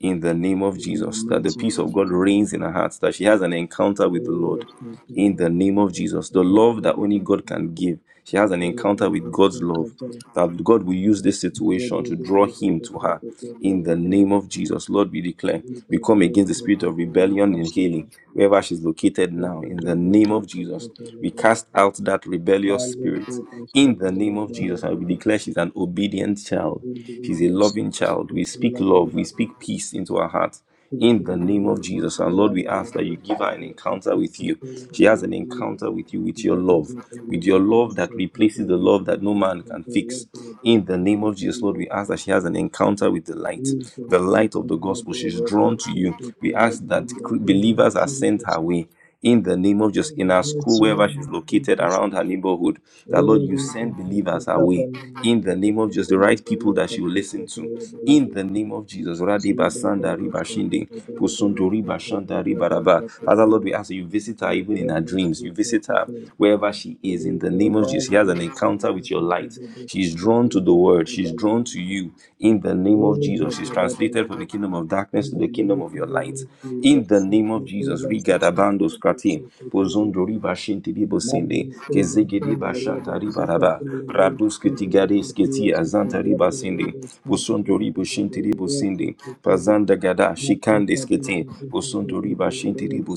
Speaker 10: in the name of
Speaker 4: in the
Speaker 10: Jesus. That the
Speaker 4: mighty
Speaker 10: peace of
Speaker 4: name of
Speaker 10: God
Speaker 4: Jesus.
Speaker 10: reigns in her heart, that she has an encounter
Speaker 4: Thank
Speaker 10: with the Lord
Speaker 4: you.
Speaker 10: in the name of Jesus. The love that only God can give. She has an encounter with God's love. That God will use this situation to draw him to her in the name of Jesus. Lord, we declare, we come against the spirit of rebellion and healing, wherever she's located now, in the name of Jesus. We cast out that rebellious spirit in the name of Jesus, and we declare she's an obedient child She's a loving child. We speak love. We speak peace into her heart in the name of Jesus. And Lord, we ask that you give her an encounter with you. She has an encounter with you, with your
Speaker 4: Zuba
Speaker 10: love, with your love that replaces the love that no man can fix. In the name of Jesus, Lord, we ask that she has an encounter with the light, the light of the gospel. She's drawn to you. We ask that believers are sent her way in the name of just in her school, wherever she's located around her neighborhood, that Lord, you send believers her way. in the name of just the right people that she will listen to in the name of Jesus. Radiba Sanda Riba Shinde, Posunto Riba Shanda Riba Raba. Father, Lord, we ask that you visit her even in her dreams. You visit her wherever she is in
Speaker 4: Thank
Speaker 10: the name of Jesus. She has an encounter with your light. She's drawn to the word, she's drawn to you in the in the name of Jesus. is translated from the kingdom of darkness to the kingdom of your light. In the name of Jesus. Rigadabando skratin. Pozondo riba shinti libo sinde. Kezegedi bashanta riba raba. Raduskiti gadeskiti azanta riba sinde. Pozondo ribo shinti libo sinde.
Speaker 4: you.
Speaker 10: Pazanda gada shikande skiti. Pozondo riba shinti libo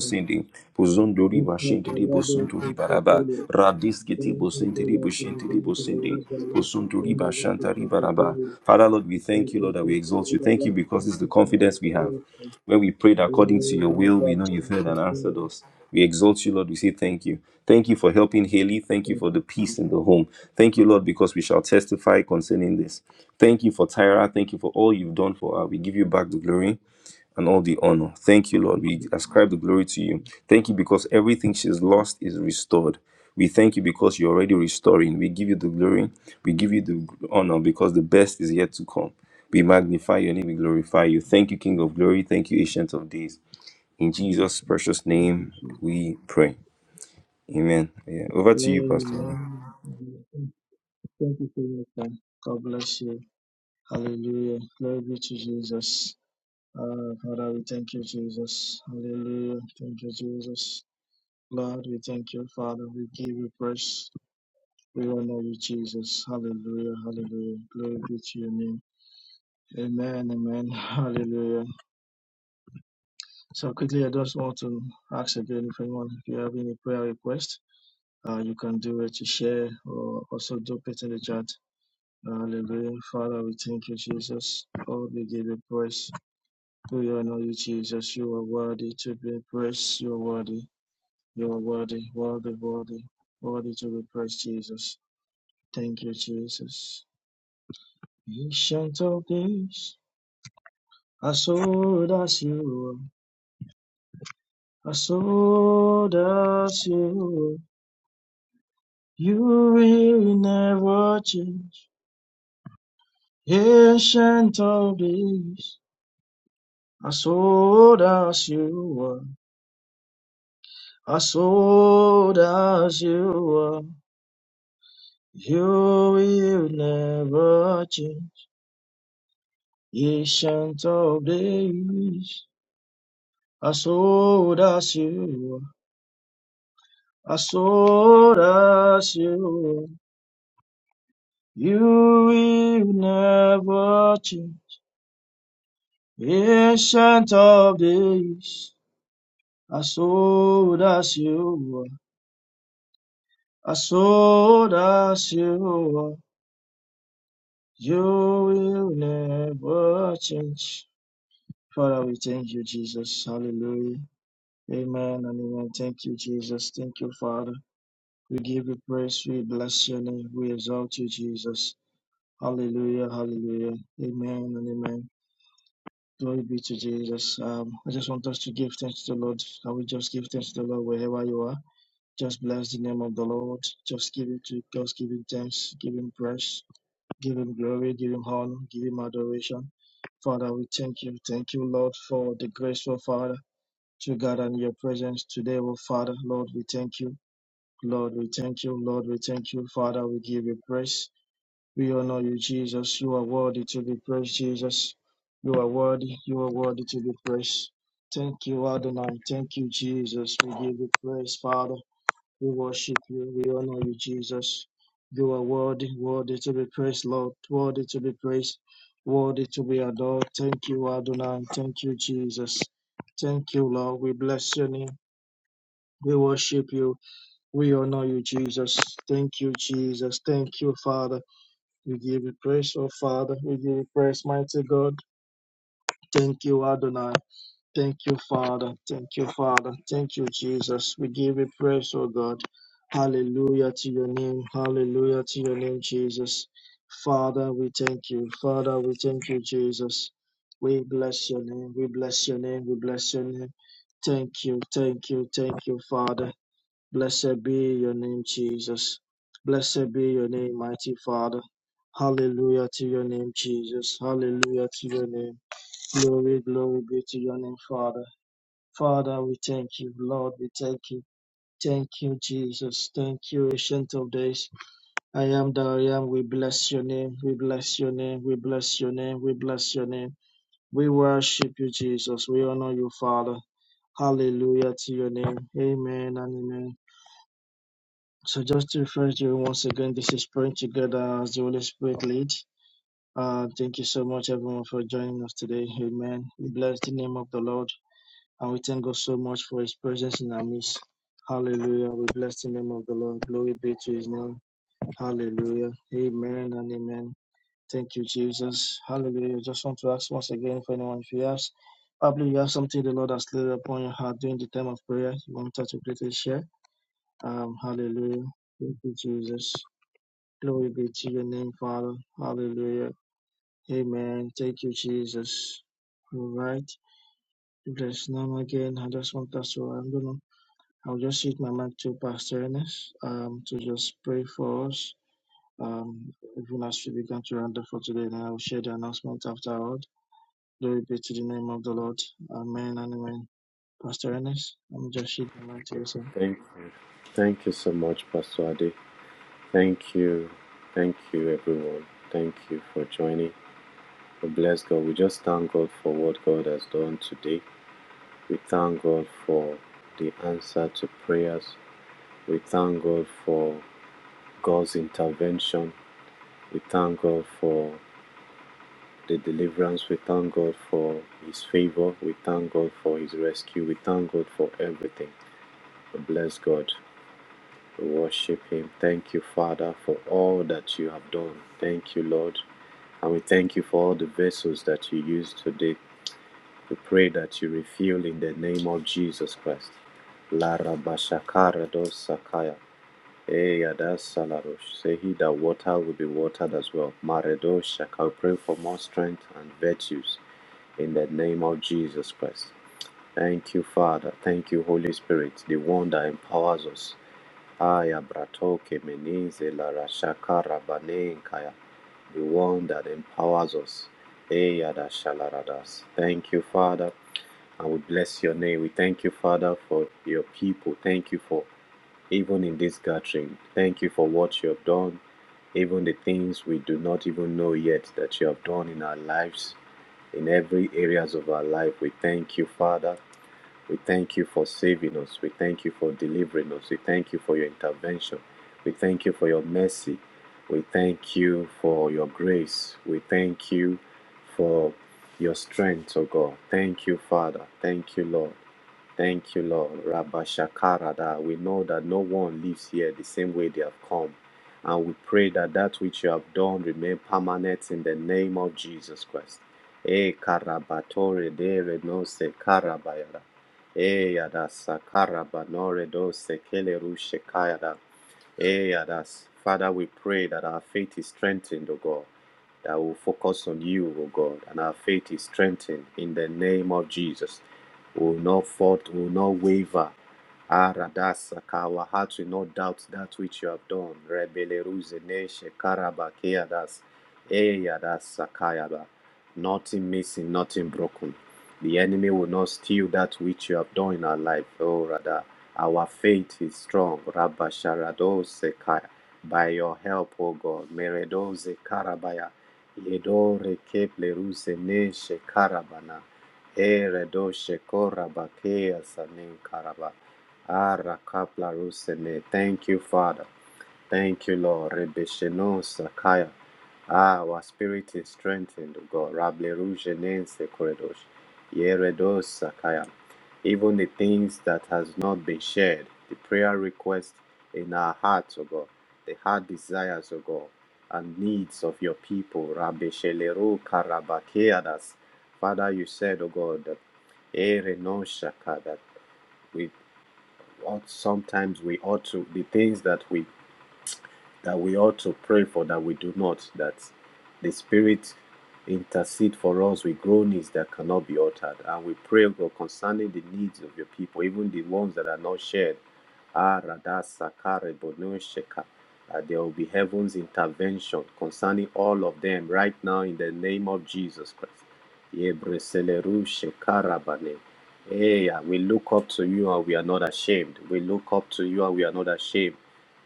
Speaker 10: Pozondo riba shinti libo riba raba. Radiskiti
Speaker 4: Thank
Speaker 10: bo
Speaker 4: you,
Speaker 10: shinti libo
Speaker 4: Jesus.
Speaker 10: shinti Kosuntu riba shanta riba raba. Father, Lord, we thank you, Lord, that we exalt you. Thank you because this is the confidence we have. When we prayed according to your will, we know you've heard and answered us. We exalt you, Lord. We say thank you. Thank you for helping Haley. Thank you for the peace in the home. Thank you, Lord, because we shall testify concerning this. Thank you for Tyra. Thank you for all you've done for her. We give you back the glory and all the honor. Thank you, Lord. We ascribe the glory to you. Thank you because everything she's lost is restored. We thank you because you're already restoring. We give you the glory. We give you the honor because the best is yet to come. We magnify your name. We glorify you. Thank you, King of glory. Thank you, Ancient of Days. In Jesus' precious name, we pray. Amen. Yeah. Over to you, Pastor.
Speaker 4: Amen. Thank you for your time. God bless you. Hallelujah. Glory be to Jesus. Uh, Father, we thank you, Jesus. Hallelujah. Thank you, Jesus. Lord, we thank you, Father. We give you praise. We honor you, Jesus. Hallelujah. Hallelujah. Glory be to your name. Amen. Amen. Hallelujah. So quickly, I just want to ask again if anyone, if you have any prayer request, uh, you can do it to share or also do it in the chat. Hallelujah. Father, we thank you, Jesus. Oh, we give you praise. We honor you, Jesus. You are worthy to be praised. You are worthy. You are worthy, worthy, worthy, worthy to be praised, Jesus. Thank you, Jesus. Ancient of days. Asodasio, Asodasio, you will never change, ancient of days. Asodasio, Asodasio, you will never change, ancient of days. Asodasio, Asodasio. You will never change, ancient of days, as old as you are, as old as you are. You will never change. Father, we thank you, Jesus. Hallelujah. Amen and amen. Thank you, Jesus. Thank you, Father. We give you praise. We bless your name. We exalt you, Jesus. Hallelujah. Hallelujah. Amen and amen. Glory be to Jesus. Um, I just want us to give thanks to the Lord. Can we just give thanks to the Lord wherever you are? Just bless the name of the Lord. Just give it to just give him thanks, give him praise, give him glory, give him honor, give him adoration. Father, we thank you. Thank you, Lord, for the graceful Father to gather in your presence today, oh Father. Lord, we thank you. Lord, we thank you. Lord, we thank you. Father, we give you praise. We honor you, Jesus. You are worthy to be praised, Jesus. You are worthy. You are worthy to be praised. Thank you, Adonai. Thank you, Jesus. We give you praise, Father. We worship you. We honor you, Jesus. You are worthy, worthy to be praised, Lord. Worthy to be praised, worthy to be adored. Thank you, Adonai. Thank you, Jesus. Thank you, Lord. We bless your name. We worship you. We honor you, Jesus. Thank you, Jesus. Thank you, Father. We give you praise, oh Father. We give you praise, mighty God. Thank you, Adonai. Thank you, Father. Thank you, Father. Thank you, Jesus. We give you praise, oh God. Hallelujah to your name. Hallelujah to your name, Jesus. Father, we thank you. Father, we thank you, Jesus. We bless your name. We bless your name. We bless your name. Thank you. Thank you. Thank you, Father. Blessed be your name, Jesus. Blessed be your name, mighty Father. Hallelujah to your name, Jesus. Hallelujah to your name. Glory, glory be to your name, Father. Father, we thank you. Lord, we thank you. Thank you, Jesus. Thank you, Ancient of Days. I am that I am. We bless your name. We bless your name. We bless your name. We bless your name. We worship you, Jesus. We honor you, Father. Hallelujah to your name. Amen and amen. So just to refresh you once again, this is praying together as the Holy Spirit leads. Uh, thank you so much, everyone, for joining us today. Amen. We bless the name of the Lord, and we thank God so much for His presence in our midst. Hallelujah. We bless the name of the Lord. Glory be to His name. Hallelujah. Amen and amen. Thank you, Jesus. Hallelujah. Just want to ask once again for anyone if you ask, probably you have something the Lord has laid upon your heart during the time of prayer. You want us to quickly share. Um, hallelujah. Thank you, Jesus. Glory be to your name, Father. Hallelujah. Amen. Thank you, Jesus. All right. There's none again. I just want us to, i don't know. I'll just hit my mic to Pastor Ernest, um, to just pray for us. Um, even as we begin to render for today, and I'll share the announcement afterward. Glory be to the name of the Lord. Amen and amen. Pastor Ernest, I'm just hitting my mic to you, sir.
Speaker 11: Thank you. Thank you so much, Pastor Ade. Thank you. Thank you, everyone. Thank you for joining. We bless God. We just thank God for what God has done today. We thank God for the answer to prayers. We thank God for God's intervention. We thank God for the deliverance. We thank God for His favor. We thank God for His rescue. We thank God for everything. We bless God. We worship Him. Thank you, Father, for all that you have done. Thank you, Lord. And we thank you for all the vessels that you used today. We pray that you refill in the name of Jesus Christ. Lara Bashakara dos Sakaya. Eyada Salarosh. Say he that water will be watered as well. Maredo Shaka. We pray for more strength and virtues in the name of Jesus Christ. Thank you, Father. Thank you, Holy Spirit, the one that empowers us. Aya Bratoke Menize La Rashaka Rabanenkaya, the one that empowers us. Eya da shalaradas. Thank you, Father. And we bless your name. We thank you, Father, for your people. Thank you for even in this gathering. Thank you for what you have done, even the things we do not even know yet that you have done in our lives in every areas of our life. We thank you, Father. We thank you for saving us. We thank you for delivering us. We thank you for your intervention. We thank you for your mercy. We thank you for your grace. We thank you for your strength, O God. Thank you, Father. Thank you, Lord. Thank you, Lord. Rabba Shakarada. We know that no one lives here the same way they have come. And we pray that that which you have done remain permanent in the name of Jesus Christ. E karabatore de renose karabayada. E yada sakaraba nore do sekele rushe kayada. Hey, Adas. Father, we pray that our faith is strengthened, O God, that we'll focus on you, O God, and our faith is strengthened in the name of Jesus. We'll not fault, we'll not waver. Ah, Radas, our hearts will not doubt that which you have done. Rebele ruzene shekaraba keadas. Hey, Adas, Sakayaba. Nothing missing, nothing broken. The enemy will not steal that which you have done in our life, oh Radha. Our faith is strong. Rabba Sharadose Kaya. By your help, O God. Meredose Karabaya. Yedore Keple Ruse Neshe Karabana. Eredoshe Koraba Kea Sanin Karaba. Ara Kapla Ruse Ne. Thank you, Father. Thank you, Lord. Rebesheno Sakaya. Ah, our spirit is strengthened, O God. Rable Ruje Nense Koredosh. Yeredos Sakaya even the things that has not been shared, the prayer requests in our hearts, O God, the heart desires, O God, and needs of your people. Rabbi Shelero Karabakeadas. Father, you said, O God, that Ere no shaka, that we ought sometimes we ought to the things that we that we ought to pray for that we do not, that the Spirit intercede for us with groanings that cannot be uttered. And we pray, God, concerning the needs of your people, even the ones that are not shared. Ah, radasa kare bono sheka. That there will be heaven's intervention concerning all of them right now in the name of Jesus Christ. Ye breseleru shekara bane. Hey, we look up to you and we are not ashamed. We look up to you and we are not ashamed.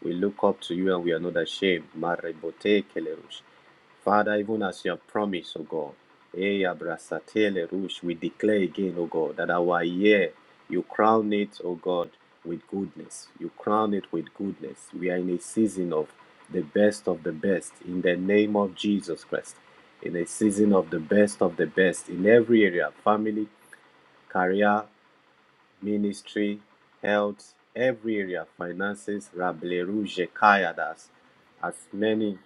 Speaker 11: We look up to you and we are not ashamed. Marebote kelerush. Father, even as you have promised, O God, eh, abrasatele rush, we declare again, O God, that our year, you crown it, O God, with goodness. You crown it with goodness. We are in a season of the best of the best in the name of Jesus Christ. In a season of the best of the best in every area family, career, ministry, health, every area, finances, rableruje kayadas, as many,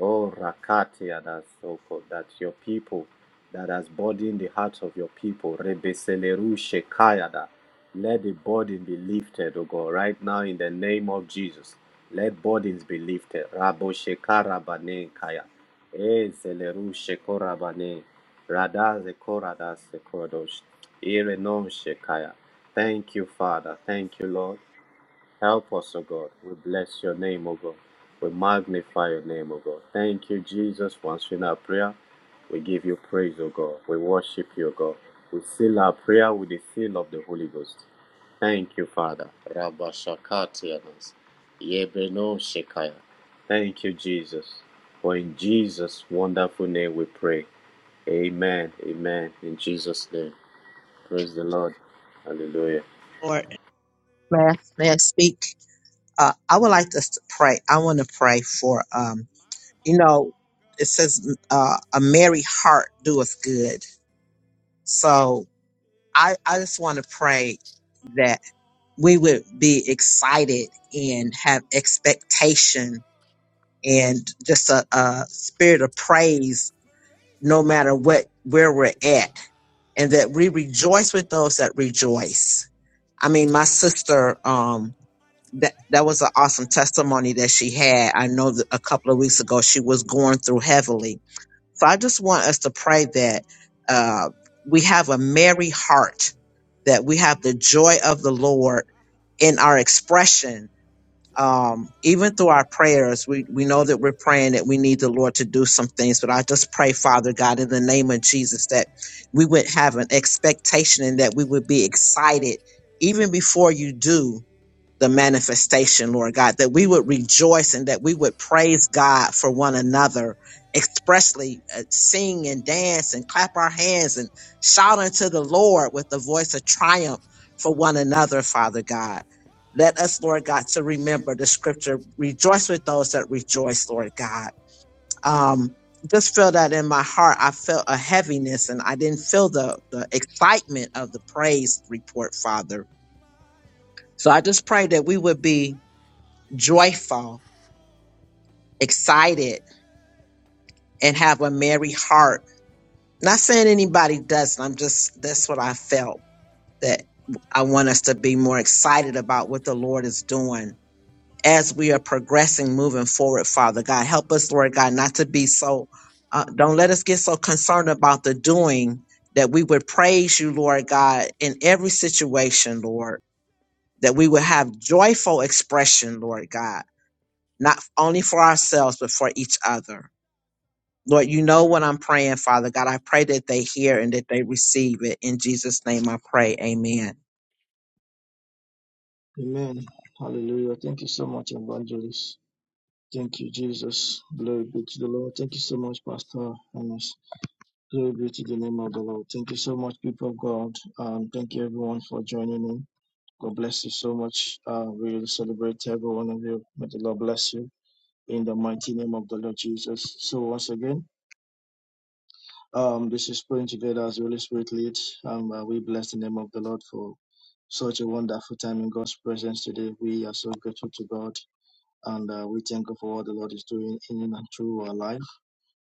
Speaker 11: oh rakatiadas, oh God, that your people, that has burdened the heart of your people, rebeseleruje kayada, let the burden
Speaker 7: Oh,
Speaker 11: be lifted, oh God, right now in the name of Jesus. Let burdens be lifted. Rabo shekara bane kaya.
Speaker 7: speak
Speaker 11: Eh,
Speaker 7: from your
Speaker 11: zeleruje korabane.
Speaker 7: heavens.
Speaker 11: Radhaze koradase kodosh. Ire non shekaya. Thank you,
Speaker 7: Oh,
Speaker 11: Father. Thank
Speaker 7: speak from
Speaker 11: you, Lord. Help us, O God.
Speaker 7: your
Speaker 11: We
Speaker 7: heavens.
Speaker 11: bless your name, O God.
Speaker 7: In
Speaker 11: We
Speaker 7: the
Speaker 11: magnify your name, O
Speaker 7: earth,
Speaker 11: God. Thank you, Jesus, Once in our prayer. We give you
Speaker 7: oh,
Speaker 11: praise, O God.
Speaker 7: speak
Speaker 11: We worship
Speaker 7: from
Speaker 11: you, O
Speaker 7: your
Speaker 11: God.
Speaker 7: heavens.
Speaker 11: We seal our prayer with the seal of the Holy Ghost. Thank you, Father. Rabba Shakati Anas. Yebeno Shekaya. Thank you, Jesus. For in Jesus' wonderful name we pray. Amen. Amen. In Jesus' name. Praise the Lord. Hallelujah.
Speaker 6: Lord, man, man, speak. Uh, I would like us to pray. I want to pray for, um, you know, it says uh, a merry heart doeth good. So I, I just want to pray that we would be excited and have expectation and just a, a spirit of praise no matter what where we're at and that we rejoice with those that rejoice i mean my sister um that that was an awesome testimony that she had i know that a couple of weeks ago she was going through heavily so i just want us to pray that uh we have a merry heart that we have the joy of the lord in our expression um, even through our prayers, we, we know that we're praying that we need the Lord to do some things. But I just pray, Father God, in the name of Jesus, that we would have an expectation and that we would be excited even before you do the manifestation, Lord God, that we would rejoice and that we would praise God for one another, expressly uh, sing and dance and clap our hands and shout unto the Lord with the voice of triumph for one another, Father God. Let us, Lord God, to remember the scripture, rejoice with those that rejoice, Lord God. Um, just feel that in my heart. I felt a heaviness and I didn't feel the, the excitement of the praise report, Father. So I just pray that we would be joyful, excited, and have a merry heart. Not saying anybody doesn't. I'm just, that's what I felt that I want us to be more excited about what the Lord is doing as we are progressing, moving forward, Father God. Help us, Lord God, not to be so, uh, don't let us get so concerned about the doing that we would praise you, Lord God, in every situation, Lord, that we would have joyful expression, Lord God, not only for ourselves, but for each other. Lord, you know what I'm praying, Father God. I pray that they hear and that they receive it. In Jesus' name I pray. Amen.
Speaker 4: Amen. Hallelujah. Thank you so much, Evangelist. Thank you, Jesus. Glory be to the Lord. Thank you so much, Pastor Ernest. Glory be to the name of the Lord. Thank you so much, people of God. Um, thank you, everyone, for joining in. God bless you so much. Uh, we will celebrate every one of you. May the Lord bless you in the mighty name of the Lord Jesus. So, once again, um, this is praying together as the Holy Spirit leads. Um, uh, we bless the name of the Lord for such a wonderful time in God's presence today. We are so grateful to God and uh, we thank God for what the Lord is doing in and through our life.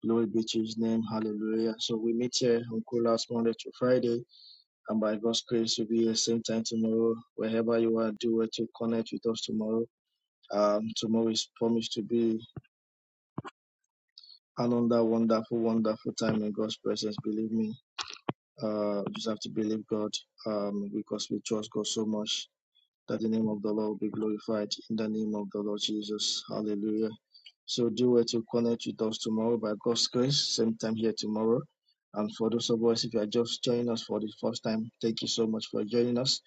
Speaker 4: Glory be to his name. Hallelujah. So we meet here on Coolhouse Monday to Friday. And by God's grace, we'll be here same time tomorrow. Wherever you are, do it to connect with us tomorrow. Um, tomorrow is promised to be another wonderful, wonderful time in God's presence. Believe me, uh, you just have to believe God um, because we trust God so much that the name of the Lord will be glorified in the name of the Lord Jesus. Hallelujah. So do well to connect with us tomorrow by God's grace, same time here tomorrow. And for those of us, if you are just joining us for the first time, thank you so much for joining us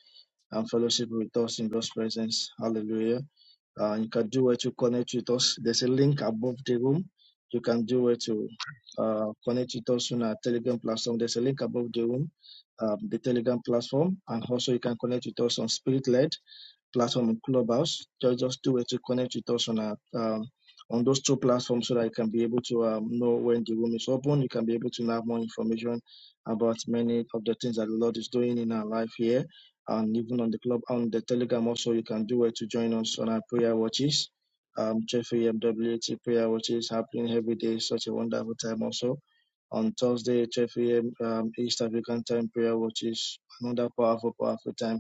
Speaker 4: and fellowship with us in God's presence. Hallelujah. Uh, you can do well to connect with us. There's a link above the room. You can do well to uh, connect with us on our Telegram platform. There's a link above the room, um, the Telegram platform. And also you can connect with us on Spirit Led platform in Clubhouse. Just just do it to connect with us on our um, on those two platforms so that you can be able to um, know when the room is open. You can be able to have more information about many of the things that the Lord is doing in our life here, and even on the club on the Telegram. Also, you can do it to join us on our prayer watches. Um, JFAMWT prayer watches happening every day. Such a wonderful time also on Thursday, 12 a.m. Um, East African time prayer, watches. another powerful, powerful time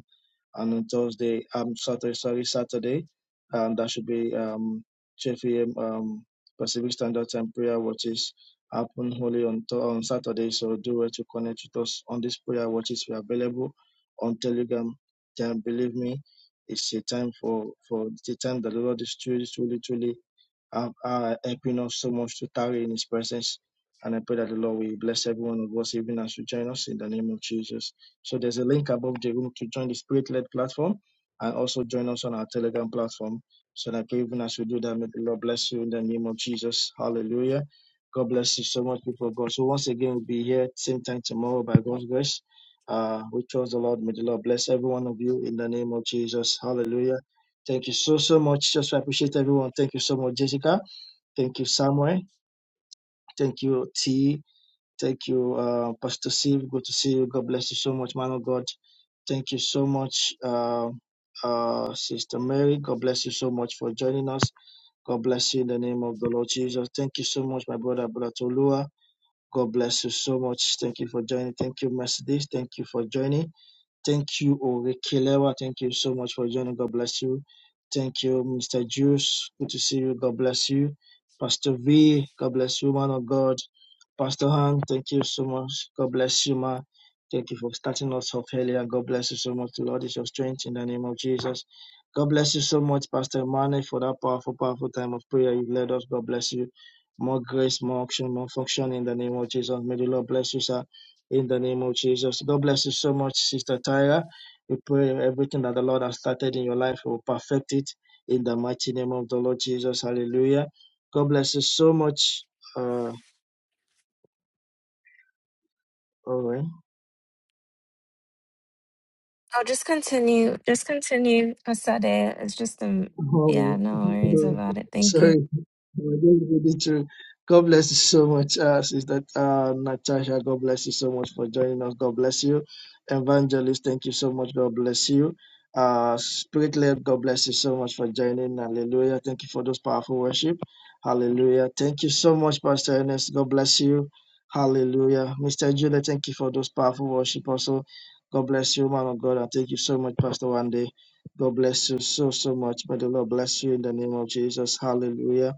Speaker 4: and on Thursday, um, Saturday, sorry, Saturday, um, that should be um, 12 p.m. Um, Pacific Standard Time prayer watches happen only on th- on Saturday. So do well to connect with us on this prayer watches. We're available on Telegram. Then believe me, it's a time for for the time that the Lord is truly, truly, truly uh, uh, helping us so much to tarry in His presence. And I pray that the Lord will bless every one of us, even as you join us in the name of Jesus. So there's a link above the room to join the Spirit led platform and also join us on our Telegram platform. So that even as we do that, may the Lord bless you in the name of Jesus. Hallelujah. God bless you so much, people of God. So once again, we'll be here same time tomorrow by God's grace. Uh, we trust the Lord. May the Lord bless every one of you in the name of Jesus. Hallelujah. Thank you so, so much. Just so I appreciate everyone. Thank you so much, Jessica. Thank you, Samuel. Thank you, T. Thank you, uh, Pastor Steve. Good to see you. God bless you so much, man of God. Thank you so much, uh, uh, Sister Mary. God bless you so much for joining us. God bless you in the name of the Lord Jesus. Thank you so much, my brother, brother Tolua. God bless you so much. Thank you for joining. Thank you, Mercedes. Thank you for joining. Thank you, Orekelewa. Thank you so much for joining. God bless you. Thank you, Mr. Juice. Good to see you. God bless you. Pastor V, God bless you, man of God. Pastor Han, thank you so much. God bless you, man. Thank you for starting us off earlier. God bless you so much. The Lord is your strength in the name of Jesus. God bless you so much, Pastor Emmanuel, for that powerful, powerful time of prayer you've led us. God bless you. More grace, more action, more function in the name of Jesus. May the Lord bless you, sir in the name of Jesus. God bless you so much, Sister Tyra. We pray everything that the Lord has started in your life He will perfect it in the mighty name of the Lord Jesus. Hallelujah. God bless you so much. Uh, all right.
Speaker 1: Oh, just continue. Just continue, Asade. It's just a
Speaker 4: Oh,
Speaker 1: yeah, no worries about it. Thank
Speaker 4: sorry,
Speaker 1: you.
Speaker 4: I'm just reading through. God bless you so much, uh, Sister uh, Natasha. God bless you so much for joining us. God bless you, Evangelist. Thank you so much. God bless you, uh, Spirit led. God bless you so much for joining. Hallelujah. Thank you for those powerful worship. Hallelujah. Thank you so much, Pastor Ernest. God bless you. Hallelujah, Mr. Judah. Thank you for those powerful worship. Also, God bless you, man of God, and thank you so much, Pastor Wande. God bless you so, so much. May the Lord bless you in the name of Jesus. Hallelujah.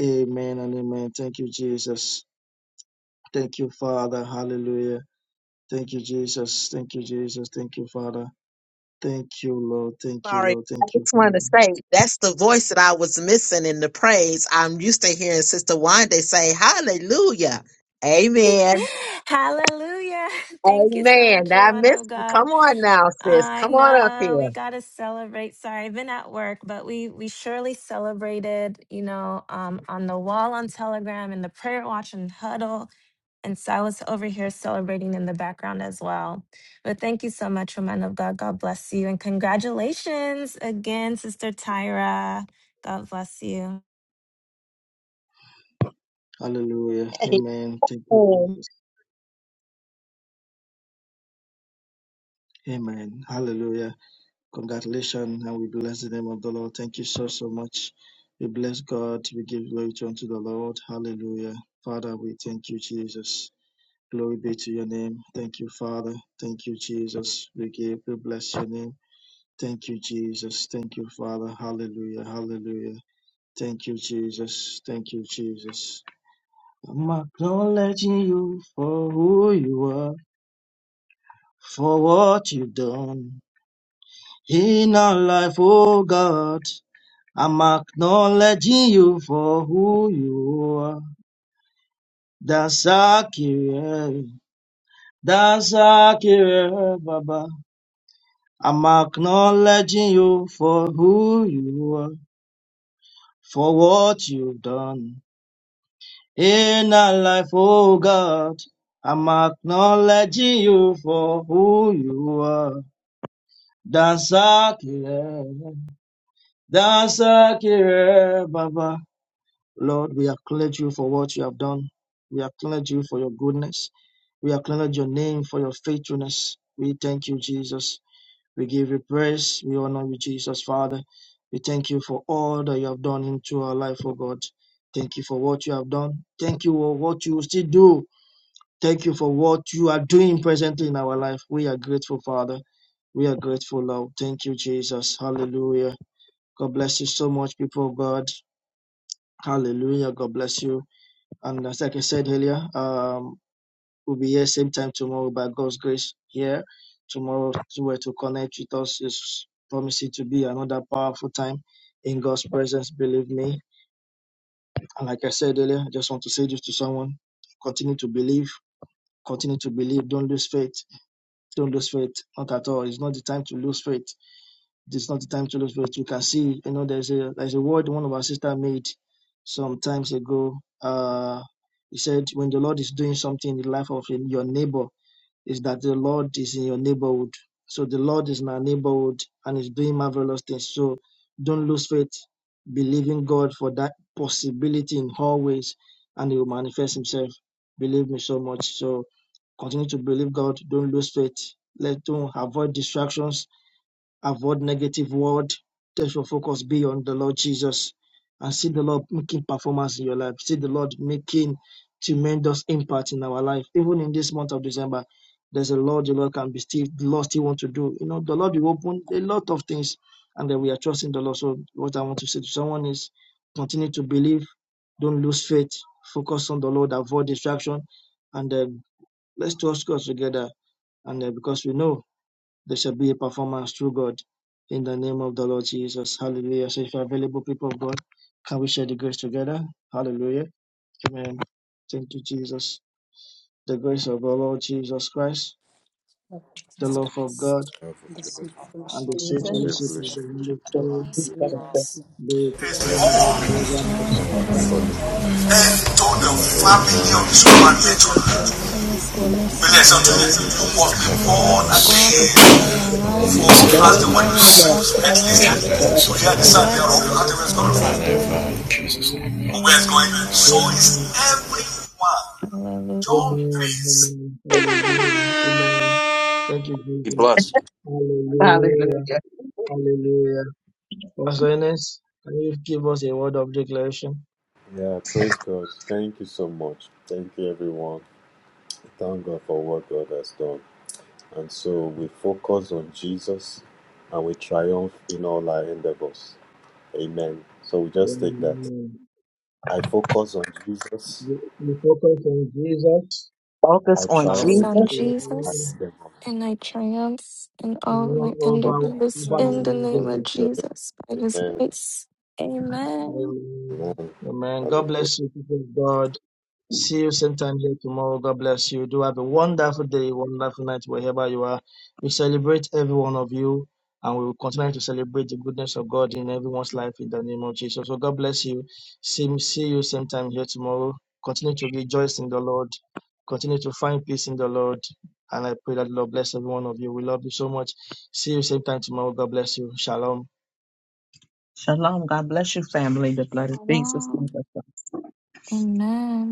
Speaker 4: Amen and amen. Thank you, Jesus. Thank you, Father. Hallelujah. Thank you, Jesus. Thank you, Jesus. Thank you, Father. Thank you, Lord. Thank you,
Speaker 6: Sorry.
Speaker 4: Lord.
Speaker 6: I
Speaker 4: Thank you,
Speaker 6: just wanted to
Speaker 4: Father.
Speaker 6: say that's the voice that I was missing in the praise. I'm used to hearing Sister Wanda say, Hallelujah. Amen.
Speaker 1: Hallelujah. Thank you so
Speaker 6: Amen.
Speaker 1: much,
Speaker 6: I
Speaker 1: man of
Speaker 6: missed you.
Speaker 1: God.
Speaker 6: Come on now, sis.
Speaker 1: I
Speaker 6: Come on up
Speaker 1: know we
Speaker 6: here.
Speaker 1: gotta celebrate. Sorry, I've been at work, but we we surely celebrated, you know, um on the wall on Telegram and the prayer watch and huddle And so I was over here celebrating in the background as well. But thank you so much, woman of God. God bless you. And congratulations again, Sister Tyra. God bless you.
Speaker 4: Hallelujah. Amen. Thank you,
Speaker 6: Oh,
Speaker 4: Jesus. Amen. Hallelujah. Congratulations. And we bless the name of the Lord. Thank you so, so much. We bless God. We give glory to unto the Lord. Hallelujah. Father, we thank you, Jesus. Glory be to your name. Thank you, Father. Thank you, Jesus. We give, we bless your name. Thank you, Jesus. Thank you, Father. Hallelujah. Hallelujah. Thank you, Jesus. Thank you, Jesus. I'm acknowledging you for who you are, for what you've done in our life, oh God. I'm acknowledging you for who you are. That's accurate. That's accurate, Baba. I'm acknowledging you for who you are, for what you've done in our life, oh God. I'm acknowledging you for who you are. Dansakire, Dansakire, Baba. Lord, we acknowledge you for what you have done. We acknowledge you for your goodness. We acknowledge your name for your faithfulness. We thank you, Jesus. We give you praise. We honor you, Jesus, Father. We thank you for all that you have done into our life, oh God. Thank you for what you have done. Thank you for what you still do. Thank you for what you are doing presently in our life. We are grateful, Father. We are grateful, Lord. Thank you, Jesus. Hallelujah. God bless you so much, people of God. Hallelujah. God bless you. And as like I said earlier, um, We'll be here same time tomorrow by God's grace here. Tomorrow to where to connect with us is promising to be another powerful time in God's presence, believe me. And like I said earlier, I just want to say this to someone. Continue to believe, continue to believe, don't lose faith. Don't lose faith. Not at all. It's not the time to lose faith. It's not the time to lose faith. You can see, you know, there's a there's a word one of our sister made some times ago. Uh he said, when the Lord is doing something in the life of your neighbor, is that the Lord is in your neighborhood. So the Lord is in our neighborhood and is doing marvelous things. So don't lose faith. Believe in God for that possibility in all ways and He will manifest Himself. Believe me so much. So continue to believe God. Don't lose faith. Let don't avoid distractions avoid negative word. Let your focus be on the Lord Jesus and see the Lord making performance in your life. See the Lord making tremendous impact in our life. Even in this month of December, there's a lot the Lord can be still, the Lord still want to do. You know, the Lord will open a lot of things and then we are trusting the Lord. So what I want to say to someone is continue to believe, don't lose faith, focus on the Lord, avoid distraction, and um, let's trust God together. And uh, because we know there shall be a performance through God in the name of the Lord Jesus. Hallelujah. So if you're available, people of God, can we share the grace together? Hallelujah. Amen. Thank you, Jesus. The grace of our Lord Jesus Christ, the
Speaker 1: Jesus
Speaker 4: love of God,
Speaker 1: Christ.
Speaker 11: Love
Speaker 2: The
Speaker 11: of God,
Speaker 2: sweet
Speaker 4: and
Speaker 2: fellowship
Speaker 4: the
Speaker 2: of the
Speaker 4: sweet
Speaker 6: Jesus.
Speaker 11: Say
Speaker 2: Holy
Speaker 4: fellowship of
Speaker 1: sweet
Speaker 4: the
Speaker 11: fellowship.
Speaker 1: fellowship
Speaker 4: Holy
Speaker 1: of
Speaker 11: of
Speaker 1: the
Speaker 4: Spirit
Speaker 11: God's
Speaker 1: Holy
Speaker 2: with
Speaker 1: Spirit,
Speaker 2: us now.
Speaker 4: be with us
Speaker 11: rest
Speaker 4: now
Speaker 1: be
Speaker 4: and
Speaker 5: All
Speaker 1: with Us now
Speaker 11: with
Speaker 4: forevermore.
Speaker 1: and
Speaker 11: us now
Speaker 2: Amen.
Speaker 1: forevermore.
Speaker 11: forever.
Speaker 5: and
Speaker 1: Amen.
Speaker 5: told the
Speaker 4: Amen.
Speaker 5: family of
Speaker 11: Amen.
Speaker 5: the
Speaker 1: Surely,
Speaker 2: Let goodness and
Speaker 1: God's
Speaker 5: supernatural.
Speaker 2: mercy
Speaker 1: goodness and
Speaker 11: Surely
Speaker 2: follow
Speaker 5: Blessed
Speaker 2: us
Speaker 1: mercies
Speaker 5: to
Speaker 11: God's
Speaker 5: you,
Speaker 4: Amen.
Speaker 5: you
Speaker 2: all the
Speaker 11: goodness
Speaker 5: must
Speaker 11: and
Speaker 5: be
Speaker 11: mercy
Speaker 2: days
Speaker 1: follows
Speaker 2: of our
Speaker 11: shall
Speaker 2: life.
Speaker 5: born
Speaker 1: us
Speaker 11: follow
Speaker 1: all
Speaker 11: us.
Speaker 1: the
Speaker 4: Those who
Speaker 5: again.
Speaker 1: days
Speaker 2: we
Speaker 4: can
Speaker 1: of
Speaker 4: make
Speaker 1: our
Speaker 2: shall
Speaker 4: it, make
Speaker 2: dwell in
Speaker 4: it
Speaker 2: the
Speaker 1: lives.
Speaker 5: For
Speaker 1: We
Speaker 2: house
Speaker 5: as the
Speaker 2: of
Speaker 4: follow us.
Speaker 5: word
Speaker 1: dwell
Speaker 2: the
Speaker 1: in the
Speaker 5: knows,
Speaker 1: house of the
Speaker 5: at
Speaker 2: Lord
Speaker 1: Lord
Speaker 11: forever.
Speaker 2: forever
Speaker 5: least we hear
Speaker 4: Let
Speaker 5: the
Speaker 4: the
Speaker 5: sound
Speaker 4: days of
Speaker 2: and ever.
Speaker 5: thereof, we
Speaker 1: forever
Speaker 5: can't
Speaker 4: our
Speaker 5: tell
Speaker 4: life
Speaker 5: where it's
Speaker 4: and
Speaker 1: and
Speaker 5: coming
Speaker 4: live
Speaker 5: from.
Speaker 4: for the glory and
Speaker 2: Amen.
Speaker 1: ever.
Speaker 5: Whenever in
Speaker 4: blessings of the
Speaker 5: Jesus'
Speaker 4: Lord.
Speaker 5: name. Where it's going. So
Speaker 1: Amen.
Speaker 4: Amen.
Speaker 5: is everyone.
Speaker 1: Hallelujah.
Speaker 5: John
Speaker 4: Amen.
Speaker 5: 3
Speaker 4: Amen. Hallelujah. Amen. Thank you,
Speaker 13: Be
Speaker 4: Jesus.
Speaker 13: blessed.
Speaker 4: Hallelujah.
Speaker 6: Hallelujah.
Speaker 4: Hallelujah. Pastor Ernest, can you give us a word of declaration?
Speaker 11: Yeah, praise God. Thank you so much. Thank you, everyone. Thank God for what God has done. And so we focus on Jesus and we triumph in all our endeavors. Amen. So we just take that.
Speaker 4: Amen.
Speaker 11: I focus on Jesus
Speaker 4: We we focus on Jesus
Speaker 6: Focus
Speaker 11: I
Speaker 1: Of
Speaker 6: on
Speaker 1: the
Speaker 11: triumph
Speaker 6: Jesus.
Speaker 4: and
Speaker 1: Son
Speaker 4: we
Speaker 11: before my
Speaker 4: run
Speaker 1: Jesus,
Speaker 11: devils.
Speaker 1: and I triumph in
Speaker 4: we
Speaker 1: all
Speaker 4: run
Speaker 1: my
Speaker 4: over
Speaker 2: And
Speaker 1: endeavors
Speaker 4: over our
Speaker 2: try
Speaker 1: in the name of
Speaker 4: endeavors.
Speaker 11: Amen.
Speaker 1: Jesus by His
Speaker 11: Amen.
Speaker 1: grace. Amen.
Speaker 4: Amen.
Speaker 11: Amen.
Speaker 4: Amen. God
Speaker 11: Hallelujah.
Speaker 4: bless you, people of God. See you same time here tomorrow. God bless you. Do have a wonderful day, wonderful night wherever you are. We celebrate every one of you and we will continue to celebrate the goodness of God in everyone's life in the name of Jesus. So God bless you. See, see you same time here tomorrow. Continue to rejoice in the Lord. Continue to find peace in the Lord. And I pray that the Lord bless every one of you. We love you so much. See you same time tomorrow. God bless you. Shalom.
Speaker 6: Shalom. God bless you, family. The blood of Jesus.
Speaker 1: Shalom. Amen.